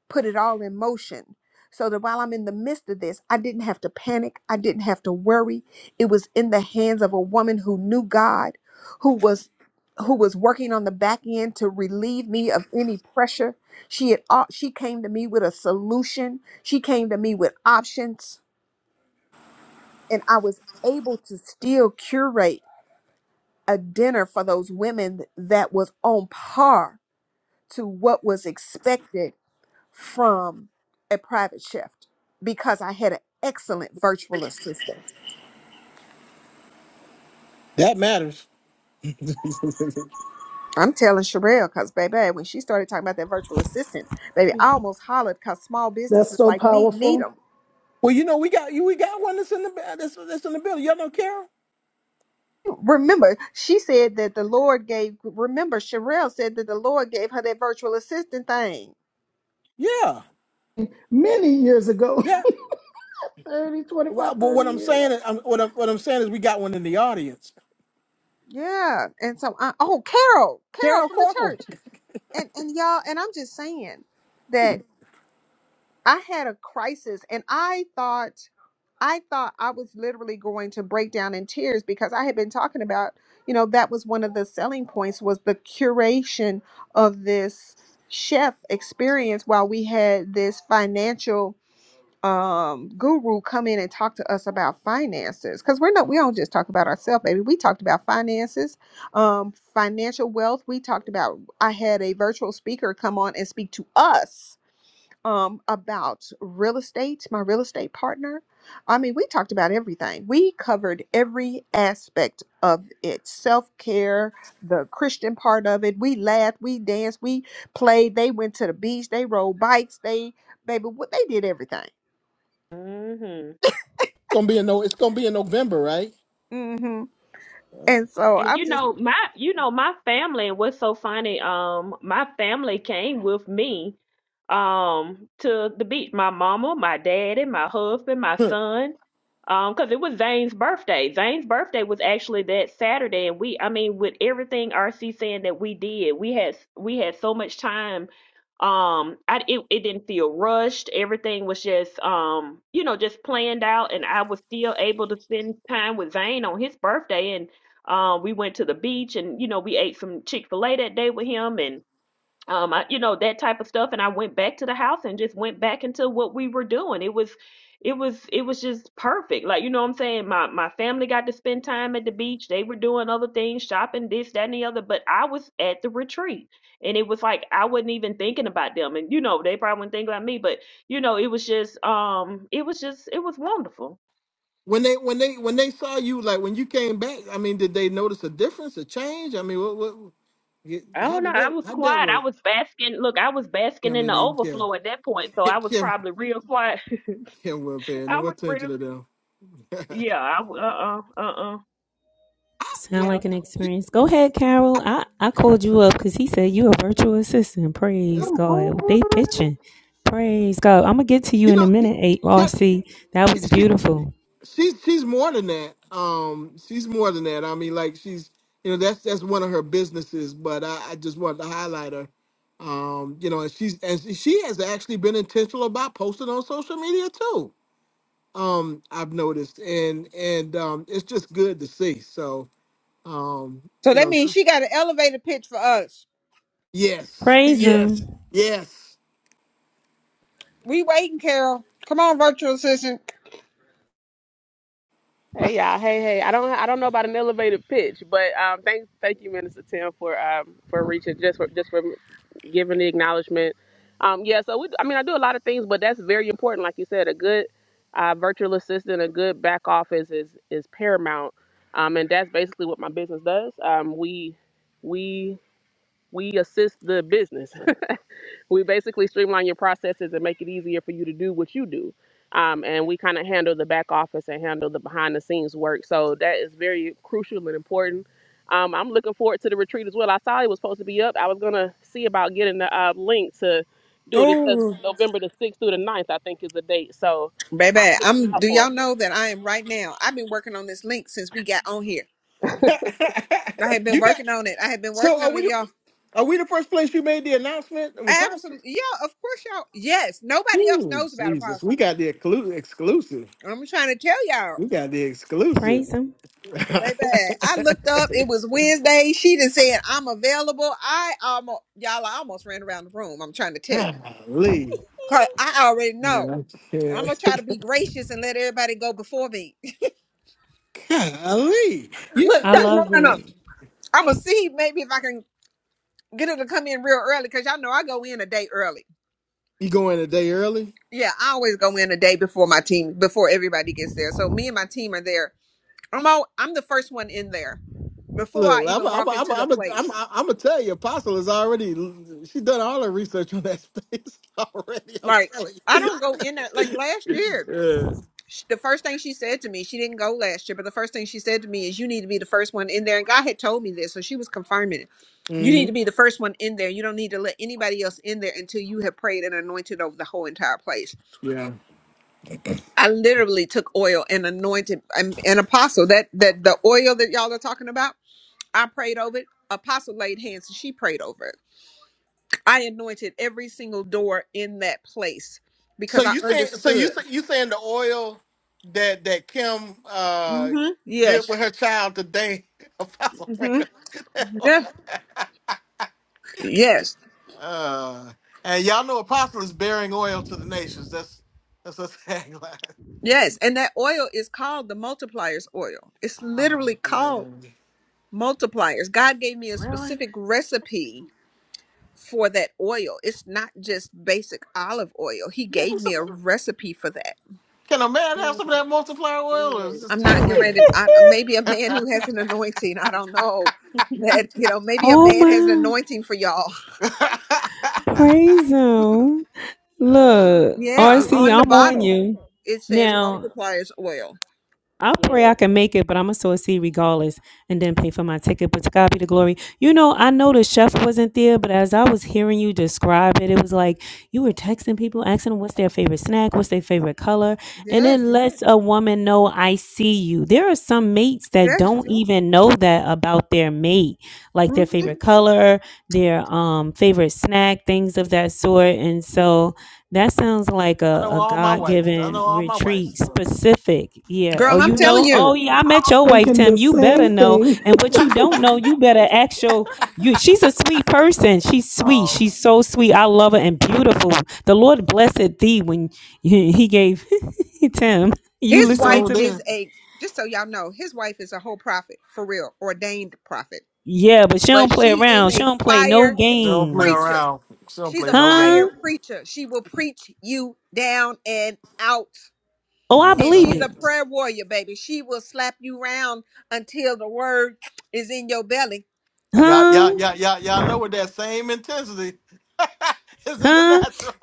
S4: put it all in motion so that while I'm in the midst of this, I didn't have to panic. I didn't have to worry. It was in the hands of a woman who knew God, who was who was working on the back end to relieve me of any pressure. She had au- she came to me with a solution. She came to me with options and I was able to still curate a dinner for those women that was on par to what was expected from a private chef because I had an excellent virtual assistant.
S1: that matters.
S4: I'm telling Sherelle because, baby, when she started talking about that virtual assistant, baby, I almost hollered because small
S9: That's
S4: businesses
S9: so
S4: like me need
S9: powerful.
S4: them.
S1: well, you know, we got you. We got one that's in the that's, that's in the building. Y'all know Carol?
S4: Remember, she said that the Lord gave, remember, Sherelle said that the Lord gave her that virtual assistant thing.
S1: Yeah,
S9: Many years ago,
S1: yeah.
S9: 30,
S1: Well,
S9: 25, thirty
S1: but what I'm
S9: years.
S1: saying, is, I'm, what I'm what I'm saying is, we got one in the audience.
S4: Yeah. And so I, oh, Carol, Carol
S1: Carol
S4: from the
S1: Corporal.
S4: church.
S1: It's
S4: and and y'all and i'm just saying that i had a crisis and i thought i thought i was literally going to break down in tears because i had been talking about you know that was one of the selling points was the curation of this chef experience while we had this financial um guru come in and talk to us about finances because we're not we don't just talk about ourselves baby we talked about finances um financial wealth we talked about i had a virtual speaker come on and speak to us um about real estate my real estate partner i mean we talked about everything we covered every aspect of it self-care the christian part of it we laughed we danced we played they went to the beach they rode bikes they baby what they did everything
S1: gonna be in no. It's gonna be in November, right?
S4: hmm And so
S2: And
S4: I'm
S2: you
S4: just,
S2: know, my you know, my family and what's so funny, um, my family came with me um to the beach. My mama, my daddy, my husband, my son. Um, because it was Zane's birthday. Zane's birthday was actually that Saturday, and we I mean, with everything RC saying that we did, we had s- we had so much time. Um, I it, it didn't feel rushed. Everything was just um, you know, just planned out, and I was still able to spend time with Zane on his birthday and um, we went to the beach and, you know, we ate some Chick fil A that day with him and, um, I, you know, that type of stuff. And I went back to the house and just went back into what we were doing. It was, it was, it was just perfect. Like, you know what I'm saying? My, my family got to spend time at the beach. They were doing other things, shopping, this, that, and the other. But I was at the retreat and it was like, I wasn't even thinking about them. And, you know, they probably wouldn't think about me, but, you know, it was just, um, it was just, it was wonderful.
S1: When they when they when they saw you, like when you came back, I mean, did they notice a difference, a change? I mean, what what? y-
S2: I
S1: How
S2: don't know.
S1: did
S2: I
S1: that
S2: was
S1: how did that
S2: quiet. I
S1: work?
S2: was basking. Look, I was basking
S1: Kim
S2: in
S1: didn't
S2: the
S1: even care.
S2: overflow at that point, so I was
S1: Kim
S2: probably real quiet.
S1: Kim wasn't paying
S2: I
S1: no
S2: was
S1: attention
S2: real.
S1: to them. I,
S2: Yeah. I. w- Uh. Uh. Uh. uh
S8: Sound
S1: I'm,
S2: yeah.
S8: like an
S1: you,
S8: experience. Go ahead, Carol. I, I called you up because he said you a virtual assistant.
S1: yeah.
S8: Praise
S4: come
S8: God. They
S4: on.
S8: pitching. Praise God. I'm gonna get to you
S1: you
S8: in a
S1: know,
S8: minute, A R C. That was
S1: Kim,
S8: beautiful.
S1: she's she's more than that. Um, she's more than that. I mean, like she's you know that's that's one of her businesses, but I, I just wanted to highlight her. Um, you know, and she's and she she has actually been intentional about posting on social media too. Um, I've noticed, and and um, it's just good to see. So, um,
S4: So
S1: you
S4: that
S1: know,
S4: means
S1: she-
S4: she got an elevator pitch for us.
S1: yes,
S8: Praise
S1: yes,
S8: him.
S1: yes.
S4: We waiting, Carol. Come on, virtual assistant.
S13: Hey y'all, hey hey. I don't I don't know about an elevated pitch, but um, thank thank you, Minister Tim, for um for reaching just for just for giving the acknowledgement. Um, yeah. So we, I mean, I do a lot of things, but that's very important. Like you said, a good uh, virtual assistant, a good back office is is paramount. Um, and that's basically what my business does. Um, we we we assist the business. we basically streamline your processes and make it easier for you to do what you do. Um, and we kind of handle the back office and handle the behind the scenes work. So that is very crucial and important. Um, I'm looking forward to the retreat as well. I saw it was supposed to be up. I was gonna see about getting the uh, link to do it. It says
S4: Oh,
S13: November the 6th through the ninth, I think, is the date. So I'm
S4: baby,
S13: looking
S4: I'm.
S13: out
S4: Do
S13: for
S4: y'all
S13: it.
S4: know that I am right now? I've been working on this link since we got on here. I have been
S1: you got
S4: working on it. I have been
S1: so
S4: working
S1: are
S4: on it,
S1: we?
S4: y'all.
S1: Are we the first place you made the announcement?
S4: Absolutely, yeah. Of course, y'all. Yes, nobody else
S1: Ooh,
S4: knows about
S1: Jesus,
S4: Apostle.
S1: we got the exclu- exclusive.
S4: I'm trying to tell y'all,
S1: We got the exclusive.
S8: Praise him.
S4: baby. I looked up. It was Wednesday. She done said I'm available. I almost, y'all. I almost ran around the room. I'm trying to tell you.
S1: Golly.
S4: Cause I already
S1: Man,
S4: know.
S1: I'm
S4: I'm
S1: scared.
S4: gonna try to be gracious and let everybody go before me.
S1: Golly. You,
S4: Look,
S8: I
S4: no,
S1: you,
S4: no,
S8: love
S4: no. no.
S8: it.
S4: I'm gonna see maybe if I can get her to come in real early because y'all know I go in a day early.
S1: you going a day early?
S4: Yeah, I always go in a day before my team, before everybody gets there. So me and my team are there. I'm all, I'm the first one in there before I
S1: Look, I'm
S4: even walk
S1: I'm I'm
S4: into the
S1: I'm I'm
S4: place.
S1: I'm gonna tell you, Apostle is already she done all her research on that space already. I'm
S4: Like
S1: telling
S4: I don't go in there. Like last year,
S1: you.
S4: sh- the first thing she said to me, she didn't go last year, but the first thing she said to me is, "You need to be the first one in there." And God had told me this, so she was confirming it
S1: yeah.
S4: You need
S1: hmm
S4: to be the first one in there. You don't need to let anybody else in there until you have prayed and anointed over the whole entire place.
S1: Yeah.
S4: I literally took oil and anointed um, an apostle. That that the oil that y'all are talking about, I prayed over it. Apostle laid hands and she prayed over it. I anointed every single door in that place
S1: So
S4: because I
S1: you saying so you
S4: understood.
S1: say- you saying the oil that that Kim uh
S4: Mm-hmm.
S1: did
S4: Yes.
S1: with her child today, Apostle
S4: Mm-hmm.
S1: Fredo.
S4: Yeah. Yes.
S1: uh, and y'all know Apostle is bearing oil to the nations. That's that's a tagline.
S4: Yes. And that oil is called the multipliers oil. It's
S1: Oh,
S4: literally called
S1: God.
S4: multipliers. God gave me a
S1: Really?
S4: specific recipe for that oil. It's not just basic olive oil. He
S1: Give me
S4: gave me
S1: some,
S4: a recipe for that.
S1: can a man have
S2: Mm,
S1: some of that multiplier oil, or is
S2: Yes.
S1: this
S4: I'm
S1: just
S4: not getting
S1: women?
S4: ready. To, I, maybe a man who has an anointing. I don't know that you know. Maybe a
S8: oh
S4: man has an
S8: my.
S4: anointing for y'all.
S1: uh,
S8: Praise him.
S2: Mhm.
S8: Look, R
S4: Yeah,
S1: I
S4: on the
S8: am on
S4: bottle
S8: you.
S4: it says
S8: now.
S4: multipliers oil.
S8: I pray I
S2: yes.
S8: can make it, but I'm gonna sow a seed regardless and then pay for my ticket. But to God be the glory. You know, I know the chef wasn't there, but as I was hearing you describe it, it was like you were texting people, asking them what's their favorite snack, what's their favorite color, and it
S4: Yes,
S8: lets a woman know I see you. There are some mates that
S4: yes.
S8: don't even know that about their mate, like
S4: Mhm.
S8: their favorite color, their um favorite snack, things of that sort. And so that sounds like a,
S1: know
S8: a
S1: all my
S8: God
S1: wives. I
S8: given
S1: know all my wives'
S8: retreat
S1: stuff.
S8: specific. Yeah. Oh,
S4: Girl, I'm
S8: you
S4: telling
S8: know, oh
S4: you,
S8: yeah, I met your wife,
S9: thinking the
S8: Tim. You better
S9: same
S8: know.
S9: thing.
S8: And what you don't know, you better ask your you she's a sweet person. She's sweet.
S1: Oh,
S8: She's so sweet. I love her and beautiful. The Lord blessed thee when he gave Tim. You
S4: his
S1: you
S8: listening
S4: wife
S1: sure
S8: to
S1: did.
S4: is
S8: me?
S4: a. Just so y'all know, his wife is a whole prophet for real, ordained prophet.
S8: Yeah, but she
S4: but
S8: don't play
S4: she is
S8: around. She
S4: a
S8: don't play no
S4: fire
S1: Still don't play
S4: preacher.
S8: games.
S1: around. Still don't
S4: She's
S1: play
S4: a
S1: no
S4: fire
S1: game.
S8: Huh?
S4: preacher. She will preach you down and out.
S8: Oh, I
S1: Yeah,
S4: And
S8: believe
S4: she's
S1: so
S4: a
S8: it.
S4: prayer warrior, baby. She will slap you round until the word is in your belly.
S1: yeah, yeah,
S8: Huh?
S1: yeah, yeah, yeah. I know with that same intensity is in the
S8: Huh?
S1: natural.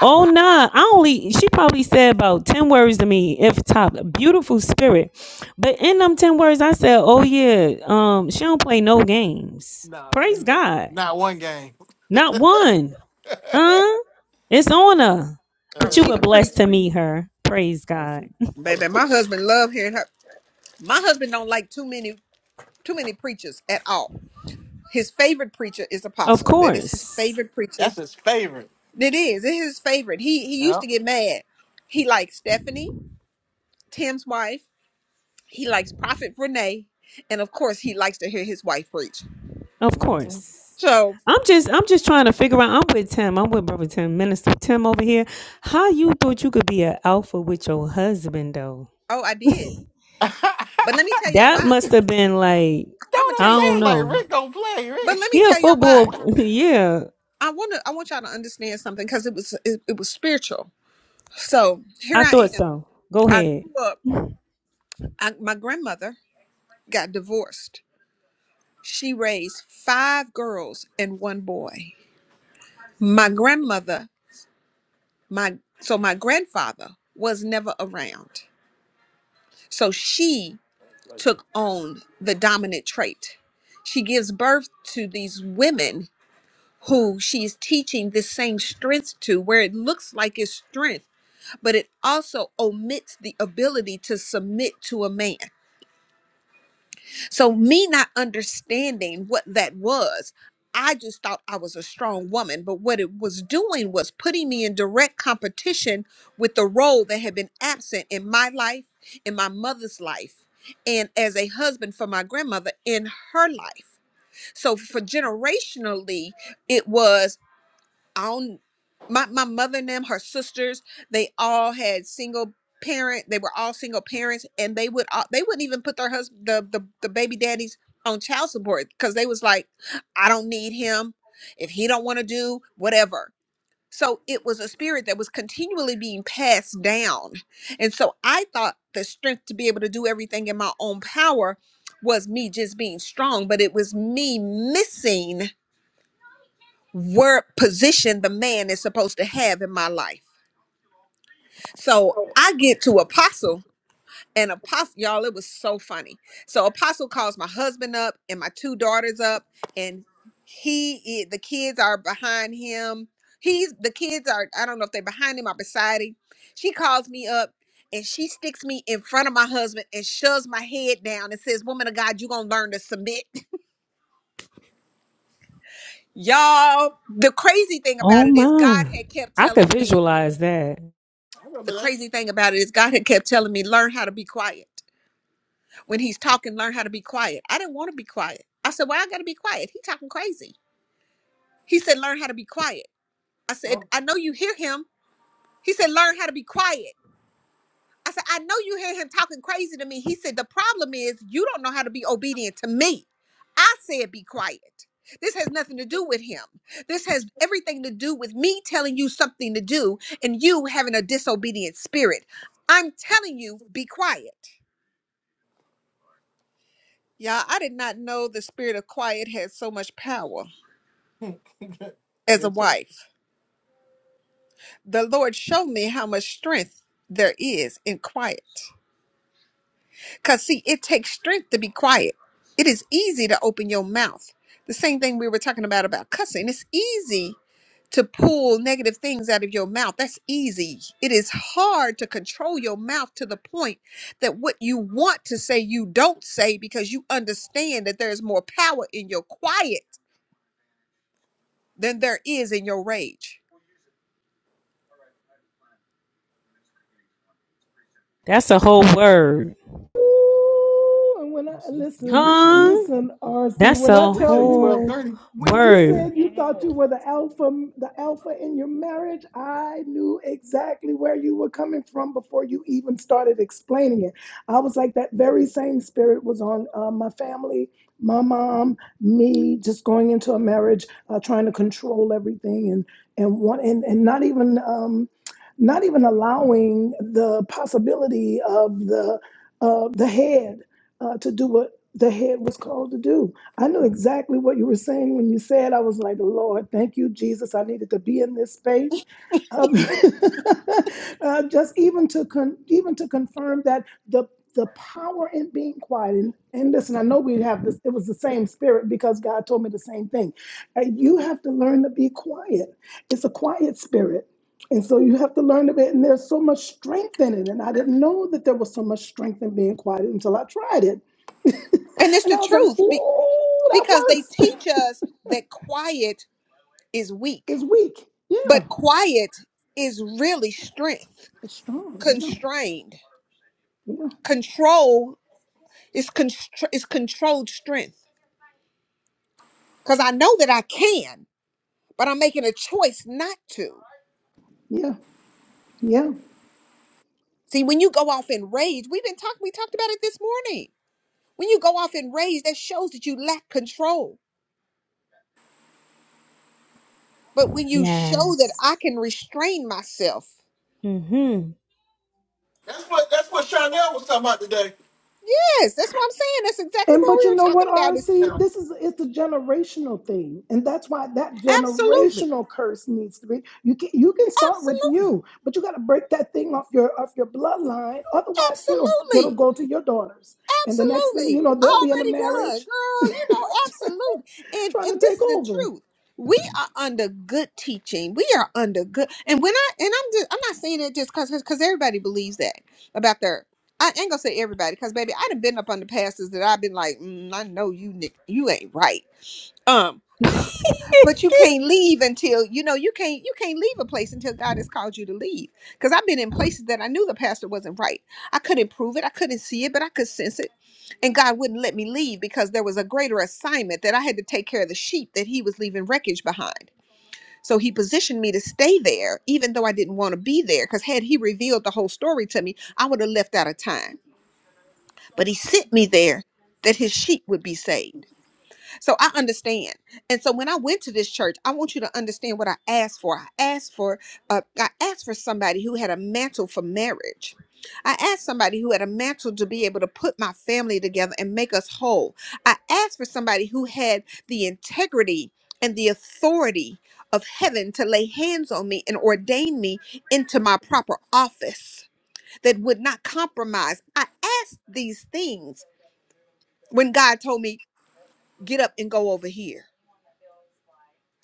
S8: Oh nah, I only she probably said about ten words to me, if top. Beautiful spirit, but in them ten words, I said, "Oh yeah, um, she don't play no games.
S1: no,
S8: Praise God,
S1: not one game.
S8: not one, huh? It's on her.
S4: Oh,
S8: But you
S4: she
S8: were
S1: Uh,
S4: can preach,
S8: blessed to meet her. Praise
S1: thank
S8: God.
S1: you,
S4: baby.
S1: thank you.
S4: My husband love hearing her. My husband don't like too many too many preachers at all. His favorite preacher is
S8: Of
S4: Apostle. That is his
S8: course,
S4: favorite preacher.
S1: That's his favorite.
S4: It is. It is his favorite. He he used
S1: Yeah.
S4: to get mad. He likes Stephanie, Tim's wife. He likes Prophet Renee, and of course, he likes to hear his wife preach.
S8: of
S1: Mhm.
S8: course.
S4: So,
S8: I'm just, I'm just trying to figure out. I'm with Tim. I'm with brother Tim, minister Tim over here. How you thought you could be an alpha with your husband though?
S4: oh, I did.
S1: That's what
S4: But let me tell y'all
S8: That
S4: why.
S8: must have been like
S4: I'm gonna
S8: I
S1: I'm
S4: tell you.
S8: don't
S1: saying. Like
S8: know.
S1: Rick don't play.
S4: But let
S1: Rick,
S4: me
S8: He a
S4: tell y'all why.
S8: football. yeah,
S4: I want to. I want y'all to understand something because it was it, it was spiritual. So here
S8: I
S4: I
S8: thought
S4: am.
S8: so. Go
S4: I
S8: ahead.
S4: grew up. I, my grandmother got divorced. She raised five girls and one boy. My grandmother, my so my grandfather was never around. So she took on the dominant trait. She gives birth to these women who she is teaching this same strength to, where it looks like it's strength, but it also omits the ability to submit to a man. So, me not understanding what that was, I just thought I was a strong woman. But what it was doing was putting me in direct competition with the role that had been absent in my life, in my mother's life, and as a husband for my grandmother in her life. So, for generationally, it was on my, my mother and them, her sisters, they all had single parent. They were all single parents, and they would all, they wouldn't even put their husband, the, the the baby daddies, on child support because they was like, I don't need him if he don't want to do whatever. So it was a spirit that was continually being passed down, and so I thought the strength to be able to do everything in my own power was me just being strong, but it was me missing Word position the man is supposed to have in my life. So I get to apostle and apostle y'all it was so funny. So apostle calls my husband up and my two daughters up and he i- the kids are behind him. He's the kids are I don't know if they're behind him or beside him. She calls me up and she sticks me in front of my husband and shoves my head down and says, "Woman of God, you going to learn to submit." Y'all, the crazy thing about
S8: Oh
S4: it is God
S8: my!
S4: had kept
S8: I could
S4: telling me
S8: visualize that.
S1: I
S4: the
S1: remember that.
S4: crazy thing about it is God had kept telling me, learn how to be quiet. When he's talking, learn how to be quiet. I didn't want to be quiet. I said, "Why I gotta be quiet. He talking crazy. He said, Learn how to be quiet. I said, I know you hear him. He said, Learn how to be quiet. I said, I know you hear him talking crazy to me. He said, The problem is you don't know how to be obedient to me. I said be quiet. This has nothing to do with him. This has everything to do with me telling you something to do and you having a disobedient spirit. I'm telling you, be quiet. Y'all, I did not know the spirit of quiet had so much power as
S1: yeah,
S4: a
S1: chill.
S4: wife. The Lord showed me how much strength there is in quiet. Because, see, it takes strength to be quiet. It is easy to open your mouth. The same thing we were talking about about cussing. It's easy to pull negative things out of your mouth. That's easy. It is hard to control your mouth to the point that what you want to say, you don't say because you understand that there is more power in your quiet than there is in your rage
S8: That's a whole word,
S9: Ooh, and when I
S1: she, she
S9: listen,
S1: preaching.
S8: huh?
S9: listen, RC,
S8: That's
S9: when
S1: She
S9: I
S8: a
S1: preaching
S9: tell
S1: at
S9: you
S1: twelve
S8: whole
S1: thirty.
S9: When you said
S8: word.
S9: you thought you were
S2: Yes.
S9: the alpha, the alpha in your marriage, I knew exactly where you were coming from before you even started explaining it. I was like, that very same spirit was on uh, my family, my mom, me, just going into a marriage, uh, trying to control everything, and and want and and not even um, not even allowing the possibility of the uh, the head uh, to do what the head was called to do I knew exactly what you were saying when you said, I was like, Lord, thank you, Jesus. I needed to be in this space. Um, uh, just even to con- even to confirm that the the power in being quiet and, and listen i know we have this it was the same spirit because god told me the same thing Uh, you have to learn to be quiet it's a quiet spirit and so you have to learn of it and there's so much strength in it and i didn't know that there was so much strength in being quiet until i tried it
S4: And it's
S9: And
S4: the
S9: I was like,
S4: truth be-
S9: ooh, that
S4: because they
S9: works.
S4: teach us that quiet is weak,
S9: It's weak. Yeah.
S4: but quiet is really strength,
S9: It's strong. Yeah.
S4: constrained.
S9: Yeah.
S4: Control is, constr- is controlled strength because I know that I can. but I'm making a choice not to.
S9: Yeah. Yeah.
S4: See, when you go off in rage, we've been talking, we talked about it this morning. When you go off in rage, that shows that you lack control. But when you show that
S8: Yes.
S4: I can restrain myself,
S8: Mm-hmm.
S1: That's what. That's what Chanel was talking about today.
S4: yes, that's what I'm saying. That's exactly
S9: And
S4: what
S9: but
S4: we
S9: you
S4: were
S9: know what,
S4: talking about. Is
S9: RC? This is it's a generational thing. And that's why that
S4: absolutely,
S9: generational curse needs to be. You can you can start with
S4: absolutely,
S9: you, but you gotta break that thing off your off your bloodline. Otherwise, it'll it'll
S4: absolutely.
S9: go to your daughters. And the next thing you
S4: Absolutely.
S9: know, they'll be in a
S4: Already done,
S9: marriage
S4: girl. You know, absolutely. And
S9: trying to
S4: and this
S9: take
S4: is the
S9: over.
S4: truth. We are under good teaching. We are under good and when I and I'm just I'm not saying it just cause cause everybody believes that about their I ain't gonna say everybody, cause baby, I'd have been up on the pastors that I've been like, mm, I know you, Nick, you ain't right. Um, but you can't leave until you know you can't you can't leave a place until God has called you to leave. Cause I've been in places that I knew the pastor wasn't right. I couldn't prove it, I couldn't see it, but I could sense it and God wouldn't let me leave because there was a greater assignment that I had to take care of the sheep that he was leaving wreckage behind. So he positioned me to stay there, even though I didn't want to be there. Because had he revealed the whole story to me, I would have left out of time. But he sent me there that his sheep would be saved. So I understand. And so when I went to this church, I want you to understand what I asked for. I asked for uh, I asked for somebody who had a mantle for marriage. I asked somebody who had a mantle to be able to put my family together and make us whole. I asked for somebody who had the integrity and the authority of heaven to lay hands on me and ordain me into my proper office that would not compromise. I asked these things when God told me, get up and go over here.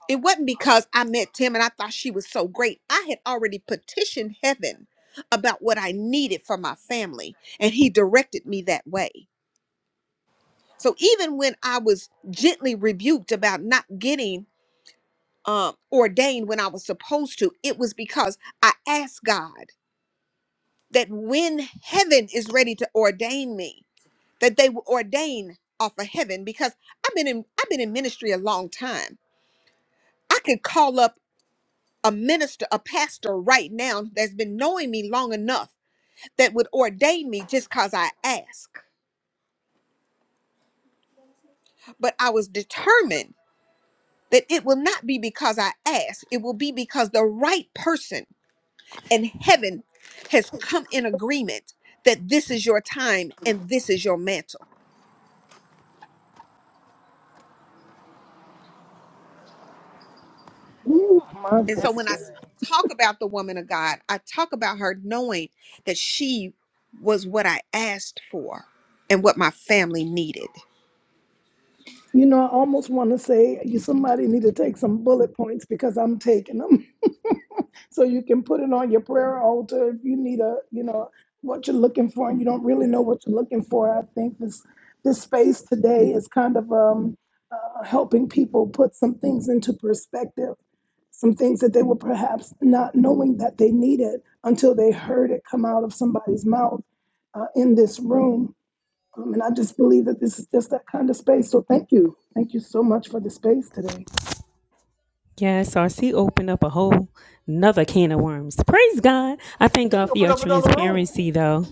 S4: It wasn't because I met Tim and I thought she was so great. I had already petitioned heaven about what I needed for my family, and he directed me that way. So even when I was gently rebuked about not getting um, ordained when I was supposed to, it was because I asked God that when heaven is ready to ordain me, that they will ordain off of heaven because I've been in I've been in ministry a long time. I could call up a minister, a pastor right now that's been knowing me long enough that would ordain me just because I ask. But I was determined that it will not be because I ask, it will be because the right person in heaven has come in agreement that this is your time and this is your mantle.
S9: Oh my
S4: And so
S8: That's
S4: when I
S9: goodness.
S8: good.
S4: talk about the woman of God, I talk about her knowing that she was what I asked for and what my family needed.
S9: You know, I almost want to say you somebody need to take some bullet points because I'm taking them. So you can put it on your prayer altar if you need a, you know, what you're looking for and you don't really know what you're looking for. I think this this space today is kind of um uh, helping people put some things into perspective, some things that they were perhaps not knowing that they needed until they heard it come out of somebody's mouth uh, in this room. Um, and I just believe that this is just that kind of space. So thank you. Thank you so much for the space today.
S8: Yeah, SRC opened up a whole another can of worms. Praise God. I thank God
S1: You
S8: for
S1: open
S8: your
S1: up another room.
S8: transparency though.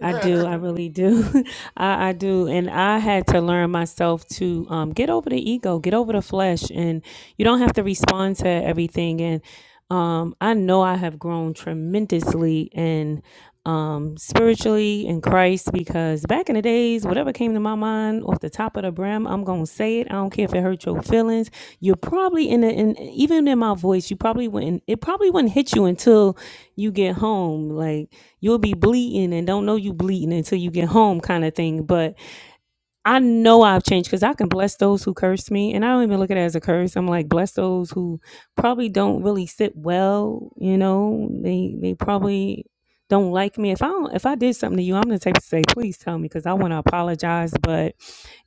S8: I do. I really do. I, I do. And I had to learn myself to um, get over the ego, get over the flesh. And you don't have to respond to everything. And um, I know I have grown tremendously in um, spiritually in Christ because back in the days, whatever came to my mind off the top of the brim, I'm going to say it. I don't care if it hurt your feelings you're probably in, a, in even in my voice, you probably wouldn't. It probably wouldn't hit you until you get home. Like you'll be bleeding and don't know you bleeding until you get home, kind of thing. But I know I've changed because I can bless those who curse me, and I don't even look at it as a curse. I'm like bless those who probably don't really sit well. You know, they they probably don't like me. If I don't, if I did something to you, I'm the type to say, please tell me because I want to apologize. But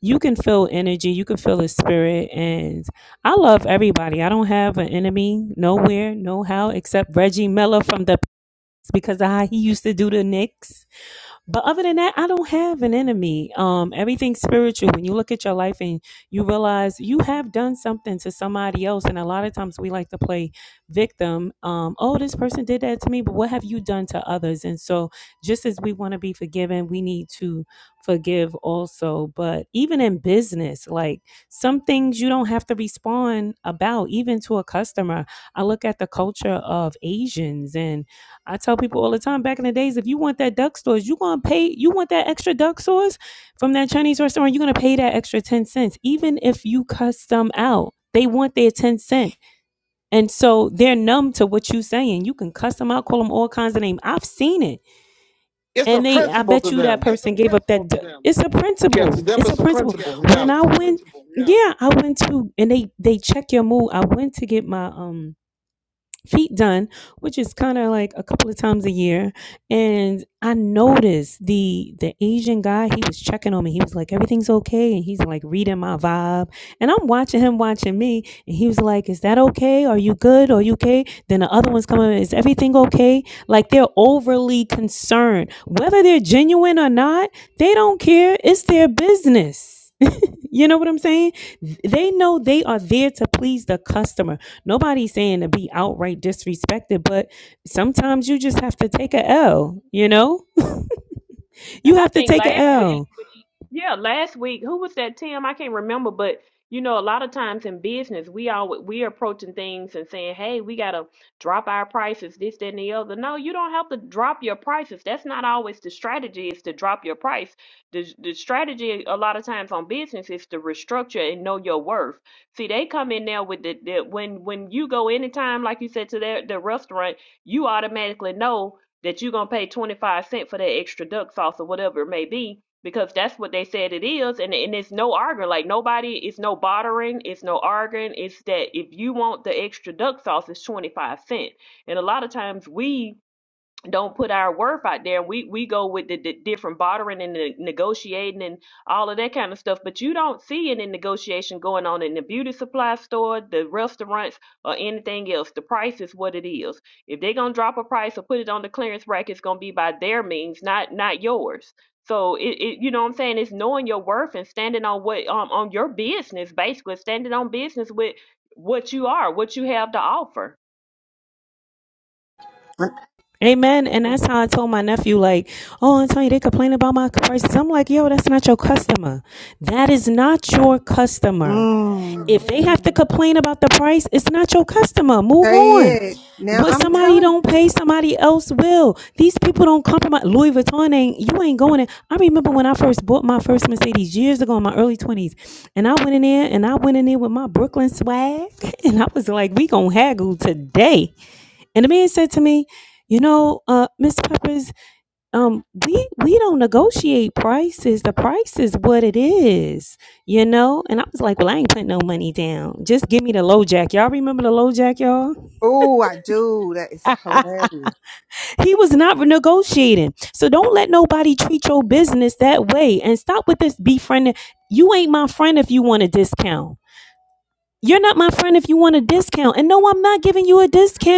S8: you can feel energy, you can feel the spirit, and I love everybody. I don't have an enemy nowhere, no how, except Reggie Miller from the P- because of how he used to do the Knicks. But other than that, I don't have an enemy. Um, everything's spiritual. When you look at your life and you realize you have done something to somebody else, and a lot of times we like to play victim. Um, oh, this person did that to me, but what have you done to others? And so, just as we want to be forgiven, we need to forgive also. But even in business, like some things you don't have to respond about, even to a customer. I look at the culture of Asians and I tell people all the time back in the days, if you want that duck sauce, you gonna pay you want that extra duck sauce from that Chinese restaurant, you're gonna pay that extra 10 cents, even if you cuss them out. They want their 10 cent. And so they're numb to what you're saying. You can cuss them out, call them all kinds of names. I've seen it.
S1: it's a
S8: And they I
S1: principle
S8: bet
S1: to
S8: you that
S1: them.
S8: person gave up that du- it's a
S1: Yeah, to
S8: principle.
S1: them
S8: It's a
S1: it's a
S8: principle.
S1: principle. Yeah.
S8: When I went yeah, I went to and they they check your mood. I went to get my um feet done, which is kind of like a couple of times a year. And I noticed the the Asian guy, he was checking on me. He was like, everything's okay. And he's like reading my vibe. And I'm watching him watching me. And he was like, Is that okay? Are you good? Are you okay? Then the other one's coming, is everything okay? Like they're overly concerned. Whether they're genuine or not, they don't care. It's their business. You know what I'm saying? They know they are there to please the customer. Nobody's saying to be outright disrespected, but sometimes you just have to take a L, you know? You
S2: And I
S8: have to
S2: think
S8: take
S2: last
S8: a
S2: week.
S8: L.
S2: Yeah, last week, who was that, Tim? I can't remember, but you know, a lot of times in business, we all we're approaching things and saying, "Hey, we gotta drop our prices, this, that, and the other." No, you don't have to drop your prices. That's not always the strategy. Is to drop your price. The the strategy a lot of times on business is to restructure and know your worth. See, they come in there with the, the when when you go anytime, like you said to their the restaurant, you automatically know that you're gonna pay 25 cent for that extra duck sauce or whatever it may be because that's what they said it is and, and it's no arguing like nobody it's no bartering it's no arguing it's that if you want the extra duck sauce it's 25 cent and a lot of times we don't put our worth out there. We we go with the, the different bartering and the negotiating and all of that kind of stuff, but you don't see any negotiation going on in the beauty supply store, the restaurants, or anything else. The price is what it is. If they're gonna drop a price or put it on the clearance rack, it's gonna be by their means, not not yours. So it, it you know what I'm saying? It's knowing your worth and standing on what um on your business, basically standing on business with what you are, what you have to offer.
S8: Amen. And that's how I told my nephew, like, oh, Antonio, they complain about my prices. I'm like, yo, that's not your customer. That is not your customer.
S4: Mm.
S8: If they have to complain about the price, it's not your customer. Move
S4: Say
S8: on.
S4: it. Now
S8: What
S4: I'm
S8: somebody
S4: telling
S8: don't pay, somebody else will. These people don't compromise. Louis Vuitton ain't, you ain't going in. I remember when I first bought my first Mercedes years ago in my early 20s. And I went in there and I went in there with my Brooklyn swag. And I was like, we going to haggle today. And the man said to me, "You know, uh, Miss Peppers, um, we we don't negotiate prices. The price is what it is, you know." And I was like, "Well, I ain't putting no money down. Just give me the low jack. Y'all remember the low jack, y'all?
S4: Oh, that is hilarious.
S8: he was not negotiating. So don't let nobody treat your business that way. And stop with this befriending. You ain't my friend if you want a discount. You're not my friend if you want a discount. And no, I'm not giving you a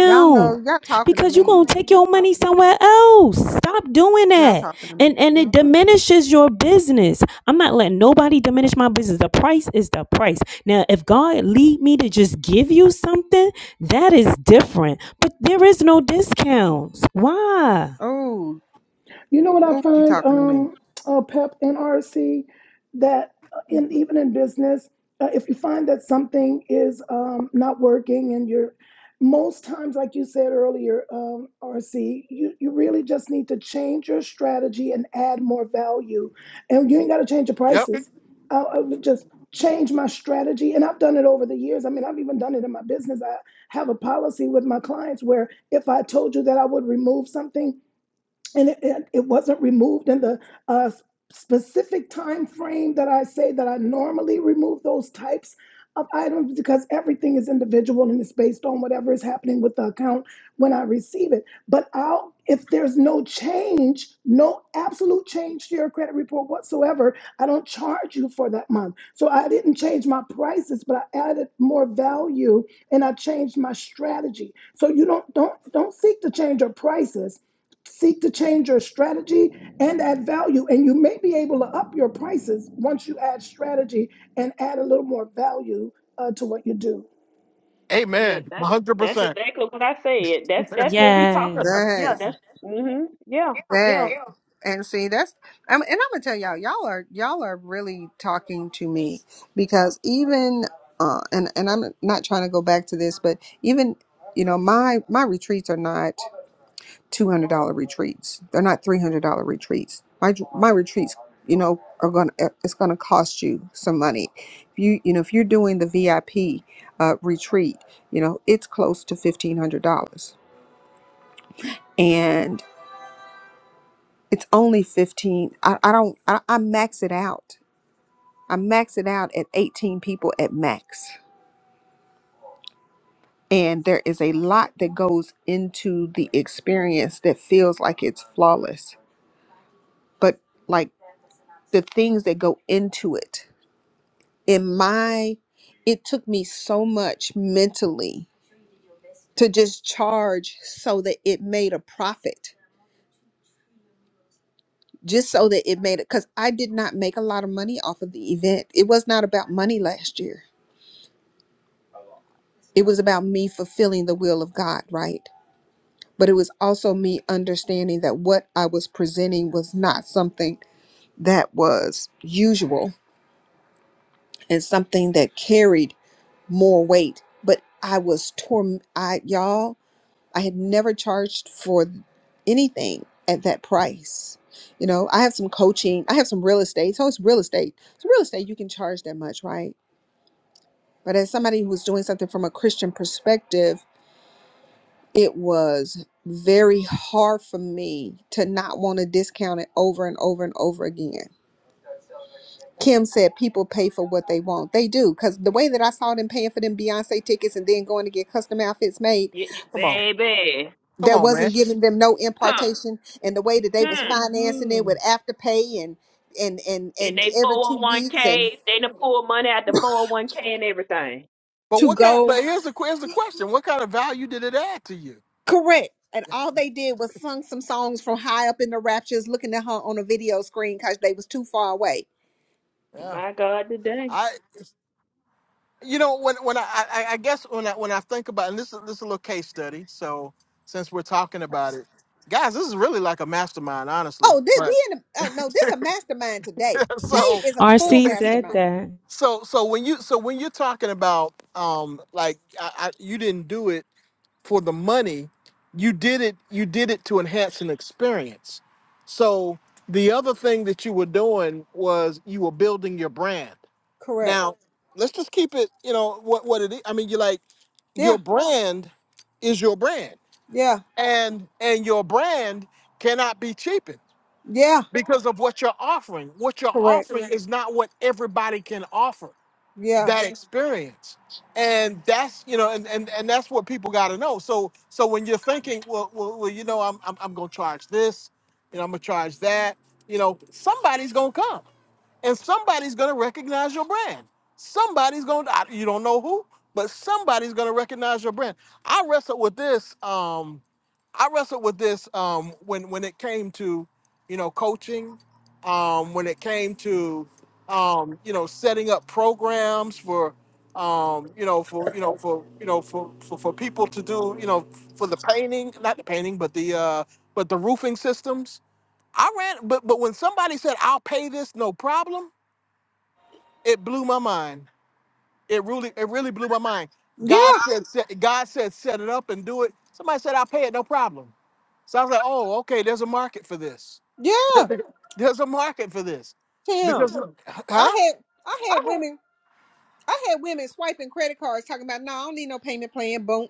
S4: Y'all know, y'all talking to
S8: because you're
S4: me.
S8: going to take your money somewhere else. Stop doing
S4: Y'all
S8: that.
S4: talking to me.
S8: And and it diminishes your business. I'm not letting nobody diminish my business. The price is the price. Now, if God lead me to just give you something, that is different. But there is no discounts. Why?
S4: Oh,
S9: You know what I
S4: oh, she
S9: find,
S4: talking to me.
S9: um, uh, Pep and RC, that uh, in even in business, uh, if you find that something is um, not working and you're most times, like you said earlier, um, RC, you, you really just need to change your strategy and add more value. And you ain't got to change your
S1: Yep.
S9: prices. I, I would just change my strategy. And I've done it over the years. I mean, I've even done it in my business. I have a policy with my clients where if I told you that I would remove something, and it, it, it wasn't removed in the uh, specific time frame that I say that I normally remove those types of items because everything is individual and it's based on whatever is happening with the account when I receive it. But I'll if there's no change, no absolute change to your credit report whatsoever, I don't charge you for that month. So I didn't change my prices, but I added more value and I changed my strategy. So you don't don't don't seek to change your prices seek to change your strategy and add value. And you may be able to up your prices once you add strategy and add a little more value uh, to what you do.
S2: Yeah,
S1: Amen. One
S2: that's
S1: hundred
S2: that's
S1: percent.
S2: exactly what I said. That's
S1: Come
S2: that's what we talked. about.
S8: Yes.
S2: Yeah,
S4: That,
S2: that's mhm. Yeah, yeah,
S4: that. And see, that's, I'm, and I'm gonna tell y'all, y'all are, y'all are really talking to me because even, uh, and and I'm not trying to go back to this, but even, you know, my my retreats are not. $200 retreats. They're not $300 retreats. My my retreats, you know, are going to it's going to cost you some money. If you you know, if you're doing the VIP uh, retreat, you know, it's close to $1500. And it's only 15 I, I don't I, I max it out. I max it out at 18 people at max. And there is a lot that goes into the experience that feels like it's flawless. But like the things that go into it in my it took me so much mentally to just charge so that it made a profit just so that it made it because i did not make a lot of money off of the event it was not about money last year it was about me fulfilling the will of god right but it was also me understanding that what i was presenting was not something that was usual and something that carried more weight but i was torn i y'all I had never charged for anything at that price. You know, I have some coaching, I have some real estate. So it's real estate. So real estate, you can charge that much, right? But as somebody who was doing something from a Christian perspective, it was very hard for me to not want to discount it over and over and over again. Kim said people pay for what they want. They do, because the way that I saw them paying for them Beyonce tickets and then going to get custom outfits made
S2: yeah,
S1: on.
S2: baby.
S1: Come
S4: that
S1: on, man.
S4: wasn't giving them no
S2: Huh?
S4: impartation and the way that they was
S2: Hmm.
S4: financing it
S8: Mhm.
S4: with afterpay and and and
S2: And
S4: and
S2: they
S4: every
S2: four
S4: two
S2: hundred one
S4: weeks and
S2: k. They done pull money out the four hundred one k and everything.
S1: But
S4: to
S1: what kind
S4: go
S1: but here's the que- here's the question. What kind of value did it add to you?
S4: correct and all they did was sung some songs from high up in the raptures looking at her on a video screen because they was too far away
S1: Yeah.
S2: My God, today.
S1: I you know, when when I I, I guess when I when I think about and this is this is a little case study, so since we're talking about it, guys, this is really like a mastermind, honestly.
S4: oh did
S1: But
S4: we in a, oh no this a mastermind today today
S1: so
S4: is a full
S8: RC said
S4: mastermind
S8: that.
S1: So so when you so when you're talking about um like I, I, you didn't do it for the money, you did it you did it to enhance an experience. So the other thing that you were doing was you were building your brand.
S4: correct
S1: Now let's just keep it you know what what it is. I mean you like
S4: yeah
S1: your brand is your brand
S4: yeah
S1: and and your brand cannot be cheapened
S4: yeah
S1: because of what you're offering. What you're
S4: correct
S1: offering Correct. is not what everybody can offer
S4: yeah
S1: that experience and that's you know and and, and that's what people got to know so so when you're thinking well, well, well you know I'm, I'm i'm gonna charge this you know i'm gonna charge that you know somebody's gonna come and somebody's going to recognize your brand. Somebody's going to, you don't know who, but somebody's going to recognize your brand. I wrestled with this. Um, I wrestled with this um, when when it came to, you know, coaching, um, when it came to, um, you know, setting up programs for, um, you know, for you know for you know for, for for people to do, you know, for the painting, not the painting, but the uh, but the roofing systems. I ran, but but when somebody said I'll pay this, no problem it blew my mind. It really, it really blew my mind.
S4: yeah
S1: God said, set, God said, set it up and do it. Somebody said, I'll pay it, no problem. So I was like, oh, okay, there's a market for this.
S4: yeah
S1: there's a market for this.
S4: tim
S1: Because, huh?
S4: i had i had women I had women swiping credit cards talking about, no, I don't need no payment plan, boom.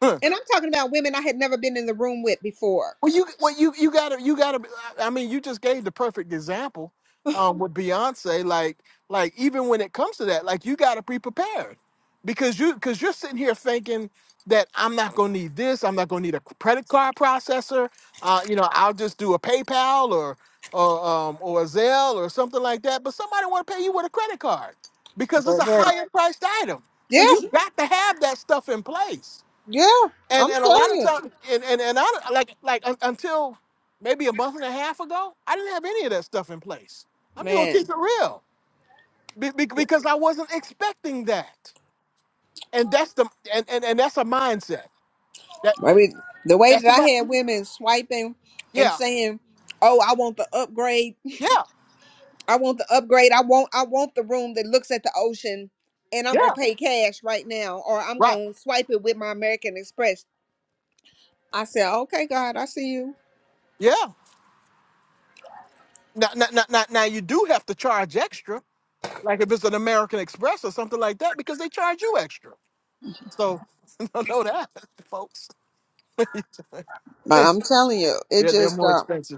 S4: And I'm talking about women I had never been in the room with before.
S1: Well, you well you you gotta you gotta. I mean, you just gave the perfect example um, with Beyonce. Like like even when it comes to that, like you gotta be prepared because you because you're sitting here thinking that I'm not gonna need this. I'm not gonna need a credit card processor. Uh, you know, I'll just do a PayPal or or um, or a Zelle or something like that. But somebody want to pay you with a credit card because it's
S4: But,
S1: a
S4: but,
S1: higher priced item.
S4: Yeah,
S1: So you got to have that stuff in place
S4: yeah.
S1: and
S4: I'm
S1: and a
S4: telling
S1: lot of
S4: you.
S1: times and and, and I like like un- until maybe a month and a half ago i didn't have any of that stuff in place i'm just gonna keep
S4: Man,
S1: it real be, be- because i wasn't expecting that and that's the and and, and that's a mindset that
S4: I mean, the way
S1: that's
S4: that I
S1: about
S4: had women swiping and
S1: yeah
S4: saying, oh, I want the upgrade.
S1: yeah
S4: I want the upgrade. I want, I want the room that looks at the ocean and I'm going
S1: yeah
S4: to pay cash right now or I'm
S1: right
S4: going to swipe it with my American Express. I said, okay, God, I see you.
S1: yeah now, now, now, now now you do have to charge extra like if it's an american express or something like that because they charge you extra so don't know that folks
S4: But
S1: yeah
S4: I'm telling you, it
S1: they're
S4: just,
S1: more
S4: uh,
S1: expensive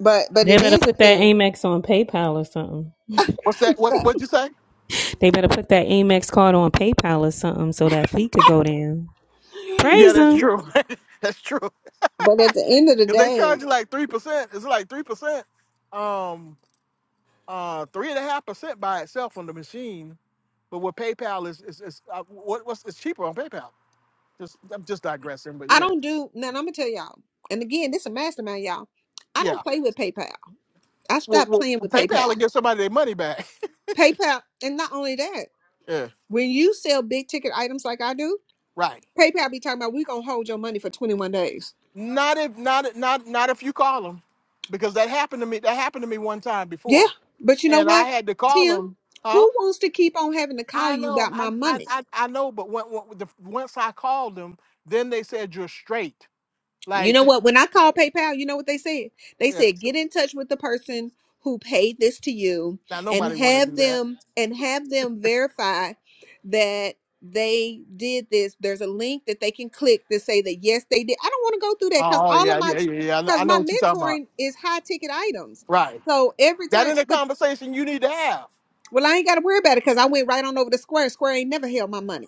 S4: but, but
S8: They
S4: it
S8: better
S4: is a
S8: put that
S4: thing
S8: Amex on PayPal or something.
S1: What's that? What's
S4: But
S1: what'd you say?
S8: They better put that Amex card on PayPal or something so that fee could go down.
S1: Yeah,
S8: Praise
S1: that's
S8: them.
S1: true. that's true.
S4: but at the end of the
S1: If they
S4: day,
S1: charge you like three percent, it's like three percent, um, uh, three and a half percent by itself on the machine. But with PayPal is is, is uh, what what's it's cheaper on PayPal. Just I'm just digressing, but
S4: I
S1: yeah,
S4: don't do now. I'm gonna tell y'all. And again, this a mastermind, y'all. I don't
S1: yeah.
S4: play with PayPal. I
S1: Well,
S4: stopped
S1: well
S4: playing with
S1: PayPal
S4: PayPal.
S1: will give somebody their money back.
S4: PayPal, and not only that,
S1: yeah,
S4: when you sell big ticket items like I do,
S1: right.
S4: PayPal be talking about we gonna hold your money for 21 days.
S1: Not if not if- not not if you call them, because that happened to me. That happened to me one time
S4: Yeah,
S1: before,
S4: but you know
S1: and I
S4: what,
S1: had to call
S4: Tim?
S1: them.
S4: Who wants to keep on having to call
S1: I
S4: you
S1: know,
S4: about
S1: I,
S4: my
S1: I,
S4: money?
S1: I, I know, but when, when, the, once I called them, then they said you're straight.
S4: You
S1: Like,
S4: know what? When I called PayPal, you know what they said? They said
S1: yes,
S4: get in touch with the person who paid this to you
S1: now
S4: and
S1: nobody want to do
S4: have
S1: that.
S4: them and have them verify that they did this. There's a link that they can click to say that yes, they did. I don't want to go through that because
S1: Oh
S4: all of
S1: yeah,
S4: my
S1: yeah, yeah, yeah. I know,
S4: because
S1: I know
S4: my
S1: what you're talking about.
S4: mentoring is high ticket items.
S1: Right.
S4: So every
S1: That
S4: time,
S1: in a
S4: but
S1: conversation you need to have.
S4: well, I ain't got to worry about it because I went right on over to Square. Square ain't never held my money.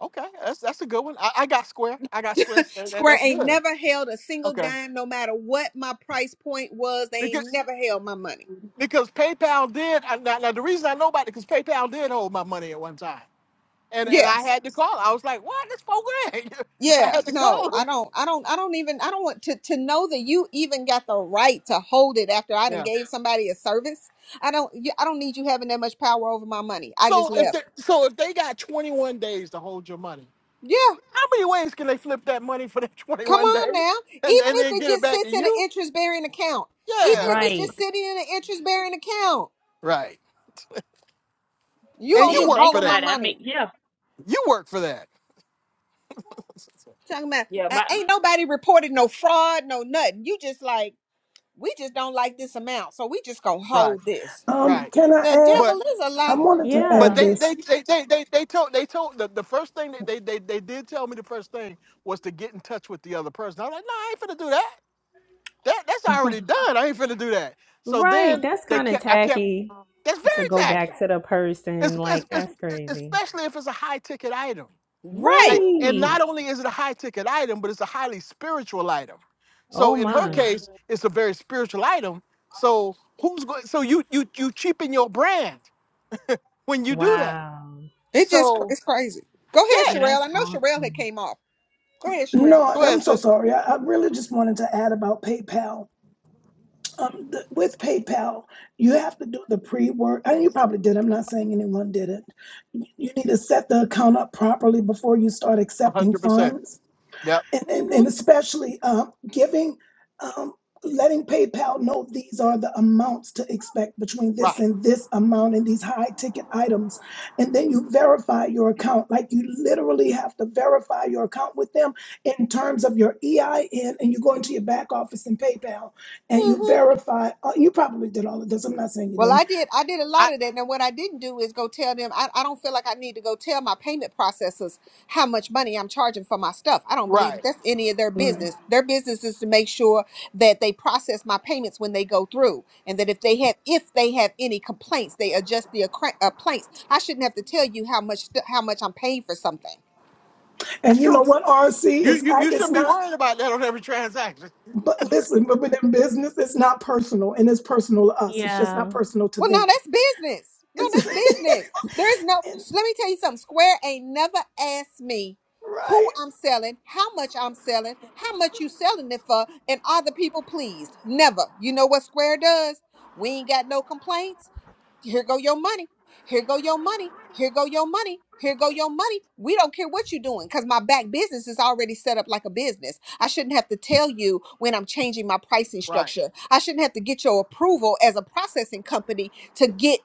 S1: Okay, that's that's a good one. I, I got square. I got square. That, that-
S4: Square
S1: that's
S4: ain't
S1: good.
S4: never held a single
S1: Okay,
S4: dime, no matter what my price point was. They ain't
S1: because
S4: never held my money.
S1: because PayPal did. I, now, now the reason I know about it because PayPal did hold my money at one time, and and I
S4: Yes.
S1: had to call. I was like, what? This for grand. I
S4: Yeah.
S1: had to
S4: No,
S1: call
S4: I
S1: them.
S4: don't. I don't. I don't even. I don't want to to know that you even got the right to hold it after I done
S1: Yeah.
S4: gave somebody a service. I don't. you- I don't need you having that much power over my money. I just
S1: So if
S4: left.
S1: they so if they got 21 days to hold your money,
S4: Yeah.
S1: how many ways can they flip that money for that
S4: Come
S1: 21 days
S4: on now. Even
S1: and, and
S4: if
S1: then
S4: it
S1: get it
S4: just
S1: back to
S4: sits in an
S1: you?
S4: interest bearing account. Even if
S1: Yeah.
S4: it's
S8: Right.
S4: just sitting in an interest bearing account,
S1: Right.
S4: you
S2: But
S1: And
S4: gonna
S1: you
S2: then
S4: just
S1: work
S2: think
S1: for
S4: hold my
S1: that.
S2: about it. I mean,
S4: money.
S2: yeah,
S1: You work for that.
S4: Talking about
S2: yeah.
S4: uh,
S2: My,
S4: ain't nobody reported no fraud, no nothing. You just like we just don't like this amount, so we just gonna
S1: Right.
S4: hold this.
S9: Um,
S1: Right.
S9: can I
S4: The
S9: add?
S1: But
S4: devil is a
S9: I
S4: lie.
S9: wanted to
S1: but
S9: add
S8: Yeah.
S1: they
S9: this.
S1: they they they they, they told they told the, the first thing that they, they they did tell me the first thing was to get in touch with the other person. I'm like, no, I ain't finna do that. That that's already done. I ain't finna do that. So
S8: right.
S1: then
S8: That's
S1: they
S8: kind of
S1: kept I kept
S8: tacky
S1: that's
S8: to
S1: very
S8: go
S1: tacky
S8: back to the
S1: it's,
S8: person.
S1: it's,
S8: Like,
S1: it's,
S8: that's crazy.
S1: especially if it's a high ticket item.
S4: Right.
S1: Like, and
S8: Right.
S1: not only is it a high ticket item, but it's a highly spiritual item. So
S8: Oh,
S1: in her
S2: mhm.
S8: my.
S1: case, it's a very spiritual item. So who's going? So you you you cheapen your brand when you do that.
S8: Wow.
S4: It just cr-
S1: So
S4: it's crazy. Go ahead,
S1: yeah,
S8: Yeah,
S4: Sherelle. I
S8: that's
S4: know Sherelle had
S8: awkward.
S4: came off. Go ahead, Sherelle.
S9: No,
S1: go
S9: I'm
S1: ahead,
S9: so
S1: sis.
S9: sorry. I, I really just wanted to add about PayPal. Um, the, with PayPal, you have to do the pre-work, and you probably did. I'm not saying anyone did it. You need to set the account up properly before you start
S1: A
S9: accepting
S1: hundred percent.
S9: funds
S1: Yep.
S9: and, and,
S4: hmm
S9: and especially uh, giving, um, letting PayPal know these are the amounts to expect between this
S1: Right.
S9: and this amount and these high ticket items. And then you verify your account. Like you literally have to verify your account with them in terms of your EIN, and you go into your back office in PayPal and you
S4: hmm
S9: verify. Uh, you probably did all of this. I'm not saying you
S4: Well,
S9: didn't.
S4: I did. I did a
S1: I
S4: lot of that. Now, what I didn't do is go tell them. I, I don't feel like I need to go tell my payment processors how much money I'm charging for my stuff. I don't believe
S1: right.
S4: that that's any of their
S9: Right.
S4: business. Their business is to make sure that they process my payments when they go through, and that if they have if they have any complaints, they adjust the accra- uh, complaints. I shouldn't have to tell you how much st- how much I'm paying for something.
S1: That's
S9: And you know
S1: true.
S9: what, RC?
S1: You
S9: It's,
S1: you
S9: ac-
S1: you
S9: it's
S1: shouldn't be
S9: not.
S1: worried about that on every transaction.
S9: But listen, but within business, it's not personal and it's personal to us. It's just not
S8: Yeah.
S9: personal to
S4: Well, no,
S9: them.
S4: that's business. No,
S9: And
S4: that's business. There is no.
S9: and-
S4: so Let me tell you something. Square ain't never asked me who
S9: right.
S4: I'm selling, how much I'm selling, how much you selling it for, and are the people pleased? Never. You know what Square does? We ain't got no complaints here go your money. Here go your money. Here go your money. Here go your money. We don't care what you're doing because my back business is already set up like a business. I shouldn't have to tell you when I'm changing my pricing
S1: Right.
S4: structure. I shouldn't have to get your approval as a processing company to get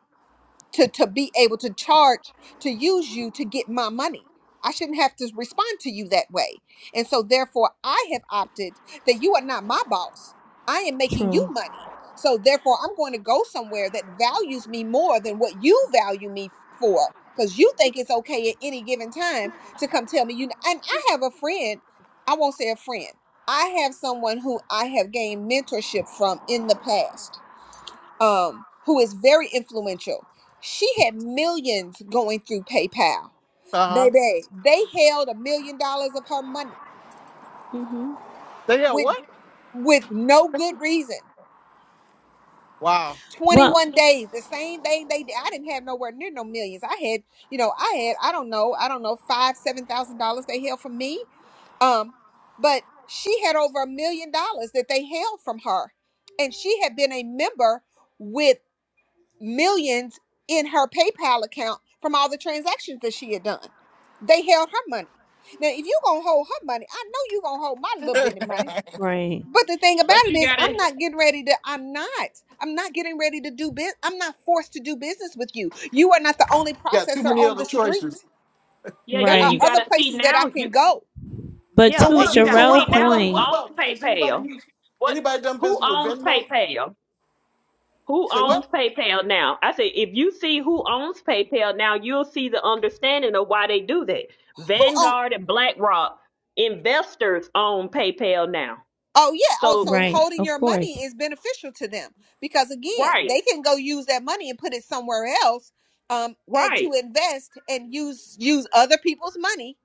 S4: to to be able to charge to use you to get my money i shouldn't have to respond to you that way and so therefore i have opted that you are not my boss i am making you
S8: True.
S4: money so therefore i'm going to go somewhere that values me more than what you value me for because you think it's okay at any given time to come tell me you and i have a friend i won't say a friend i have someone who i have gained mentorship from in the past um, who is very influential. She had millions going through PayPal.
S1: Uh huh.
S4: Baby, they held a million dollars of her money
S8: hmm
S1: They have
S4: with
S1: what?
S4: with no good reason.
S1: Wow.
S8: Well,
S4: 21 days, the same thing they did. I didn't have nowhere near no millions. I had, you know, I had, I don't know, I don't know, five, seven thousand dollars they held from me. Um, but she had over a million dollars that they held from her. And she had been a member with. millions in her PayPal account from all the transactions that she had done. They held her money. Now, if you gonna hold her money, I know you gonna hold my little bit of money.
S8: right.
S4: But the thing about
S2: but
S4: it
S2: you
S4: is, I'm
S2: gotta,
S4: not getting ready to. I'm not. I'm not getting ready to do business. I'm not forced to do business with you. You are not the only
S1: You got too
S4: processor
S1: many
S4: on
S1: other
S4: the street.
S1: choices.
S2: yeah,
S4: There
S2: and
S4: are
S2: you
S8: Right.
S4: other
S2: gotta see
S4: places that I
S2: now.
S4: can
S2: You,
S4: go.
S8: But
S1: So
S2: yeah,
S8: to
S2: and you
S1: what? So
S2: gotta
S8: Sherelle
S1: what?
S2: see
S1: What
S2: now
S1: about?
S2: who
S1: What
S8: point,
S2: owns
S1: about? Is anybody
S2: PayPal.
S1: use
S2: What?
S1: anybody done
S2: Who
S1: business with
S2: owns
S1: Venmo?
S2: PayPal? Who
S1: Say
S2: owns
S1: what?
S2: PayPal now? I say, if you see who owns PayPal now, you'll see the understanding of why they do that.
S4: You
S2: Vanguard and BlackRock investors own PayPal now.
S4: Oh yeah. Oh,
S2: So,
S4: so
S8: right.
S4: holding
S8: Of
S4: your
S8: course.
S4: money is beneficial to them because again,
S2: right,
S4: they can go use that money and put it somewhere else, um, and
S2: right,
S4: to invest and use use other people's money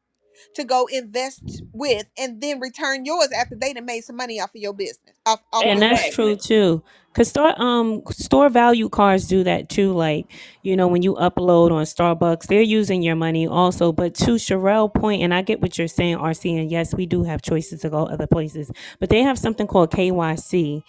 S4: to go invest with, and then return yours after they done made some money off of your business, off off
S8: And
S4: your
S1: Wow.
S8: that's
S4: money.
S8: true
S2: exactly.
S8: too. Cause store um store value cards do that too. Like, you know, when you upload on Starbucks, they're using your money also. But to Sherelle point, and I get what you're saying, RC, and yes, we do have choices to go other places, but they have something called KYC.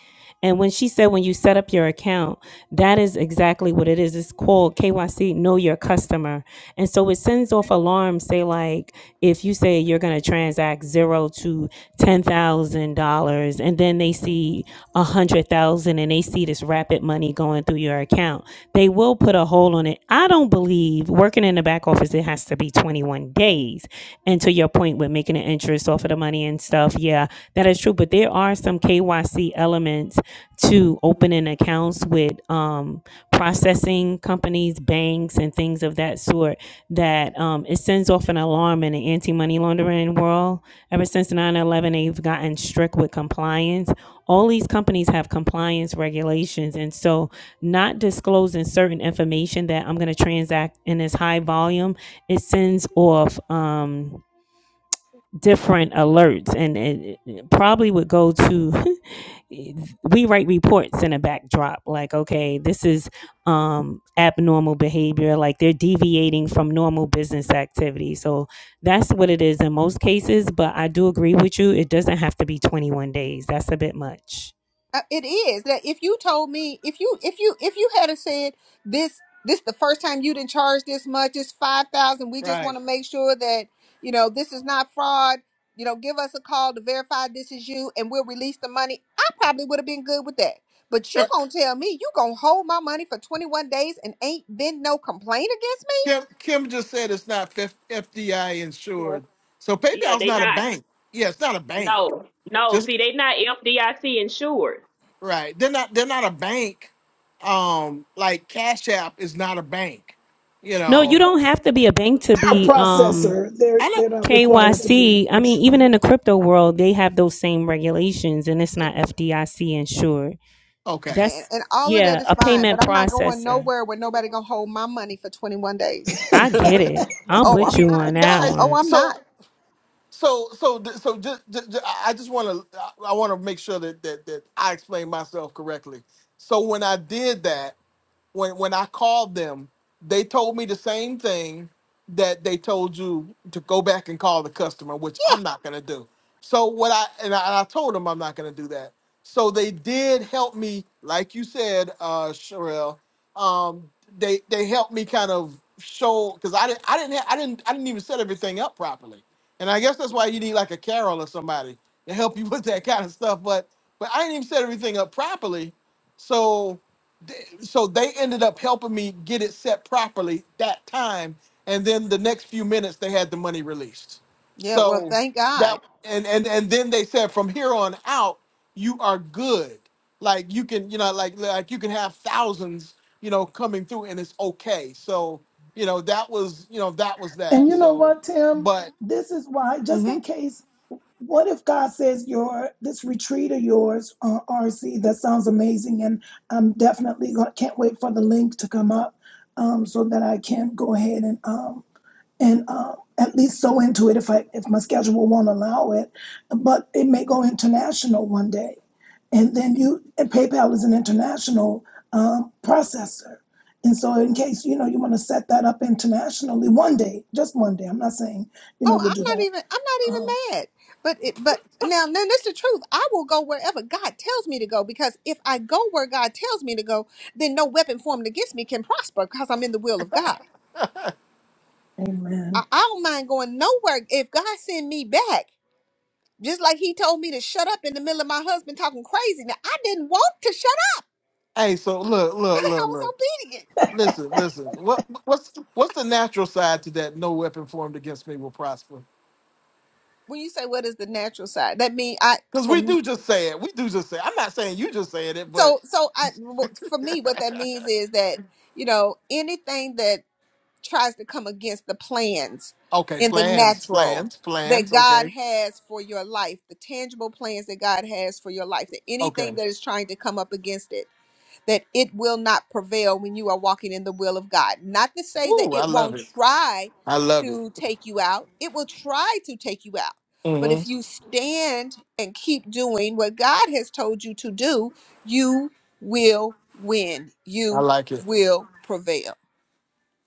S8: And when she said when you set up your account, that is exactly what it is. It's called KYC, know your customer. And so it sends off alarms, say like if you say you're gonna transact zero to ten thousand dollars and then they see a hundred thousand and they see this rapid money going through your account, they will put a hold on it. I don't believe working in the back office, it has to be 21 days. And to your point with making an interest off of the money and stuff, yeah, that is true. But there are some KYC elements to opening accounts with um, processing companies, banks, and things of that sort that um, it sends off an alarm in the anti money laundering world. Ever since nine eleven, they've gotten strict with compliance all these companies have compliance regulations. And so, not disclosing certain information that I'm going to transact in this high volume, it sends off. Um, different alerts and, and it probably would go to we write reports in a backdrop like okay this is um abnormal behavior like they're deviating from normal business activity so that's what it is in most cases but i do agree with you it doesn't have to be 21 days that's a bit much
S4: Uh, it is that if you told me if you if you if you had a said this this the first time you didn't charge this much it's 5000 we just
S1: Right.
S4: want to make sure that you know this is not fraud you know give us a call to verify this is you and we'll release the money i probably would have been good with that but you gonna tell me you gonna hold my money for 21 days and ain't been no complaint against
S1: Kim
S4: me
S1: Kim just said it's not F- FDI
S2: Yeah,
S1: insured. So
S2: yeah
S1: PayPal's
S2: they
S1: not a
S2: not.
S1: bank. Yeah, it's not a bank.
S2: No, no.
S1: Just
S2: See, they not FDIC insured.
S1: right. They're not. They're not a bank. Um, like Cash App is not a bank. You
S8: No, you
S1: know.
S8: don't have to be a bank to
S9: They're a
S8: be um
S9: processor. They're
S1: I know.
S9: they're not required to be
S8: KYC. I mean, even
S9: insured.
S8: in the crypto world, they have those same regulations and it's not FDIC insured.
S1: Okay,
S8: That's
S4: and, and all of that
S8: yeah,
S4: is
S8: a
S4: fine, but
S8: payment
S4: I'm not going
S8: processor.
S4: nowhere where nobody gonna hold my money for 21 days.
S8: I get it. I'm
S4: Oh,
S8: with
S4: I'm
S8: you
S4: not.
S8: on that
S1: guys.
S4: Oh,
S8: one.
S4: I'm not.
S1: So So, so, th- so, just, I just want to, I want to make sure that, that that I explain myself correctly. So when I did that, when when I called them, they told me the same thing that they told you to go back and call the customer, which I'm not gonna do. So what I and I, and I told them I'm not gonna do that. So they did help me, like you said, uh, Sherelle. Um, they they helped me kind of show because I didn't I didn't ha- I didn't I didn't even set everything up properly. And I guess that's why you need like a Carol or somebody to help you with that kind of stuff. But but I didn't even set everything up properly, so th- so they ended up helping me get it set properly that time. And then the next few minutes they had the money released.
S4: Yeah, well,
S1: So
S4: thank God.
S1: that and and and then they said from here on out you are good. Like you can you know like like you can have thousands you know coming through and it's okay. So you know that was you know that was
S9: And
S1: that.
S9: you know
S1: So
S9: what, Tim?
S1: but.
S9: This is why, just
S1: mm-hmm.
S9: in case, what if God says your this retreat of yours, uh, RC, that sounds amazing, and I'm definitely going can't wait for the link to come up, um, so that I can go ahead and um, and um, at least so into it if I if my schedule won't allow it. But it may go international one day, and then you and PayPal is an international um, processor, and so in case you know you want to set that up internationally one day, just one day. I'm not saying you know
S4: Oh,
S9: you'll
S4: I'm
S9: do
S4: not
S9: that.
S4: even I'm not
S9: Um,
S4: even mad. But it but now then that's the truth. I will go wherever God tells me to go because if I go where God tells me to go, then no weapon formed against me can prosper because I'm in the will of God. I,
S9: amen.
S4: I don't mind going nowhere if God send me back. Just like he told me to shut up in the middle of my husband talking crazy. Now I didn't want to shut up,
S1: Hey, so look, look,
S4: but I
S1: look,
S4: was
S1: look.
S4: obedient.
S1: Listen, listen. What what's what's the natural side to that? No weapon formed against me will prosper.
S4: When you say what is the natural side, that mean I
S1: Because we
S4: from
S1: do just say it. We do just say. I'm not saying you just saying it,
S4: so
S1: but
S4: so I for me what that means is that you know anything that tries to come against the plans
S1: okay,
S4: in the
S1: plans,
S4: natural
S1: plans,
S4: that
S1: plans.
S4: God
S1: Okay,
S4: has for your life, the tangible plans that God has for your life, that
S1: okay.
S4: anything that is trying to come up against it, that it will not prevail when you are walking in the will of God. Not to say that
S1: Woo, I
S4: it
S1: love
S4: won't
S1: it.
S4: try
S1: I love it.
S4: to take you out, it will try to take you out. But
S1: hmm
S4: if you stand and keep doing what God has told you to do, you will win.
S1: I
S4: You
S1: like it.
S4: will prevail.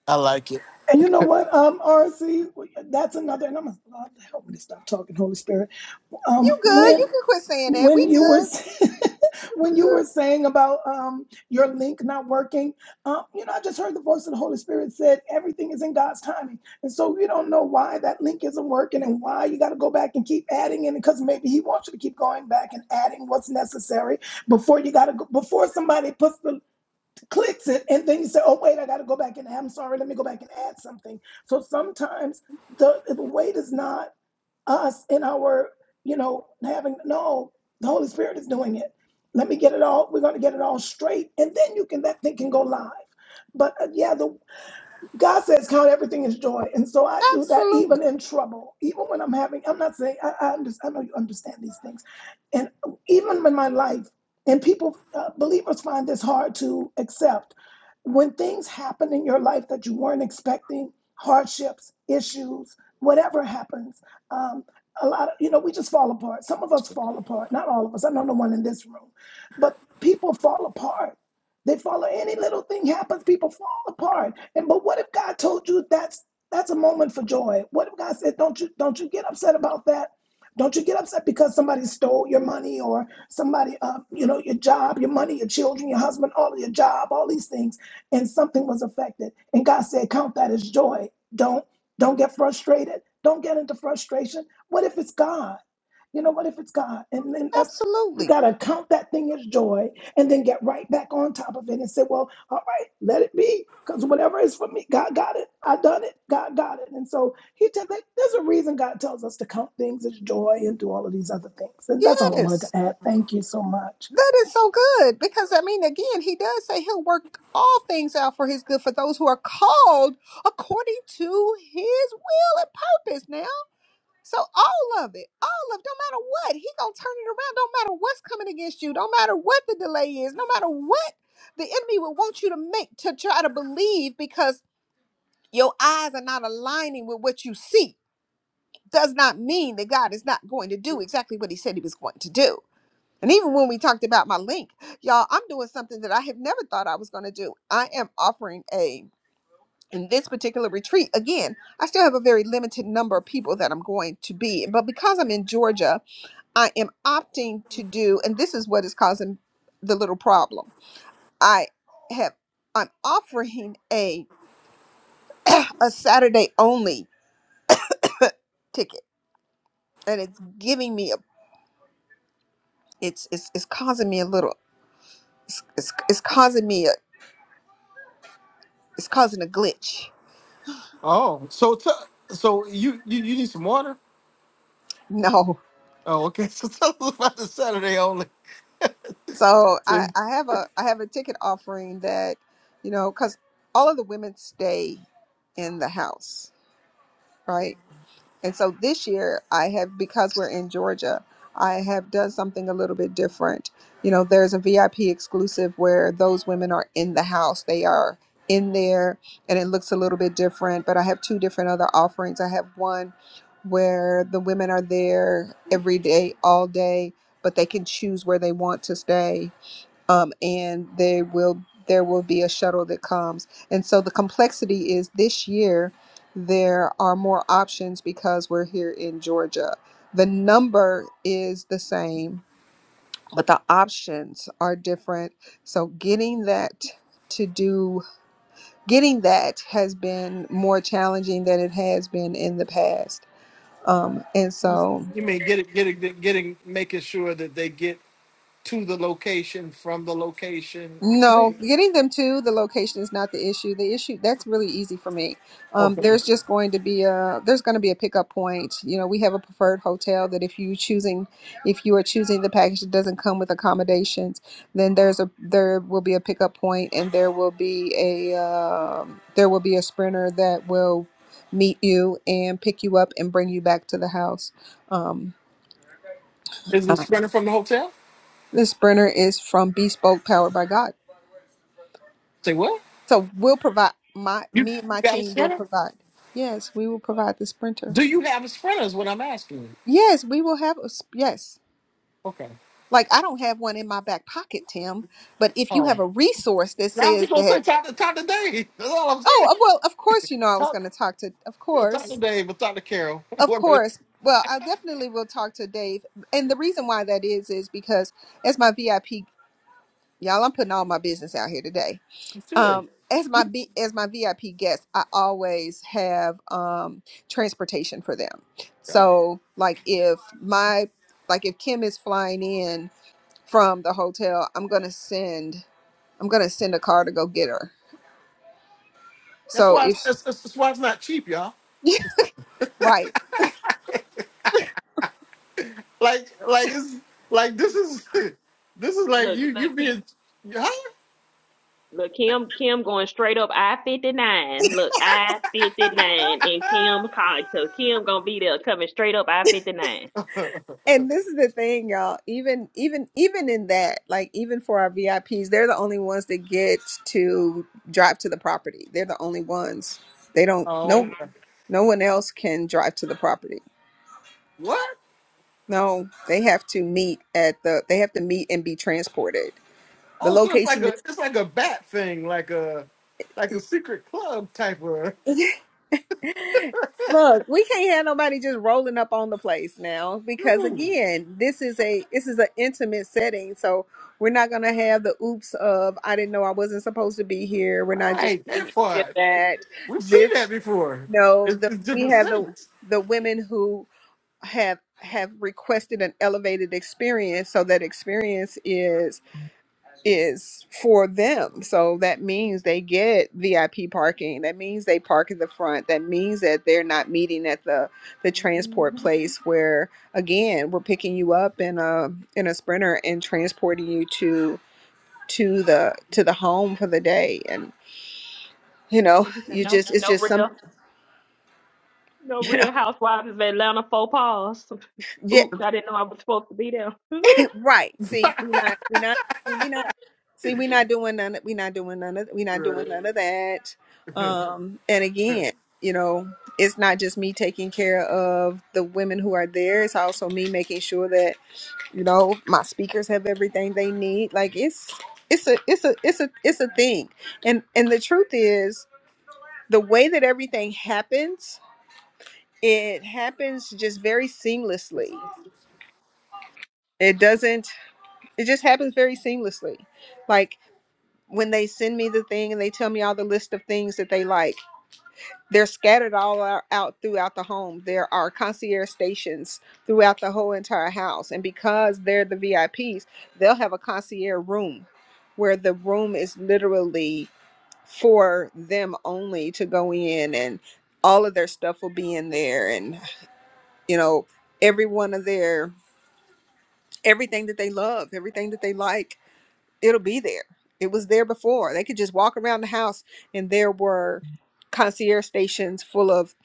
S1: I like it.
S9: And you know what, um, RC, that's another, and I'm gonna oh, help me to stop talking, Holy Spirit.
S4: You
S9: Um,
S4: good.
S9: when
S4: You can quit saying that. We
S9: when you were
S4: good.
S9: when you
S4: Good.
S9: were saying about um, your link not working um, you know i just heard the voice of the holy spirit said everything is in god's timing and so you don't know why that link isn't working and why you got to go back and keep adding in because maybe he wants you to keep going back and adding what's necessary before you got to go before somebody puts the clicks it and then you say oh wait i got to go back and i'm sorry let me go back and add something so sometimes the, the wait is not us in our, you know, having no, the Holy Spirit is doing it. Let me get it all. We're going to get it all straight, and then you can that thing can go live. But uh, yeah, the God says, count everything as joy. And so I do that even
S4: Absolutely.
S9: in trouble, even when I'm having, I'm not saying, I, I, under, I know you understand these things. And even in my life, and people, uh, believers find this hard to accept. When things happen in your life that you weren't expecting, hardships, issues, whatever happens, um, a lot of, you know, we just fall apart. Some of us fall apart, not all of us. I know no one in this room, but people fall apart they follow any little thing happens, people fall apart. And but what if God told you that's that's a moment for joy? What if God said, Don't you don't you get upset about that? Don't you get upset because somebody stole your money or somebody, uh, you know, your job, your money, your children, your husband, all of your job, all these things, and something was affected. And God said, count that as joy. Don't don't get frustrated. Don't get into frustration. What if it's God? You know, what if it's God? And then that's we
S4: Absolutely.
S9: gotta count that thing as joy and then get right back on top of it and say, well, all right, let it be. Because whatever is for me, God got it. I done it. God got it. And so he te- there's a reason God tells us to count things as joy and do all of these other things. And that's all I wanted
S4: Yes.
S9: to add. Thank you so much.
S4: That is so good because I mean, again, he does say he'll work all things out for his good for those who are called according to his will and purpose. Now, so all of it, all of don't matter what, he gonna turn it around. Don't matter what's coming against you. Don't matter what the delay is. No matter what the enemy will want you to make to try to believe because your eyes are not aligning with what you see does not mean that God is not going to do exactly what he said he was going to do. And even when we talked about my link, y'all, I'm doing something that I have never thought I was going to do. I am offering a in this particular retreat again i still have a very limited number of people that i'm going to be but because i'm in georgia i am opting to do and this is what is causing the little problem i have i'm offering a a saturday only ticket and it's giving me a it's it's, it's causing me a little it's, it's, it's causing me a, it's causing a glitch
S1: Oh, so t- so you, you you need some water?
S4: no
S1: Oh, okay. So tell us about the Saturday only.
S4: so
S1: So
S4: I,
S1: you
S4: I have a i have a ticket offering that you know because all of the women stay in the house right And so this year, I have, because we're in Georgia, I have done something a little bit different. You know, there's a VIP exclusive where those women are in the house, they are in there, and it looks a little bit different. But I have two different other offerings. I have one where the women are there every day, all day, but they can choose where they want to stay um, and they will there will be a shuttle that comes. And so the complexity is this year there are more options because we're here in Georgia. The number is the same, but the options are different. So getting that to do getting that has been more challenging than it has been in the past. Um, and so
S1: mean get it, get it, getting, making sure that they get to the location, from the location, etc.
S4: No, getting them to the location is not the issue. The issue that's really easy for me. Um,
S1: Okay.
S4: there's just going to be a there's going to be a pickup point. You know, we have a preferred hotel that if you choosing if you are choosing the package that doesn't come with accommodations, then there's a there will be a pickup point and there will be a um there will be a sprinter that will meet you and pick you up and bring you back to the house. Um,
S1: Is the
S4: uh,
S1: sprinter from the hotel?
S4: the sprinter is from Bespoke, powered by God.
S1: Say what?
S4: So we'll provide my
S1: You,
S4: me and
S1: you
S4: my
S1: got a
S4: team will
S1: sprinter?
S4: provide. Yes, we will provide the sprinter.
S1: Do you have a sprinter? Is what I'm asking. you.
S4: Yes, we will have a s- yes.
S1: Okay.
S4: Like I don't have one in my back pocket, Tim, but if you have
S1: Oh,
S4: a resource that
S1: I was
S4: says
S1: just gonna
S4: that
S1: say talk to talk to Dave. That's all I'm
S4: Oh,
S1: saying.
S4: uh, well, of course you know I was
S1: Talk,
S4: going to talk to of
S1: yeah, talk to
S4: course.
S1: Dave, but talk to Carol.
S4: Of
S1: What are you
S4: course. Well, I definitely will talk to Dave. And the reason why that is is because as my VIP, y'all, I'm putting all my business out here today
S1: doing?
S4: Um, as my B, as my VIP guests, I always have um, transportation for them.
S1: Yeah.
S4: So, like if my like if Kim is flying in from the hotel, I'm gonna send I'm gonna send a car to go get her.
S1: That's
S4: So
S1: why it's,
S4: if
S1: it's, it's, that's why it's not cheap, y'all.
S4: right,
S1: Like like it's like this is this is like
S2: Look,
S1: you
S2: look,
S1: you
S2: Kim,
S1: being.
S2: look, Kim, Kim going straight up I fifty nine. Look, I fifty nine, and Kim, calling so Kim gonna be there coming straight up I 59
S4: and this is the thing, y'all. Even even even in that, like even for our VIPs, they're the only ones that get to drive to the property. They're the only ones. They don't
S1: oh,
S4: no
S1: okay.
S4: no one else can drive to the property.
S1: What?
S4: No, they have to meet at the they have to meet and be transported. The
S1: Oh, so it's like
S4: location
S1: a it's like a bat thing, like a like a secret club type of.
S4: is Look, we can't have nobody just rolling up on the place now because
S1: Ooh,
S4: again, this is a this is an intimate setting. So we're not gonna have the oops of I didn't know I wasn't supposed to be here. We're not doing
S1: right, that
S4: any of
S1: part
S4: that.
S1: we've seen
S4: This
S1: that before.
S4: no,
S1: It's,
S4: the
S1: it's
S4: we
S1: different
S4: have the
S1: things.
S4: the women who have have requested an elevated experience. So that experience is is for them. So that means they get VIP parking. That means they park at the front. That means that they're not meeting at the the transport place where again, we're picking you up in a in a sprinter and transporting you to to the to the home for the day and you know,
S2: What you said?
S4: you
S2: No,
S4: just it's
S2: no
S4: just some
S2: real, no
S4: you know,
S2: real housewives of Atlanta faux pas.
S4: yeah.
S2: Oops, I didn't know I was supposed to be there.
S4: Right. See, we not we not see we not see we not doing none of we not doing none of we not doing
S1: Right.
S4: none of that. Um and again, you know, it's not just me taking care of the women who are there, it's also me making sure that, you know, my speakers have everything they need. Like it's it's a it's a it's a it's a thing. And and the truth is the way that everything happens, it happens just very seamlessly. It doesn't it just happens very seamlessly. Like when they send me the thing and they tell me all the list of things that they like they're scattered all ou- out throughout the home there are concierge stations throughout the whole entire house and because they're the vips they'll have a concierge room where the room is literally for them only to go in and all of their stuff will be in there and you know every one of their everything that they love everything that they like it'll be there. It was there before. They could just walk around the house and there were concierge stations full of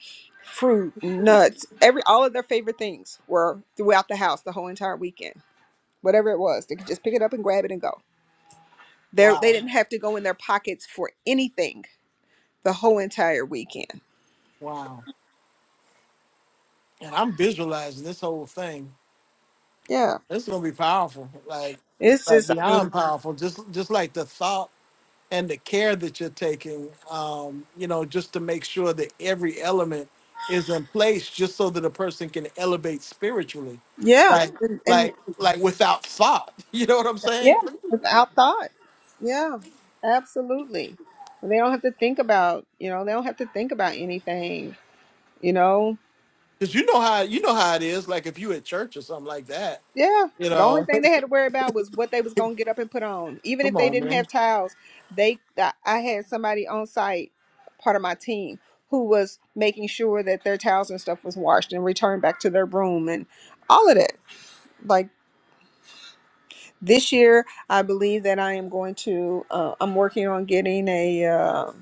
S4: fruit, nuts, every all of their favorite things were throughout the house the whole entire weekend. Whatever it was, they could just pick it up and grab it and go. There, they
S1: Wow,
S4: didn't have to go in their pockets for anything the whole entire weekend.
S1: wow. And I'm visualizing this whole thing.
S4: Yeah.
S1: It's gonna be powerful, like
S4: It's
S1: like
S4: just I mean,
S1: beyond powerful. Just just like the thought. and the care that you're taking, um, you know, just to make sure that every element is in place, just so that a person can elevate spiritually,
S4: yeah.
S1: like,
S4: And, and
S1: like, like without thought. You know what I'm saying?
S4: yeah, without thought. Yeah. Absolutely. They don't have to think about, you know, they don't have to think about anything, you know
S1: Because you know how you know how it is. Like if you at church or something like that,
S4: Yeah.
S1: you
S4: The only
S1: know.
S4: thing they had to worry about was what they was gonna get up and put on. Even if
S1: Come
S4: they
S1: on,
S4: didn't
S1: man.
S4: have towels, they I I had somebody on site, part of my team, who was making sure that their towels and stuff was washed and returned back to their room and all of that. Like this year, I believe that I am going to. Uh, I'm working on getting a uh,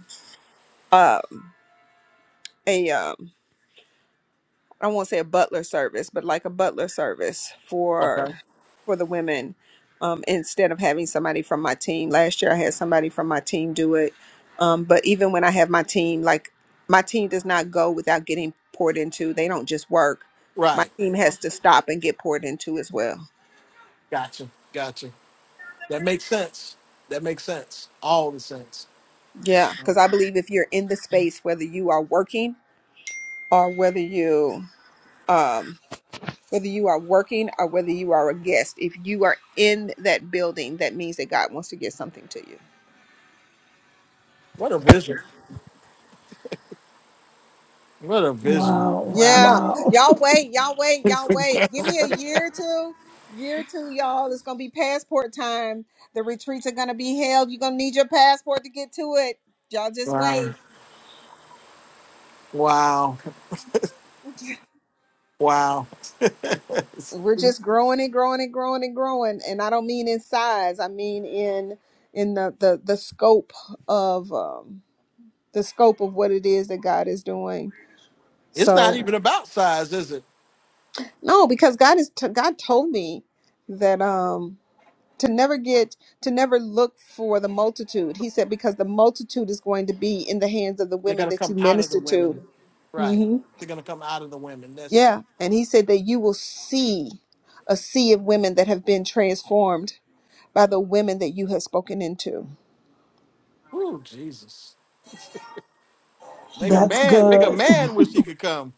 S4: uh, a. uh, I won't say a butler service, but like a butler service for
S1: Okay.
S4: for the women. Um, instead of having somebody from my team, last year I had somebody from my team do it. Um, but even when I have my team, like my team does not go without getting poured into. They don't just work. My
S1: Right.
S4: team has to stop and get poured into as well.
S1: Gotcha. Gotcha. That makes sense. That makes sense. All the sense.
S4: Yeah, because I believe if you're in the space, whether you are working or whether you um, whether you are working or whether you are a guest. If you are in that building, that means that God wants to get something to you.
S1: What a vision. What a vision.
S9: Wow.
S1: Wow.
S4: Yeah.
S9: Wow.
S4: Y'all wait, y'all wait, y'all wait. Give me a year or two. Year two, y'all. It's gonna be passport time. The retreats are gonna be held. You're gonna need your passport to get to it. Y'all just
S1: wow.
S4: wait.
S1: Wow. Wow.
S4: We're just growing and growing and growing and growing. And I don't mean in size. I mean in in the the, the scope of um the scope of what it is that God is doing.
S1: It's not
S4: So.
S1: even about size, is it?
S4: No, because God is t- God told me that um to never get to never look for the multitude. He said because the multitude is going to be in the hands of the
S1: They're
S4: women
S1: gonna
S4: that you
S1: come out of the
S4: minister to.
S1: women, right?
S4: hmm
S1: They're gonna come out of the women. That's
S4: Yeah, and he said that you will see a sea of women that have been transformed by the women that you have spoken into.
S1: ooh, Jesus. Make a
S9: That's
S1: man, make a
S9: good.
S1: man wish he could come.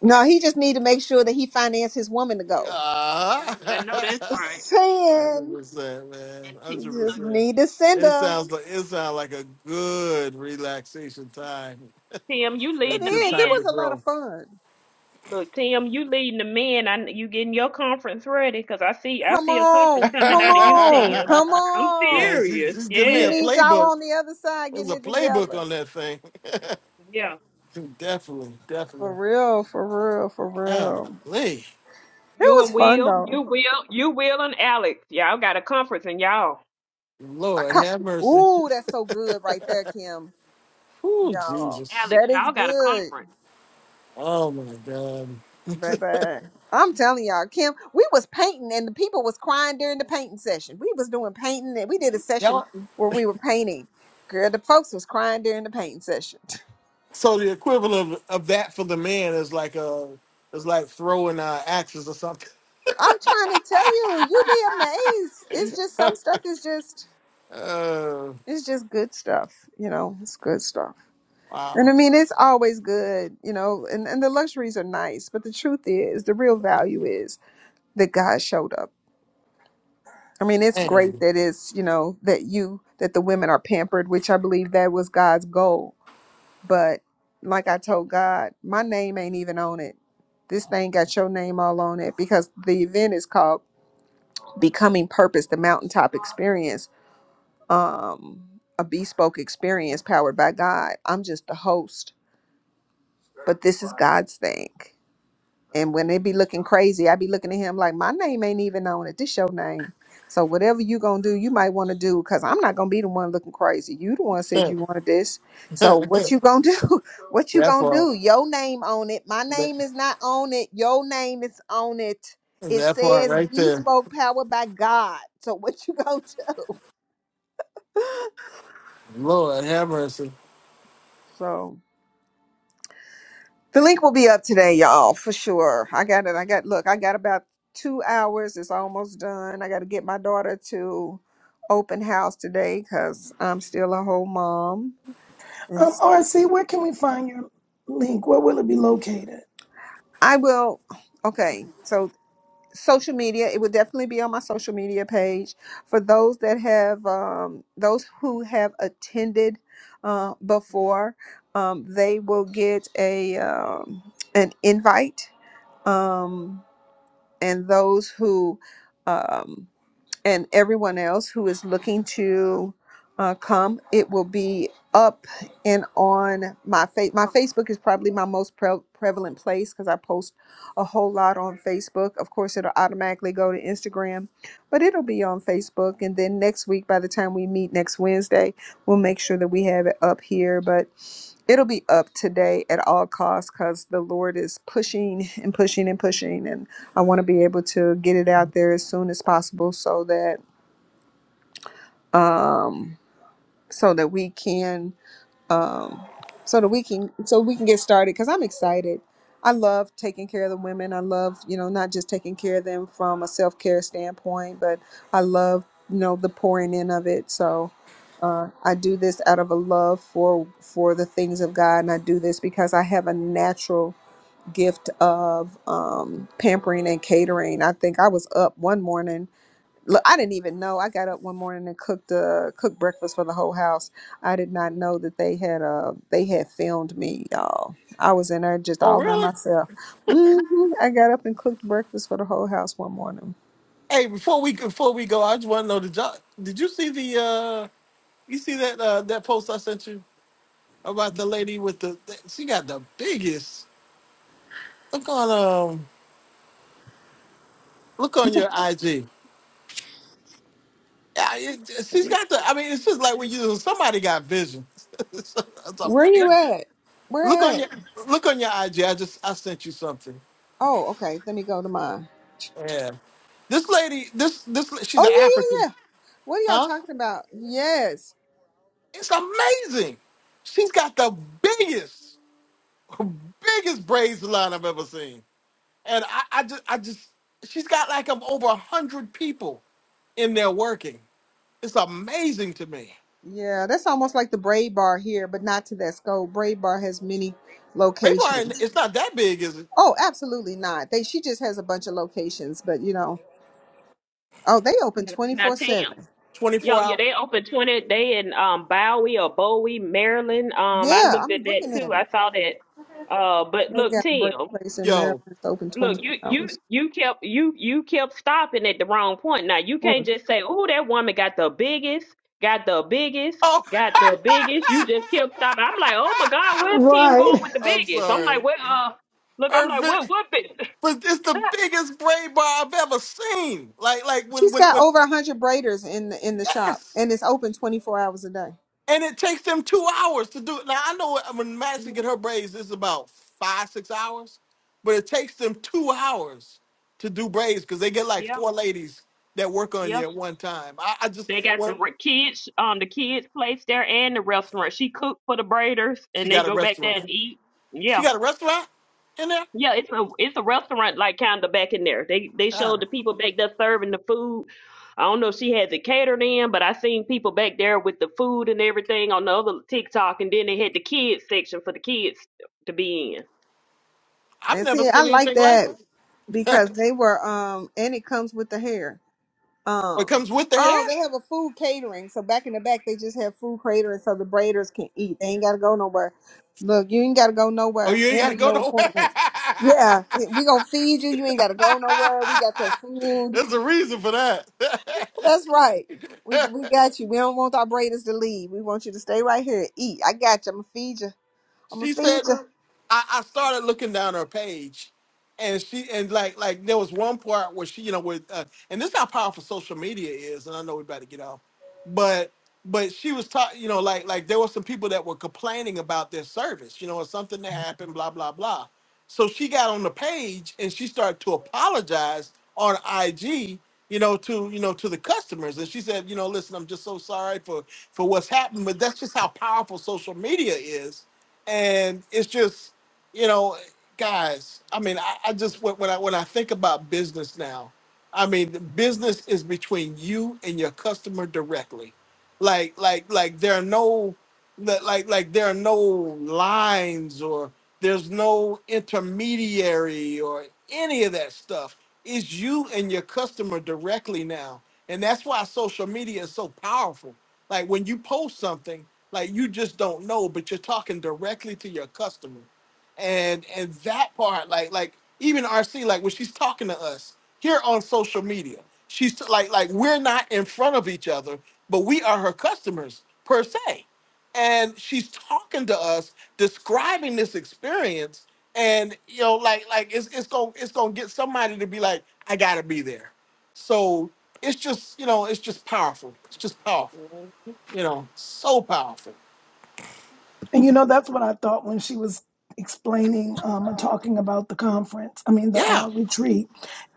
S4: No, he just need to make sure that he financed his woman to go.
S1: Ah,
S2: I know that's right.
S1: hundred
S4: Saying,
S1: percent, man,
S2: And Tim,
S4: you
S1: hundred
S4: just
S2: look,
S1: percent.
S4: need to send
S1: It
S4: her.
S1: sounds like it sounds like a good relaxation time,
S2: Tim, you
S1: a
S4: It
S2: leading the
S1: good
S4: is. It
S1: time
S2: men.
S4: was
S1: to
S4: a lot of
S1: grow.
S4: fun.
S2: Look, Tim, you leading the men. I you getting your conference ready? Cause I see, I
S4: Come
S2: see a conference
S4: on,
S2: coming
S4: come
S1: man,
S2: out of you,
S4: on,
S2: Tim.
S4: come
S2: I'm
S4: on.
S1: she's,
S2: serious.
S1: she's giving
S4: We
S1: me a
S2: Yes.
S4: need y'all
S1: playbook.
S4: on the other side
S1: There's
S4: getting
S1: a
S4: it
S1: playbook
S4: together.
S1: on that thing.
S2: Yeah.
S1: Definitely,
S4: For
S1: definitely.
S4: real, for real, for real.
S1: Golly.
S4: It
S2: You
S4: was
S2: and
S4: fun
S2: Will,
S4: though.
S2: you will, you will and Alex. Y'all got a conference and y'all.
S4: I
S1: Lord,
S4: come.
S1: have mercy.
S4: Ooh, that's so good right there, Kim.
S1: Oh,
S2: You will
S4: Y'all,
S2: and
S1: Jesus.
S2: Alex,
S4: that is
S2: y'all got a
S4: good,
S2: conference.
S1: Oh, my God.
S4: baby. I'm telling y'all, Kim, we was painting and the people was crying during the painting session. We was doing painting and we did a
S2: Mhm.
S4: session where we were painting. Girl, the folks was crying during the painting session.
S1: so the equivalent of, of that for the man is like uh is like throwing uh, axes or something.
S4: I'm trying to tell you, you be amazed. It's just some stuff is just
S1: Oh,
S4: it's just good stuff, you know. It's good stuff. And
S1: wow.
S4: I mean, it's always good, you know, and, and the luxuries are nice, but the truth is, the real value is that God showed up. I mean, it's great
S1: Man.
S4: that it's, you know, that you, that the women are pampered, which I believe that was God's goal. But like I told God, my name ain't even on it. This thing got your name all on it because the event is called Becoming Purpose, the Mountaintop Experience um, a bespoke experience powered by God. I'm just the host, but this is God's thing. And when they be looking crazy, I be looking at him like my name ain't even on it. This your name. So whatever you gonna do, you might want to do because I'm not gonna be the one looking crazy. You the one said you
S1: that
S4: wanted this. So what you gonna do? What you gonna
S1: part.
S4: do? Your name on it. My
S1: That,
S4: name is not on it. Your name is on it. It
S1: that part
S4: says
S1: right there.
S4: bespoke powered by God. So what you gonna do?
S1: Lord, have mercy.
S4: So The link will be up today, y'all, for sure. I got it. I got look, I got about two hours. It's almost done. I gotta get my daughter to open house today because I'm still a whole mom.
S9: Um,
S4: It's
S9: RC, where can we find your link? Where will it be located?
S4: I will okay, so social media, it will definitely be on my social media page. For those that have um those who have attended uh before, um, they will get a um an invite. Um and those who um, and everyone else who is looking to uh, come it will be up and on my face my facebook is probably my most pre- prevalent place because i post a whole lot on facebook of course it'll automatically go to instagram but it'll be on facebook and then next week by the time we meet next wednesday we'll make sure that we have it up here but it'll be up today at all costs because the lord is pushing and pushing and pushing and. I want to be able to get it out there as soon as possible so that um so that we can um so that we can so we can get started cuz I'm excited. I love taking care of the women. I love, you know, not just taking care of them from a self-care standpoint, but I love, you know, the pouring in of it. So uh, I do this out of a love for for the things of God, and I do this because I have a natural gift of um, pampering and catering. I think I was up one morning look, I didn't even know. I got up one morning and cooked uh cooked breakfast for the whole house. I did not know that they had uh they had filmed me, y'all. I was in there just
S1: Oh,
S4: all by
S1: really?
S4: myself. hmm I got up and cooked breakfast for the whole house one morning.
S1: Hey, before we before we go, I just want to know the job. did you see the uh you see that uh that post I sent you about the lady with the she got the biggest Look on um, look
S4: You
S1: on
S4: think,
S1: your IG. Yeah, it, she's got the. I mean, it's just like when you somebody got vision. It's a- it's a
S4: where you
S1: thing.
S4: at?
S1: look
S4: Where
S1: on
S4: at?
S1: your look on your IG. I just I sent you something.
S4: Oh, okay. Let me go to mine.
S1: Yeah, this lady, this this she's
S4: Oh
S1: an
S4: yeah,
S1: African,
S4: yeah, yeah. What are y'all
S1: huh?
S4: talking about? Yes.
S1: It's amazing. She's got the biggest, biggest braids line I've ever seen, and I, I just I just she's got like of over a hundred people in there working. It's amazing to me.
S4: Yeah, that's almost like the braid bar here, but not to that scope. Braid bar has many
S1: Rainbow
S4: locations.
S1: Island, it's not that big, is it?
S4: Oh, absolutely not. They she just has a bunch of locations, but you know, oh, they open twenty
S2: Now,
S4: four
S2: Tim.
S4: seven.
S1: 24
S2: Yo, yeah,
S1: hours,
S2: they open 20. They in um Bowie or Bowie, Maryland. Um, I
S4: Yeah,
S2: looked at
S4: I'm
S2: that
S4: looking
S2: too.
S4: at it.
S2: I saw that. Uh, but
S4: They
S2: look,
S4: got a
S2: Tim,
S4: braid place in Maryland
S1: Yo.
S4: that's open twenty
S2: look,
S4: four
S2: you
S4: hours.
S2: you you kept you you kept stopping at the wrong point. Now you can't
S4: Or-
S2: just say, "Oh, that woman got the biggest, got the biggest,
S1: Oh.
S2: got the biggest." You just kept stopping. I'm like, oh my God, where's Tim
S9: Right.
S2: going with the
S1: I'm
S2: biggest? I'm like,
S1: sorry.
S2: what? uh, look, I'm like, what
S1: Perfect.
S2: what big?
S1: But it's the biggest braid bar I've ever seen. Like, like when,
S4: She's
S1: when,
S4: got
S1: when,
S4: over a hundred braiders in the in the shop,
S1: yes.
S4: and it's open twenty four hours a day.
S1: And it takes them two hours to do it. Now, I know when Madison get her braids, it's about five, six hours. But it takes them two hours to do braids because they get like
S2: yeah,
S1: four ladies that work on
S2: yeah.
S1: you at one time. I, I just,
S2: They got the
S1: well,
S2: re- kids, um, the kids' place there and the restaurant. She cooked for the Braiders,
S1: she
S2: and they
S1: got a
S2: go back there
S1: restaurant.
S2: and eat.
S1: She
S2: Yeah,
S1: got a restaurant in there?
S2: yeah, it's a it's a restaurant like kind of back in there. They they showed
S1: God,
S2: the people back there serving the food. I don't know if she has it catered in, but I seen people back there with the food and everything on the other TikTok, and then they had the kids section for the kids to be in.
S1: I've
S4: And
S1: never
S4: see, I
S1: seen
S4: like
S1: anything like
S4: that
S1: it.
S4: because they were um, and it comes with the hair.
S1: Oh, it
S4: Um.
S1: comes with the hair?
S4: Oh, they have a food catering. So back in the back, they just have food catering, so the braiders can eat. They ain't gotta go nowhere. Look, you ain't gotta go
S1: Oh,
S4: nowhere,
S1: you ain't
S4: and
S1: got to
S4: there's
S1: go
S4: no
S1: nowhere.
S4: appointments. Yeah, eh, we gonna feed you. You ain't gotta go nowhere. We got your food.
S1: There's a reason for that.
S4: That's right. We we got you. We don't want our braiders to leave. We want you to stay right here, and eat. I got you. I'm gonna feed you. I'm gonna
S1: she
S4: feed
S1: said,
S4: you.
S1: I, I started looking down her page, and she and like like there was one part where she you know with uh, and this is how powerful social media is, and I know we about to get off. but but she was talking you know like like there were some people that were complaining about their service you know or something that happened blah blah blah so she got on the page and she started to apologize on ig you know to you know to the customers and she said you know listen i'm just so sorry for for what's happened but that's just how powerful social media is and it's just you know guys i mean i, I just when when i when i think about business now I mean, the business is between you and your customer directly. Like, like, like there are no, like, like like there are no lines or there's no intermediary or any of that stuff. It's you and your customer directly now, and that's why social media is so powerful. Like when you post something, like you just don't know, but you're talking directly to your customer and and that part like like even rc like when she's talking to us here on social media she's t- like like we're not in front of each other but we are her customers per se and she's talking to us describing this experience and you know like like it's, it's gonna it's gonna get somebody to be like i gotta be there so it's just you know it's just powerful it's just powerful
S2: Mhm.
S1: you know so powerful
S9: And you know, that's what I thought when she was explaining um, and talking about the conference, I mean, the
S1: yeah
S9: uh, retreat.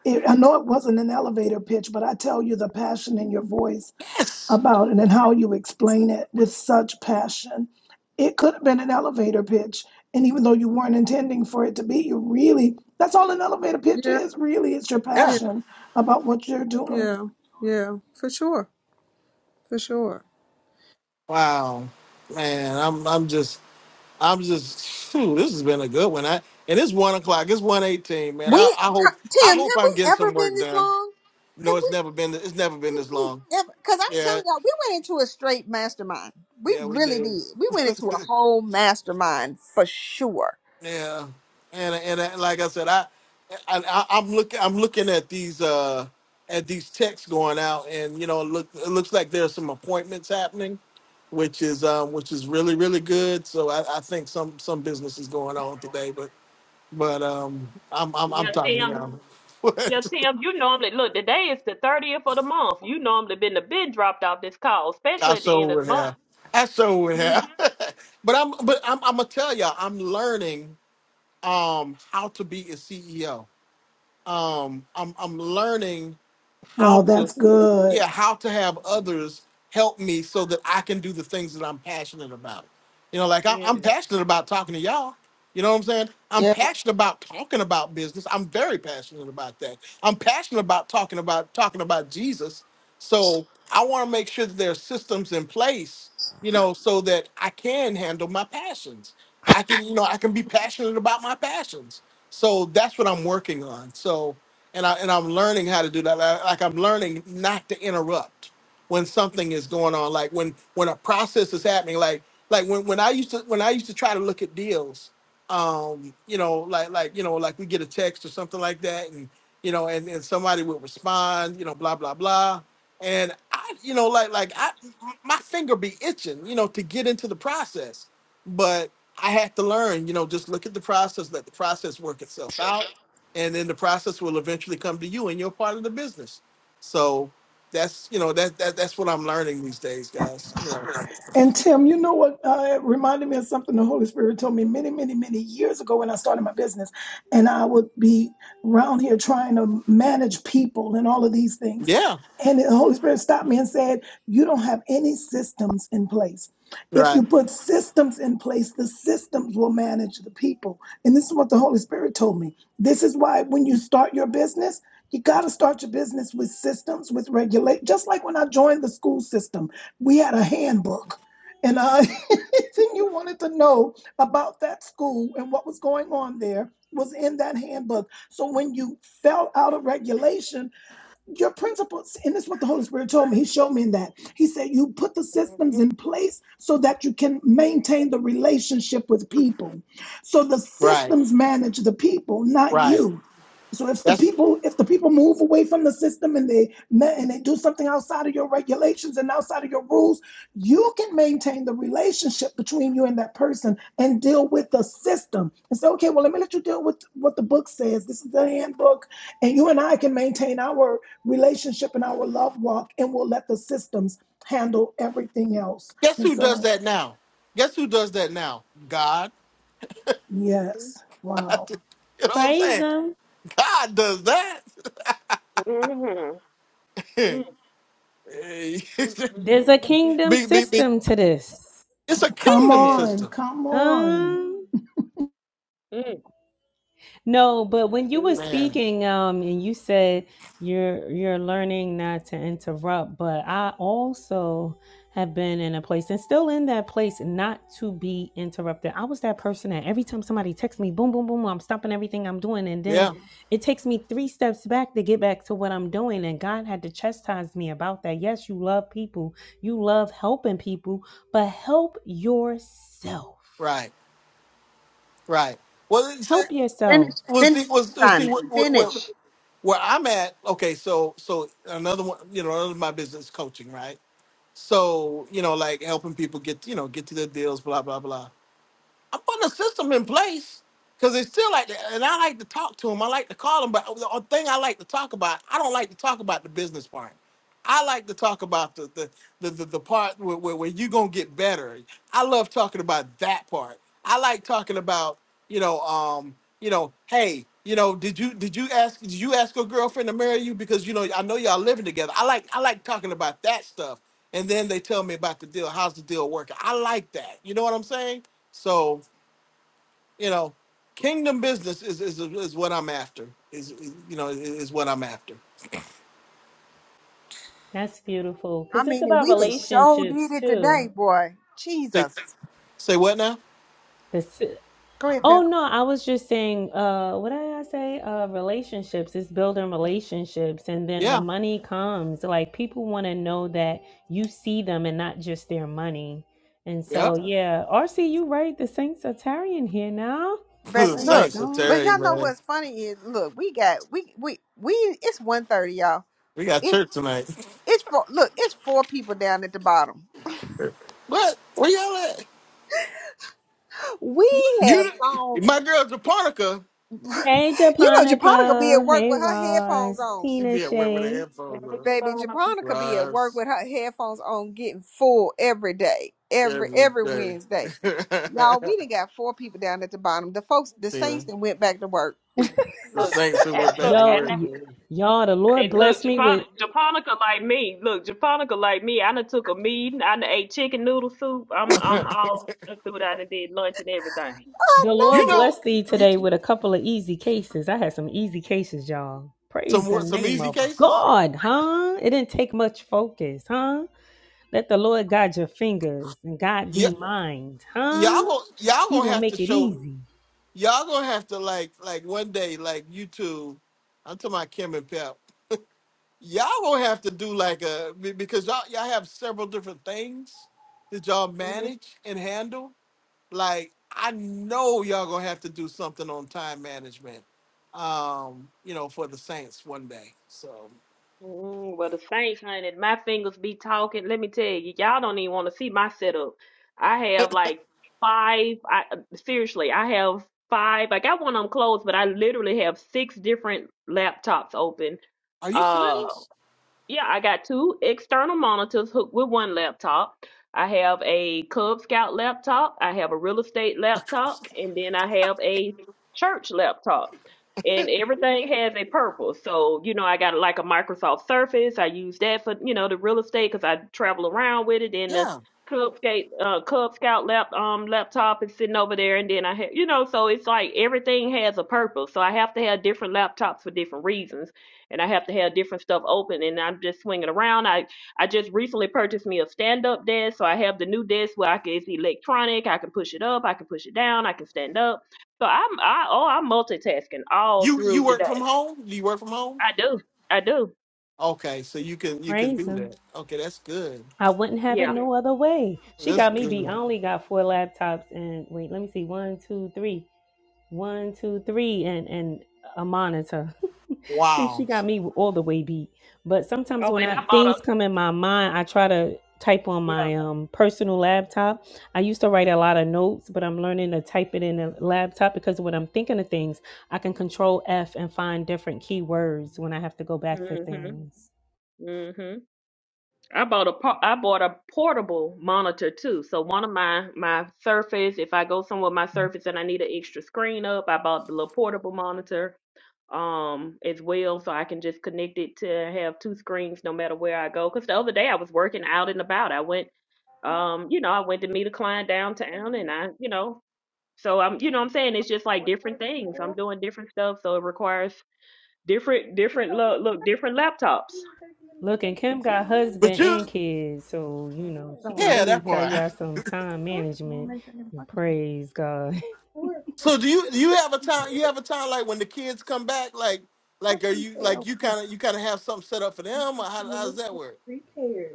S9: It, I know it wasn't an elevator pitch, but I tell you the passion in your voice
S1: yes
S9: about it and how you explain it with such passion. It could have been an elevator pitch. And even though you weren't intending for it to be, you really, that's all an elevator pitch
S4: Yeah,
S9: is really, it's your
S1: Yeah.
S4: yeah,
S9: passion about what you're doing.
S4: yeah, yeah. For sure, for sure.
S1: Wow, man, I'm I'm just I'm just phew, this has been a good one. I and it's one o'clock. It's one eighteen, man.
S4: We
S1: I, I hope I
S4: Tim,
S1: hope
S4: have we
S1: I'm getting
S4: ever
S1: some
S4: been
S1: work
S4: this
S1: done.
S4: long? Have
S1: No, it's
S4: we?
S1: never been it's never been
S4: Did
S1: this
S4: we
S1: long.
S4: ever? Because I'm
S1: Yeah,
S4: telling y'all, we went into a straight mastermind. We
S1: yeah, we
S4: really
S1: did.
S4: did. We went into a whole mastermind for sure.
S1: Yeah, and and uh, like I said, I, I I- I'm looking I'm looking at these uh at these texts going out, and you know, it look it looks like there's some appointments happening, which is um which is really really good. So I, I think some some business is going on today, but but um I'm I'm I'm
S2: Yeah,
S1: talking
S2: Tim.
S1: about
S2: Yeah,
S1: what
S2: Tim. You normally look. Today is the thirtieth of the month. You normally been the been dropped off this call,
S1: I
S2: especially at the
S1: sure
S2: end of the
S1: would have I sure would
S2: month.
S1: have, but I'm but I'm I'm gonna tell y'all I'm learning um how to be a CEO um I'm I'm learning how
S9: Wow,
S1: to
S9: that's good.
S1: yeah, how to have
S2: And
S1: others help me so that I can do the things that I'm passionate about. You know, like I'm,
S2: yes.
S1: I'm passionate about talking to y'all. You know what I'm saying? I'm
S4: Yeah.
S1: passionate about talking about business. I'm very passionate about that. I'm passionate about talking about talking about Jesus. So I want to make sure that there are systems in place, you know, so that I can handle my passions. I can, you
S2: Mhm.
S1: know, I can be passionate about my passions. So that's what I'm working on. So, and I and I'm learning how to do that. Like like I'm learning not to interrupt when something is going on like when when a process is happening like like when, when i used to when i used to try to look at deals um you know like like you know like we get a text or something like that and you know and, and somebody would respond you know blah blah blah and i you know like like i my finger be itching you know to get into the process but i had to learn you know just look at the process let the process work itself out and then the process will eventually come to you and you're part of the business so that's you know that, that that's what I'm learning these days, guys. You know.
S9: And Tim, you know what? Uh, it reminded me of something the Holy Spirit told me many, many, many years ago when I started my business. And I would be around here trying to manage people and all of these things.
S1: Yeah.
S9: And the Holy Spirit stopped me and said, You don't have any systems in place. If
S1: Right.
S9: you put systems in place, the systems will manage the people. And this is what the Holy Spirit told me. This is why when you start your business, you got to start your business with systems, with regulate. Just like when I joined the school system, we had a handbook and I, anything you wanted to know about that school and what was going on there was in that handbook. So when you fell out of regulation, your principles and this is what the holy spirit told me he showed me in that he said you put the systems
S2: Mhm.
S9: in place so that you can maintain the relationship with people so the
S1: Right.
S9: systems manage the people not
S1: Right.
S9: you so if the
S1: That's
S9: people if the people move away from the system and they ma- and they do something outside of your regulations and outside of your rules you can maintain the relationship between you and that person and deal with the system and say okay well let me let you deal with what the book says this is the handbook and you and I can maintain our relationship and our love walk, and we'll let the systems handle everything else.
S1: guess
S9: And
S1: who does
S9: so,
S1: that now? Guess who does that now? God.
S9: yes, wow.
S1: You know what I'm
S8: Praise
S1: saying?
S8: him.
S1: God does that.
S2: Mhm. Mhm.
S1: Eh,
S8: There's a kingdom
S1: be, be, be.
S8: system to this.
S1: It's a
S9: Come
S1: kingdom
S2: Yes.
S9: on,
S1: system,
S9: come on.
S8: Um,
S2: Mm.
S8: no, but when you were
S2: Good.
S1: man.
S8: speaking, um, and you said you're you're learning not to interrupt, but I also have been in a place and still in that place not to be interrupted. I was that person that every time somebody texts me, boom, boom, boom, I'm stopping everything I'm doing, and then
S1: Yeah.
S8: it takes me three steps back to get back to what I'm doing. And God had to chastise me about that. Yes, you love people, you love helping people, but help yourself
S1: Right. Right. Well, it's, it
S8: Help yourself.
S4: Finish,
S1: was the
S4: finish the
S1: was was see
S4: assignment.
S1: what, what,
S4: Finish.
S1: where I'm at, okay, so so another one, you know, another of my business is coaching, right? So, you know, like helping people get, you know, get to their deals, blah, blah, blah. I'm putting a system in place because it's still like that. And I like to talk to them. I like to call them. But the only thing I like to talk about, I don't like to talk about the business part. I like to talk about the the the, the, the part where, where, where you're gonna get better. I love talking about that part. I like talking about, you know, um, you know, hey, you know, did you did you ask did you ask your girlfriend to marry you? Because you know, I know y'all living together. I like I like talking about that stuff. And then they tell me about the deal. How's the deal working? I like that. You know what I'm saying? So you know, kingdom business is is, is what I'm after. Is, is you know is, is what I'm after.
S8: That's beautiful
S4: I
S8: because it's
S4: mean, and
S8: about
S4: we just so
S8: relationships
S4: did it today,
S8: too.
S4: boy.
S1: Say
S4: Jesus.
S1: say what now?
S8: This
S4: Go ahead,
S8: Oh
S4: Pip.
S8: no, I was just saying, uh, what did I say? Uh, relationships. It's building relationships, and then the
S1: Yeah,
S8: money comes. Like people want to know that you see them and not just their money. And
S1: yeah.
S8: so, yeah, RC, you right. The Saints are tarrying here now.
S4: But
S8: Praise
S4: look,
S1: Saints of
S8: God.
S4: but
S1: Terry,
S4: y'all know
S1: man.
S4: what's funny is look, we got we we we. It's one you y'all.
S1: We got
S4: It
S1: church tonight.
S4: it's four. Look, it's four people down at the bottom.
S1: what? Where y'all at?
S4: We have
S1: You,
S4: gone.
S1: my girl Japonica,
S8: Hey,
S4: You know, Japonica be at
S8: Japonica.
S4: work
S8: Hey,
S4: with her headphones
S8: Ross.
S4: on.
S1: she
S8: Tina
S1: be at work with her
S8: Shay.
S2: And
S1: headphones
S2: I
S1: on.
S2: just
S4: Baby
S2: follow my-
S4: Jabronica be at work
S1: Rise
S4: with her headphones on, getting full every day, every
S1: every
S4: every
S1: day.
S4: Wednesday. Y'all, we done got four people down at the bottom. The folks, the
S1: yeah.
S4: Saints, that went back to work.
S1: The
S2: Look,
S1: Saints who went
S2: and
S1: back
S2: look,
S1: to
S2: and I,
S8: Yo,
S1: work.
S2: know.
S8: y-
S1: Man.
S8: y'all, the Lord
S2: hey, look,
S8: blessed me with
S2: Japonica, Japonica like me. Look, Japonica like me. I done took a meeting. I done ate chicken noodle soup. I'm, I'm all through. I done did lunch and everything.
S4: I
S8: The
S4: know
S1: you
S8: Lord
S4: it.
S1: know,
S8: bless thee
S1: you-
S8: today with a couple of easy cases. I had some easy cases, y'all.
S1: some
S8: Praise the
S1: what? Some
S8: name
S1: easy
S8: of
S1: cases.
S8: God, huh? It didn't take much focus, huh? Let the Lord guide your fingers and guide
S1: Yeah,
S8: thee mind,
S1: y'all
S8: huh?
S1: gonna y'all
S8: He
S1: gonna
S8: will
S1: have to
S8: make it
S1: show
S8: easy.
S1: y'all gonna have to like like one day like YouTube. I'm talking about Kim and Pep. Y'all gonna have to do like a be- because y'all y'all have several different things that y'all manage and handle. Like I know y'all gonna have to do something on time management. Um, you know, for the Saints one day. So
S2: Mm, well, the Saints, honey, my fingers be talking. Let me tell you, y'all don't even want to see my setup. I have like five. I seriously, I have five. I got one of them closed, but I literally have six different laptops open.
S1: are you
S2: Uh,
S1: serious?
S2: yeah, I got two external monitors hooked with one laptop. I have a Cub Scout laptop, I have a real estate laptop, and then I have a church laptop. And everything has a purpose. So, you know, I got like a Microsoft Surface. I use that for, you know, the real estate because I travel around with it. And the
S1: Yeah.
S2: Cub Scout, uh, Cub Scout lap, um, laptop is sitting over there. And then I have, you know, so it's like everything has a purpose. So I have to have different laptops for different reasons and I have to have different stuff open and I'm just swinging around. I I just recently purchased me a stand up desk, so I have the new desk where I can it's electronic. I can push it up, I can push it down, I can stand up. So I'm I oh I'm multitasking all
S1: You you
S2: through the
S1: work from
S2: day.
S1: home? Do you work from home?
S2: I do, I do,
S1: Okay, so you can you can
S8: Praise
S1: do
S8: him.
S1: that. Okay, that's good.
S8: I wouldn't have it
S2: yeah.
S8: no other way. She
S1: That's
S8: got me beat.
S1: good.
S8: I only got four laptops and wait, let me see. One, two, three. One, two, three, and and a monitor.
S1: Wow.
S8: she got me all the way beat. But sometimes
S2: Oh,
S8: when
S2: and
S8: I
S2: I bought
S8: things
S2: a
S8: come in my mind, I try to type on
S2: yeah.
S8: my um personal laptop. I used to write a lot of notes, but I'm learning to type it in a laptop because when I'm thinking of things, I can control F and find different keywords when I have to go back to
S2: Mhm,
S8: things.
S2: mhm. I bought a po- I bought a portable monitor too. So one of my my Surface, if I go somewhere with my Surface and I need an extra screen up, I bought the little portable monitor um as well, so I can just connect it to have two screens no matter where I go. Because the other day I was working out and about. I went um you know I went to meet a client downtown and I you know so I'm you know what I'm saying it's just like
S4: Four
S2: different things. I'm
S4: thirty-four.
S2: doing different stuff, so it requires different different look look different laptops.
S4: You didn't take them
S8: Look, and
S4: today from
S8: Kim got
S4: school.
S1: But
S8: husband
S1: you
S8: and kids, so you know she
S4: Don't want
S8: can
S4: to make.
S1: yeah,
S8: really
S1: that
S8: tell
S1: part.
S8: y'all some time
S4: Huh? Don't want to
S8: management.
S4: make that in
S8: And
S4: parking space.
S8: praise God.
S4: Four
S1: So
S4: o'clock.
S1: do you do you have a time you have a time like when the kids come back, like
S4: What
S1: like are
S4: pre
S1: you
S4: care?
S1: like you kinda you kinda have something set up for them or how, how does that work?
S4: Pre care.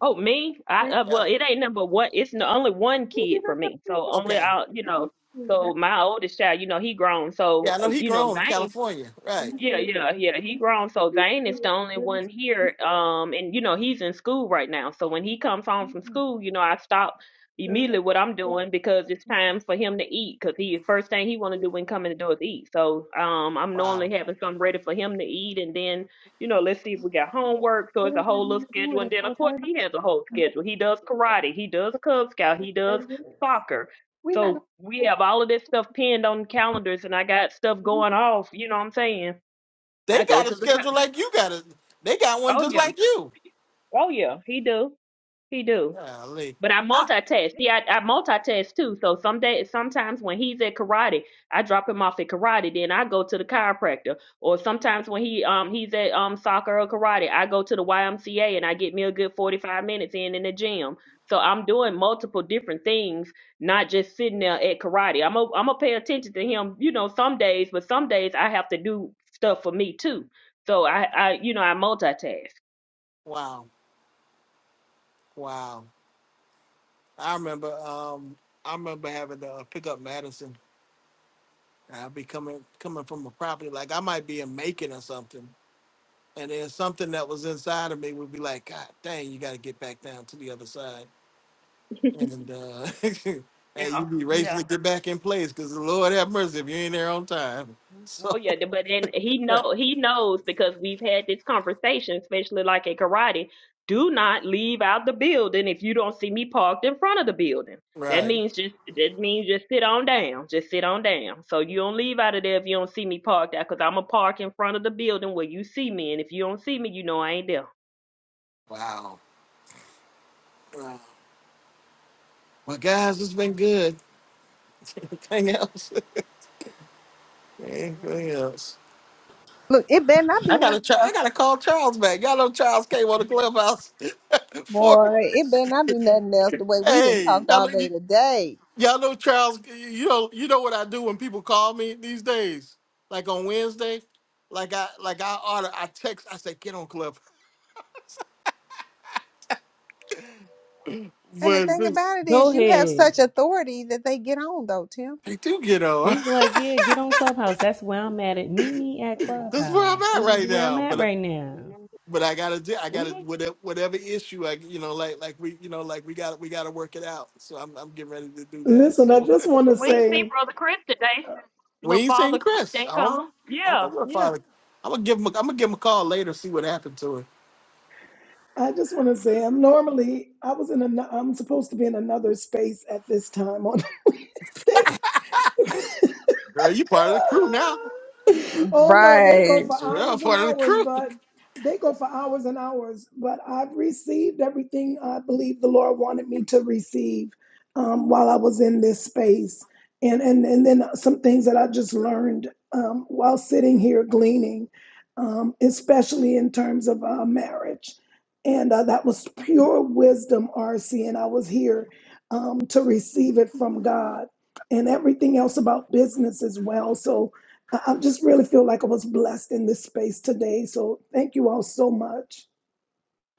S2: Oh, me? I
S4: Pre.
S2: uh,
S1: Yeah.
S2: well, it ain't number one. It's n- only one
S4: You do
S2: kid
S4: not
S2: for
S4: have
S2: me, so
S4: pre care.
S2: only
S1: Okay.
S2: I, you know. So
S4: That's
S2: my oldest child, you know, he grown.
S1: Yeah,
S2: So
S1: I
S2: uh,
S1: know he
S2: you know,
S1: grown in
S2: Names.
S1: California. Right.
S2: Yeah,
S4: the
S2: yeah, yeah. He
S4: easy.
S2: grown. So Zane is the only one here. Um, and you know, he's in school right now. So when he comes home from school, you know, I stop
S4: So
S2: immediately what I'm doing because it's
S4: that.
S2: time for him to eat. Cause he first thing he want to do when coming to do is eat. So um, I'm normally
S1: Wow.
S2: having something ready for him to eat, and then you know, let's see if we got homework. So it's a whole little schedule, and then of course he has a whole schedule. He does karate, he does Cub Scout, he does soccer.
S4: We not
S2: So we
S4: gonna
S2: have all of this stuff pinned on calendars, and I got stuff going off. You know what I'm saying?
S1: They
S2: I go
S1: got a
S2: to the
S1: schedule
S2: con-
S1: like you got it. They got one
S2: oh
S1: just
S2: yeah,
S1: like you.
S2: oh yeah, he do, he do.
S1: Golly.
S2: But I
S1: I,
S2: multitask. See, I, I multitask too. So some day, sometimes when he's at karate, I drop him off at karate. Then I go to the chiropractor. Or sometimes when he um he's at um soccer or karate, I go to the YMCA and I get me a good forty five minutes in in the gym. So I'm doing multiple different things, not just sitting there at karate. I'm a, I'm gonna pay attention to him, you know, some days, but some days I have to do stuff for me too. So I I you know I multitask.
S1: wow. Wow. I remember um I remember having to uh, pick up Madison. I'd be coming coming from a property like I might be in Macon or something And then something that was inside of me would be like, God dang, you got to get back down to the other side. And uh, and
S2: Yeah,
S1: you be
S2: yeah.
S1: racing to get back in place because the Lord have mercy if you ain't there on time.
S2: Oh
S1: So,
S2: yeah, th- but then he know he knows because we've had this conversation, especially like at karate. Do not leave out the building if you don't see me parked in front of the building. That
S1: right.
S2: means just that means just sit on down, just sit on down. So you don't leave out of there if you don't see me parked out, cause I'ma park in front of the building where you see me, and if you don't see me, you know I ain't there.
S1: Wow. Well, guys, it's been good. Anything else?
S2: Mm-mm.
S1: Anything else?
S4: look. It better not be
S1: I
S4: nothing,
S1: gotta try. I gotta call Charles back. Y'all know Charles came on the clubhouse for me.
S4: boy. It better not be nothing else. The way we didn't
S1: Hey,
S4: talked all
S1: y'all,
S4: day today.
S1: Y'all know Charles. You know, you know what I do when people call me these days. Like on Wednesday, like I like I order, I text, I say get on club,
S4: And the
S1: but
S4: thing
S1: this-
S4: about it
S8: Go
S4: is, you have
S8: ahead.
S4: such authority that they get on though, Tim.
S1: they do get on.
S8: It's like, yeah, get on Clubhouse. That's where I'm at. It meet me at
S1: this is where I'm
S8: Clubhouse.
S1: at
S8: This is
S1: right
S8: where I'm
S1: now.
S8: at
S1: But
S8: right now.
S1: but I gotta do, I
S2: We
S1: gotta
S2: ain't-
S1: whatever whatever issue I you know like like we you know like we got we gotta work it out. So I'm I'm getting ready to do that.
S9: Listen, I
S1: So
S9: just want to
S2: we ain't see
S9: say,
S2: Brother Chris today.
S1: we
S2: Little
S1: ain't seen
S2: Father Chris,
S1: Chris.
S2: they
S1: I don't
S2: call him.
S1: I don't know
S2: Yeah,
S1: where
S2: yeah.
S1: Father. I'm gonna give him a, I'm gonna give him a call later see what happened to him.
S9: I just want to say, I'm normally, I was in, an, I'm supposed to be in another space at this time on Wednesdays.
S1: Girl, you part of the crew now.
S9: oh no, they go
S4: Right.
S9: for
S1: Sure, I'm
S9: hours and
S1: part of the
S9: hours,
S1: crew.
S9: but they go for hours and hours. But I've received everything I believe the Lord wanted me to receive um, while I was in this space, and and and then some things that I just learned um, while sitting here gleaning, um, especially in terms of uh, marriage. And uh, that was pure wisdom, RC, and I was here um, to receive it from God and everything else about business as well. So I I just really feel like I was blessed in this space today. So thank you all so much.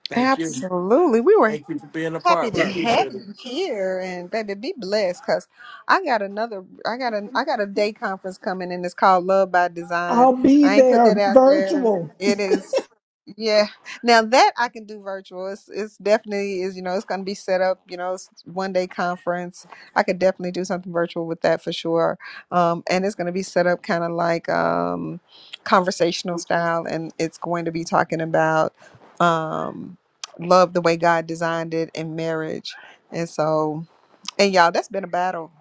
S1: Thank you.
S4: Absolutely. We were
S1: Thank you for being a
S4: happy
S1: part. We
S4: to Right. have
S1: appreciate it.
S4: you here and baby be blessed cuz I got another I got a I got a day conference coming and it's called Love by Design.
S9: I'll be
S4: I ain't put that
S9: there
S4: out there.
S9: virtual.
S4: It is yeah. Now that I can do virtual. It's it's definitely is you know it's going to be set up, you know, it's one day conference. I could definitely do something virtual with that for sure. Um and it's going to be set up kind of like um conversational style and it's going to be talking about um love the way God designed it in marriage. And so, and y'all, that's been a battle.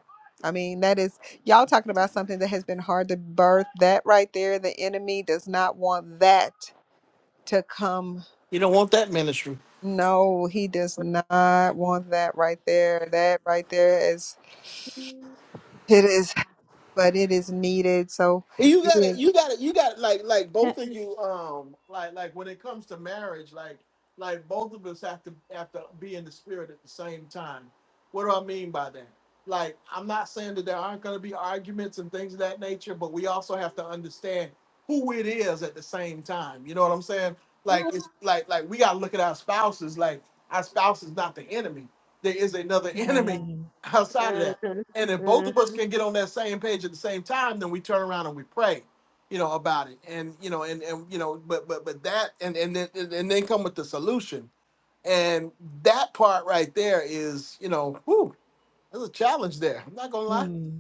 S4: I mean, that is, y'all talking about something that has been hard to birth. That right there, the enemy does not want that to come.
S1: You don't want that ministry.
S4: No, he does not want that right there. That right there is, it is, but it is needed. So
S1: You
S4: it
S1: gotta,
S4: is.
S1: you gotta, you gotta, like, like
S8: Ha-
S1: both of you, um, like, like when it comes to marriage, like, like both of us have to have to be in the spirit at the same time. What do I mean by that? Like, I'm not saying that there aren't gonna be arguments and things of that nature, but we also have to understand who it is at the same time. You know what I'm saying? Like,
S4: I
S1: it's like, like we gotta look at our spouses. Like, our spouse is not the enemy. There is another enemy
S8: right.
S1: outside of that. And if both of
S2: Mhm.
S1: us can get on that same page at the same time, then we turn around and we pray, you know, about it. And you know, and and you know, but but but that and and then and and then come with the solution. And that part right there is, you know, whew, there's a challenge there. I'm not gonna lie.
S8: Hmm.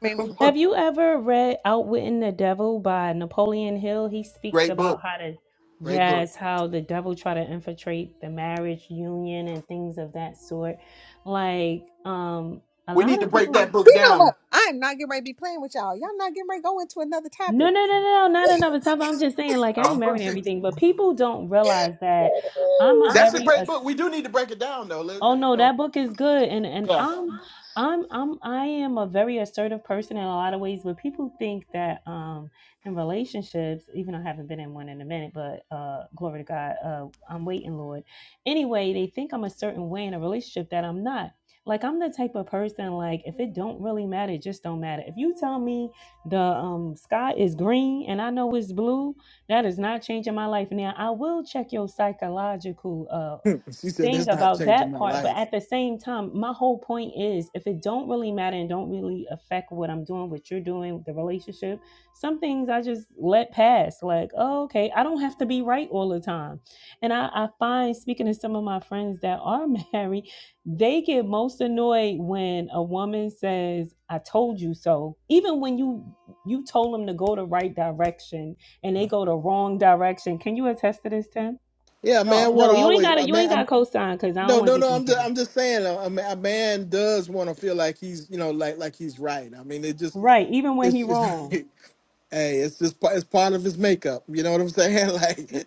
S4: mean,
S8: Have you ever read Outwitting the Devil by Napoleon Hill? He speaks
S1: Great book.
S8: about how to,
S1: Great book.
S8: yes, how the devil try to infiltrate the marriage union and things of that sort. Like, um, a
S1: We
S8: lot
S1: need to
S8: of
S1: break that
S8: people,
S1: book
S4: you know what?
S1: down.
S4: I'm not getting ready to be playing with y'all. Y'all not getting ready to go into another
S8: no,
S4: topic.
S8: no, no, no, no, not another time. I'm just saying, like, I
S1: Uh,
S8: ain't married and everything, but people don't realize that I'm a
S4: Ooh.
S1: that's a
S8: very
S1: great
S8: a
S1: book. We do need to break it down though. Let-
S8: Oh
S1: You
S8: no,
S1: know.
S8: that book is good, and and
S1: Yeah.
S8: I'm I'm I'm I am a very assertive person in a lot of ways. But people think that um in relationships, even though I haven't been in one in a minute, but uh glory to God, uh I'm waiting, Lord. Anyway, they think I'm a certain way in a relationship that I'm not. Like I'm the type of person like if it don't really matter, it just don't matter. If you tell me the um sky is green and I know it's blue, that is not changing my life. Now I will check your psychological uh
S1: she said
S8: thing
S1: that's not
S8: about
S1: changing
S8: that
S1: my
S8: part but
S1: life.
S8: at the same time my whole point is if it don't really matter and don't really affect what i'm doing what you're doing the relationship some things i just let pass like oh, okay i don't have to be right all the time and I, I find speaking to some of my friends that are married they get most annoyed when a woman says i told you so even when you you told them to go the right direction and they go the wrong direction can you attest to this tim
S1: Yeah, a man
S8: no,
S1: want to
S8: no, you ain't
S1: always
S8: gotta
S1: a
S8: you
S1: man.
S8: ain't gotta
S1: I'm,
S8: co-sign because I don't
S1: no,
S8: want
S1: no,
S8: to get
S1: no.
S8: you in
S1: I'm just
S8: trouble.
S1: I'm just saying a, a ma- a man does want to feel like he's you know like like he's right. I mean, it just
S8: Right, even when he
S1: it's just
S8: wrong.
S1: hey, it's just pa- it's part of his makeup. You know what I'm saying? Like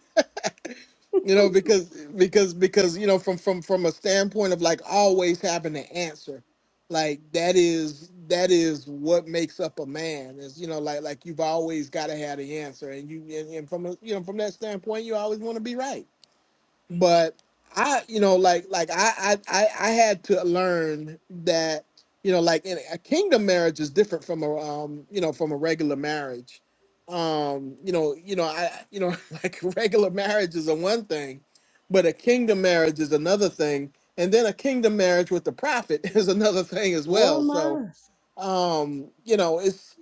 S1: you know because because because you know from from from a standpoint of like always having an answer like that is that is what makes up a man is you know like like you've always got to have the answer and you and, and from a, you know from that standpoint you always want to be right but I, you know, like like I I I I had to learn that you know, like in a kingdom marriage is different from a um you know from a regular marriage. Um, you know, you know, I you know like regular marriage is a one thing, but a kingdom marriage is another thing, and then a kingdom marriage with the prophet is another thing as
S8: Oh
S1: well. So
S8: my.
S1: um, you know, it's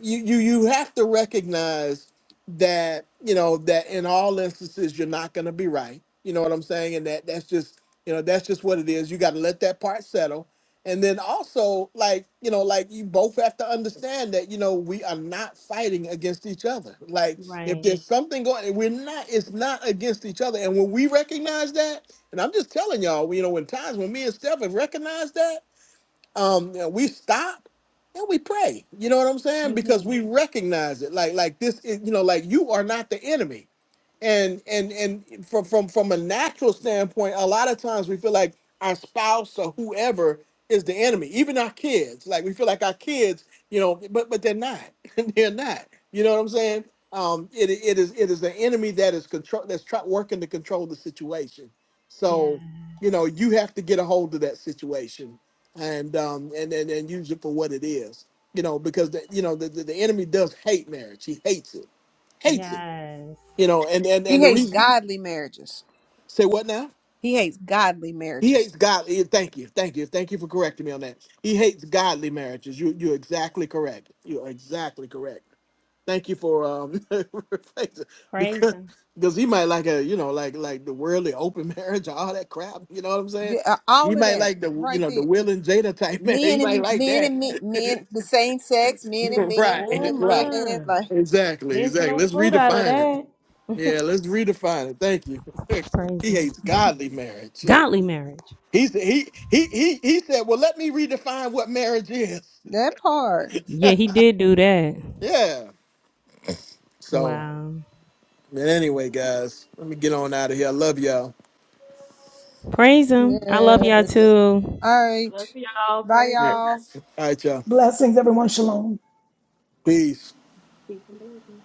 S1: you you you have to recognize that you know that in all instances you're not going to be right you know what i'm saying and that that's just you know that's just what it is you got to let that part settle and then also like you know like you both have to understand that you know we are not fighting against each other like if
S8: Right.
S1: there's something going we're not it's not against each other and when we recognize that and i'm just telling y'all you know when times when me and steph have recognized that um, you know, we stop and we pray. You know what I'm saying? Because
S8: Mm-hmm.
S1: we recognize it. Like like this is you know like you are not the enemy and and and from from from a natural standpoint a lot of times we feel like our spouse or whoever is the enemy even our kids like we feel like our kids you know but but they're not they're not you know what i'm saying um it, it is it is the enemy that is control that's try, working to control the situation
S8: Yes.
S1: so you know you have to get a hold of that situation and um and and, and use it for what it is you know because the, you know the, the, the enemy does hate marriage he hates it hates it
S8: Yes.
S1: you know, and and
S4: He
S1: and the
S4: hates
S1: reason
S4: godly marriages.
S1: say what now?
S4: He hates godges.
S1: He hates God. eh, Thank you, thank you, thank you for correcting me on that. He hates godly marriages. You you're exactly correct. You're exactly correct. Thank you for um
S8: Praise
S1: because
S8: him.
S1: because he might like a you know like like the worldly open marriage or all that crap. You know what I'm saying?
S4: Yeah, uh,
S1: He
S4: All of
S1: might
S4: that
S1: like the you
S4: right
S1: know the
S4: there.
S1: Will and Jada type marriage. He
S4: Men
S1: might
S4: and
S1: like
S4: men
S1: that.
S4: and men, men, the same sex, men and men,
S1: right,
S8: Oh
S4: women and
S1: right,
S4: women,
S8: my.
S4: like
S1: exactly,
S8: There's
S1: exactly.
S8: no
S1: Let's
S8: fruit out of
S1: redefine it.
S8: that.
S1: Yeah, let's redefine it. Thank you.
S8: Praise
S1: he
S8: him.
S1: hates godly marriage.
S8: Godly marriage.
S1: He's he he he he said, "Well, let me redefine what marriage is."
S4: that part.
S8: Yeah, he did do that.
S1: Yeah. So,
S8: Wow.
S1: but anyway, guys, let me get on out of here. I love y'all. All
S8: Praise him. I love y'all
S4: Yes.
S8: too.
S4: All
S2: Love
S4: right.
S2: y'all.
S4: Bye,
S2: Praise you.
S4: y'all.
S1: right, y'all.
S9: Blessings, everyone. Shalom.
S1: Peace.
S2: Peace and blessings.